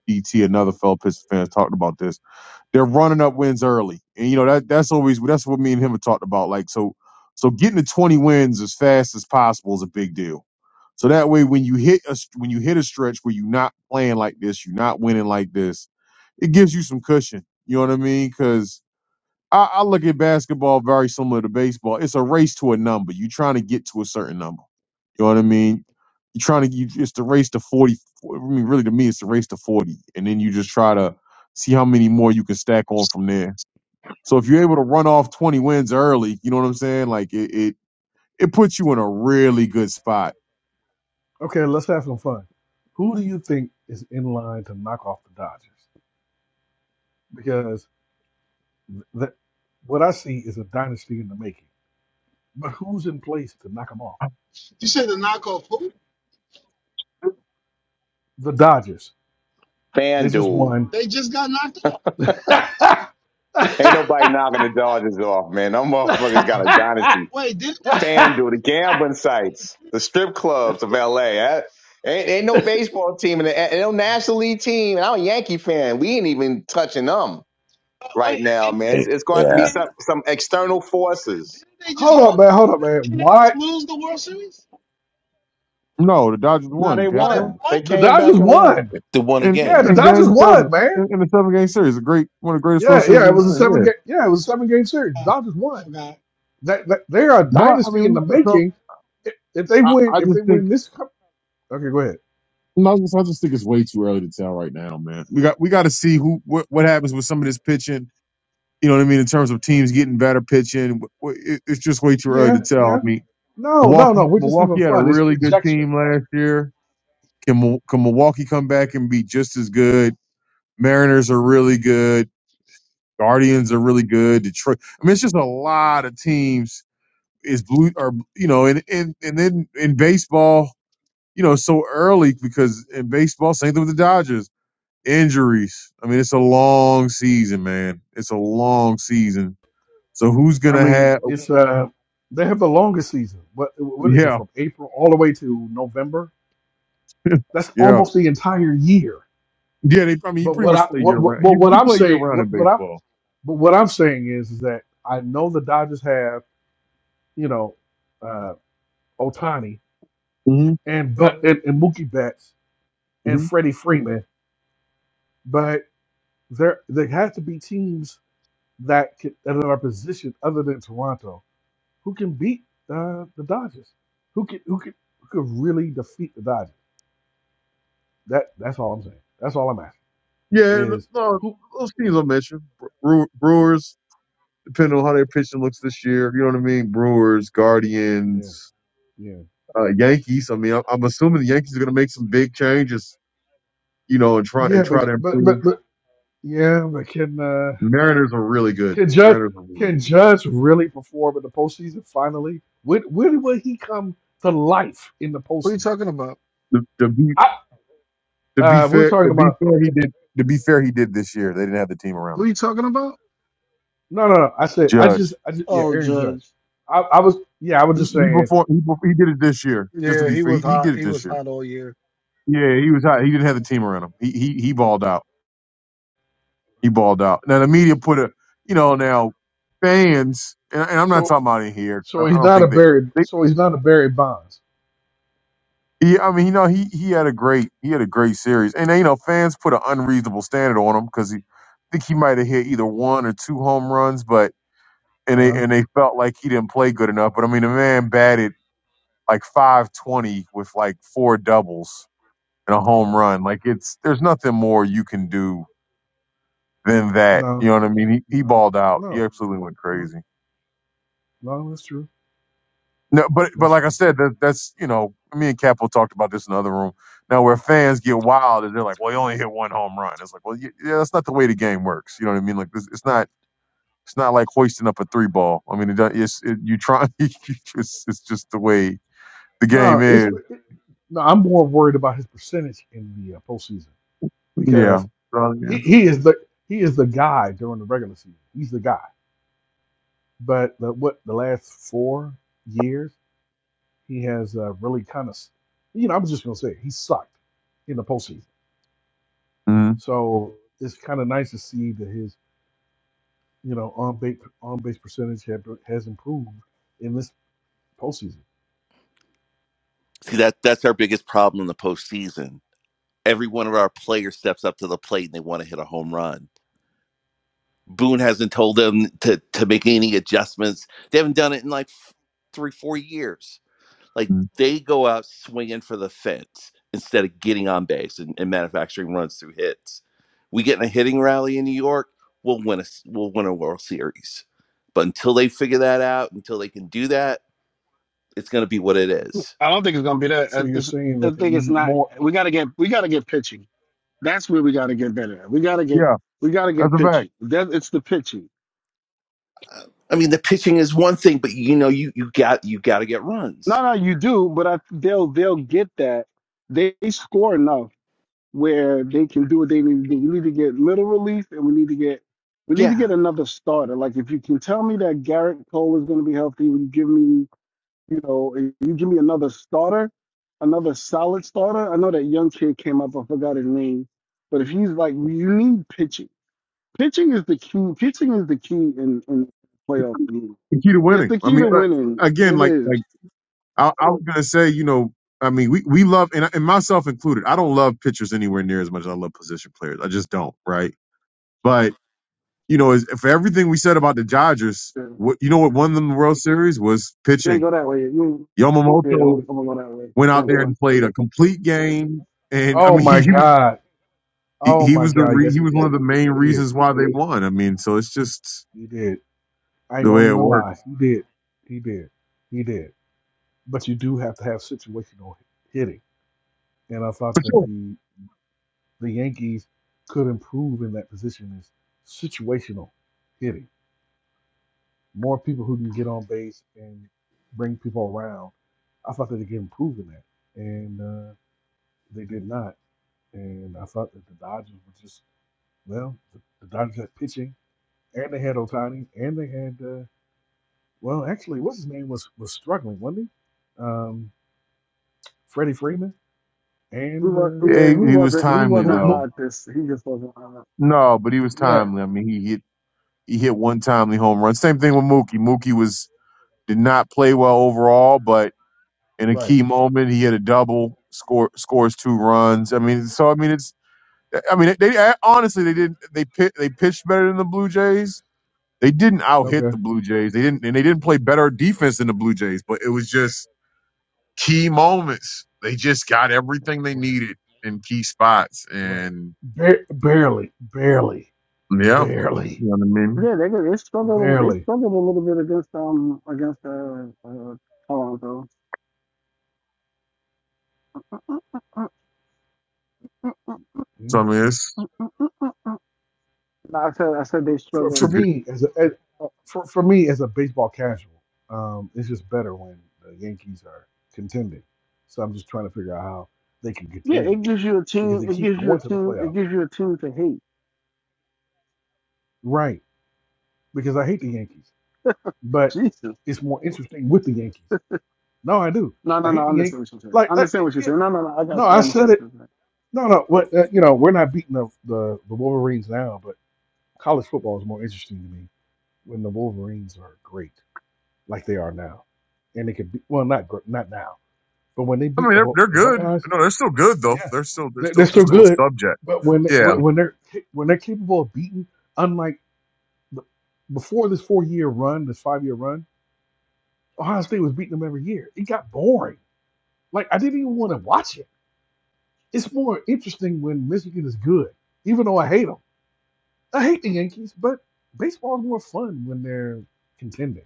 DT, another fellow Pistons fan, talked about this they're running up wins early, and you know that that's always that's what me and him have talked about. Like so, so getting to twenty wins as fast as possible is a big deal. So that way, when you hit a when you hit a stretch where you're not playing like this, you're not winning like this, it gives you some cushion. You know what I mean? Because I, I look at basketball very similar to baseball. It's a race to a number. You're trying to get to a certain number. You know what I mean? You're trying to. You, it's the race to forty. I mean, really, to me, it's the race to forty, and then you just try to see how many more you can stack on from there. So if you're able to run off 20 wins early, you know what I'm saying? Like it it, it puts you in a really good spot.
Okay, let's have some fun. Who do you think is in line to knock off the Dodgers? Because th- that what I see is a dynasty in the making. But who's in place to knock them off?
You said the knockoff who?
The Dodgers. They just
FanDuel.
won.
They just got knocked out.
Ain't nobody knocking the Dodgers off, man. Them motherfuckers got a dynasty.
Wait, didn't
FanDuel, the gambling sites,
they?
the strip clubs of LA. That- ain't, ain't no baseball team and ain't no National League team. And I'm a Yankee fan. We ain't even touching them
uh,
right
wait,
now,
didn't they?
man. It's,
Right.
it's going to have to
Didn't
be
yeah
some,
they?
some external forces.
Didn't they just
Hold up,
hold?
man. Hold up, man.
Didn't they
Why
just lose the World Series?
No, the Dodgers
No,
won,
they
Oh, they
Capo.
won.
won.
They
the
came
Dodgers
back and won.
won?
The one
In, in
Yeah,
again.
the Dodgers
game seven,
won, man.
in, in the seven game series, a great one of the greatest
Yeah,
World Series
yeah.
we've
It
ever
was a
seen.
seven
Yeah,
game. Yeah, it was a seven game series.
Uh,
Dodgers won.
forgot.
That, that- they are a
but I
dynasty in the
mean, so
making. If if they
I,
win,
I
if they
just think
win this cup, okay, go ahead.
no, I just I just think it's way too early to tell right now, man. We got we got to see who what, what happens with some of this pitching. You know what I mean in terms of teams getting better pitching. It, it's just way too early
Yeah,
to tell. I
yeah.
mean,
No, no, no.
Milwaukee
We're just having
Milwaukee had a
fun. It's
really good
conjecture.
team last year. Can Mil- can Milwaukee come back and be just as good? Mariners are really good. Guardians are really good. Detroit. I mean, it's just a lot of teams is blue or you know, and and and then in baseball, you know, so early because in baseball, same thing with the Dodgers. Injuries. I mean, it's a long season, man. It's a long season. So who's
I
gonna
mean,
have? oh,
it's uh, they have the longest season. What what is it
Yeah,
from April all the way to November? That's
yeah, yeah.
almost the entire year.
They, I mean, you
But
pretty
what
much
I
play year
what what,
round.
what
You
what
you
I'm
play year
saying
round in
what what I
baseball.
but what I'm saying is, is that I know the Dodgers have you know uh, Otani
hmm
and but and, and Mookie Betts and Freddie Freeman, but there there have to be teams that can, that are positioned other than Toronto who can beat uh, the Dodgers, who can who can who could really defeat the Dodgers. That that's all I'm saying. That's all I'm asking
Yeah, n-
is
no,
who.
those teams I mentioned, Bre- Brewers, depending on how their pitching looks this year, you know what I mean. Brewers,
Yeah,
Guardians,
yeah,
uh, Yankees. I mean, I'm, I'm assuming the Yankees are going to make some big changes, you know, and try
yeah.
and
But
try to
but
improve.
but, but yeah, but can uh,
Mariners are really good.
can Judge
Mariners are really
can
good.
Judge really perform in the postseason? Finally, when when will he come to life in the
Who you
postseason?
talking about?
To, to be
I
to be
uh, we were
fair,
talking
to be
about
fair, he did. To be fair, he did this year. They didn't have the team around him.
Who you talking about?
no no no. I said I just
Judge,
I just yeah
Oh,
Aaron Judge.
Judge.
I, I was yeah I was
he,
just
he
saying
before he, before, he did it this year. Just to
Yeah,
be
he
fair, he,
was
he
he,
hot.
did it
He
this
was
year.
hot all year.
Yeah, he was hot. He didn't have the team around him. He he he balled out. He balled out. Now the media put a, you know, now fans, and, and I'm not
so
talking about in here. I
so
I
he's
don't
not a
think they,
Barry
they,
so he's not a Barry Bonds.
he, I mean, you know, he he had a great he had a great series, and you know, fans put an unreasonable standard on him because he, I think he might have hit either one or two home runs, but and
Uh
they
huh.
and they felt like he didn't play good enough. But I mean, the man batted like 520 with like four doubles and a home
Okay.
run. Like it's there's nothing more you can do than that. You
No.
know what I mean? He he
No.
balled out. He
No.
absolutely went
No.
crazy.
No. That's true.
No, but but
That's
like I
true.
said, that, that's you know, me and Capo talked about this in the other room. Now where fans get wild and they're like, "Well, he only hit one home run." It's like, well, y- yeah, that's not the way the game works. You know what I mean? Like, this, it's not it's not like hoisting up a three ball. I mean, it, don't- it's it, you try. you just, it's just the way the game
No, it's
is.
it, no. I'm more worried about his percentage in the uh, postseason
Yeah.
because he,
Mm-hmm.
he is the he is the guy during the regular season. He's the guy. But the, what the last four years he has uh, really kind of you know I'm just gonna say it, he sucked in the postseason. So it's kind of nice to see that his you know on base on base percentage have, has improved in this postseason.
see that that's our biggest problem in the postseason every one of our players steps up to the plate and they want to hit a home run Boone hasn't told them to to make any adjustments. They haven't done it in like three, four years. Like they go out swinging for the fence instead of getting on base and, and manufacturing runs through hits. We get in a hitting rally in New York, we'll win a s- we'll win a World Series. But until they figure that out, until they can do that, it's going to be what it is.
I don't think it's gonna be that.
So
Uh,
you're
It's,
saying
I
that they
think it's
need
not.
more?
We gotta get. We gotta get pitching. That's where we got to get better at. We got to get
Yeah,
we got to
that's
get
a fact.
pitching. That it's the pitching.
I mean, the pitching is one thing, but you know, you you got you got to get
No,
runs.
no, you do, but I, they'll they'll get that. They score enough where they can do what they need to do. We need to get little relief, and we need to get we need
Yeah.
to get another starter. Like if you can tell me that Garrett Cole is going to be healthy, when you give me you know if you give me another starter, another solid starter. I know that young kid came up. I forgot his name, but if he's like you need pitching. Pitching is the key. Pitching is the key in in playoff to me.
The key to
It's
winning.
the
I
key
mean,
to
like,
winning.
again,
It
like
is.
like. I, I was gonna say, you know, I mean, we we love and, and myself included. I don't love pitchers anywhere near as much as I love position players. I just don't, right? But you know, is for everything we said about the Dodgers,
Yeah.
what you know what won them the World Series was
You ain't
pitching.
go that way. You yeah.
Yamamoto
I'm, gonna I'm gonna go that way.
went out
Thanks,
there and
man.
played a complete game, and I
Oh
mean, he,
my
he was
God!
he,
Oh
he
my
was the
God,
re,
yes,
he
he
was one
did.
of the main
He did.
reasons why they won. I mean, so it's just
He did. I ain't
the
gonna
way it
even lie.
works.
He did. He did. He did. But you do have to have situational hitting, and I
For
thought that
sure.
the the Yankees could improve in that position is situational hitting. More people who can get on base and bring people around. I thought that they could improve in that, and uh, they did not. And I thought that the Dodgers were just well, the, the Dodgers had pitching, and they had Otani, and they had. uh, Well, actually, what's his name was was struggling, wasn't he? Um, Freddie Freeman
He
and
was,
uh,
yeah,
He,
he
he was
wasn't. He
Mo-
timely
Mo-
wasn't
though.
Mo-
hot. This he just wasn't hot.
No, but he was
yeah,
timely. I mean, he hit He hit one timely home run. Same thing with Mookie. Mookie was did not play well overall, but in a
right.
key moment, he hit a double, score scores two runs. I mean, so I mean, it's I mean, they, honestly they didn't they pit, they pitched better than the Blue Jays. They didn't out hit
Okay,
the Blue Jays. They didn't and they didn't play better defense than the Blue Jays. But it was just key moments. They just got everything they
right,
needed in key spots,
right.
and
Ba- barely, barely,
yeah,
barely,
you know what I mean.
Yeah, they they struggled. They
barely.
struggled a little bit against um against uh, uh Toronto. Uh,
So
Yeah.
I mean, it's,
uh, uh, uh, uh. No, I said I said they
For
it's a
struggled.
for
good.
me as a as,
Uh,
for for me as a baseball casual, um, it's just better when the Yankees are contending. So I'm just trying to figure out how they can
yeah,
contend
it gives you a
because
team.
they
It
keep
gives you
going
a
to the
team. It
playoffs.
gives you a team to hate.
Right. Because I hate the Yankees. but
Jesus.
it's more interesting with the Yankees. No, I do.
No,
I
no,
hate
no. I
the
understand
Yankees.
what you're saying.
Like,
I
uh,
understand
it-
what you're
yeah,
saying. No, no, no. I
no,
got to
I said
understand
it.
what
No, no, what uh, you know, we're not beating the, the the Wolverines now, but college football is more interesting to me when the Wolverines are great, like they are now, and they could be well, not gr- not now, but when they
I mean,
beat the
they're
Ho-
they're
the
good.
Buckeyes,
No, they're still good though.
yeah,
They're still they're
they're, they're
still they're
still
still a
good,
subject.
but when they, when
Yeah,
when they're ca- when they're capable of beating, unlike the, before this four year run, this five year run, Ohio State was beating them every year. It got boring Like I didn't even want to watch it. It's more interesting when Michigan is good, even though I hate them. I hate the Yankees, but baseball is more fun when they're contending.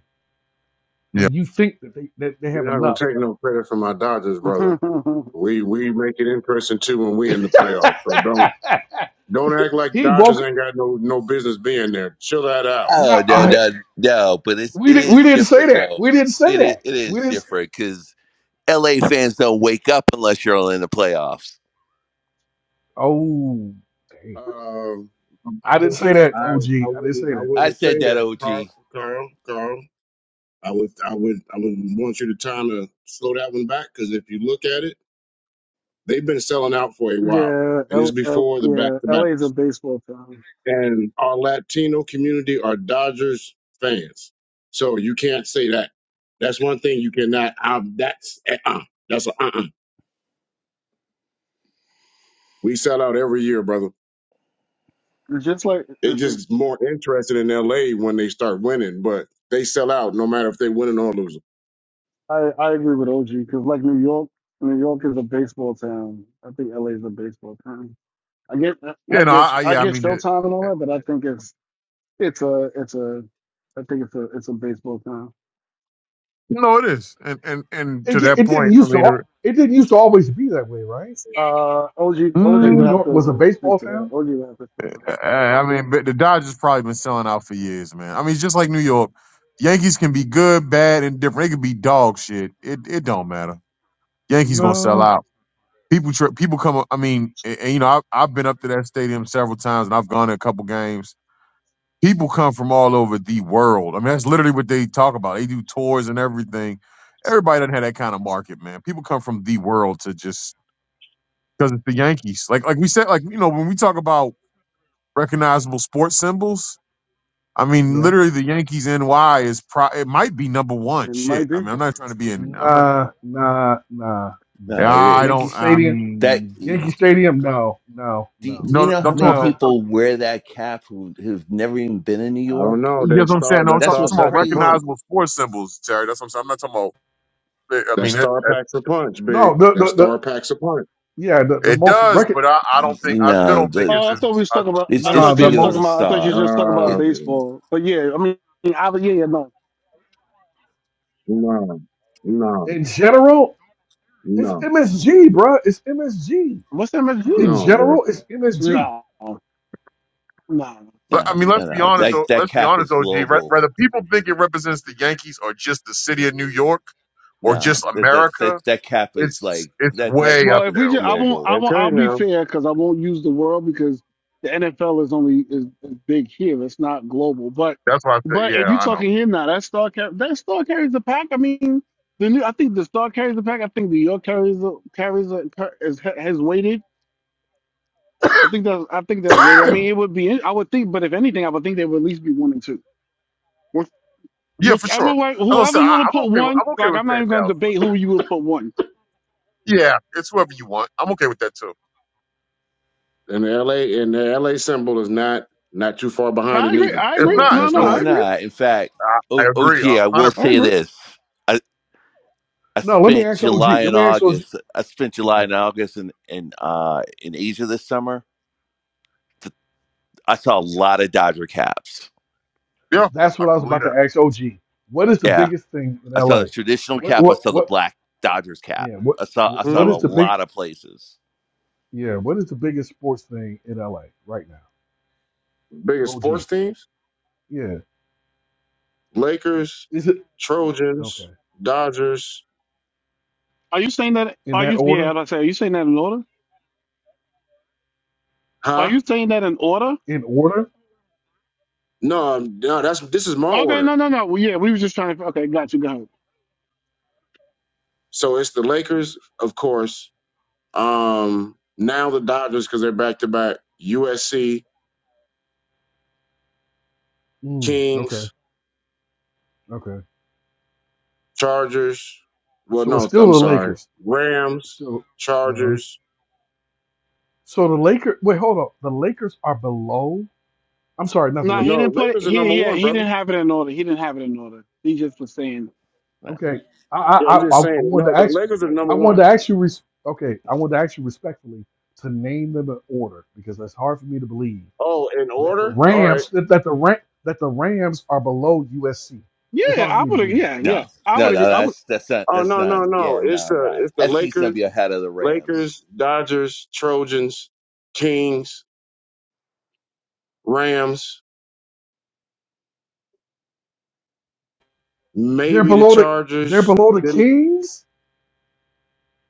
yeah,
When you think that they that they
You're
have
not gonna
enough.
take no credit from my Dodgers, brother.
you're saying.
We we make it in person too when we in the playoffs. So don't don't act like
he
Dodgers
woke.
ain't got no no business being there. Chill that out.
Oh
No,
no,
I,
no, no! But it's
we
it
didn't. We
is
didn't say
different
that.
though.
We didn't say
It is
that.
it
We
is
didn't.
different because LA fans don't wake up unless you're in the playoffs.
Oh damn!
Um,
I didn't say that.
I
OG,
I
I didn't
wouldn't
say
I
that.
I
wouldn't say
said that,
that,
OG.
Carl. Carl, Carl. I would I would I would want you to time to slow that one back because if you look at it, they've been selling out for a while,
yeah,
and it's
L, L,
before the back to
yeah. LA
back.
is a baseball town.
and our Latino community are Dodgers fans. So you can't say that. That's one thing you cannot. Um, that's uh, uh that's a uh uh We sell out every year, brother.
Just like
They
uh, uh,
just more interested in L.A. when they start winning, but they sell out no matter if they winning or losing.
I, I agree with OG because like New York, New York is a baseball town. I think LA is a baseball town. I get, I
yeah. No, I,
guess,
I
I
yeah. I
get
mean, it,
Showtime and all that, but I think it's, it's a, it's a, I think it's a, it's a baseball town.
no, it is. And and and
It
to
di-
that
it didn't
point, I
used to.
mean, er,
al- It didn't used to always be that way, right?
Uh, O. G. O. G.
That New
would
mm,
have
York was a
to speak
baseball
to that.
town.
OG would have to speak to
I
that.
I mean, but the Dodgers probably been selling out for years, man. I mean, it's just like New York, Yankees can be good, bad, and different. They could be dog shit. It it don't matter. Yankees gonna sell
No.
out. People tri- people come. up- I mean, and, and, you know, I've I've been up to that stadium several times, and I've gone to a couple games people come from all over the world. I mean, that's literally what they talk about. They do tours and everything. Everybody doesn't have that kind of market, man. People come from the world to just because it's the Yankees. Like like we said, like you know, when we talk about recognizable sports symbols, I mean,
Yeah.
literally the Yankees NY is pro. It might be number one.
It might
Shit. I
be.
mean, I'm not trying to be in. I'm not.
Nah, nah, nah,
Yeah,
nah.
No, it
I
Yankee
don't.
is
I
Stadium,
that.
mean,
Do,
Yankee Stadium. No, no,
do
no,
you
no.
know how
I'm talking.
many
About,
no,
the-
people wear that cap who who've never even been in New
I don't
York?
know.
you know
That
what I'm
star,
saying? No, I'm
that
That's
talking, I'm
star
what's
talking about
packs a punch.
crazy.
recognizable sports symbols, Terry. That's what I'm saying. I'm not talking about. I
That
mean,
star
that.
packs a punch, big.
no. The
That
the, the
star packs a punch.
yeah, the, the
It
most
does,
record.
but I, I don't think
You
I still
know,
don't think
the
it's
Oh, I
as
thought we was
I
talking about.
it's
I
still.
it's
Nah,
thought you
the
was
bigger than
talking
most
a
about. I thought you
star.
was just talking about
It
Uh,
baseball. But yeah, I mean, I, yeah, yeah, no.
no, no,
in general. It's
no,
MSG, bruh. It's MSG.
What's that meant to
In
do?
no, bro.
general, it's MSG.
No, no.
I
no,
mean, let's
no,
be
no.
honest.
Mm-mm.
That
o-
that
Let's be
cap
honest,
is
OG. Re-
global.
Whether people think it represents the Yankees or just the city of New York or
No,
just
that that
America,
that, that cap is
it's
like
it's
that. That
way
Well,
cap
up
if
is
we
there,
just, I
OG.
won't,
global.
I
It's
won't.
Okay,
I'll be
now.
fair because I won't use the world because the NFL is only is, is big here. It's not global. But,
that's why I said,
but if
yeah,
you're
I know,
talking here now, that star car, that star carries the pack. I mean, the new. I think the star carries the pack. I think the York carries the carries the, is has weighted. I think that's I think that's way. I mean, it would be. I would think, but if anything, I would think they would at least be one and two. Which,
yeah, for
whichever
sure.
way,
As I said,
whoever you
I,
want
I'm
to put
okay. With,
one,
I'm okay
like
with
I'm not
saying
even going to
Dallas is up
debate who you would put one.
there. Yeah, it's whoever you want. I'm okay with that too.
and the LA and the LA symbol is not not too far
No,
behind
I
it
agree.
neither.
I
It's
agree.
So
not.
No,
let's
no,
No,
It's
I
not.
it,
agree.
it's.
not. In fact,
I, I
o-
agree,
OG,
a
I will
hundred
I
say
percent.
agree.
this. I, I
No, let me
spent
ask OG.
July
Let
and
me ask OG.
August. I spent
All
July
right.
and August in in uh, in Asia this summer. Th- I saw a lot of Dodger caps.
Yeah,
That's
I
what I was
can believe
about to
that.
ask OG. What is the
Yeah,
biggest thing in
I saw
LA?
the traditional
What
cap. I
what
saw the
what?
black Dodgers cap.
Yeah. What
I saw I
what
saw
what
it a
Hmm,
is the big?
lot of places.
Yeah. What is the biggest sports thing in LA right now?
biggest
OG.
sports teams:
Yeah.
Lakers,
Is it okay?
Trojans, Dodgers.
Are you saying that?
In
Are
that
you? Yeah,
order?
as I say. Are you saying that in order? Are
Huh?
you saying that in order?
In order?
No, um, no. That's this is my
Okay,
order.
no, no, no. Well, yeah, we were just trying to. Okay, got you. Go ahead.
So it's the Lakers, of course. Um, now the Dodgers because they're back to back. USC,
Mm, okay,
Kings,
okay.
Chargers. Well,
So it's
no,
still
I'm
the
sorry.
Lakers.
Rams,
Still. uh
Chargers.
So the Lakers. Wait, hold up. The Lakers are below. I'm sorry, not the
No, he
Lakers.
No,
didn't put it.
Lakers are number
He yeah,
one,
he
brother.
didn't have it in order. He didn't have it in order. He just was saying.
Right.
Okay. I
Yeah,
I
I'm
I,
just
I I
saying it.
wanted
No,
to
but the
ask.
Lakers are
I
number one.
wanted to ask you. Res- okay, I wanted to ask you respectfully to name them in order because that's hard for me to believe
Oh, in
that the
order? All right.
Rams that, that the rank that the Rams are below USC. It's
Yeah,
hard for
I
me to
would.
believe it.
Yeah, yeah,
No,
I would
no, no.
agree. I would.
That's that's not
Oh
that's
no
not.
no no!
Yeah,
It's
no,
the
no.
it's the
SC's gonna
Lakers,
be ahead of the Rams.
Lakers, Dodgers, Trojans, Kings, Rams,
They're
maybe the
below the. They're
Chargers.
below the
Then
Kings.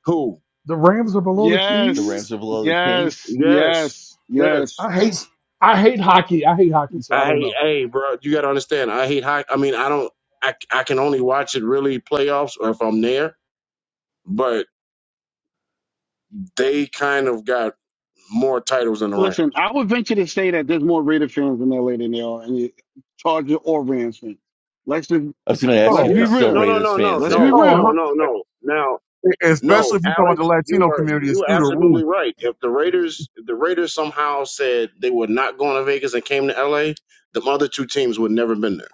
who?
The Rams are below the
The
Yes,
Rams
Kings.
are below the Kings.
yes,
Yes,
yes, yes.
yes.
I hate I hate hockey. I hate hockey, so I
I
don't
hate.
know.
Hey, bro, you gotta understand. I hate hockey. I mean, I don't. I I can only watch it really playoffs or if I'm there. But they kind of got more titles than the Rams.
Listen, I would venture to say that there's more Raider fans in LA than there are any Charger or Rams fans. Let's just
I was gonna ask you
let's
Yeah.
if
Oh,
be
there's still
No
real.
no
Raiders
no no
fans
Let's be
there.
no
oh, 100
no
real.
no no. Now No,
especially if you talk about the
Alex, you
Latino
are
community, it's
you are
through the
absolutely
roof.
right. If the Raiders if the Raiders somehow said they were not going to Vegas and came to LA, the other two teams would never been there.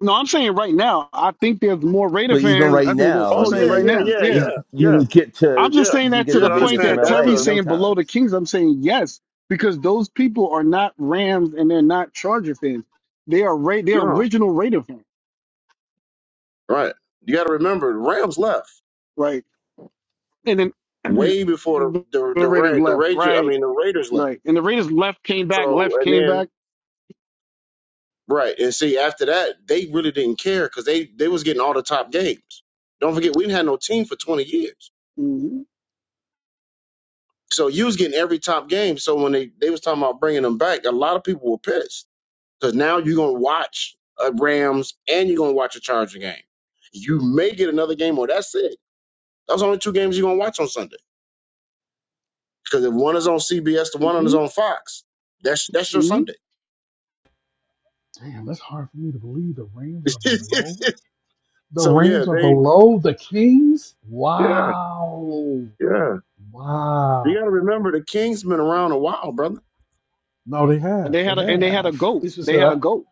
No, I'm saying right now. I think there's more Raider
But even
fans.
right
I think that
now,
I'm
I
Oh
saying
yeah,
right
yeah,
now.
mean,
yeah,
you
Yeah,
yeah,
you
yeah,
can get
I'm
to
just
yeah.
you
saying
can
that
get
to
You
to
the
gotta
point
Vegas from
understand
that
that's
LA
Terry's
a
in no
saying below
time.
the Kings. I'm saying yes because those people are not Rams and they're not Charger fans. They are Ra- they're
no.
original Raider fans.
Right. You gotta remember the Rams left
right? And then
way before
the
the the the,
Raiders
Ra- the
left,
Raiders I
right,
mean the Raiders left.
right, and the Raiders left, came back,
So
left,
and
came
then
back,
Right. And see after that they really didn't care because they, they was getting all the top games. Don't forget we didn't have no team for twenty years.
hmm
So you was getting every top game. So when they, they was talking about bringing them back, a lot of people were pissed because now you're gonna watch a Rams and you're gonna watch a Charger game. You may get another game, or that's it. Those are only two games you're gonna watch on Sunday because if one is on CBS, the one is
hmm
on Fox. That's that's your
hmm
Sunday.
Damn, that's hard for me to believe. The Rams are below. The
so yeah,
Rams are
they
below the Kings.
yeah
Wow,
yeah. You
wow.
got to remember the Kings been around a while, brother.
No, they
and
have.
they
They
had
Yeah,
a
They
and
have.
they had a
have
goat,
It's just
they had a
a.
goat,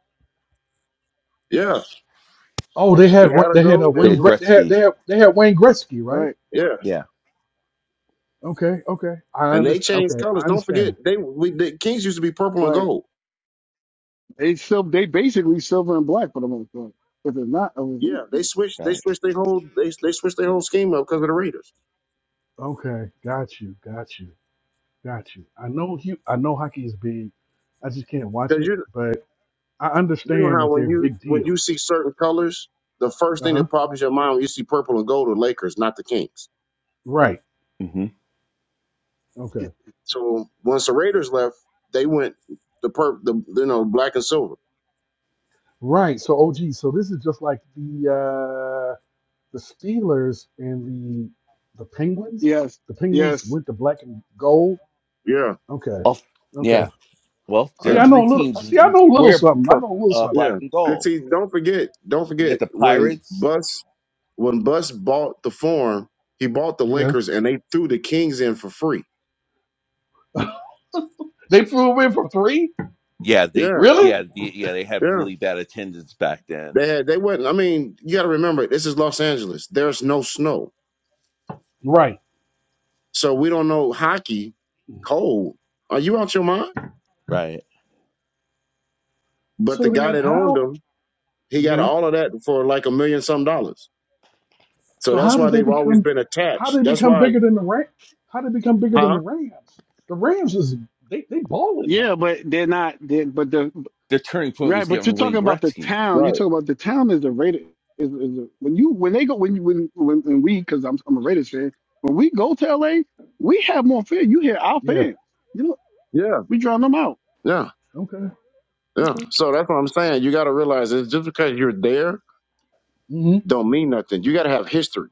Yeah,
Oh, they had.
we had a
They had a
go
the
and
Wayne.
we,
Gre- They had.
Gretzky.
They had. They had Wayne Gretzky, right?
right,
yeah,
Yeah,
Okay. Okay. I
and they
understand.
changed
Okay.
colors.
I
Don't
understand
forget
it.
they we the Kings used to be purple and
right.
gold.
They still they basically silver and black for the most part. If it's not, oh,
Yeah, they
yeah.
switched. They
right.
switched their whole. They they switched their whole scheme up because of the Raiders.
Okay. Got you. Got you. Got you. I know. Hu- I know hockey is big. I just can't watch
Because
it,
you
but. I
you know
understand
how
that they're
when
a
you
big
when
deal.
you see certain colors, the first
Uh
thing
huh.
that pops in your mind when you see purple and gold are Lakers, not the Kings.
Right.
hmm
Okay.
So once the Raiders left, they went the per the you know black and silver.
Right. So, OG. So this is just like the uh, the Steelers and the the Penguins.
yes,
The Penguins
yes,
went to black and gold.
Yeah,
Okay.
Oh,
Okay.
yeah. Well, there
See,
are
yeah,
I know
three
a little.
teams.
See, I know a little
We're
something. I
per,
know a little
uh,
something.
yeah.
black and
Good
gold.
see, don't forget, don't
You get
forget
the
when
Pirates.
Bus when Bus bought the farm, he bought the
Yeah.
Lakers and they threw the Kings in for free.
They flew him in for three.
Yeah, they
Yeah,
Really?
yeah the, yeah they had
yeah.
really bad attendance back then.
They had, they wouldn't. I mean, you got to remember, this is Los Angeles. There's no snow,
Right.
so we don't know hockey cold. Are you out your mind?
Right.
But
So
the guy
then,
that owned
how?
them, he got
yeah.
all of that for like a million some dollars. So
So
that's
how
why
did they
they've always
become?
been
How
attached.
did they
That's
become
why,
bigger than the Ram? How did they become bigger than the
huh?
Rams? The Rams is they they balling
yeah,
now.
but they're not. They, but the
Their turning point was
Right, but you're
getting
talking
Wayne
about the
Gretzky.
town. You're
Right?
talking about the town is the Raiders. Is, is the, when you when they go when you when when, when we because I'm I'm a Raiders fan. When we go to LA, we have more fans. You hear our
Yeah.
fans. You know
Yeah,
we drown them out.
yeah,
Okay.
yeah.
Okay.
So that's what I'm saying. You got to realize it's just because you're there
Mm-hmm.
don't mean nothing. You got to have history.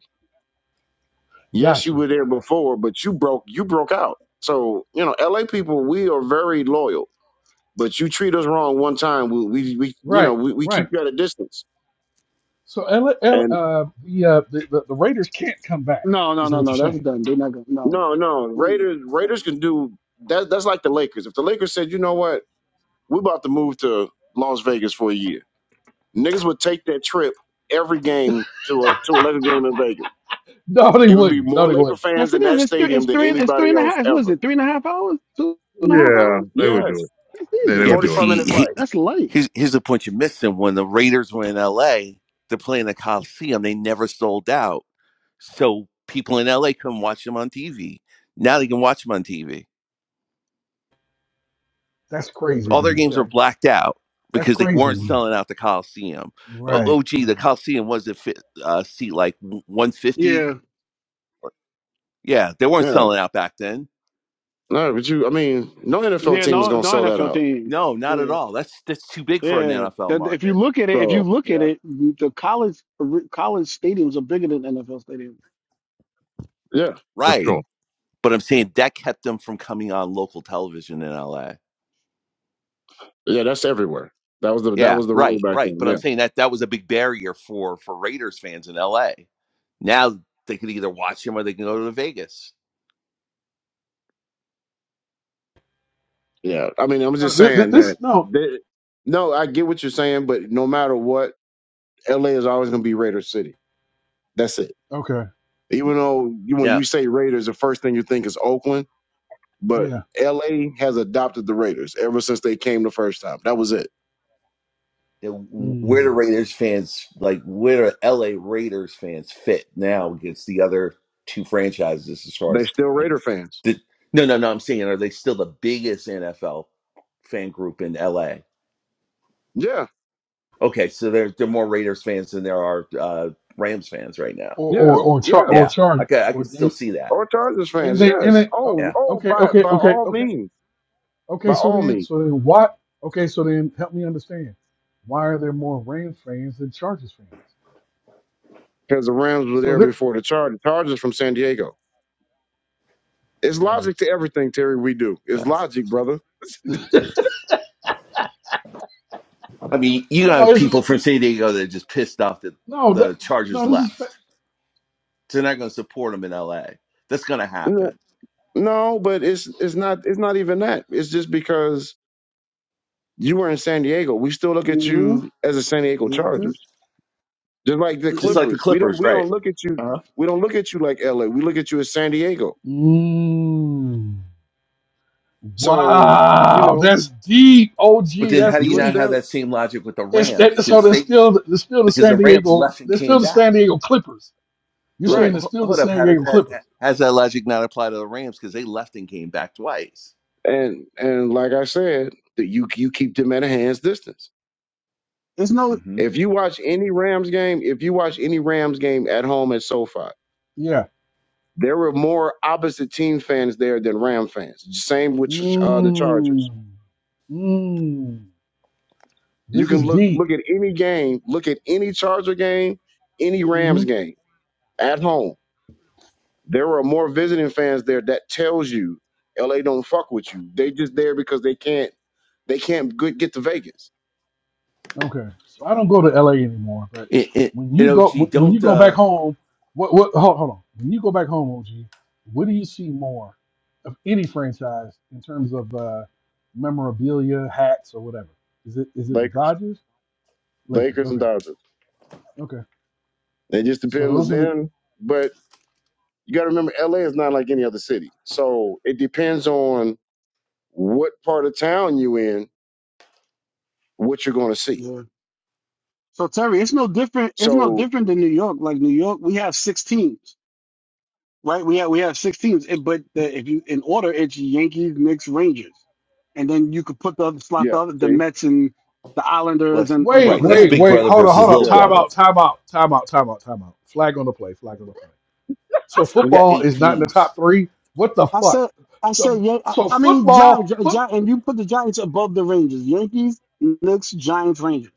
Yes, you
Gotcha.
were there
Gotcha.
before, but you broke you broke out. So you know, LA people, we are very loyal But you treat us wrong one time, we we, we you know
Right.
we, we keep
Right.
you at a distance.
So L, L,
And
uh, the, uh, the the the Raiders can't come back.
No, no,
Is
no,
what you're
no. That's
saying?
done. They're not gonna. No.
no, no,
Mm-mm.
Raiders Raiders can do that. That's like the Lakers. If the Lakers said, you know what, we're about to move to Las Vegas for a year, niggas would take that trip every game to a to a Laker game in Vegas.
No, they
It would be
wouldn't. No,
more
they
Laker
wouldn't.
Yes,
fans in
it is.
that
It's three.
stadium
It's
than
three. and- It's three
anybody
and a
else
half. It's, what is
ever.
it? Three and a half hours. Two and a half
Yeah,
hours.
they would do
Yes,
it.
That's
Yeah, they
easy.
Yeah,
would
forty
but
do it
five
see,
minute
he,
flight.
That's light.
here's here's the point you're missing. When the Raiders were in L.A., they're playing the Coliseum. They never sold out, so people in L.A. couldn't watch them on TV. Now they can watch them on TV.
That's crazy
All
to
their
me.
games
Yeah,
are blacked out
That's
because they
crazy to
weren't
me.
selling out the Coliseum. Oh,
Right.
oh gee, the
Right.
Coliseum was a fit, uh, seat like 150.
Yeah.
Yeah, they weren't
yeah.
selling out back then.
No, but you, I mean, no NFL
Yeah.
team was
No.
gonna
No
sell that
NFL
out.
team.
No, not
Yeah.
at all. That's that's too big for an
Yeah,
NFL
that- if you
market.
look at it, if you
So
look
You
at
know,
it, the college college stadiums are bigger than NFL stadiums.
yeah,
for
right?
sure.
But I'm saying that kept them from coming on local television in LA.
yeah, that's everywhere. That was the that
Yeah,
was the rule
right,
back
right.
then.
But
Yeah.
I'm saying that that was a big barrier for for Raiders fans in LA. Now they can either watch him or they can go to Vegas.
Yeah, I mean, I'm
No,
just
this,
saying
this
that.
no.
that- no, I get what you're saying, but no matter what, LA is always going to be Raider City. That's it.
Okay.
Even though you, when
Yeah.
you say Raiders, the first thing you think is Oakland, but
Yeah.
LA has adopted the Raiders ever since they came the first time. That was it.
Where do
Mm.
Raiders fans like where do LA Raiders fans fit now against the other two franchises as far
They're
as
still
like
Raider fans.
the, no no no I'm saying are they still the biggest NFL fan group in LA?
Yeah,
Okay, so there there are more Raiders fans than there are uh, Rams fans right now.
Or
yeah,
or or, char-
yeah.
or
Yeah,
charge
I could I could
or
still see that.
Or Chargers
And
fans.
they and
Yes.
they oh,
Oh,
Yeah,
oh,
okay,
by
okay,
by
okay,
all
okay.
means,
Okay,
by
so
all
then
means,
so then what? okay, so then help me understand. Why are there more Rams fans than Chargers fans?
because the Rams were
So
there
they're
before the Chargers. Chargers from San Diego. It's
right.
logic to everything, Terry. We do. It's
yeah.
logic, brother.
I mean, you gonna
No,
have
it's
people
it,
from San Diego that are just pissed off that
no
the
that,
Chargers
no this is fa-
left. They're not going to support them in L.A. That's going to
N-
happen,
No, but it's it's not it's not even that. It's just because you were in San Diego. We still look at
hmm
you as a San Diego
hmm
Chargers. Just like the
just like the
Clippers. We don't
Clippers,
we
right?
don't look at you
Uh-huh.
we don't look at you like LA. We look at you as San Diego.
mm,
So, you
Wow,
know,
that's deep.
But
OG,
then,
that's
how do
you
you
were
not
deep.
have
still
that same logic with the
It's
Rams?
that, so
Because
they're
they
still they're still the
because
San
the Rams
Diego
left and
they're still
came
the
back.
San Diego Clippers. You're
But
saying
right.
they're
ho-
still the
hold up,
San
how does
Diego
that
Clippers.
how does that logic not apply to the Rams? Because they left and came back twice.
And and like I said, that you you keep them at a hand's distance.
It's no,
Mm-hmm.
If you watch any Rams game, if you watch any Rams game at home at SoFi,
Yeah.
there were more opposite team fans there than Ram fans. Same with uh, the Chargers.
Mmm. Mmm.
You
This
can
is
look
deep.
look at any game, look at any Charger game, any Rams
hmm
game at home. There are more visiting fans there that tells you LA don't fuck with you. They just there because they can't they can't good, get to Vegas.
Okay. So I don't go to LA anymore, but
It, it,
when
you
you
know,
go when you
don't.
go back
Uh,
home, what what hold, hold on. When you go back home, OG, what do you see more of any franchise in terms of uh, memorabilia, hats or whatever? Is it is it the
Lakers,
Dodgers? Lakers.
Lakers and
Okay.
Dodgers.
Okay.
It just
So
depends
those are the
then. But you got to remember, LA is not like any other city. So it depends on what part of town you in, what you're going to see.
yeah. So Terry, it's no different. It's no
So
different than New York. Like New York, we have six teams, right? We have we have six teams. It, but the, if you in order, it's Yankees, Knicks, Rangers, and then you could put the other slot
yeah,
the other the
see,
Mets and the
well,
Islanders and
that's-
and
Wait,
right,
Brooklyn
that's
Nets.
wait,
Big
wait.
Brother
Hold on,
versus
hold on.
Little
yeah,
Time
Brother.
out, time out, time out, time out, time out. Flag on the play, flag on the play. So
We got
football
eight
is not in the
teams
top 3. What the
I
fuck?
said, I said,
So,
yeah. I,
so
I mean, Giants,
football,
Gi-
football
Gi- and you put the Giants above the Rangers. Yankees, Knicks, Giants, Rangers.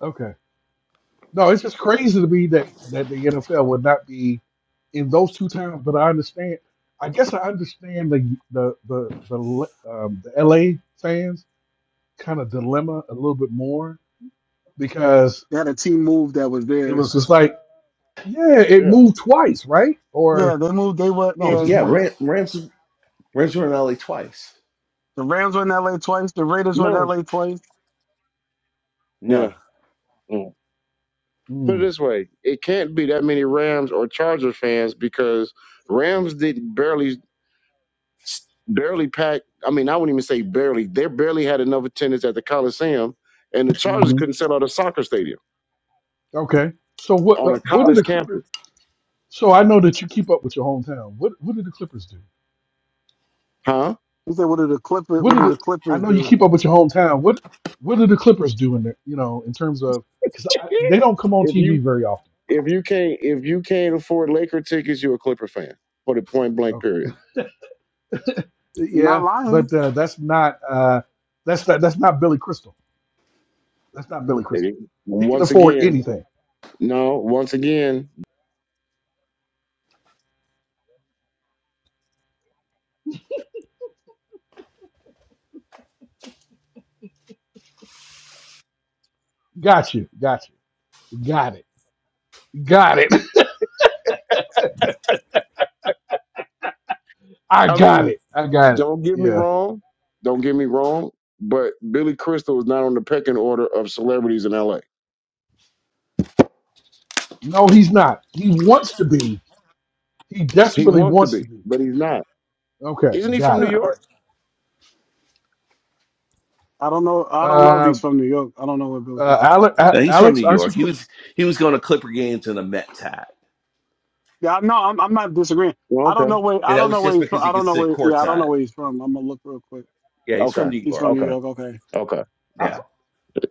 Okay. No, it's just crazy to me that that the NFL would not be in those two towns. But I understand. I guess I understand the the the the L- um, the LA fans kind of dilemma a little bit more because
They had a team move that was
it
there.
was just like, yeah, it
yeah,
moved twice, right? Or
Yeah, they moved. They were
no,
R-
just
in.
Yeah,
once.
Ram, Ramsey Ramsey Rinaldi twice.
The Rams were in LA twice. The Raiders were
What?
in
no,
LA twice.
yeah.
No,
mm. put it
Mm,
this way: it can't be that many Rams or Chargers fans because Rams did barely barely pack. I mean, I wouldn't even say barely. They barely had enough attendance at the Coliseum, and the Chargers
hmm
couldn't sell out a soccer stadium
Okay. So what
on
uh,
a
what did
college
the Clippers?
campus,
So I know that you keep up with your hometown. What what did the Clippers do?
huh?
He said, "What are the Clippers?
What
What
did
are the
it? I
Clippers
know you
do?"
keep up with your hometown. What What do the Clippers do in there? You know, in terms of because they don't come on
if
TV
you
very often.
if you can't if you can't afford Laker tickets, you're a Clipper fan. For the point blank
So,
period.
You're not
yeah,
lying.
but uh, that's not uh, that's not, that's not Billy Crystal. That's not Billy
They
Crystal.
didn't-
He can
Once
afford
again,
anything.
no. Once again,
Got you. Got you. Got it. Got it. I
I mean.
got it. I got it.
Don't get me
Yeah.
wrong. Don't get me wrong. But Billy Crystal is not on the pecking order of celebrities in L.A.
No, he's not. He wants to be. He
He
desperately
wants to
wants to
be,
be.
but he's not.
Okay.
Isn't he from
Got
New
no,
it.
York?
I don't know. I don't know if
Uh,
he's from New York. I don't know where Billy Crystal.
uh, Ale-
no.
A-
He's from New
Alex, aren't you
York. He
from?
was he was going to Clipper games in a Mets hat,
Yeah, no, I'm. I'm not disagreeing.
Well,
I don't
okay,
know where.
and
I
that
don't
was
know where
just
he's from.
because he
I don't
could
know
sit
where. Yeah, I don't know
courtside.
where he's from. I'm gonna look real quick.
Yeah, he's from
okay,
New
He's
York.
from New
okay,
York. Okay.
okay.
I, th-
Yeah,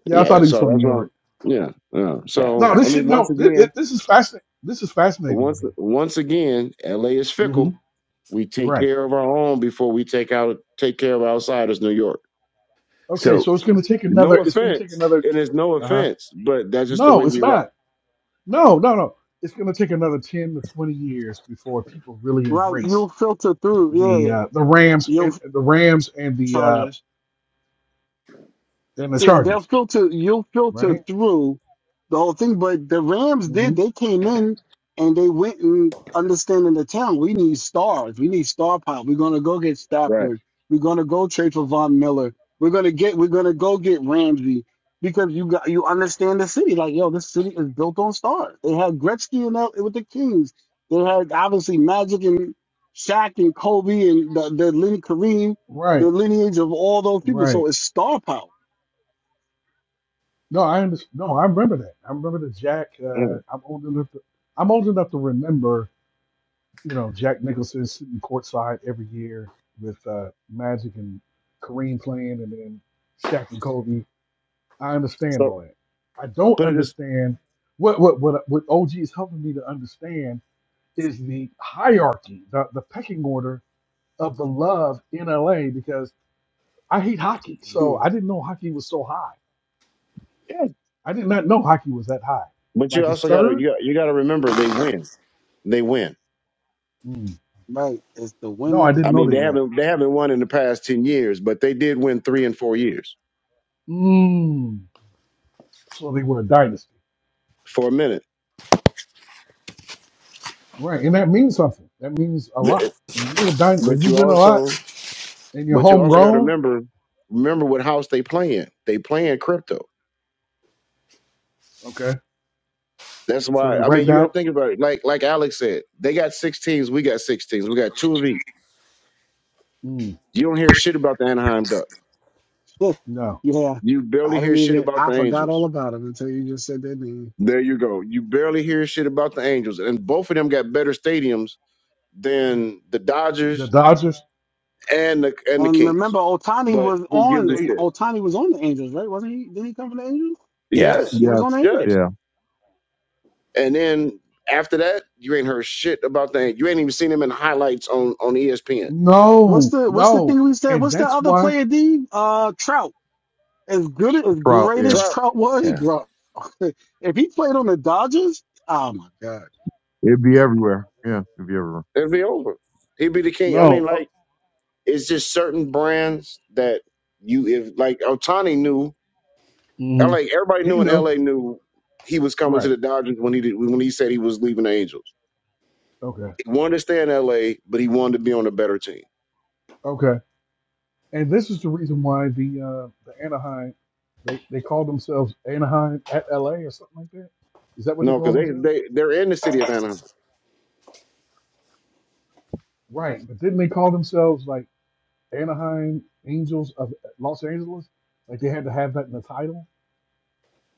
yeah, I thought
Yeah.
he was
So
from
that's
New
what.
York.
I'm, yeah, yeah.
yeah.
No,
So I
this shit.
mean, once
No, this,
again,
this is fascinating. This is fascinating to
once
me.
once again, L.A. is
hmm
fickle. We take
Right.
care of our own before we take out take care of outsiders. New York.
Okay.
So
So it's going to take another.
No
It's going to take
offense,
another.
and it's no
Uh huh.
offense, but that's just the
No,
way
it's
we rock.
not. No, no, no. It's going to take another ten to twenty years before people really
Right.
embrace
You'll filter through.
the
Yeah. yeah.
uh, the Rams and
You'll
the Rams and the uh,
charge
and the
Yeah, they'll
Chargers.
filter. You'll filter
Right.
through the whole thing. But the Rams
hmm
did. They came in and they went and understanding the town. We need stars. We need star power. We're gonna go get
Right.
Stafford. We're gonna go trade for Von Miller. We're gonna get. We're gonna go get Ramsey because you got you understand the city. Like yo, this city is built on stars. They had Gretzky and that with the Kings. They had obviously Magic and Shaq and Kobe and the the line- Kareem, the
Right.
lineage of all those people.
Right.
So it's star power
No, I understand. No, I remember that. I remember the Jack. Uh,
Mm.
I'm old enough to. I'm old enough to remember you know, Jack Nicholson sitting courtside every year with uh, Magic and Kareem playing, and then Shaq and Kobe. I understand
So,
all that. I don't
but it is.
understand what what what what OG is helping me to understand is the hierarchy, the the pecking order of the love in LA because I hate hockey, so I didn't know hockey was so high.
yeah.
I did not know hockey was that high.
But you
Like it's
also got to
third?
you, you got to remember they win. They win.
Mm.
Right. It's the
No, I
winning.
I
didn't know
mean, they
they won.
haven't they haven't won in the past ten years, but they did win three and four years
Mm. So they were a dynasty.
for a minute.
Right, and that means something. That means a lot.
The-
When you're a dyn- when
But
you
you
win a lot
also
and you're
but you also got to
homegrown,
remember remember what house they playing. They playing crypto.
okay.
That's
So they
why I
write
mean you got
down,
to think about it. Like like Alex said, they got six teams. We got six teams. We got two of each.
mm,
You don't hear shit about the Anaheim Ducks.
no,
yeah.
You
I
barely hear
didn't
shit
even
about the
I forgot all
Angels.
about him until you just said that name.
There you go. You barely hear shit about the Angels, and both of them got better stadiums than the
the
Dodgers
Dodgers.
and the and the
And
Kings.
remember Otani
But
was
who gives a
on
They
shit?
Otani was on the Angels, right? Wasn't he? Didn't he come from the Angels?
yeah,
Yeah,
Yes,
he was
Yes.
on the Angels.
yes.
yeah,
And then after that, you ain't heard shit about that. You ain't even seen him in highlights on on ESPN.
What's
no,
the what's the
no,
thing we said?
and
What's the
that's
other
why
player D? Uh Trout. As good as
proud.
great
Yeah,
as
Trout,
Trout was,
yeah,
bro. if he played on the Dodgers, oh my God.
it'd be everywhere. Yeah, it'd be everywhere.
it'd be over. He'd be the king. I
no.
mean,
Oh,
like it's just certain brands that you if like Otani knew.
mhm.
LA, everybody
He
knew in
knew.
LA knew he was coming to
Right.
the Dodgers when he did, when he said he was leaving the Angels.
Okay.
He wanted to stay in LA, but he wanted to be on a better team.
Okay. And this is the reason why the uh, the Anaheim they they call themselves Anaheim at LA or something like that. Is that what they
No,
call
because they
themselves?
they they're in the city of Anaheim.
Right. But didn't they call themselves like? Anaheim Angels of Los Angeles, like they had to have that in the title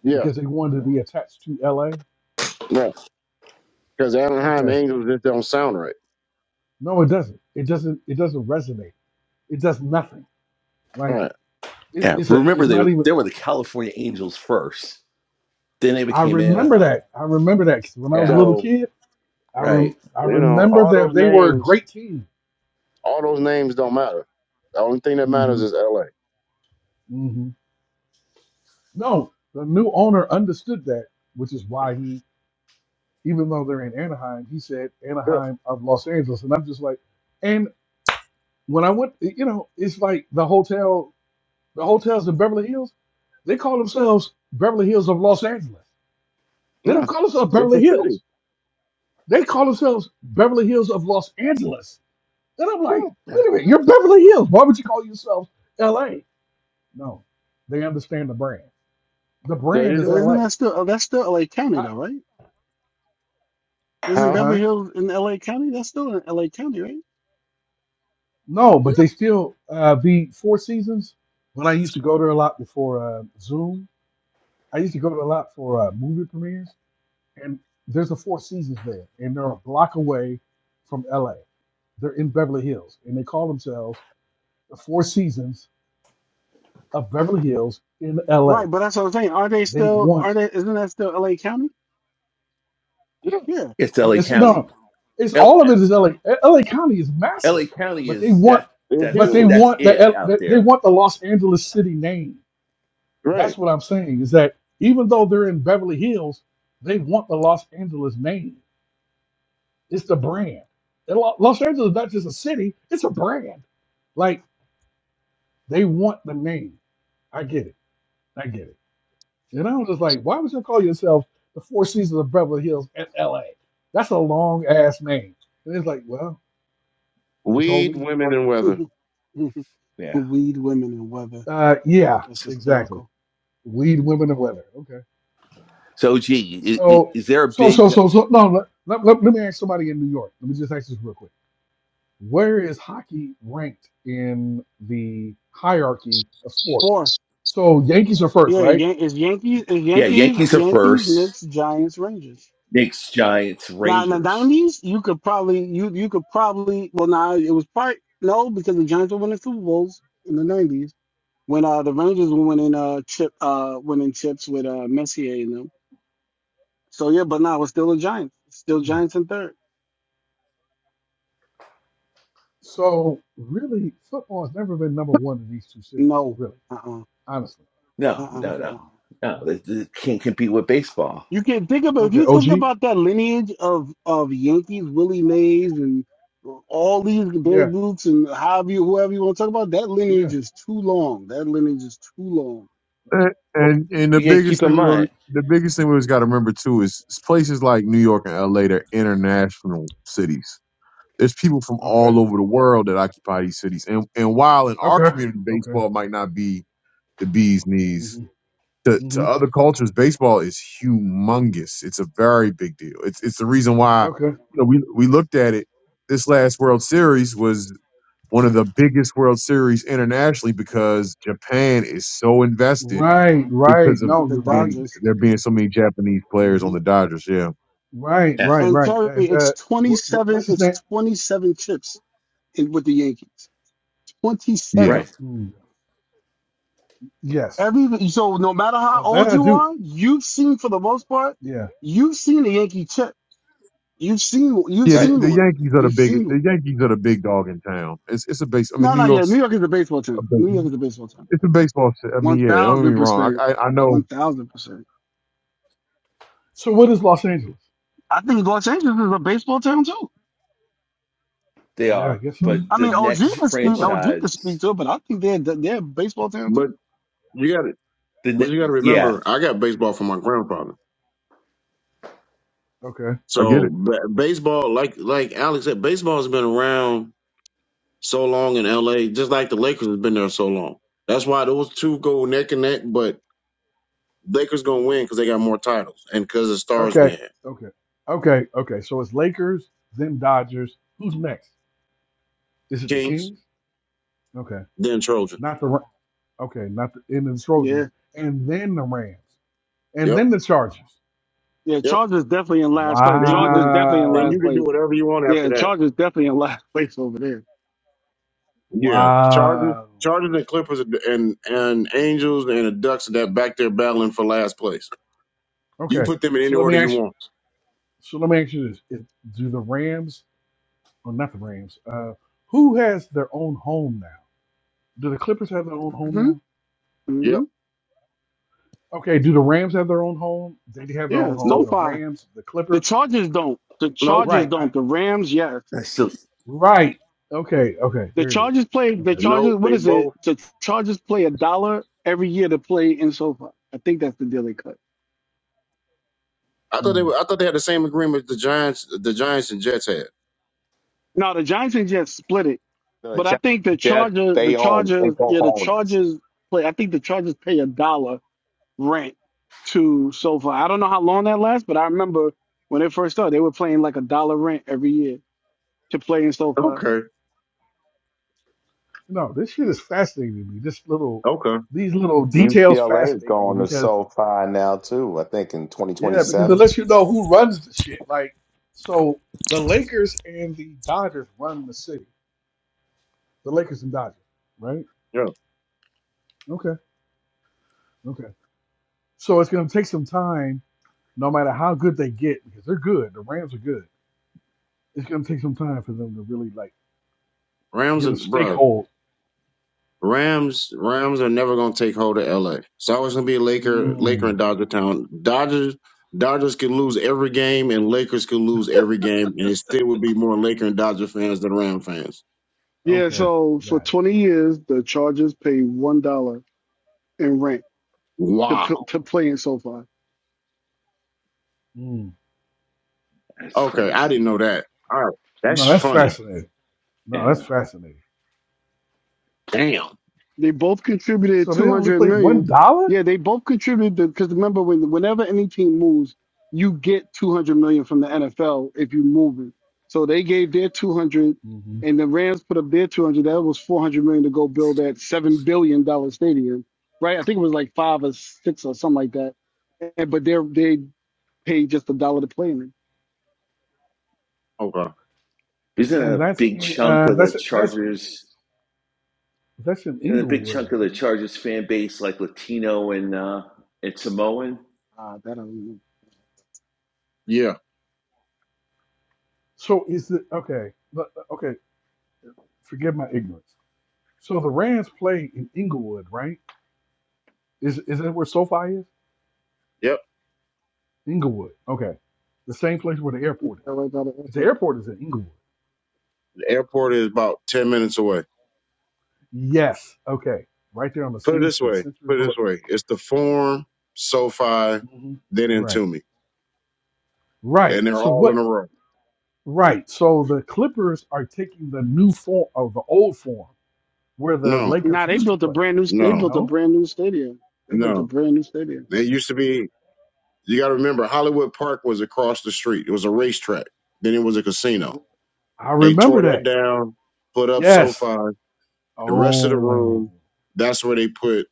Yeah,
because they wanted to be attached to LA.
right. Because Anaheim
Okay,
Angels just don't sound right.
no, it doesn't. It doesn't. It doesn't resonate. It does nothing. Like
Right.
it,
yeah.
it's a.
Remember
It's
they
not
were
even.
they were the California Angels first. Then they
I
became
remember
Anaheim.
that. I remember that 'cause when I was a
Yeah,
little
So
kid. I rem,
right.
I
you know,
remember
all those
them. They were a
names,
great team.
all those names don't matter. The only thing that matters
hmm
is L.A.
hmm No, the new owner understood that, which is why he, even though they're in Anaheim, he said
Yeah.
Anaheim of Los Angeles, and I'm just like. and. when I went, you know, it's like the hotel, the hotels in Beverly Hills, they call themselves Beverly Hills of Los Angeles. They don't
Yeah.
call themselves Beverly
Different
Hills.
city.
They call themselves Beverly Hills of Los Angeles. And I'm like,
Hmm.
Yeah,
wait a minute, you're Beverly Hills. Why would you call yourself LA? No, they understand the brand. The
There
brand
you
is
go.
But isn't
LA.
that still uh, that's still LA County though, right? Isn't
Huh?
huh?
Beverly Hills in LA County? That's still in LA County, right?
No,
Yeah.
but they still, uh, the Four Seasons, when I used to go there a lot before uh, Zoom, I used to go there a lot for uh, movie premieres and there's a Four Seasons there, and they're a block away from LA. They're in Beverly Hills, and they call themselves the Four Seasons of Beverly Hills in LA.
Right, but that's what I'm saying. Are they
They
still? Are
want,
they? Isn't that still L.A. County?
yeah,
Yeah.
it's
yeah,
L.A.
it's
County.
no, it's all of it is LA. LA County is massive,
L.A. County
but they
is
want,
that
It's
but
that's
they
huge.
that's
want the
it
L-
out
they they
there.
want the Los Angeles city name. That's
Right.
what I'm saying is that even though they're in Beverly Hills, they want the Los Angeles name. It's the brand. And Lo- Los Angeles is not just a city; it's a brand. Like They want the name. I get it. I get it. And I was just like, why would you call yourself the Four Seasons of Beverly Hills at LA? That's a long ass name. And it's like, well, they told
Weed,
me,
women, and weather.
Yeah.
Weed, women, and weather.
uh, yeah,
That's
exactly.
hysterical.
Weed, women, and leather. Okay.
So, gee, is,
So,
is there a
so,
big?
so, so, so, no, let, let, let, let me ask somebody in New York. Let me just ask this real quick. Where is hockey ranked in the hierarchy of sports?
Fourth,
So, Yankees are first,
yeah,
right?
Yan- is Yankees, is
Yeah,
Yankees,
Yankees are
Yankees,
first.
Knicks, Giants, Rangers.
Knicks, Giants,
Now in the
Rangers.
nineties, you could probably you you could probably well now it was part no because the Giants were winning Super Bowls in the nineties when uh the Rangers were winning uh chip uh winning chips with uh Messier in them. So yeah, but now it's still the Giants, it's still Giants in third.
So really, football has never been number one in these two cities.
No,
Really,
uh
honestly.
No,
uh-uh,
no,
uh
Okay.
no, no. They, they can't compete with baseball.
You can think about if
Okay.
you think
OG.
about that lineage of of Yankees, Willie Mays, and all these Babe
Yeah.
Ruths and however you, whoever you want to talk about, that
Yeah.
lineage is too long. That lineage is too long.
And and, and the
You got to
biggest
keep in
thing we always-
mind.
the biggest thing we always got to remember too is places like New York and LA. They're international cities. There's people from
Okay.
all over the world that occupy these cities. And and while in our
Okay.
community,
Okay.
baseball might not be the bee's knees
Mhm.
to, to
Mhm.
other cultures, baseball is humongous. It's a very big deal. It's it's the reason why
Okay.
you know we we looked at it. This last World Series was one of the biggest World Series internationally because Japan is so invested
Right. Right.
because of
No,
The
you're right.
being
Dodgers
there being so many Japanese players on
hmm
the Dodgers. Yeah,
Right.
Yeah.
Right.
and
Right.
Terry,
That.
it's
That.
twenty
What, what,
seven.
what's his
It's
name?
twenty seven chips. in, with the Yankees.
yeah,
27.
Right,
Mm, yes.
Every so no matter how
Now that
old
I
you
do.
are, you've seen for the most part,
Yeah.
you've seen a Yankee chip. You've seen you've
yeah. The,
right.
seen
the
one.
Yankees are the
You've
big
seen one.
the Yankees are the big dog in town. It's it's a base. I mean,
No,
New
no, yeah. New
York's
York is a baseball
a
team.
big,
New York is a baseball team.
it's a baseball. ci- I mean,
One
yeah. Don't get
thousand
me wrong.
percent.
I I, I know.
One thousand percent.
So what is Los Angeles?
I think Los Angeles is a baseball town too.
They
Yeah, I
are,
guess so.
but
I
the
mean, OG
I
next
get.
can speak.
Yeah.
OG can speak
franchise,
to it, but I think they're they're a baseball town
But
too.
you got to
the
But
ne-
you got to
yeah,
remember, I got baseball from my grandfather.
Okay.
I get
So
it.
ba- baseball, like like Alex said, baseball has been around. so long in LA, just like the Lakers has been there so long. That's why those two go neck and neck, but Lakers gonna win because they got more titles and because of the stars we
Okay.
have.
Okay. Okay. Okay. So it's Lakers, then Dodgers. Who's next? Is it the
Kings,
Kings? Okay.
then Trojans.
not the Ra- okay, not the end of the Trojans,
Yeah,
and then the Rams, and
Yep,
then the Chargers.
yeah.
yep.
Chargers definitely in last place.
Then you
Chargers
can
definitely in
then
Wow,
last
you can do
place.
whatever you want after
Yeah,
that.
Chargers definitely in last place over there.
Yeah, Chargers,
wow.
Chargers and Clippers and and and Angels and the Ducks are that back there battling for last place. You
Okay,
put them in
so
any
let me
order you
ask.
want.
So let me ask you this: If- Do the Rams, or not the Rams? Uh, who has their own home now? Do the Clippers have their own home now?
Yep.
Mm-hmm.
Okay. Do the Rams have their own home? They have their own
Yeah,
home.
so
Nope.
The
far
Rams, the
the
Clippers.
Chargers don't. The
Nope.
Chargers
Right. I,
don't. The Rams, yes.
that's still
right. Okay. Okay.
The
There it is.
Chargers play. The
Okay.
Chargers.
Nope.
What
They
is it?
both.
The Chargers play a dollar every year to play in SoFi. I think that's the deal they cut.
I thought they
hmm.
were. I thought they had the same agreement the Giants, the Giants and Jets had.
Now the Giants and Jets split it,
The
but I
Jets,
think the
Jets
Charger, the
they own. They
Chargers,
both
yeah, the
own.
Chargers play. I think the Chargers pay a dollar rent to SoFi. I don't know how long that lasts, but I remember when it first started, they were playing like a dollar rent every year. to play in SoFi.
Okay.
No, this shit is fascinating to me. This little,
Okay.
these little details
UCLA is
fascinate me
going to
because
SoFi now, too, I think in
yeah, because it
2027.
lets you know who runs the shit. Like, so the Lakers and the Dodgers run the city. The Lakers and Dodgers, right?
Yo,
Okay, okay. So it's gonna take some time, no matter how good they get, because they're good. The Rams are good. It's gonna take some time for them to really like
Rams,
get
are,
a
bro.
stakehold.
Rams, Rams are never gonna take hold of LA. It's always gonna be a Laker, Laker
Mm,
and Dodger town. Dodgers, Dodgers can lose every game, and Lakers can lose every game, and it still would be more Laker and Dodger fans than Ram fans.
Yeah,
okay,
so for
got it.
20 years, the Chargers pay $1 in rent to,
Wow.
p- to play in SoFi.
Mm.
that's
Okay, I didn't
crazy.
know that. All right, that's
No, that's
funny.
fascinating. No,
Yeah,
that's fascinating.
Damn.
They both contributed
So they only
200
play one
million.
dollar?
Yeah, they both contributed because remember when whenever any team moves, you get 200 million from the NFL if you move it. So they gave their 200
hmm
and the Rams put up their 200. That was 400 million to go build that 7 billion dollar stadium. Right? I think it was like 5 or 6 or something like that. And, but they they paid just a dollar to play in it.
Okay.
isn't
And
a
that's
big
in
chunk
uh,
of the
that's that's
Chargers
that's in
and a big
Inglewood,
chunk of the
right?
Chargers fan base like Latino and uh, and Samoan?
Ah, that I don't know.
Yeah.
So is the okay? but- Okay, forgive my ignorance. So the Rams play in Inglewood, right? Is is that where SoFi is?
Yep.
Inglewood. Okay, the same place where the
Yeah,
airport is.
right by the
'Cause the
airport.
airport is in Inglewood.
The airport is about ten minutes away.
Yes. Okay, right there on the
Put it
same
this
street,
way.
Century
Put it this
Boulevard.
way. It's the Forum, SoFi,
hmm
then
Right.
Intumi,
Right.
and they're
So
all in
what?
a row.
Right. So the Clippers are taking the new form of the old form where the
No.
Lakers
Nah, they
used to
built a
play.
brand new. They
No.
built a
No.
brand new stadium. They built a
No,
brand new stadium.
it used to be. You got to remember, Hollywood Park was across the street. It was a racetrack. Then it was a casino.
I
They
remember
tore that
that.
down, put up
Yes.
SoFi. The rest of the
Oh.
room, that's where they put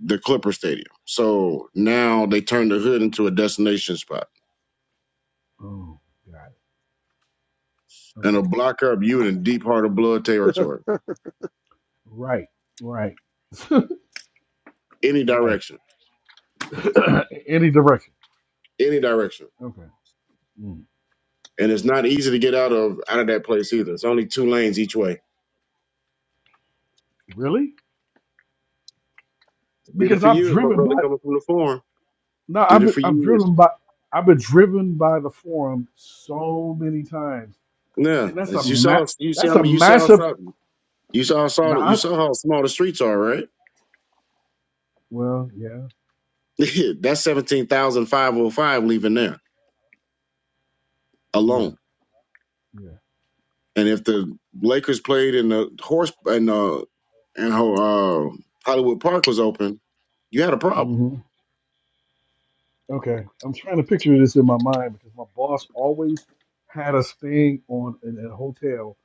the Clipper Stadium. So now they
Okay.
turned the hood into a destination spot
Oh, got it.
and a
Okay.
block up you in deep heart of blood territory.
Right. Right.
Any
Right.
direction,
Any direction.
any direction.
Okay. Mm.
And it's not easy to get out of out of that place either. It's only two lanes each way.
Really?
Did it
Because
for
I've
years, my
driven
brother
by.
coming from the farm.
No, I've
Did it
been.
for
I've
years.
driven by. I've been driven by the forum so many times,
Yeah,
and that's a
as you
ma-
saw, you see,
That's
I
a
mean, you saw
massive.
something. You saw, saw, you
Not.
saw how small the streets are, right?
Well. Yeah.
That's seventeen thousand five hundred five leaving there
Yeah.
alone.
Yeah.
And if the Lakers played in the horse and uh and how uh, Hollywood Park was open, you had a problem.
Mm-hmm. Okay, I'm trying to picture this in my mind because my boss always had us staying on in a hotel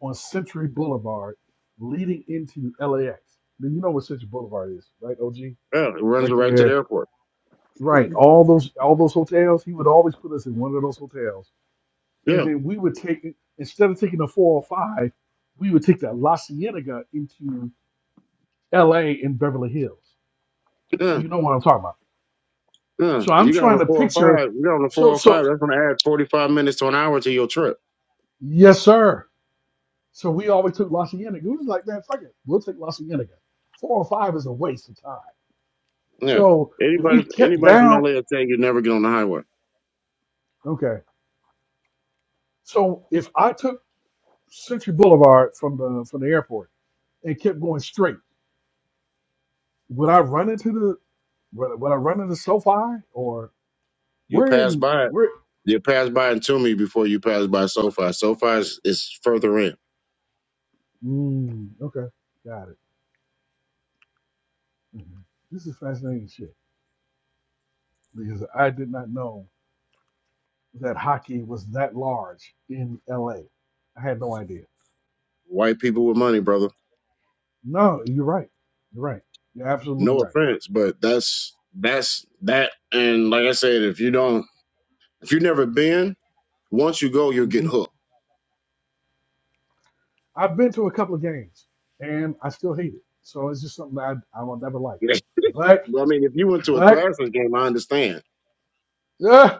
on Century Boulevard, leading into LAX. Then you know what Century Boulevard is, right? OG,
Yeah, it runs
right
right into the
there,
airport.
right. All those all those hotels. He would always put us in one of those hotels, and
Yeah,
then we would take instead of taking the 405, we would take that La Cienega into LA in Beverly Hills. So
yeah,
you know what I'm talking about.
yeah.
So I'm
You got on
trying
the
to
four hundred
picture.
five. You got on the four
So
hundred five.
so
That's going to add forty five minutes to an hour to your trip.
yes, sir. So we always took La Cienega. We was like, man, fuck it. We'll take La Cienega. Four or five is a waste of time.
Yeah.
So if
Anybody,
we kept
anybody from LA
down,
will tell you never get on the highway.
okay. So if I took Century Boulevard from the from the airport and kept going straight, would I run into the would, would I run into SoFi or
You
we're
pass
in
by it
we're
You pass by Toomey before you pass by SoFi. SoFi is, is further in.
mm, okay, got it. Mhm. This is fascinating shit because I did not know that hockey was that large in LA. I had no idea.
White people with money, brother.
No, you're right. You're right. You're absolutely
No
right.
offense, but that's that's that. And like I said, if you don't, if you've never been, once you go, you'll get
hmm
hooked.
I've been to a couple of games and I still hate it. So it's just something that I, I will never like. But,
I mean, if you went to a
but,
Thrashers game, I understand.
uh,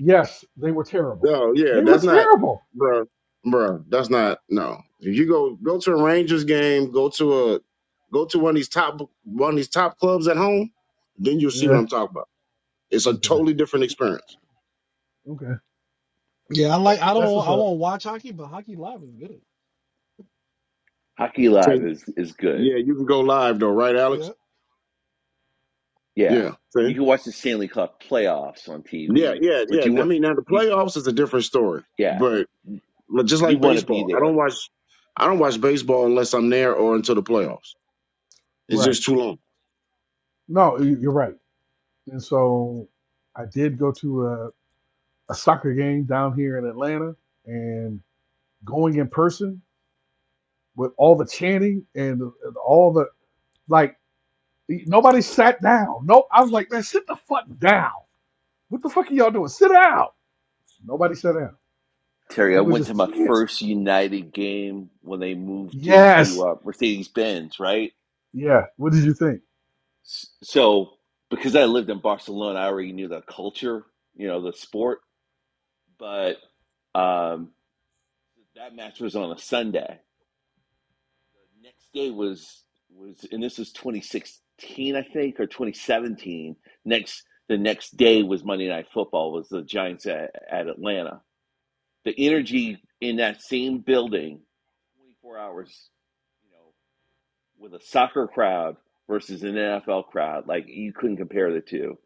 yes, they were terrible.
No, yeah,
They were
that's not,
terrible.
bruh, bruh. That's not no. If you go go to a Rangers game, go to a go to one of these top one of these top clubs at home, then you'll see what
Yeah.
I'm talking about. It's a
Okay.
totally different experience
Okay.
Yeah, I like. I
That's
don't.
what's
I
up.
won't watch hockey, but hockey live is good.
Hockey Live is is good.
Yeah, you can go live though, right, Alex?
Yeah.
Yeah,
Yeah.
you
See?
can watch the Stanley Cup playoffs on
Yeah,
TV,
yeah, yeah.
but you
And I
want
mean, now the
you
playoffs is a different story,
yeah
but but just
you
like
want to be
baseball, I don't
there.
watch, I don't watch baseball unless I'm there or until the playoffs. It's
Right.
just too
No, you- you're right. And so I did go to a, a soccer game down here in Atlanta and going in person with all the chanting and, and all the like. Nobody sat down. No, I was like, man, sit the fuck down. What the fuck are y'all doing? Sit down. Nobody sat down.
Terry, I
It was
went to
just
my
chance.
first United game when they moved into
Yes.
uh, Mercedes Benz, right?
Yeah. What did you think?
S- So because I lived in Barcelona, I already knew the culture, you know, the sport. But um, that match was on a Sunday, The next day was was and this was 2016 i think or 2017 next the next day was monday night football was the giants at, at atlanta the energy in that same building 24 hours you know with a soccer crowd versus an nfl crowd like you couldn't compare the two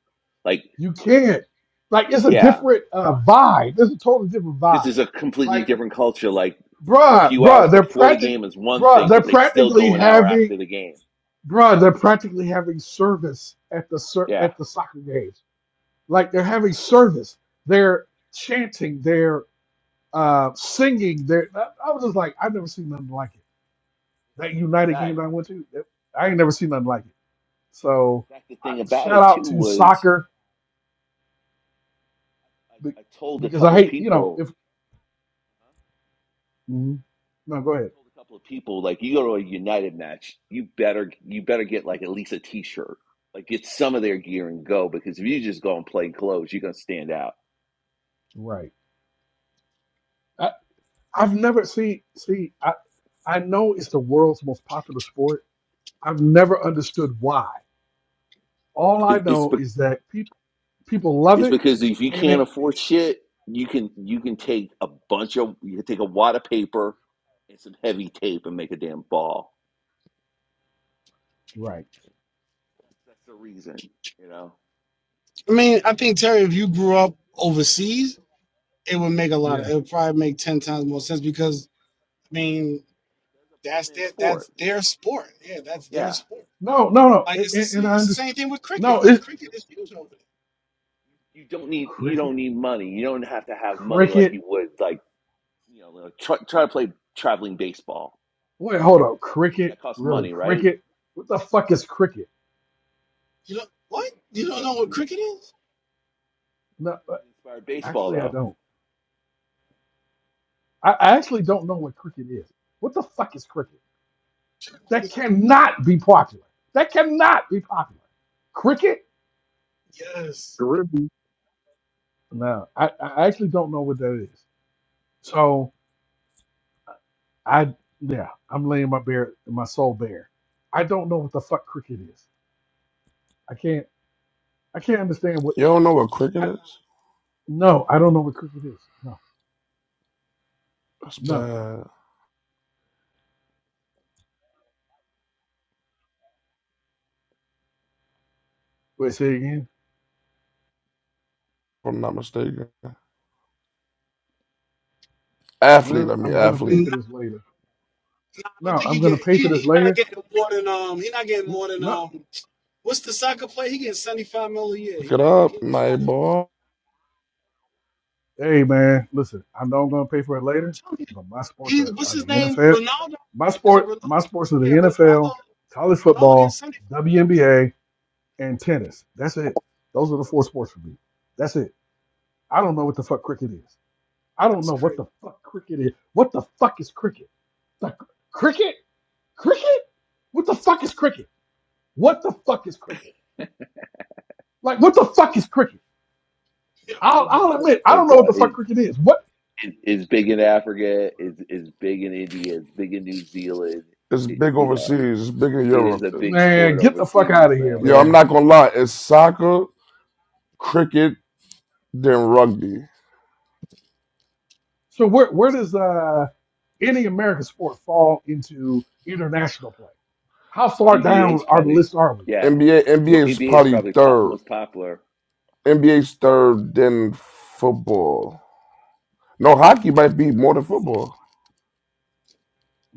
like
You can't. Like, it's a
yeah
different uh, vibe. It's a totally different
because
vibe.
it's a completely
Like,
different culture like a
bruh,
few
bruh,
hours
they're
before the
practic,
game is one
bruh,
thing
they're
but they still
practically
go an hour
having,
after the game
bruh, they're practically having service at the ser-
yeah
at the soccer games. Like, they're having service. They're chanting. They're uh, singing there. I, I was just like, I've never seen nothing like it. That
in
United game
fact
that I went to, that- I ain't never seen nothing like it.
In
So
fact, the
I,
thing about
shout
it
out
too
to
was
soccer be-
I, I told a
because I
couple of
hate, you know, if
people.
mhm. no, go
I
ahead.
told a couple of people like you go to a United match, you better you better get like at least a T-shirt, like get some of their gear and go because if you just go and play clothes, you're gonna stand out.
Right. I, I've never see see. I I know it's the world's most popular sport. I've never understood why. All I
It, it's
know
be,
is that people people love
it's
it,
because if you
and
can't
it
afford shit, you can you can take a bunch of you can take a wad of paper and some heavy tape and make a damn ball.
Right.
That's, the reason, you know.
I mean, I think Terry, if you grew up overseas, it would make a lot
yeah.
of. It would probably make ten times more sense because I mean,
That's a poor
that's
man's
their
sport.
that's their sport. Yeah, that's their
Yeah.
sport.
No, no, no.
Like it's the
And, and
same.
I
It's the
understand.
same thing with
No,
cricket. Like
it's
cricket is huge over there.
you don't need you don't
cricket.
need money. You don't have to have money like
Cricket.
you would like you know like, try try to play traveling baseball
Wait, hold up.
as a kid.
Cricket?
That costs
Really?
money, right?
Cricket? What the fuck is cricket?
You know what? You
That's
don't know
that's
what cricket is?
No, uh,
freaking inspired baseball
actually, I
though.
don't. I, I actually don't know what cricket is. What the fuck is cricket? That
Like,
cannot be popular. That cannot be popular. Cricket?
Yes.
long.
No, I, I actually don't know what that is. So I, yeah, I'm laying my bare, my soul bare. I don't know what the fuck cricket is. I can't, I can't understand what.
You don't know what cricket
I,
is?
no, I don't know what cricket is. No,
That's
no.
bad. If
Wait, say again.
I'm not mistaken. Athlete, I
Well,
mean
I'm gonna pay
athlete.
for
Nah,
this later.
I don't
No,
think
I'm
he
gonna
get.
pay
He,
for this
he not
later.
getting more than um. He not getting
Mm,
more than
No,
um. What's the soccer player? He getting seventy five mil a year.
Look it
He, he
up,
they
my
not.
boy.
hey man, listen, I know I'm gonna pay for it
I'm
later,
telling you,
but my sports
he's
are,
what's
are
his
the
name?
NFL.
Ronaldo?
My
Is it
sport,
Ronaldo?
my sports are the
Yeah, Ronaldo.
NFL,
yeah,
college
Ronaldo gets
football,
seventy five million.
WNBA, and tennis. That's it. Those are the four sports for me. That's it. I don't know what the fuck cricket is. I don't
That's
know what
crazy.
the fuck cricket is. What the fuck is cricket? The cr- cricket? Cricket? What the fuck is cricket? What the fuck is cricket? Like what the fuck is cricket?
Yo, you
I'll,
go
I'll
crazy.
admit I
Hey,
don't know what
bro,
the fuck
is
cricket is. What
is big in Africa? Is is big in India? Is big in New Zealand?
It's
It,
big
you know,
overseas. It's big in
it is
Europe.
a big
Man,
sport
get the fuck
overseas,
out of here,
man.
Yo, I'm
man.
not gonna lie. It's soccer, cricket, then rugby.
So where where does uh any American sport fall into international play? How far
NBA
down
is
our
probably
list are we?
yeah.
NBA,
What,
NBA is
NBA is
probably
probably pop,
third.
most popular
NBA's third, then football. No, hockey might be more than football.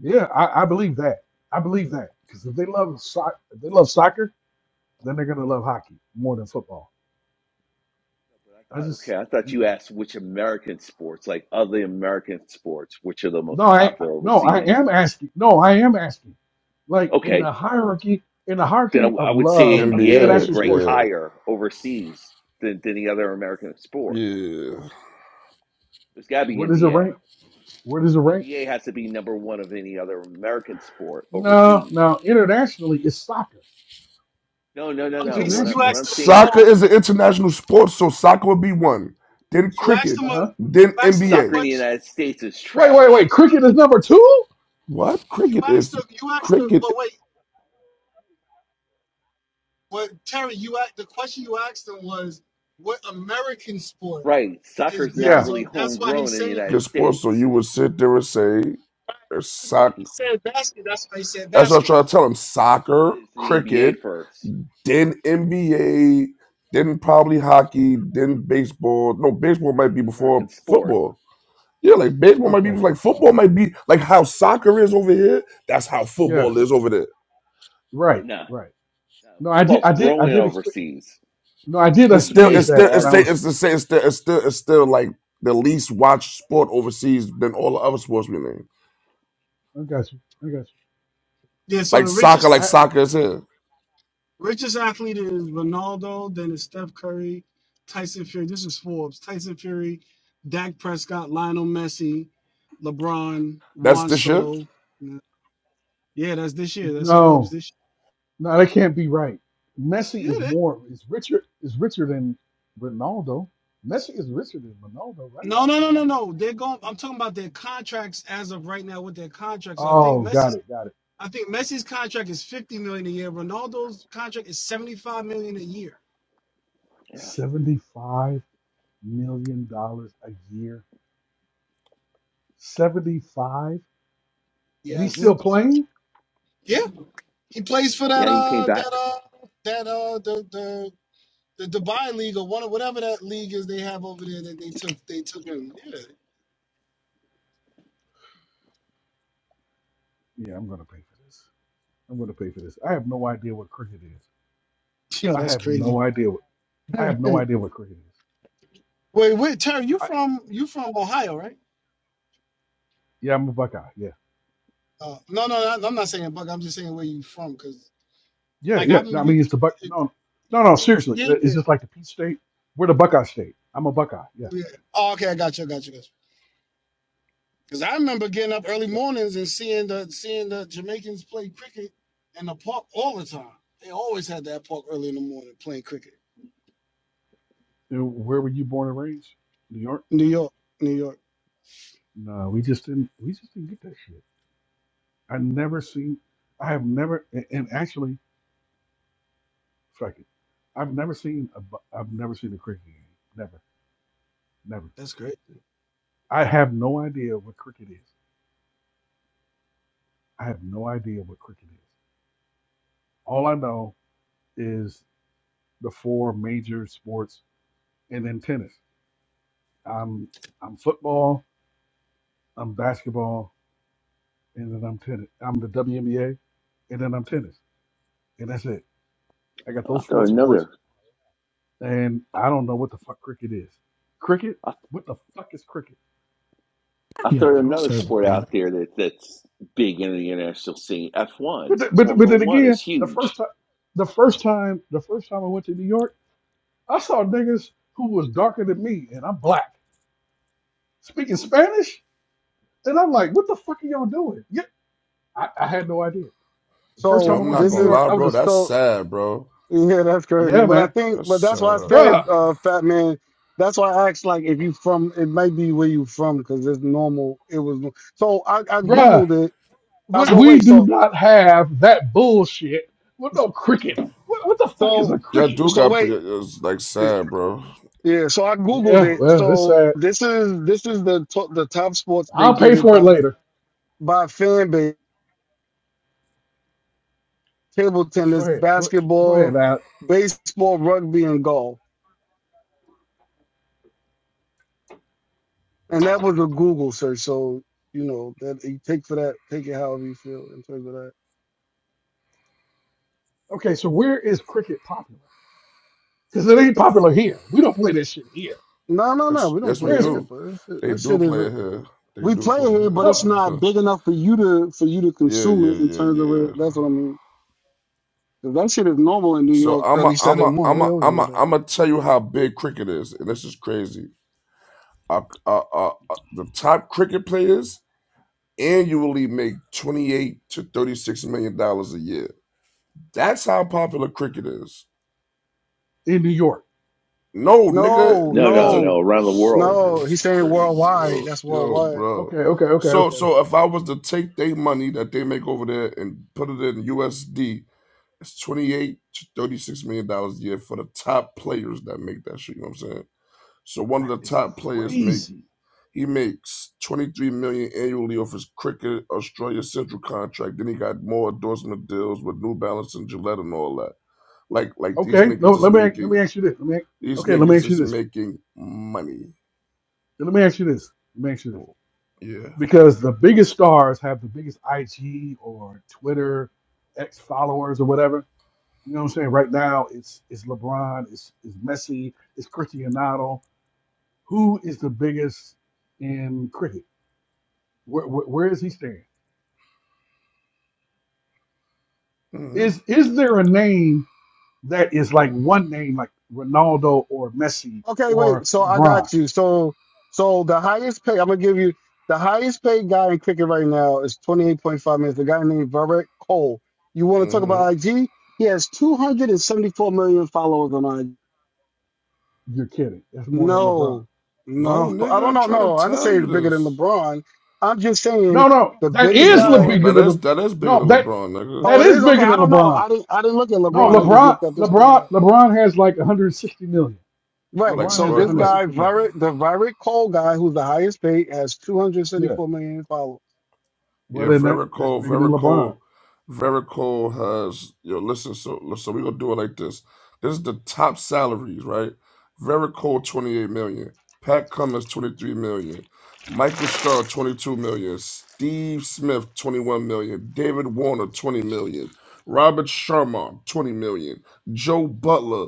yeah, I, I believe that. I believe that because if they love soccer, if they love soccer, then they're gonna love hockey more than football.
No, But
I
I, I,
just
okay, I thought you
mm-mm.
asked which American sports, like other American sports, which are the most
no, I
popular
no, I
overseas.
am asking. No, I am asking. Like in
Okay,
the hierarchy, in the
then I,
hierarchy
w- I
of
would say
love of
NBA would
NBA,
international
rank
sports,
higher overseas than, than any other American
yeah,
sport.
yeah.
There's got to be
where does it
NBA.
rank? Where does it rank?
NBA has to be number one of any other American sport
No,
overseas.
no. Internationally, it's soccer.
No, no, no,
No,
no.
he's
What I,
you
what
International.
asked
I'm
him.
saying,
Soccer
No,
is an
what,
international sport, so soccer would be one. Then
you
yeah,
asked
cricket,
him
Uh
a
but
huh.
then
you
but
asked him a
NBA.
soccer in the
question.
United States is
Wait, wait,
Wait,
trash,
wait. Cricket is number two.
What
you
cricket
asked
is
him. You asked him.
cricket
But wait, what Terry? You asked the question you asked him was what American sport
right?
is
Soccer's
big
not
Yeah.
as
really
all. That's why he
homegrown in the
said.
United
is sports? So
States.
you would sit there and say or
That's why
soccer.
he said basketball. That's why he said
That's what I try to
basketball.
tell him:
That's why I
soccer,
said it's the NBA
cricket,
first.
then NBA, then probably hockey, then baseball. No, baseball
Cricket's
might be
not an American
before
sport.
football. Yeah, like baseball might be
Okay.
like football might be like how soccer is over here. That's how
Yeah.
football is over there.
Right.
No,
Right.
no.
No, I did.
Football's
I did. I
growing
did. Expe-
overseas,
no, I
but
did
It's still,
NBA
experience
it's
is
still,
that when
it's
I
still,
larger.
was.
it's the same. It's still, it's still, it's still like the least watched sport overseas than all the other sports we name.
I got you. I got you.
Yeah. So
Like
the
soccer,
richest.
like
I
soccer is here.
Richest athlete is Ronaldo, then it's Steph Curry, Tyson Fury. This is Forbes. Tyson Fury, Dak Prescott, Lionel Messi, LeBron,
That's
Juan
this year.
Soto. Yeah, that's this year. That's Forbes
no,
this
no. That can't be right. Messi
year.
is
Yeah. that-
more. Is richer. Is richer than Ronaldo. Messi is richer than Ronaldo, right?
No, no, no, no, no. They're going. I'm talking about their contracts as of right now. With their contracts, I think
Oh, got
Messi's.
it. Got it.
I think Messi's contract is 50 million a year. Ronaldo's contract is 75 million a year.
Yeah.
Seventy-five million dollars a year. Seventy-five. And he's
mm hmm
still
Yes.
playing?
Yeah. He plays for that.
Yeah, you came
Uh.
back.
That. Uh. That. Uh. The. The. the Dubai League or one of whatever that league is they have over there that they took they took him. Yeah.
Yeah, I'm gonna pay for this. I'm gonna pay for this. I have no idea what cricket is.
Yo,
I
that's
have
crazy.
no idea what I have no
wait,
idea what cricket is.
wait, Terry, you
I,
from you from Ohio, right?
yeah, I'm a Buckeye. Yeah,
Uh, no, no, no, I'm not saying Buck. I'm just saying where you from, because
yeah,
like
yeah.
I'm
No, I
you.
mean, it's the Buck. No,
Yeah,
no, no. Seriously,
yeah,
it's just like the Peach State. We're the Buckeye State. I'm a Buckeye. Yeah.
yeah. Oh, okay, I got you, I got you, got you. Because I remember getting up early
So,
mornings and seeing the seeing the Jamaicans play cricket in the park all the time. They always had that park early in the morning playing cricket.
you know, where were you born and raised? New York.
New York, New York.
No, we just didn't. We just didn't get that shit. I never seen. I have never. And and actually, fuck it. I've never seen a. Bu- I've never seen a cricket game. Never, never.
That's great.
I have no idea what cricket is. I have no idea what cricket is. All I know is the four major sports and then tennis. I'm I'm football, I'm basketball, and then I'm tennis. I'm the WNBA, and then I'm tennis. And that's it. I got
I'll
those
throw
four sports
another.
and I don't know what the fuck cricket is. Cricket?
I'll,
What the fuck is cricket?
I'll
yeah
throw
I don't
another
sure.
sport out there that that's big in the international scene. F
but,
one,
th- but, but
Formula
then
One
again,
is
the first
huge.
time the first time the first time I went to New York, I saw niggas who was darker than me and I'm black. speaking Spanish, and I'm like, what the fuck are y'all doing? Yeah, I, I had no idea. The First
Yo,
time
So
I
I'm
went
not
to New
this
gonna
is
York,
lie,
I was
bro.
just,
That's
so
sad, bro.
yeah, that's crazy.
yeah,
But I
man,
think,
That's
but that's why I
sad.
said,
bruh,
uh, Fat Man. That's why I asked, like, if you from, it might be where you from, because it's normal. It was so I, I
Yeah.
bruh,
googled it. I
we,
go
we
wait,
do
so
not have that bullshit. What no cricket? What, what the fuck is
so
a
Y'all
cricket?
do
so
got p-
wait,
it's like
eh,
sad, bro.
yeah. So I googled
Yeah,
it.
well, it's
So
sad.
this is this is the to, the top sports they
I'll pay
did it
for it
by
later.
by fan base: table
Go
tennis,
ahead, go, go ahead,
basketball,
lad.
baseball, rugby, and golf. And that was a Google search, so you know that you take for that, take it however you feel in terms of that.
Okay, so where is cricket popular? Because it ain't popular here. We don't play this shit here.
No, no, no,
Yes,
we don't
yes, we
play
Where
it
is
here,
do.
but that shit,
They
that
do
shit is
play
a,
it here. They
we
do
play it
play it
here, but it's
no
here.
not big enough for you to for you to
yeah,
consume it
yeah,
in terms
yeah,
of
yeah.
it. That's what I mean. 'Cause that shit is normal in New
So
York
I'm a,
early
I'm
Saturday
a,
morning.
I'm
They
a,
always
I'm
do
a,
that.
I'm gonna tell you how big cricket is, and this is crazy. Uh, uh, uh, uh, the top cricket players annually make 28 to 36 million dollars a year. That's how popular cricket is.
in New York?
No, nigga,
No,
No,
as
no,
a
no,
no. Around the world.
nigga,
no. He's
it's
saying
crazy,
worldwide.
yo,
That's
yo,
worldwide.
bro.
Okay, okay, okay,
So,
okay,
so
okay.
if I was to take their money that they make over there and put it in USD, it's 28 to 36 million dollars a year for the top players that make that shit. You know what I'm saying? So one of
That
the
is
top players make
crazy.
he makes 23 million annually off his cricket Australia Central contract. Then he got more endorsement deals with New Balance and Gillette and all that. Like, like these
Okay, no,
niggas is
let me let
making
me ask you this. Let me
these
okay, let me
niggas
ask you
is
this.
making money.
Let me ask you this. Let me ask you this.
Well, Yeah.
Because the biggest stars have the biggest IG or Twitter X followers or whatever. You know what I'm saying? Right now, it's it's LeBron, it's it's Messi, it's Cristiano. Who is the biggest in cricket? Where, where, where is he staying?
hmm
Is is there a name that is like one name like Ronaldo or Messi
Okay,
or
wait. So I
LeBron?
got you. So so the highest pay I'm gonna give you the highest paid guy in cricket right now is twenty eight point five minutes. The guy named Virat Kohli. You want to talk
hmm
about IG? He has two hundred and seventy four million followers on IG.
You're kidding. That's more than LeBron.
No,
No,
no, I
nigga,
don't
I
know.
try to
No, I'm just
tell
saying
you
it's bigger than
this.
LeBron. I'm just
No,
saying
no,
the
that
He
biggest
is
has
le-
more.
guy.
bigger
That
than
is
the,
that is bigger
no
than
that
LeBron, nigga.
that
Oh, it
is
is okay.
bigger
I
than
don't know.
LeBron.
I didn't. I didn't look at
No,
LeBron. I
Yeah.
just
LeBron,
looked up this one
LeBron,
guy.
LeBron has like 160 million.
Right.
Like,
LeBron
So
has
bro,
this
like.
guy,
160 million.
Virat, the Virat Kohli guy, who's the highest paid, has
Yeah,
274 million followers.
well
Yeah,
then that,
very
that's
cool,
bigger than
very
LeBron.
cool, cool. Has yo listen, so so we gonna do it like this. This is the top salaries, right? Very cool, twenty eight million. Pat Cummins, twenty three million. Michael Scar, twenty two million. Steve Smith, twenty one million. David Warner, twenty million. Robert Sharma, twenty million. Joe Butler,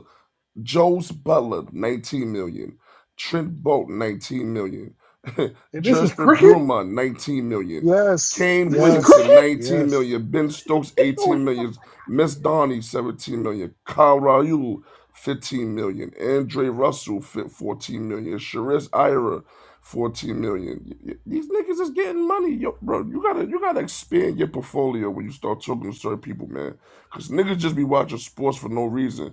Joe's Butler, 19 million. Trent Bolt, 19 million.
And this is
Jesper
cricket.
Bruma, 19 million.
Yes,
Kane
This is
yes,
Williamson,
cricket.
19
yes.
million. Ben Stokes,
Get the- what
18
the fuck?
million. Miss Donnie, 17 million. Kyle Raul, 15 million. Andre Russell, fi- 14 million. Sharice Ira, 14 million. These niggas is getting money, yo, bro. You gotta, you gotta expand your portfolio when you start talking to certain people, man. Cause niggas just be watching sports for no reason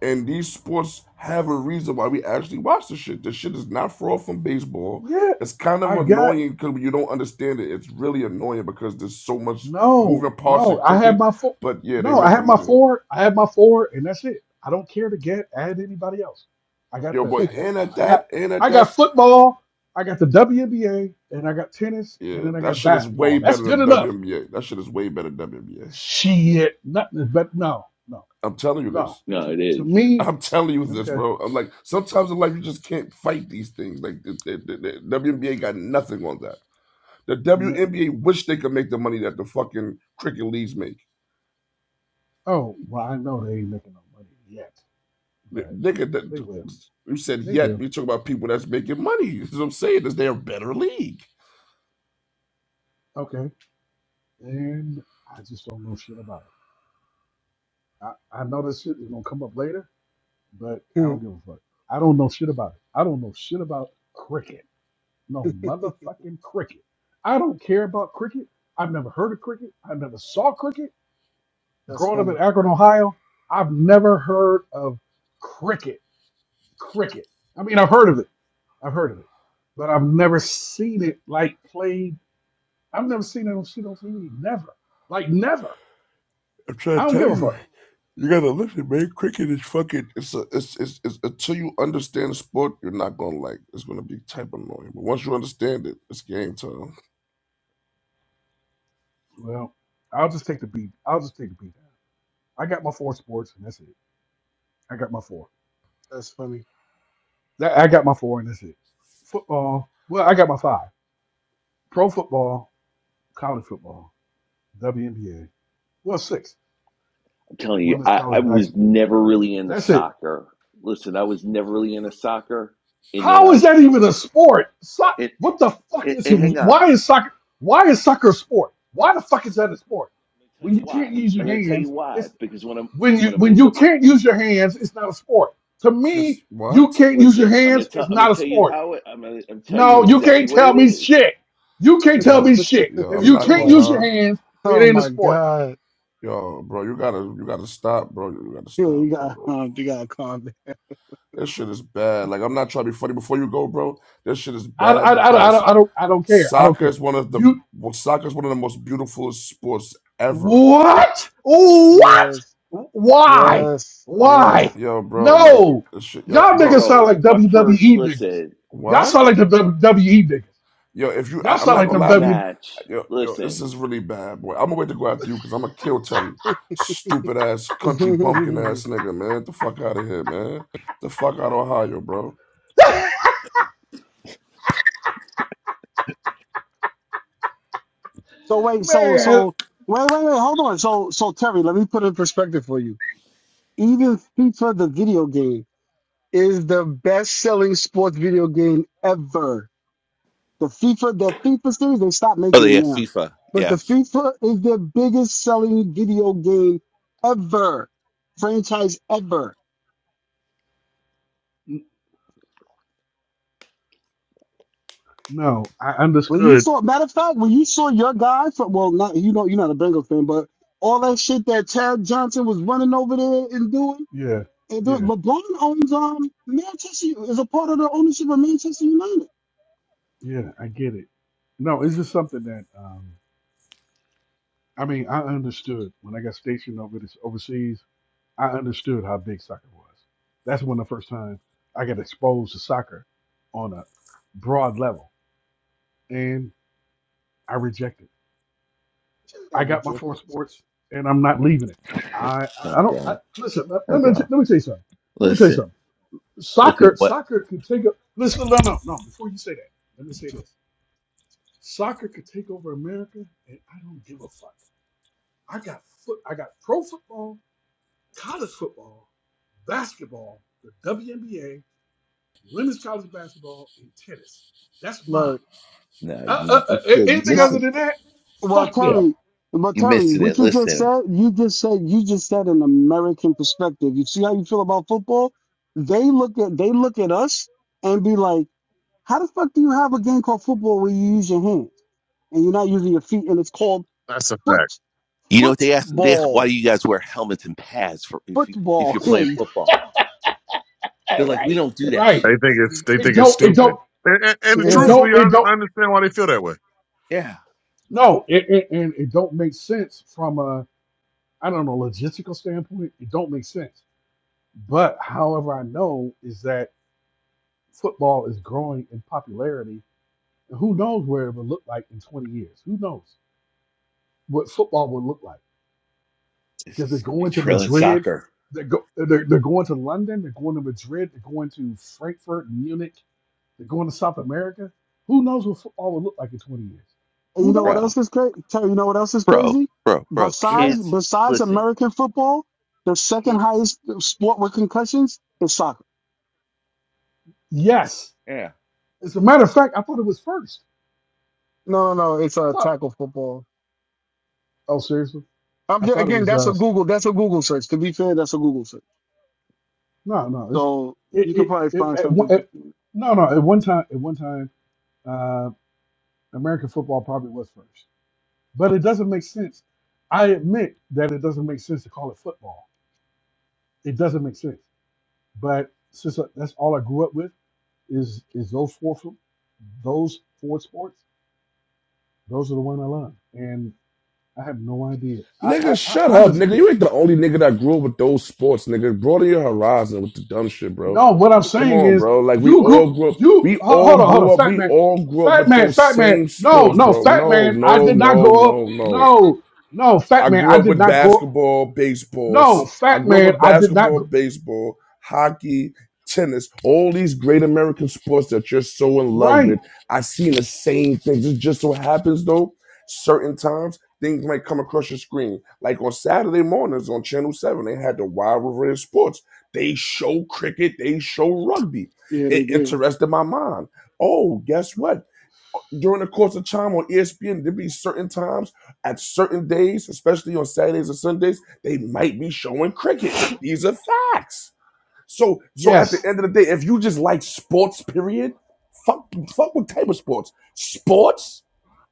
and these sports have a reason why we actually watch this shit. This shit is not far from baseball.
yeah,
It's kind of
I got.
annoying because you don't understand it. It's really annoying because there's so much
No,
moving parts
no.
in
I have
cricket.
my four.
But yeah, they
No, I have
making
my
money.
four. I have my four, and that's it. I don't care to get add anybody else. I got
Yo,
the.
boy,
I got.
and at
I got.
that, and at
I got
that,
football. I got the WNBA, and I got tennis, and
yeah,
then I
that
got
shit is way
basketball. That's
better
good
than
enough.
WNBA. That shit is way better than WNBA.
Shit, nothing is better. No, no,
I'm telling you
no.
this.
No,
To,
it
to
is.
me,
I'm telling you this,
okay.
bro. I'm like, sometimes in life you just can't fight these things. Like the, the, the, the WNBA got nothing on that. The
m-
WNBA wish they could make the money that the fucking cricket leagues make.
Oh, well, I know they ain't making no money yet,
N-
but
Nigga,
they
that
will.
you said
They
yet.
will.
You talk about people that's making money. That's what I'm saying is they a better league.
Okay, and I just don't know shit about it. I, I know this shit is gonna come up later, but I don't
That's
give a fuck. I don't know shit about it. I don't know shit about cricket. No motherfucking cricket. I don't care about cricket. I've never heard of cricket. I never saw cricket. Growing up in
funny.
Akron, Ohio, I've never heard of cricket. Cricket. I mean, I've heard of it. I've heard of it, but I've never seen it like played. I've never seen it on shit on TV. Never. Like never.
I'm trying
I
to
don't
tell
give a
you,
fuck.
you gotta listen, man. Cricket is fucking. It's a. It's it's, it's until you understand the sport, you're not gonna like. it. It's gonna be type annoying, but once you understand it, it's game time.
Well, I'll just take the beat. I'll just take the beat. I got my four sports, and that's it. I got my four.
That's funny.
That- I got my four, and that's it. Football. Well, I got my five: pro football, college football, WNBA. Well, six:
I'm telling you,
women's
I, I
college
was
basketball.
never really into
That's it.
soccer. Listen, I was never really into soccer, and then
How
I
is that even a sport? So-
It.
what the fuck
It.
is?
and hang on.
Why is soccer? Why is soccer a sport? Why the fuck is that a sport?
I'm going to tell
When
you
you can't
why.
use
I'm
your
going to tell you
hands,
why
it's
because when i
when you
when I
when
moved
you
up,
can't use your
when,
hands, it's not a sport. To me,
Yes.
when,
you
What?
can't use your
listen, I'm going
hands,
to tell
it's
I'm going
not
to
a
tell you
sport.
how it. I'm going to tell
No,
you
you
exactly
can't
Yo.
what
tell
it
me
is,
shit. You can't tell
Yeah.
me shit.
Yeah.
If
I'm
you
not
oh
can't
gonna
my,
use your
lie.
hands, it
oh
ain't a
my
sport.
God.
Yo, bro, you gotta you gotta stop, bro. You gotta
Yeah,
stop,
You got,
bro.
um, you got a comment.
This shit is bad. Like I'm not trying to be funny. Before you go, bro, this shit is
I, I,
bad
I, I,
because
don't, I don't I don't care. I don't
soccer
care.
is one of the
You
well, soccer is one of the most beautiful sports ever.
what? What?
Yes,
Why?
yes,
Why?
yes.
Yo, bro, like
No.
this shit. Yo,
Y'all niggas
bro,
sound
bro.
like
My first
WWE niggas.
listen,
Y'all
what?
sound
my
like the WWE niggas.
Yo, if you, I,
Y'all
my
I'm
sound
not
like the
gonna
first
lie to you.
W
match.
Yo, yo, this
Listen.
is really bad, boy. I'm gonna wait to go after you because I'm gonna kill Terry, stupid ass country bumpkin ass nigga, man. Get the fuck out of here, man. Get the fuck out of Ohio, bro.
so wait, so
man.
so wait, wait, wait. Hold on. So so Terry, let me put it in perspective for you. Even FIFA, the video game, is the best-selling sports video game ever. The FIFA, the FIFA series, they stopped
Oh
making it
yeah,
now.
FIFA.
But the
Yeah.
FIFA is their biggest selling video game ever, franchise ever.
No, I
When you
understood.
saw, matter of fact, when you saw your guy from, well, not you know, you're not a Bengals fan, but all that shit that Chad Johnson was running over there and doing,
Yeah,
and doing,
yeah,
LeBron owns um Manchester is a part of the ownership of Manchester United.
yeah. I get it. No, it's just something that. um, I mean, I understood when I got stationed over this overseas. I understood how big soccer was. That's when the first time I got exposed to soccer on a broad level, and I rejected. it.
Just
I
got
got my four
rejected this.
sports, and I'm not leaving it. I I I
No,
don't I,
bro.
listen. Let
No,
let me t-
bro.
let me tell you something. Let me tell you
Listen,
something.
listen.
Soccer
What?
soccer can take up. Listen, no, no, no. Before you say that, let me say this. Soccer could take over America, and I don't give a fuck. I got foot. I got pro football college football, basketball, the WNBA, women's college basketball, and tennis. That's mine.
Right.
No,
Uh, uh,
you
uh,
you still you
anything
missing
other than
it.
that,
Well,
fuck them.
Terry, but
You
Terry,
missing
what
it.
you just
Listen.
said, you just said, you just said an American perspective. You see how you feel about football? They look at they look at us and be like, how the fuck do you have a game called football where you use your hands and you're not using your feet and it's called
That's a fact.
foot
You know what they ask? They ask why do
football
you guys wear helmets and pads for if you if
football?
you're playing football?
All
They're like, we
right,
don't do that
right.
They
shit.
think
Yeah,
it's they
It
think it's
don't. It
stupid,
don't.
and, and, and
It
yeah.
truthfully,
don't. It
I,
don't.
I understand why they feel that way.
Yeah,
No, it, it, and it don't make sense from a I don't know logistical standpoint. It don't make sense. But however, I know is that football is growing in popularity, and who knows where it will look like in twenty years? Who knows what football will look like? because they're
it's gonna be
going to
trailing
Madrid.
soccer,
They're, go, they're, they're going to London. They're going to Madrid. They're going to Frankfurt, Munich. They're going to South America. Who knows what football will look like in 20 years?
And
Who
you know what
knows?
bro,
else is crazy? Terry, you know what else is
bro,
crazy?
bro, bro.
Yeah.
Besides
Kids,
besides
listen,
American football, the second
kids.
highest sport with concussions is soccer.
Yes.
Yeah,
As a matter of fact, I thought it was first.
No, no, no. it's
I
a
thought,
tackle football.
oh, seriously?
I'm
I
just,
thought it
again,
was,
that's a
uh,
Google, that's a Google search. To be fair, that's a Google search.
no, no. It's,
So
it,
you could
it,
probably
it,
find
at one,
something.
at,
to-
no, no. At one time, at one time, uh, American football probably was first. But it doesn't make sense. I admit that it doesn't make sense to call it football. It doesn't make sense. But since uh, that's all I grew up with is is those four those four sports. Those are the one I love, and I have no idea. I I,
Nigga,
I
shut up,
honestly
nigga. You ain't the only nigga that grew up with those sports, nigga. Broaden your horizon with the dumb shit, bro.
no. What I'm
Come
saying
on,
is
bro. Like we
you grew
all grew up.
you
We
ho- hold
all
on hold on
grew up.
fat
We
man,
all grew up
fat
with
man,
those
fat man.
same
No
sports,
no
bro.
fat
No,
man. I
no,
did not
no,
grow up.
no, no.
No no fat
I
man. I
grew up
did
with
not grow.
basketball, baseball.
No
I
fat
grew up
man.
with
I did not.
basketball,
Gr-
baseball, hockey, tennis, all these great American sports that you're so in love
right.
with. I seen the same things. It just so happens though, certain times things might come across your screen. Like on Saturday mornings on Channel 7, they had the Wild River Sports. They show cricket, they show rugby.
Yeah,
It
they did.
interested my mind. Oh, guess what? during the course of time on ESPN, there be certain times at certain days, especially on Saturdays and Sundays, they might be showing cricket. These are facts. So, so at
Yes.
the end of the day, if you just like sports, period, fuck, fuck what type of sports? Sports.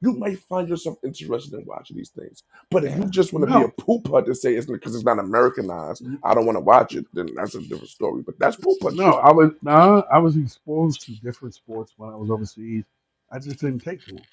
You might find yourself interested in watching these things. But if you
yeah.
just want to be a
No.
poop putt and say it's because it's not Americanized, I don't want to watch it, then that's a different story. But that's poop putt
No,
shit.
I was nah, I was exposed to different sports when I was overseas. I just didn't take to them.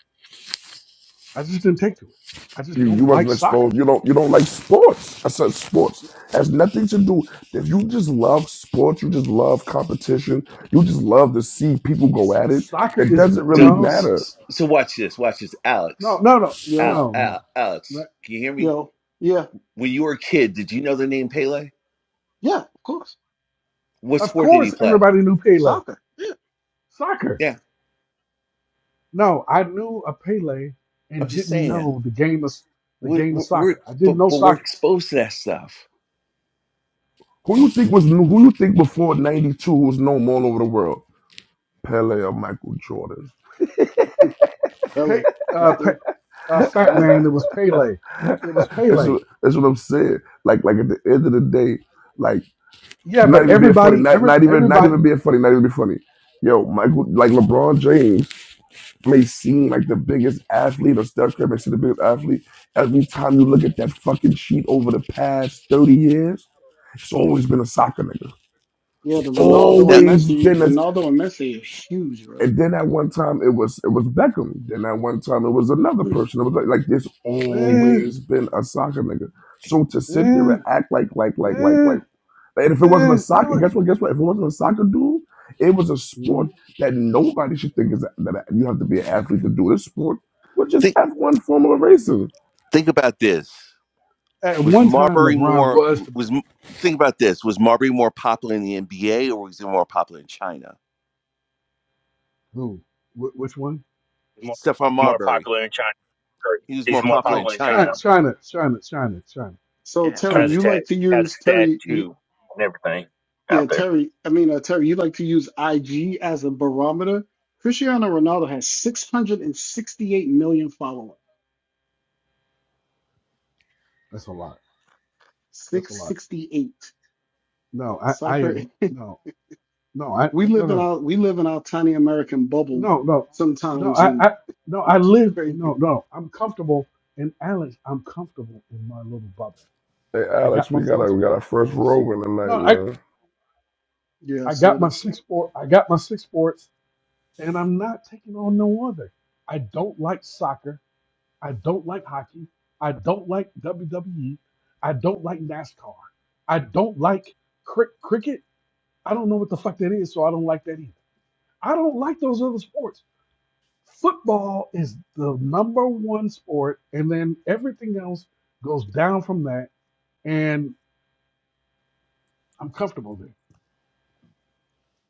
I just didn't take to it. I just
You, you
don't like
wasn't
soccer.
exposed. You don't you don't like sports. I said sports has nothing to do. If you just love sports, you just love competition. You just love to see people go
S-
at it.
Soccer
It
is
doesn't really
So,
no,
so,
matter
so watch this. Watch this,
no,
Alex.
no, no,
Yo,
Al,
no,
Al,
no.
Alex,
Like,
can you hear me?
yo, yeah,
When you were a kid, did you know the name Pele?
yeah, of course.
What
Of
sport did he
course,
play?
everybody knew Pele.
Soccer, yeah,
Soccer.
Yeah,
No, I knew a Pele
I'm
and
just
didn't
saying.
know the game of the
We're,
game of
we're, we're
soccer. I didn't
but,
know
but we're
soccer.
exposed to that stuff.
who you think was who you think before '92 was known all over the world. Pele or Michael Jordan.
LA
Pe,
for
uh, Pe,
sure,
uh, fat
LA.
man, it was Pele. It was
That's
Pele.
what, that's what I'm saying. Like like at the end of the day, like
Yeah,
not
but
even being funny,
everybody,
not
every
not even not
everybody.
even being funny, not even be funny. Yo, Michael, like LeBron James. may seem like the biggest athlete or Steph Curry may seem the biggest athlete, every time you look at that fucking sheet over the past 30 years, it's always been a soccer nigga.
Yeah, the Ronaldo
Now,
and
Always
Messi,
been a
Ronaldo and Messi is huge, bro.
and then at one time it was it was Beckham. Then at one time it was another person. It was like, like there's
yeah.
Eh,
always been a soccer nigga. So to sit there
eh,
and act like like like like
eh.
like and if it wasn't
Eh,
a
it
soccer,
was,
guess what? Guess what? If it wasn't a soccer dude, it was a sport
Mhm.
that nobody should think is that you have to be an athlete to do this sport, which is
Think
F one formula racing.
think about this.
at
was
one time
Marbury
LeBron
more
was the
was think about this was Marbury more popular in the NBA or was he more popular in China?
who? Wh- which one?
more,
Stephon
more
Marbury,
popular in China. or
he was
He's
more
more
popular in
Oh,
popular in
China,
China.
China.
China, China, China, China,
So
Yeah,
Terry,
Has a
China.
you
tat,
like to
has
use
a
Terry, you,
tattoo and everything
yeah,
out there.
Terry. I mean, uh, Terry, you like to use IG as a barometer. Cristiano Ronaldo has 668 million followers.
That's a lot. That's a lot.
668.
No, I, I
Soccer.
am no, no, I
We
no,
live in
no,
our we live in our tiny American bubble
no, no, no. no,
sometimes,
I,
and
I no, I
it's
live. No,
crazy.
no, I'm comfortable. in Alex, I'm comfortable in my little bubble.
Hey
I got
Alex,
my
we got
four
our, we got our
sports
first
or six.
rover tonight,
No, I,
man.
Yeah,
I
so
got my
that
six sport. I got my six sports, and I'm not taking on no other. I don't like soccer. I don't like hockey. I don't like WWE. I don't like NASCAR. I don't like cri- cricket. I don't know what the fuck that is, so I don't like that either. I don't like those other sports. Football is the number one sport, and then everything else goes down from that, and I'm comfortable there.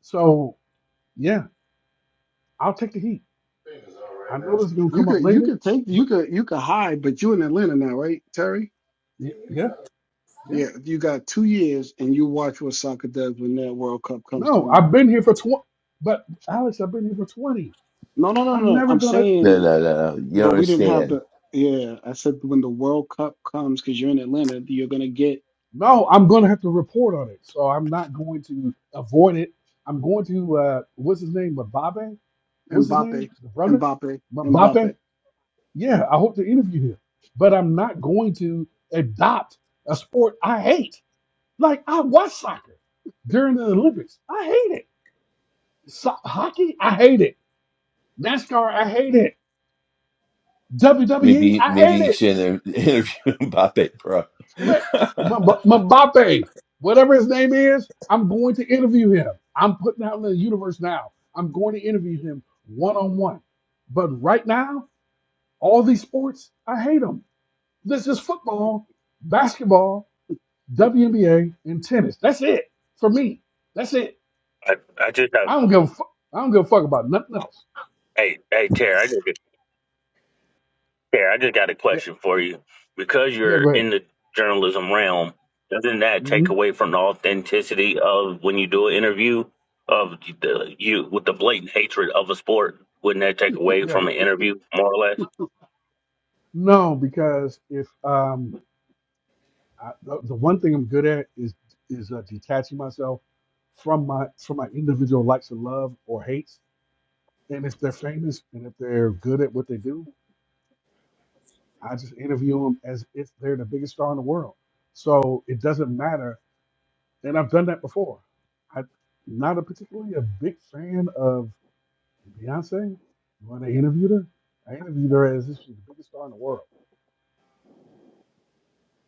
So, yeah, I'll take the heat. I know this is going to
you
come up
could you
later,
could take you
but
could you could hide, but you're in Atlanta now, right, Terry?
y- yeah, yeah.
Yeah, you got two years, and you watch what soccer does when that World Cup comes to
No, I've
America.
been here for 20, but Alex, I've been here for 20.
No, no, no, no.
I'm
no.
never
I'm
gonna.
No,
saying,
no, no, no. You don't
but we didn't have
understand.
the. Yeah, I said when the World Cup comes, because you're in Atlanta, you're gonna get
No, I'm going to have to report on it. So I'm not going to avoid it. I'm going to, uh, what's his name? Mbappe? What's his name?
Mbappe,
The brother?
Mbappe,
Mbappe?
Mbappe.
Yeah, I hope to interview him. But I'm not going to adopt a sport I hate. Like, I watch soccer during the Olympics. I hate it. So- hockey? I hate it. NASCAR? I hate it. WWE?
Maybe,
I
maybe
hate
you
it.
should inter- interview Mbappe, bro.
M-
but
Mbappe, whatever his name is, I'm going to interview him. I'm putting out in the universe now. I'm going to interview him one on one. But right now, all these sports, I hate them. This is football, basketball, WNBA, and tennis. That's it for me. That's it.
I, I just got
I don't give a fuck. I don't give a fuck about nothing else.
hey hey Terry, I just Terry, I just got a
Yeah,
question for you. Because
yeah.
you're
Go ahead.
in the journalism realm, doesn't that take
Mhm.
away from the authenticity of when you do an interview of the you with the blatant hatred of a sport? Wouldn't that take away
Yeah.
from an interview more or less?
No, because if um I, the, the one thing I'm good at is is uh, detaching myself from my from my individual likes and love or hates. And if they're famous and if they're good at what they do, I just interview them as if they're the biggest star in the world. So it doesn't matter. And I've done that before. I'm not a particularly a big fan of Beyonce. When I interviewed her, I interviewed her as if she's the biggest star in the world.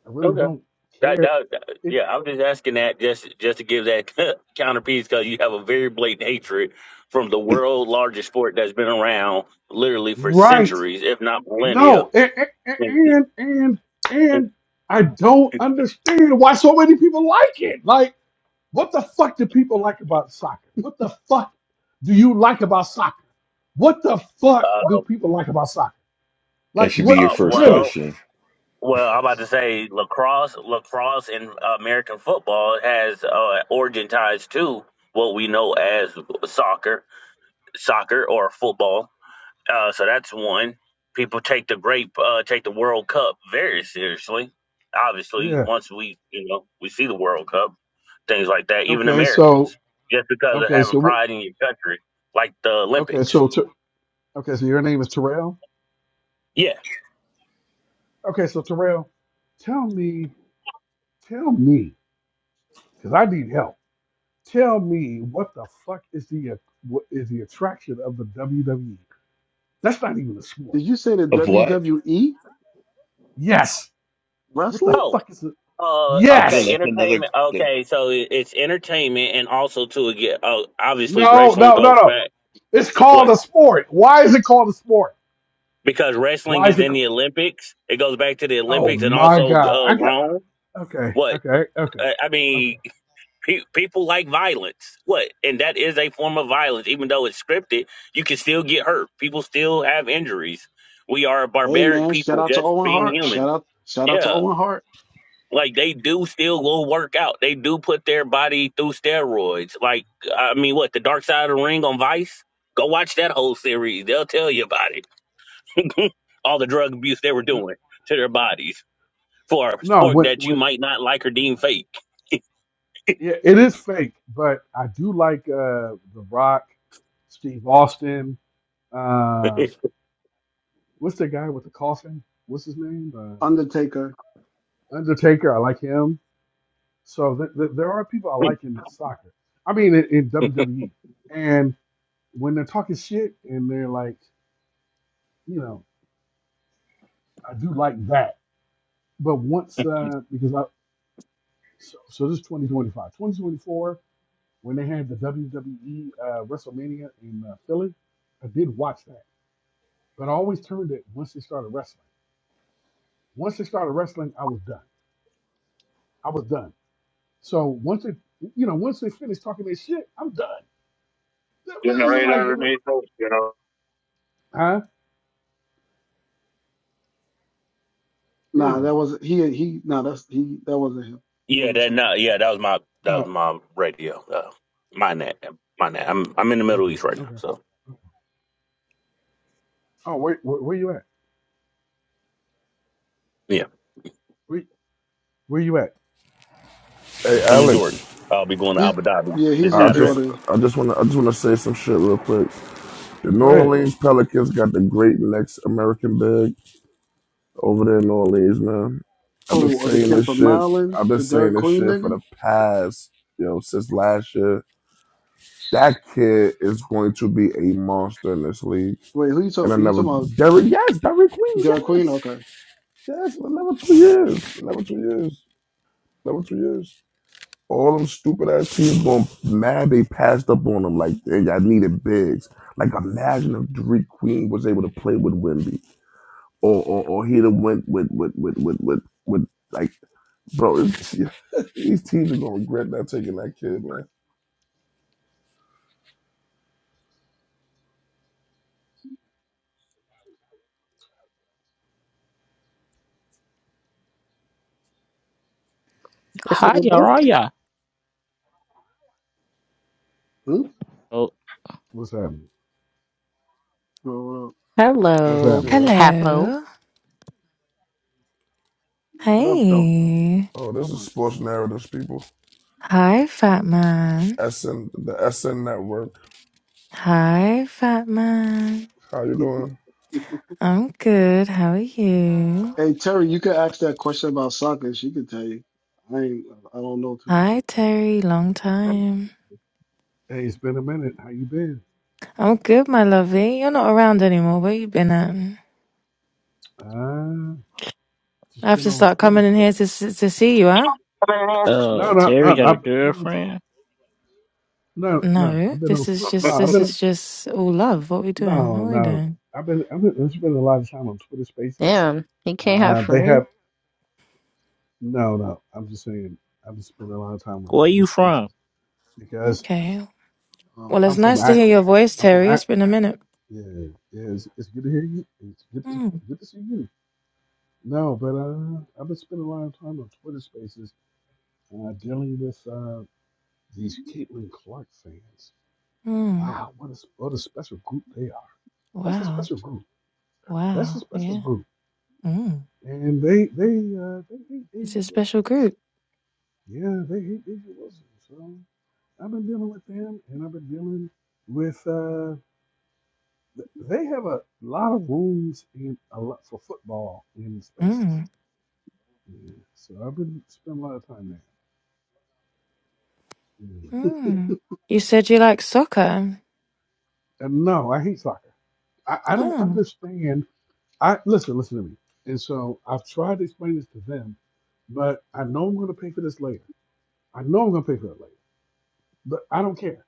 I really
Okay.
don't
That,
care.
that, that-
It
yeah, I'm just asking that just just to give that counterpiece because you have a very blatant hatred from the world largest sport that's been around literally for
right.
centuries, if not millennia.
No, and and and
And,
and I don't understand why so many people like it. Like, what the fuck do people like about soccer? What the fuck do you like about soccer? What the fuck
uh,
do people like about soccer?
that
Like,
should be
what
your
uh,
first
really?
well,
question.
well, I'm about to say lacrosse, lacrosse, and American football has uh, origin ties to what we know as soccer, soccer or football. Uh, so that's one. People take the great, uh, take the World Cup very seriously. Obviously,
Yeah.
once we, you know, we see the World Cup, things like that. Even
Okay. So
Americans, just because of
okay.
having
So what?
pride in your country, like the
Okay.
Olympics.
So Ter- okay. So your name is Terrell.
Yeah.
Okay. So Terrell, tell me, tell me, because I need help. Tell me what the fuck is the what is the attraction of the WWE? That's not even a sport.
Did you say the
Of what?
WWE
Yes. What the
wrestling?
Oh.
fuck is it?
Uh.
Again,
Okay.
Yes.
that's another.
Entertainment.
That,
Okay. So it- it's entertainment, and also to again, oh, obviously,
No,
wrestling
no, no,
goes
no.
back.
It's called
What?
a sport. Why is it called a sport?
Because wrestling
Why is
is
it?
in
Called,
the Olympics, it goes back to the
oh
Olympics, and
my
also
god.
uh,
I got.
Rome.
Okay.
What?
Okay. Okay.
I I mean,
Okay.
Pe- people like violence. What? And that is a form of violence, even though it's scripted. You can still get hurt. People still have injuries. We are a
Hey
barbaric
man, shout
people,
out to
just
Owen
being
Hart. Shout
human.
out, shout out to
Yeah,
Owen Hart.
like they do still go work out. They do put their body through steroids. Like I mean, what the Dark Side of the Ring on Vice? Go watch that whole series. They'll tell you about it. All the drug abuse they were doing to their bodies for a
No.
sport
When.
that you
When.
might not like or deem fake.
Yeah. It is fake, but I do like uh The Rock, Steve Austin. Uh, what's the guy with the coffin? What's his name? Uh,
Undertaker.
Undertaker. I like him. So th- th- there are people I like in soccer. I mean, in, in WWE. And when they're talking shit and they're like, you know, I do like that. But once, uh, because I, so, so this is 2025. 2024, when they had the WWE uh, WrestleMania in uh, Philly, I did watch that. But I always turned it once they started wrestling. Once they started wrestling, I was done. I was done. So once they, you know, once they finished talking their shit, I'm done.
You
This is like, it, wa- huh?
Nah,
Anyway.
that was he. He. Nah, that's he. That wasn't him. He
Yeah,
wasn't
that
saying that.
no, yeah, that was my that
No,
was my radio. Uh, my net, my net. I'm I'm in the Middle
Okay.
East right now,
Okay.
so
Oh, wait. Where, where you at?
yeah,
Where, where you at?
Hey
I'm in Jordan.
Alex,
I'll be going to
He's
Abu Dhabi
yeah,
this
he's
I
in
just
Jordan.
I just wanna I just wanna say some shit real quick. The New
Go ahead.
Orleans Pelicans got the great next American big over there in New Orleans, man. I've been
Who? Or the
saying
kid
this
from
shit.
Maryland,
I've been
the Dairy
saying this
Queen
shit for
nigga.
the past, you know, since last year. That kid is going to be a monster in this league.
Wait, who you
And I
talking? You
never,
talking about?
Derrick, yes, Derrick Queen,
John Queen?
yes,
Okay.
yes, another two years, another two years, another two years. All them stupid ass teams going mad. They passed up on them like, hey, I needed bigs. Like, imagine if Derrick Queen was able to play with Wimby. or or, or he done went with with with with with, with like bro, it's, these teams are gonna regret not taking that kid, man.
This
Hi, how
one.
Are Araya.
Hmm?
Oh,
What's happening?
Oh,
What's
That's
Hello,
happening?
good.
Capo.
Hello.
What up, though?
Hey.
Oh,
Oh,
this is
my
sports
God.
narratives, people.
Hi, fat man.
SN the SN Network.
Hi, fat man.
How you doing?
I'm good. How are you?
Hey, Terry, you could ask that question about soccer. She could tell you. I ain't, I don't know too much.
Hi,
about-
Terry. Long time.
Hey, it's been a minute. How you been?
I'm good, my lovey. You're not around anymore. Where you been at?
Uh,
I
just
have
been
to
on
start
Twitter.
coming in
Space.
here to s- to see you, huh?
Saturday.
oh,
No, no, no.
Terry
I've,
got a
I've been on. Tw-
girlfriend.
No, no.
No,
I've been on
this is
Twitter.
just
No, I've
this
been.
is just all love. What we doing?
No,
What we
no.
doing?
I've been. I've been. There's been a lot of time on Twitter Spaces.
Damn, he can't have
Uh, they
friends.
have. No, no. I'm just saying. I've been spending a lot of time on
Where
Twitter
you from?
Spaces because
Okay.
Oh,
Well,
my
it's
I'm from
nice to
God.
hear
Akron.
your voice,
I'm from
Terry. It's
Akron.
been a minute.
Yeah, yeah. It's, it's good to hear you. It's good. To,
Mm,
good to see you. No, but uh, I've been spending a lot of time on Twitter Spaces uh, dealing with uh, these Caitlin Clark fans.
mm.
Wow, what a what a special group they are. That's a
Wow.
special group. That's a
Wow.
special
Yeah.
group.
Mm.
And they they uh, they hate
It's
Asia
a
Wilson.
special group.
Yeah, they hate Asia Wilson. So I've been dealing with them, and I've been dealing with. Uh, th- they have a lot of rooms in a lot for football in spaces.
Mm.
Yeah, so I've been spending a lot of time there. Yeah.
Mm. You said you like soccer.
Uh, No, I hate soccer. I, I don't
Oh.
understand. I listen, listen to me. And so I've tried to explain this to them, but I know I'm going to pay for this later. I know I'm going to pay for it later, but I don't care.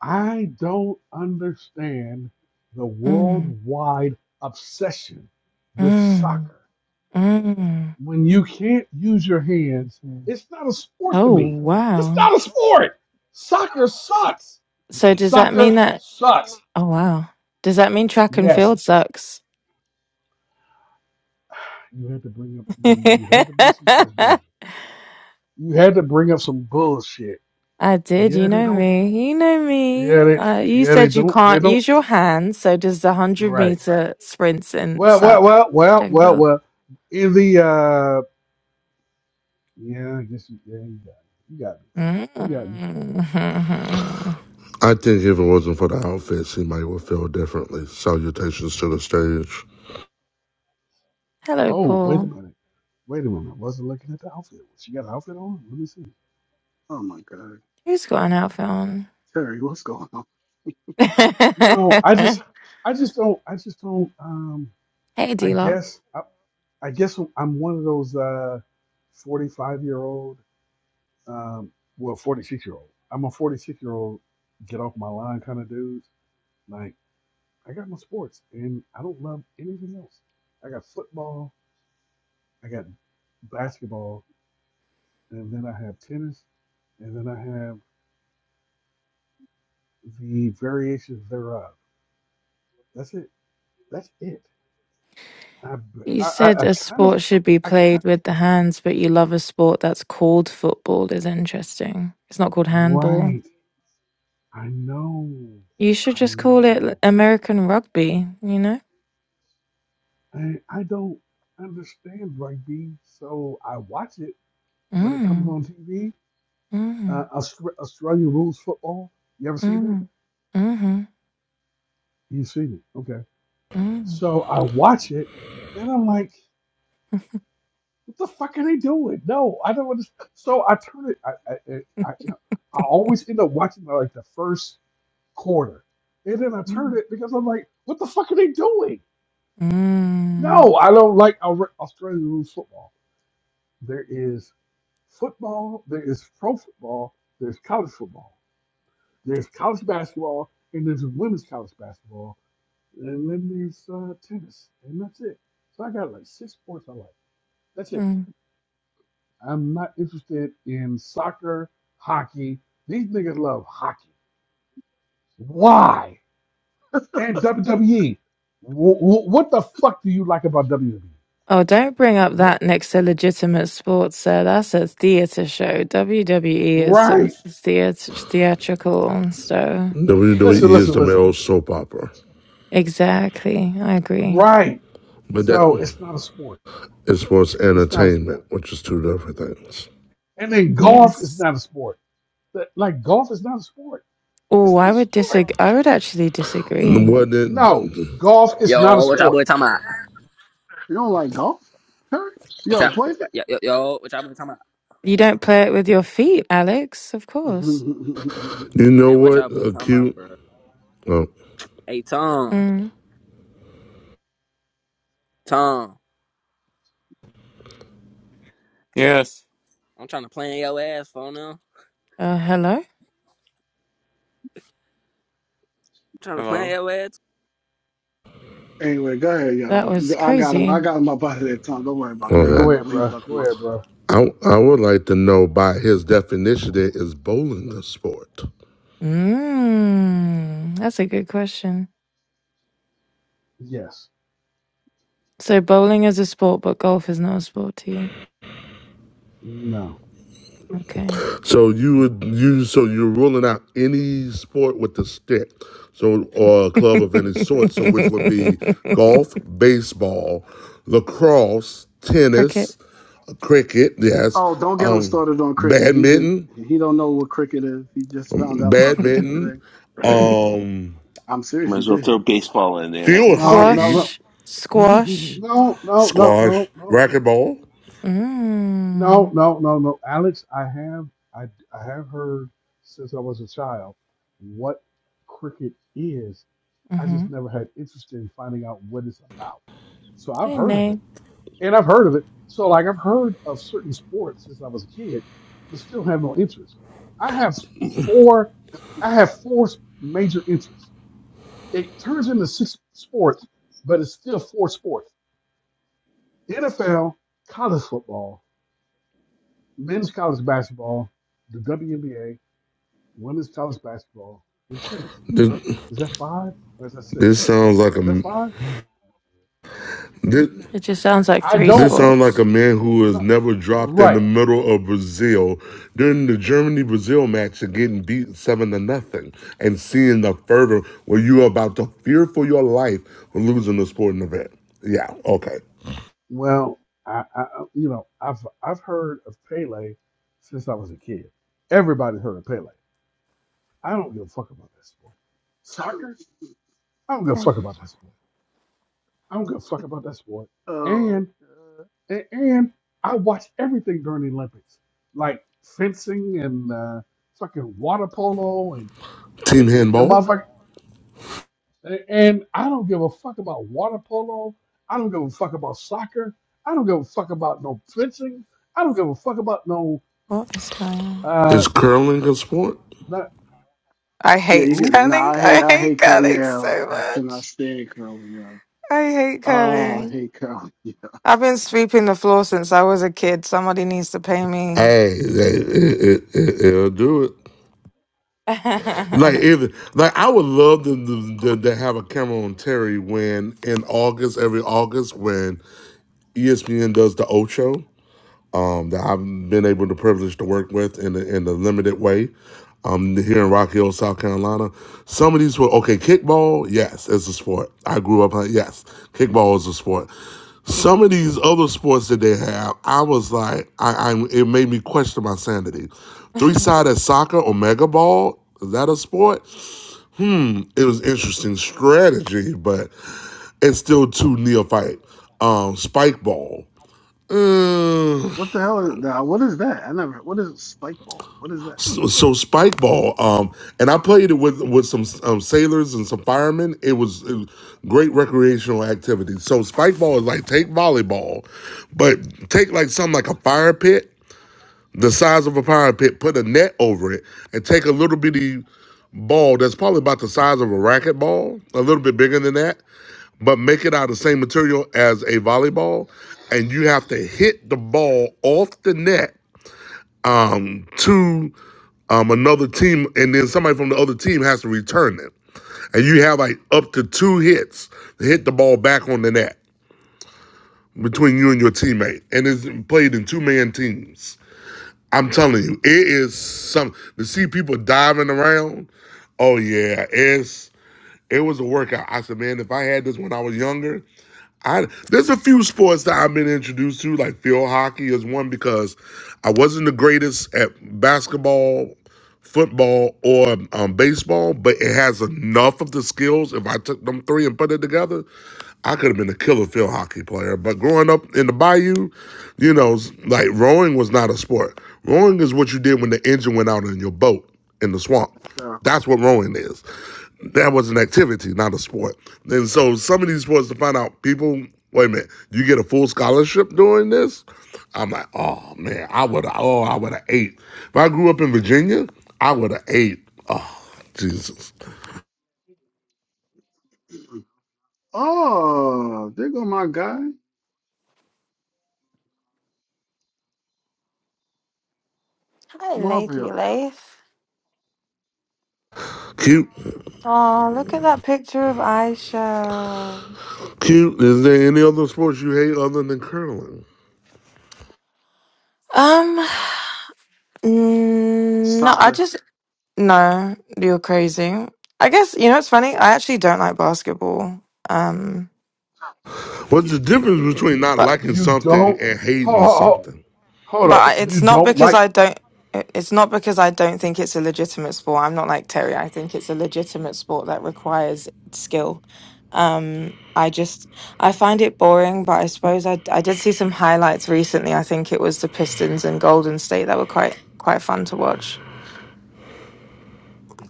I don't understand the
Mm.
worldwide obsession with
Mm.
soccer.
Mm.
When you can't use your hands, it's not a sport to
Oh,
me. It's
wow.
not a sport. Soccer sucks.
So does that mean
Soccer
that?
sucks.
Oh, wow. Does that mean track and
Yes.
field sucks?
You had to bring up you you had to make some sense, didn't
I
you? You had to bring up some bullshit.
did. You
Yeah, they
know
don't.
me. You know me.
Yeah, they
Uh, you
yeah they
said you
don't they
can't
don't.
use your hands. So does the 100
Right.
meter sprints and
Well, well,
suck?
well, well,
Jack
well,
Bill.
well. In the uh, yeah, I guess you, yeah, you got me. You got me. You got me.
Mm.
I think if it wasn't for the outfits, he might have felt differently. Salutations to the stage.
Hello,
Oh, wait
Paul.
a minute. Wait a minute. I wasn't looking at the outfit. She got an outfit on. Let me see.
Oh, my God.
Who's got an outfit on?
Terry, what's going on?
No, I just, I just don't. I just don't. Um,
hey,
I
D Lock.
guess. I guess I'm one of those uh, 45 year old, um, well, 46 year old. I'm a 46 year old, get off my line kind of dudes. Like, I got my sports and I don't love anything else. I got football, I got basketball, and then I have tennis, and then I have the variations thereof. That's it. That's it. I, I, I
You said a
kind of,
sport should be
I
played
kind
with the hands, but you love a sport that's called football, is interesting. It's not called handball.
right. I know.
You should
I
just call it
know.
American rugby, you know?
I, I don't understand rugby, so I watch it when it comes
Mm,
on TV. Uh,
mm,
Austra- Australian rules football. You ever seen it?
mm, mm,
You've seen it. Okay.
mm,
So I watch it, and I'm like, what the fuck are they doing? No, I don't understand. So I turn it. I I, I, I I always end up watching like the first quarter, and then I turn
mm,
it because I'm like, what the fuck are they doing?
mm,
No, I don't like Au- Australian rules football. there is football, there is pro football, there's college football, there's college basketball, and there's women's college basketball, and then there's uh, tennis, and that's it. So I got like six sports I like. That's it.
mm,
I'm not interested in soccer, hockey. These niggas love hockey. Why? And WWE. what the fuck do you like about WWE?
Oh, don't bring up
What?
that next to legitimate sports, sir. That's a theatre show. WWE is some
Right.
theatre theatrical stuff.
WWE
Listen,
is
listen,
the
listen.
male soap opera.
Exactly. I agree.
Right.
But
So
that
it's not a sport.
is sports
It's not a
entertainment,
sport.
which is two different things.
And then golf is
Yes.
not a sport. But, Like golf is not a sport.
Oh,
It's
I
not a
would
sport.
disagree. I would actually disagree.
What did
No, golf is not a
Yo, what y'all boy
sport.
talking about?
You don't like golf, Terry? You
What
ever
y'all,
played it?
yo, yo, yo, what y'all boy talking about?
You don't play it with your feet, Alex, of course.
you know?
Man, what
What
y'all boy talking about,
acute?
bro?
Oh,
Hey, Tom,
Mm.
Tom,
Yes.
I'm trying to plan your ass for now.
Uh, hello?
trying to plan
Hello.
your ass.
anyway, go ahead, y'all.
That was
I got him.
crazy.
I got him up out of that time. Don't worry about that.
Yeah,
I
go
don't
okay.
know
ahead,
what he's
bro.
talking
Go
about.
ahead, bro.
I I would like to know by his definition that is bowling a sport.
Mm. That's a good question.
Yes.
So bowling is a sport, but golf is not a sport to you.
No.
Okay.
So you
No.
would you so you're ruling out any sport with a stick, so or a club of any sort. So which would be golf, baseball, lacrosse,
Cricket.
tennis, cricket. Yes,
Oh, don't get him
um,
started on cricket. He just,
badminton,
he don't know what cricket is. He just found out about cricket
badminton,
today.
all right.
um,
I'm
You
serious,
might
he
as well
did.
throw baseball in there. That's
field
a
No.
stick.
hockey.
No.
Squash. Squash.
No. No. No. No. No.
squash,
No.
racquetball.
No.
Mm.
No. No. No. Alex, I have I I have heard since I was a child what cricket is. I
Mm-hmm.
just never had interest in finding out what it's about. So I've
Hey,
heard of it.
Nay.
and I've heard of it. So like I've heard of certain sports since I was a kid, but still have no interest. I have four, I have four major interests. It turns into six sports, but it's still four sports: NFL, college football, men's college basketball, the WNBA, women's college basketball, and tennis.
This,
Is that five or is that six?
this sounds like
Is that
a
five?
this
It just sounds like
I
three
this
don't.
sounds like
sports.
a man who was
No,
never dropped in
right.
the middle of Brazil during the Germany Brazil match and getting beat seven to nothing, and seeing the fervor where you are about to fear for your life for losing the
Mm.
sporting event. Yeah, okay.
Well, I, I I- you know, I've I've heard of Pele since I was a kid. Everybody's heard of Pele. I don't give a fuck about that sport. Soccer, I don't give a
Oh,
fuck about that sport. I don't give a fuck about that sport.
Oh,
And and, and I watch everything during the Olympics, like fencing and uh, fucking water polo and the,
Team
the, the
handball
motherfucker. And I don't give a fuck about water polo. I don't give a fuck about soccer. I don't give a fuck about no fencing. I don't give a fuck about no.
What is going on?
I,
Uh,
is curling a sport?
not
I
Yeah, you
hate
get.
who?
Nah,
curling.
I hate.
I
I
hate
hate curly.
curling
Yeah,
so
I cannot
much.
stand curly. Yeah.
I hate
Oh, I
curling.
hate curly. Yeah.
I've been sweeping the floor since I was a kid. Somebody needs to pay me.
Hey, it, it, it, it'll do it. Like
Hi,
if like I would love to, to, to, have a camera on Terry when in August, every August when ESPN does the Ocho, um, that I've been able to privilege to work with in the, in the limited way. Um, here in Rock Hill, South Carolina, some of these were okay. Kickball, yes, it's a sport. I grew up on yes, kickball is a sport. Some of these other sports that they have, I was like, I, I it made me question my sanity. Three sided soccer or mega ball is that a sport? it was interesting strategy, but it's still too neophyte. Um, Spike Ball. Mm,
What the hell is nah, What is that? I never. What is spike ball? What is that?
so, so Spike Ball, um, and I played it with with some um, sailors and some firemen. It was, it was great recreational activity. So Spike Ball is like take volleyball, but take like something like a fire pit the size of a fire pit, put a net over it, and take a little bitty ball that's probably about the size of a racquetball, a little bit bigger than that, but make it out of the same material as a volleyball, and you have to hit the ball off the net um, to um, another team, and then somebody from the other team has to return it. And you have like up to two hits to hit the ball back on the net between you and your teammate, and it's played in two man teams. I'm telling you, it is some to see people diving around. Oh yeah, it's it was a workout. I said, man, if I had this when I was younger. I there's a few sports that I've been introduced to, like field hockey is one because I wasn't the greatest at basketball, football, or um, baseball, but it has enough of the skills. If I took them three and put it together, I could have been a killer field hockey player. But growing up in the bayou, you know, like rowing was not a sport. Rowing is what you did when the engine went out in your boat in the swamp. That's
Jericho.
what rowing is that was an activity, not a sport. And so some of these sports to find out people, wait a minute, you get a full scholarship doing this? I'm like, oh man, I would have oh, I would have ate. If I grew up in Virginia, I would have ate. Oh, Jesus.
Oh, there go my guy. Come on up here.
Leithy Leith.
Cute,
Oh, look at that picture of Aisha.
cute. Is there any other sports you hate other than curling?
Um, mm, no, I
Soccer.
just no. You're crazy. I guess you know it's funny. I actually don't like basketball. Um,
What's the
Yeah.
difference between not
but
liking
You
something
don't.
and
Hold,
hating
hold,
something?
hold up.
but it's
You
not
don't
because
like.
I don't. it- It's not because I don't think it's a legitimate sport. I'm not like Terry. I think it's a legitimate sport that requires skill. Um, I just I find it boring. But I suppose I I did see some highlights recently. I think it was the Pistons and Golden State that were quite quite fun to watch.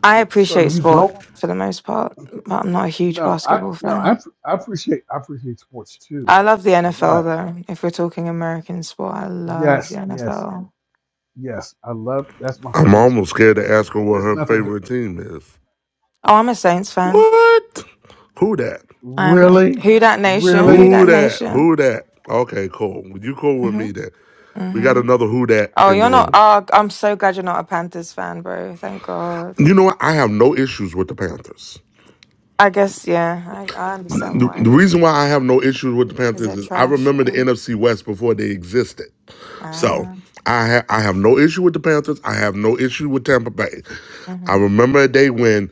I
So
appreciate
you
sport
don't.
for the most part,
Okay.
but I'm not a huge
No, I
basketball
no. I,
fan.
app- I appreciate I appreciate sports too,
I love the NFL
but
though. If we're talking American sport, I love the
yes, yes,
NFL.
yes. I love. That's my
I'm
favorite
almost
sport.
scared to ask her what
There's
her
nothing.
favorite team is.
Oh, I'm a Saints fan.
What? Who that?
I'm a-
Really,
who that nation? Who
really.
Who
that
that?
nation?
Who that? Okay, cool. You cool with me
Mhm.
then. We got
Mhm.
another who that
Oh,
in the
you're not.
room.
Oh, I'm so glad you're not a Panthers fan, bro. Thank God.
You know what? I have no issues with the Panthers.
I guess yeah. I, I understand
The, the
why.
reason why I have no issues with the
Is
Panthers
that
is I
trash?
remember the
Um,
NFC West before they existed. So
Ah.
I ha- I have no issue with the Panthers. I have no issue with Tampa Bay. I
mhm.
remember a day when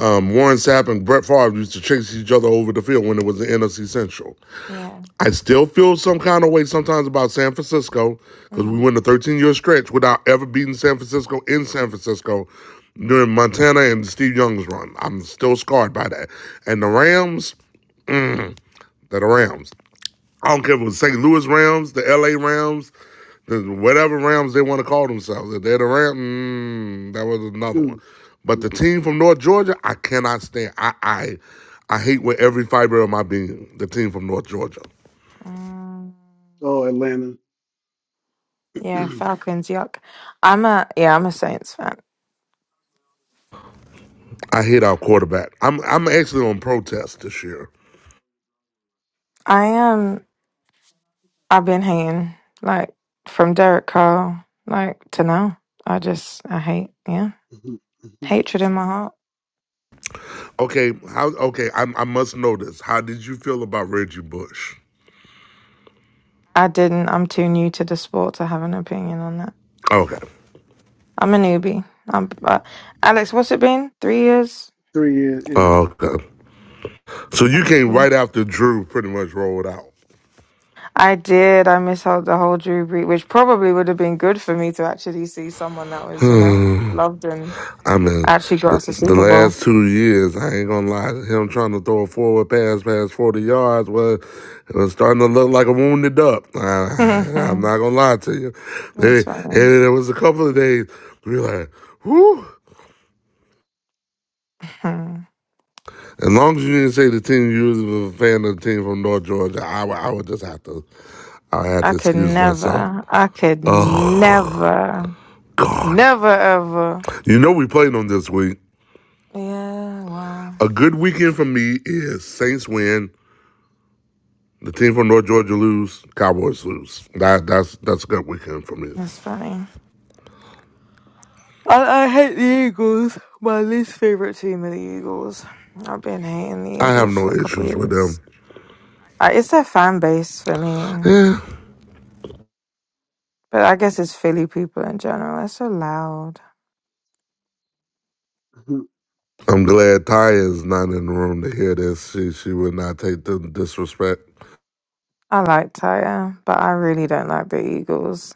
um, Warren Sapp and Brett Favre used to chase each other over the field when it was the NFC Central.
Yeah.
I still feel some kind of way sometimes about San Francisco because we
Mm,
went a 13 year stretch without ever beating San Francisco in San Francisco during Montana and Steve Young's run. I'm still scarred by that. And the Rams, they're the Rams. I don't care if it was St. Louis Rams, the LA Rams, the whatever Rams they want to call themselves. If they're the Rams, mm, that was another one.
Mhm.
But the team from North Georgia, I cannot stand. I I, I hate with every fiber of my being the team from North Georgia.
mm.
oh, Atlanta.
Yeah, Falcons, yuck. I'm a yeah, I'm a Saints fan.
I hate our quarterback. I'm I'm actually on protest this year.
I am I've been hating like from Derek Carr, like to now. I just I hate yeah.
Mhm. Mhm.
Hatred in my heart.
Okay, how okay, I I must know this. How did you feel about Reggie Bush?
I didn't I'm too new to the sport to have an opinion on that.
Okay.
I'm a newbie. I'm uh, Alex, what's it been? Three years?
Three years.
uh,
Yeah.
Okay. So you
I'm a
came
newbie.
right after Drew pretty much rolled out.
I did. I missed out the whole Drew Brees, which probably would have been good for me to actually see someone that was, you know, loved and
I mean,
actually got
the,
us a
the
Super Bowl.
last two years, I ain't gonna lie, him trying to throw a forward pass past 40 yards was, it was starting to look like a wounded duck. I, I'm
That's
not gonna lie to you. They, and
funny.
there was a couple of days, we were like, whew.
Hmm.
As long as you didn't say the team you was a fan of the team from North Georgia, I would I would just have to I would have
I
to
could
excuse myself.
never. I could
Oh
never.
God.
Never ever.
You know we played them this week.
Yeah, well,
A good weekend for me is Saints win, the team from North Georgia lose, Cowboys lose. That that's that's a good weekend for me.
that's funny. I, I hate the Eagles. My least favorite team are the Eagles. I've been hating the
I have
Eagles for
no
a couple
issues with
years.
them.
Uh, it's their fan base for me.
Yeah.
But I guess it's Philly people in general. It's so loud.
Mhm.
I'm glad Ty is not in the room to hear this. She she would not take the disrespect.
I like Tyre, but I really don't like the Eagles.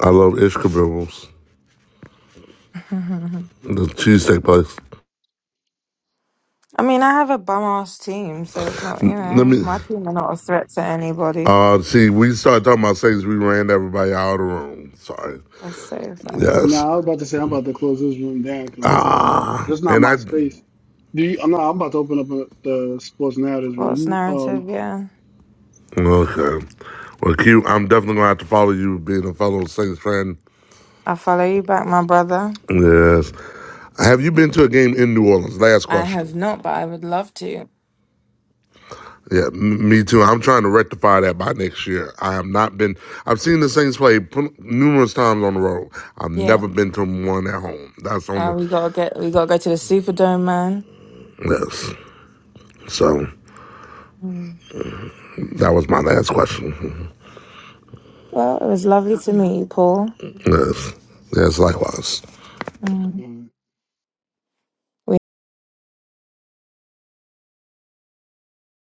I love Ishka Bibbles,
I
Mhm.
the cheesesteak place.
mean, I have a bum ass team, so it's not, you
Let
know,
me
my team are not a threat to anybody.
Uh, see, we started talking about Saints. We ran everybody out of the room. Sorry.
That's so funny.
Yes.
nah, I was about to say I'm about to close this room down because this not my. This not
And I,
my space. Do you? No, I'm about to open up a, the sports narratives room.
Sports
You
narrative, yeah.
okay. Well, Q, I'm definitely going to have to follow you being a fellow Saints fan.
I'll follow you back, my brother.
Yes. Have you been to a game in New Orleans? Last
I have
question.
not, but I would love to.
Yeah, m- me too. I'm trying to rectify that by next year. I have not been, I've seen the Saints play p- numerous times on the road. I've
Yeah.
never been to one at home. That's on
Uh, we
the,
gotta get we gotta go to the Superdome, man.
yes. So
Mm.
that was my last question.
Well, it was lovely to meet you, Paul.
Yes. Yes, likewise.
Mm.
um.